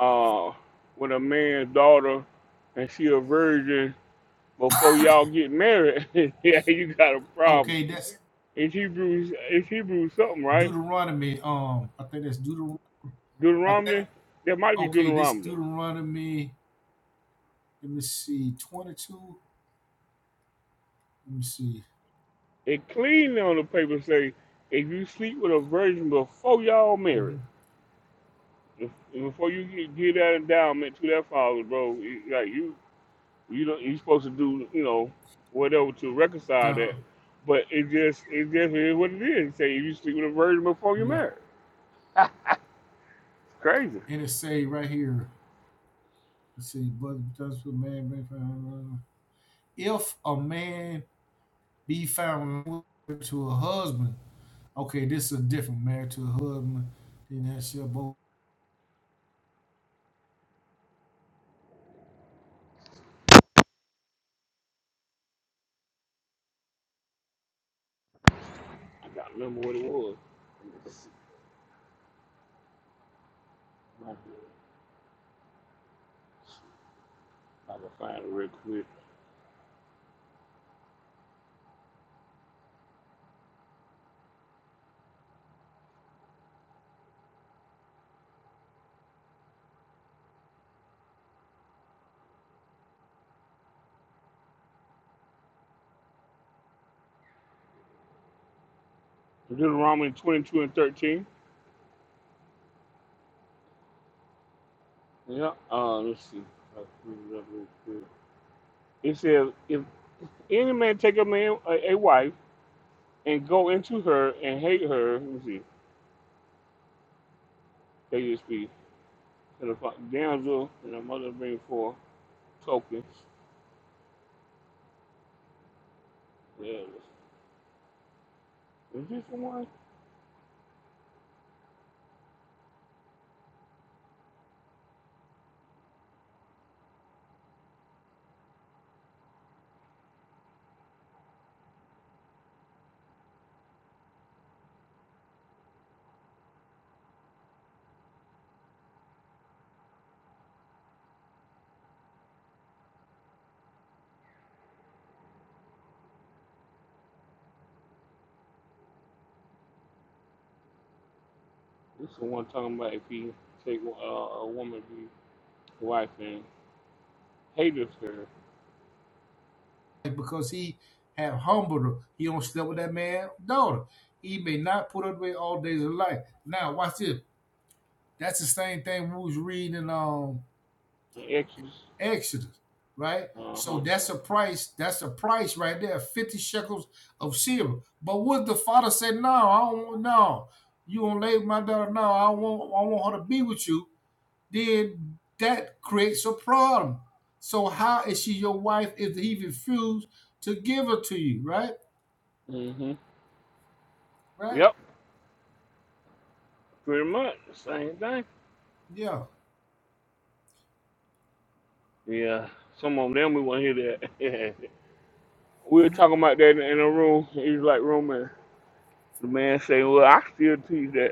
Speaker 1: uh with a man's daughter and she a virgin before y'all get married, *laughs* yeah, you got a problem.
Speaker 16: Okay, that's
Speaker 1: It's Hebrews. It's Hebrews something, right?
Speaker 16: Deuteronomy. Um, I think that's Deuteronomy. I think,
Speaker 1: Deuteronomy. That might be
Speaker 16: okay, this
Speaker 1: Deuteronomy.
Speaker 16: Deuteronomy, let me see, 22. Let me see.
Speaker 1: It cleanly on the paper say, if you sleep with a virgin before y'all marry,
Speaker 16: Mm-hmm.
Speaker 1: if- before you get, get that endowment to that father, bro, you- like you, you don't, you supposed to do, you know, whatever to reconcile
Speaker 16: Uh-huh.
Speaker 1: that. But it just, it just is what it is. It Say if you sleep with a virgin before you
Speaker 16: Yeah.
Speaker 1: marry, it's crazy.
Speaker 16: And it say right here, let's see, but that's what man may find. If a man be found to a husband, okay, this is a different marriage to a husband, then that shall both.
Speaker 1: I gotta remember what it was. Let me see. I can find it real quick. Deuteronomy 22 and 13. Yeah, uh, let's see. I'll bring it up real quick. It says, if any man take a man, a, a wife, and go into her and hate her, let me see, KSP, and the fa- damsel and her mother bring forth tokens. Yeah, is this the one? This is the one talking about if he take uh, a woman to be his wife and hateth her
Speaker 16: because he have humbled her. He don't slept with that man's daughter. He may not put her away all days of life. Now watch this. That's the same thing we was reading in um
Speaker 1: and exes.
Speaker 16: Exodus, right?
Speaker 1: Uh
Speaker 16: So
Speaker 1: huh.
Speaker 16: that's a price. That's a price right there. Fifty shekels of silver. But would the father say, "No, I don't want. No, you don't lay with my daughter. No, I want. I want her to be with you." Then that creates a problem. So how is she your wife if he refused to give her to you, right?
Speaker 1: hmm
Speaker 16: Right?
Speaker 1: Yep, pretty much the same thing.
Speaker 16: Yeah.
Speaker 1: Yeah, some of them we won't hear that. *laughs* We were talking about that in a room. He was like, Roman, the man saying, well, I still teach that,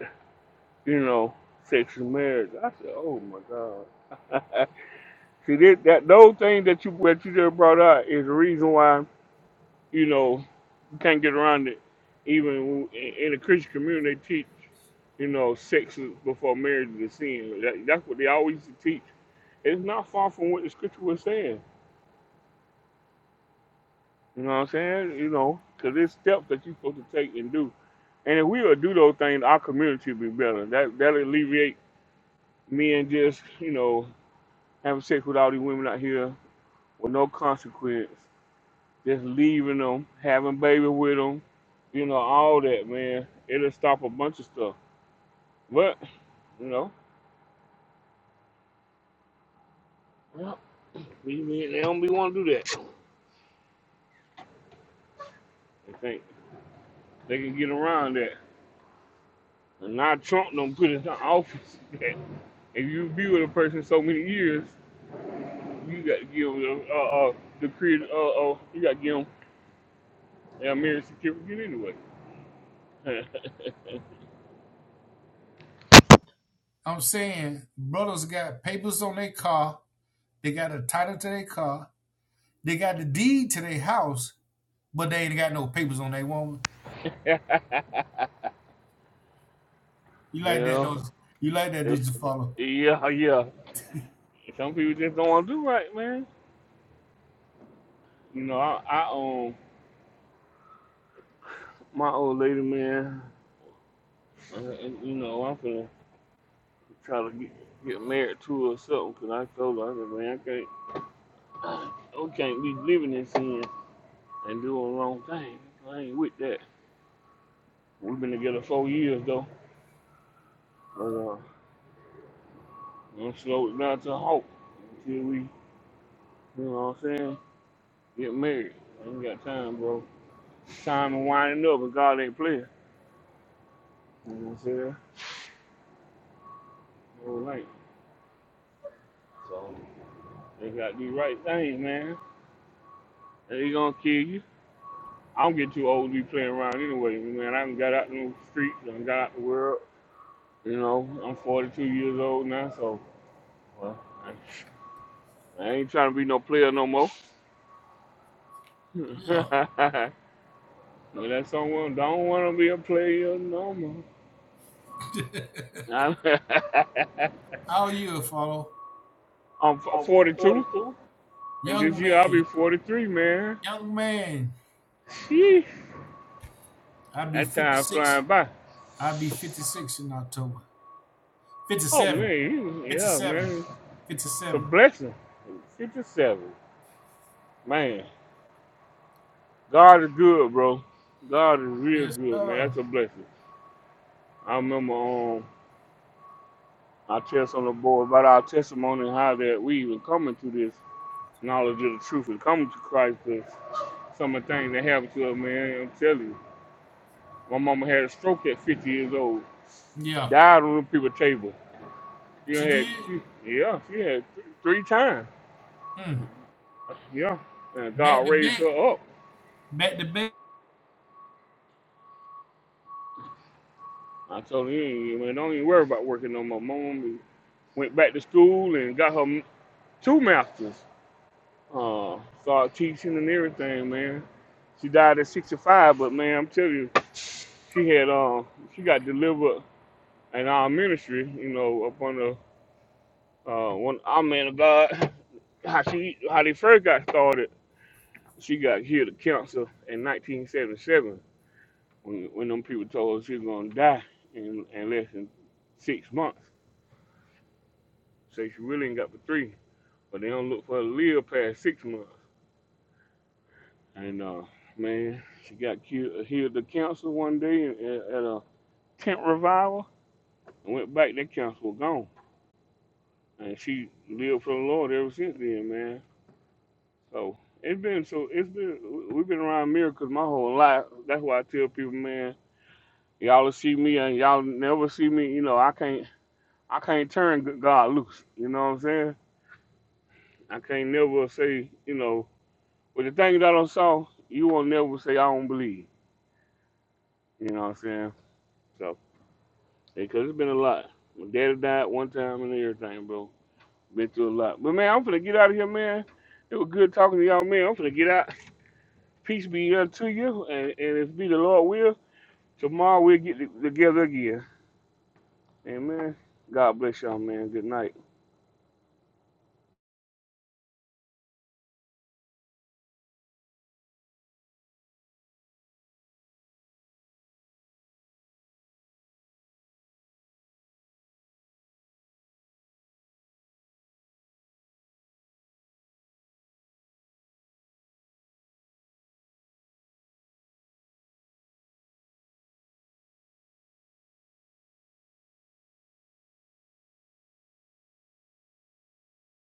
Speaker 1: you know, sex and marriage. I said, oh my God. *laughs* See, that, that those things that you, that you just brought up is the reason why, you know, you can't get around it. Even in, in the Christian community, they teach, you know, sex is- before marriage is a sin. That, that's what they always teach. It's not far from what the scripture was saying. You know what I'm saying? You know, because there's steps that you're supposed to take and do. And if we would do those things, our community would be better. That that alleviate men just you know having sex with all these women out here with no consequence, just leaving them, having babies with them, you know, all that man. It'll stop a bunch of stuff. But you know, well, these men they don't be want to do that. They think they can get around that. And now Trump don't put us in office. *laughs* that if you be with a person so many years. You got to give them uh, uh, the creed. Uh, oh you got to give them a marriage certificate anyway. *laughs*
Speaker 16: I'm saying brothers got papers on their car. They got a title to their car. They got the deed to their house, but they ain't got no papers on their woman. You like that,
Speaker 1: yeah,
Speaker 16: don't you? You Like that,
Speaker 1: they-
Speaker 16: don't you follow?
Speaker 1: yeah, yeah. Some people just don't want to do right, man. You know, I, I um, my old lady, man. Uh, and, you know, I'm gonna try to get, get married to her or something, 'cause I told her, I said, man, I can't, I can't be living in sin and doing the wrong thing. I ain't with that. We've been together four years though. but uh, Let's slow it down to a halt until we, you know what I'm saying, get married. I ain't got time, bro. It's time to winding up and God ain't playing. You know what I'm saying? All right. So they got these right things, man. They gonna kill you. I don't get too old to be playing around anyway, man. I done got out in the streets, I done got out the world. You know, I'm 42 years old now, so well, I, I ain't trying to be no player no more. *laughs*
Speaker 16: Yeah.
Speaker 1: but that's someone don't want to be a player no more.
Speaker 16: *laughs*
Speaker 1: I'm,
Speaker 16: How are you follow?
Speaker 1: *laughs* I'm
Speaker 16: I'm
Speaker 1: 42,
Speaker 16: 42.
Speaker 1: and this
Speaker 16: Young
Speaker 1: year I'll
Speaker 16: man,
Speaker 1: be 43, man.
Speaker 16: young man.
Speaker 1: Sheesh,
Speaker 16: I will be
Speaker 1: that time
Speaker 16: 56.
Speaker 1: flying by.
Speaker 16: I I'll be 56 in October.
Speaker 1: Oh man,
Speaker 16: 57.
Speaker 1: you- yeah,
Speaker 16: 57.
Speaker 1: man, it's a
Speaker 16: 57.
Speaker 1: blessing. 57, man. God is good, bro. God is real
Speaker 16: Yes,
Speaker 1: good, man.
Speaker 16: sir.
Speaker 1: That's a blessing. I remember um, I tell some of the boys about our testimony and how that we even coming to this knowledge of the truth and coming to Christ. 'cause some of the things that happened to us, man. I'm telling you, my mama had a stroke at 50 years old.
Speaker 16: Yeah.
Speaker 1: died on the people table. You
Speaker 16: She
Speaker 1: know, had
Speaker 16: did.
Speaker 1: she, yeah, she had th- three times.
Speaker 16: Mm.
Speaker 1: Yeah, and God
Speaker 16: Back to
Speaker 1: raised
Speaker 16: back.
Speaker 1: her up.
Speaker 16: Met the
Speaker 1: I told him, you ain't- man, don't even worry about working no more. Mom and went back to school and got her m- two masters. Uh, started teaching and everything, man. She died at 65, but man, I'm telling you, she had um she got delivered in our ministry, you know, up on the uh one our man of God, how she how they first got started. She got healed of cancer in 1977 when, when them people told her she was going to die in, in less than six months. Say she really ain't got for three, but they don't look for her to live past six months. And uh, man, she got cured, healed of cancer one day at, at a tent revival and went back. That cancer was gone. And she lived for the Lord ever since then, man. So it's been so it's been we've been around miracles my whole life. That's why I tell people, man, Y'all will see me and y'all never see me. You know, I can't I can't turn God loose. You know what I'm saying? I can't never say you know. But the things that I don't saw, you won't never say I don't believe. You know what I'm saying? So because it's been a lot. My daddy died one time and everything, bro. Been through a lot. But man, I'm finna get out of here, man. It was good talking to y'all, man. I'm finna get out. Peace be unto you, and, and if be the Lord will, tomorrow we'll get t- together again. Amen. God bless y'all, man. Good night.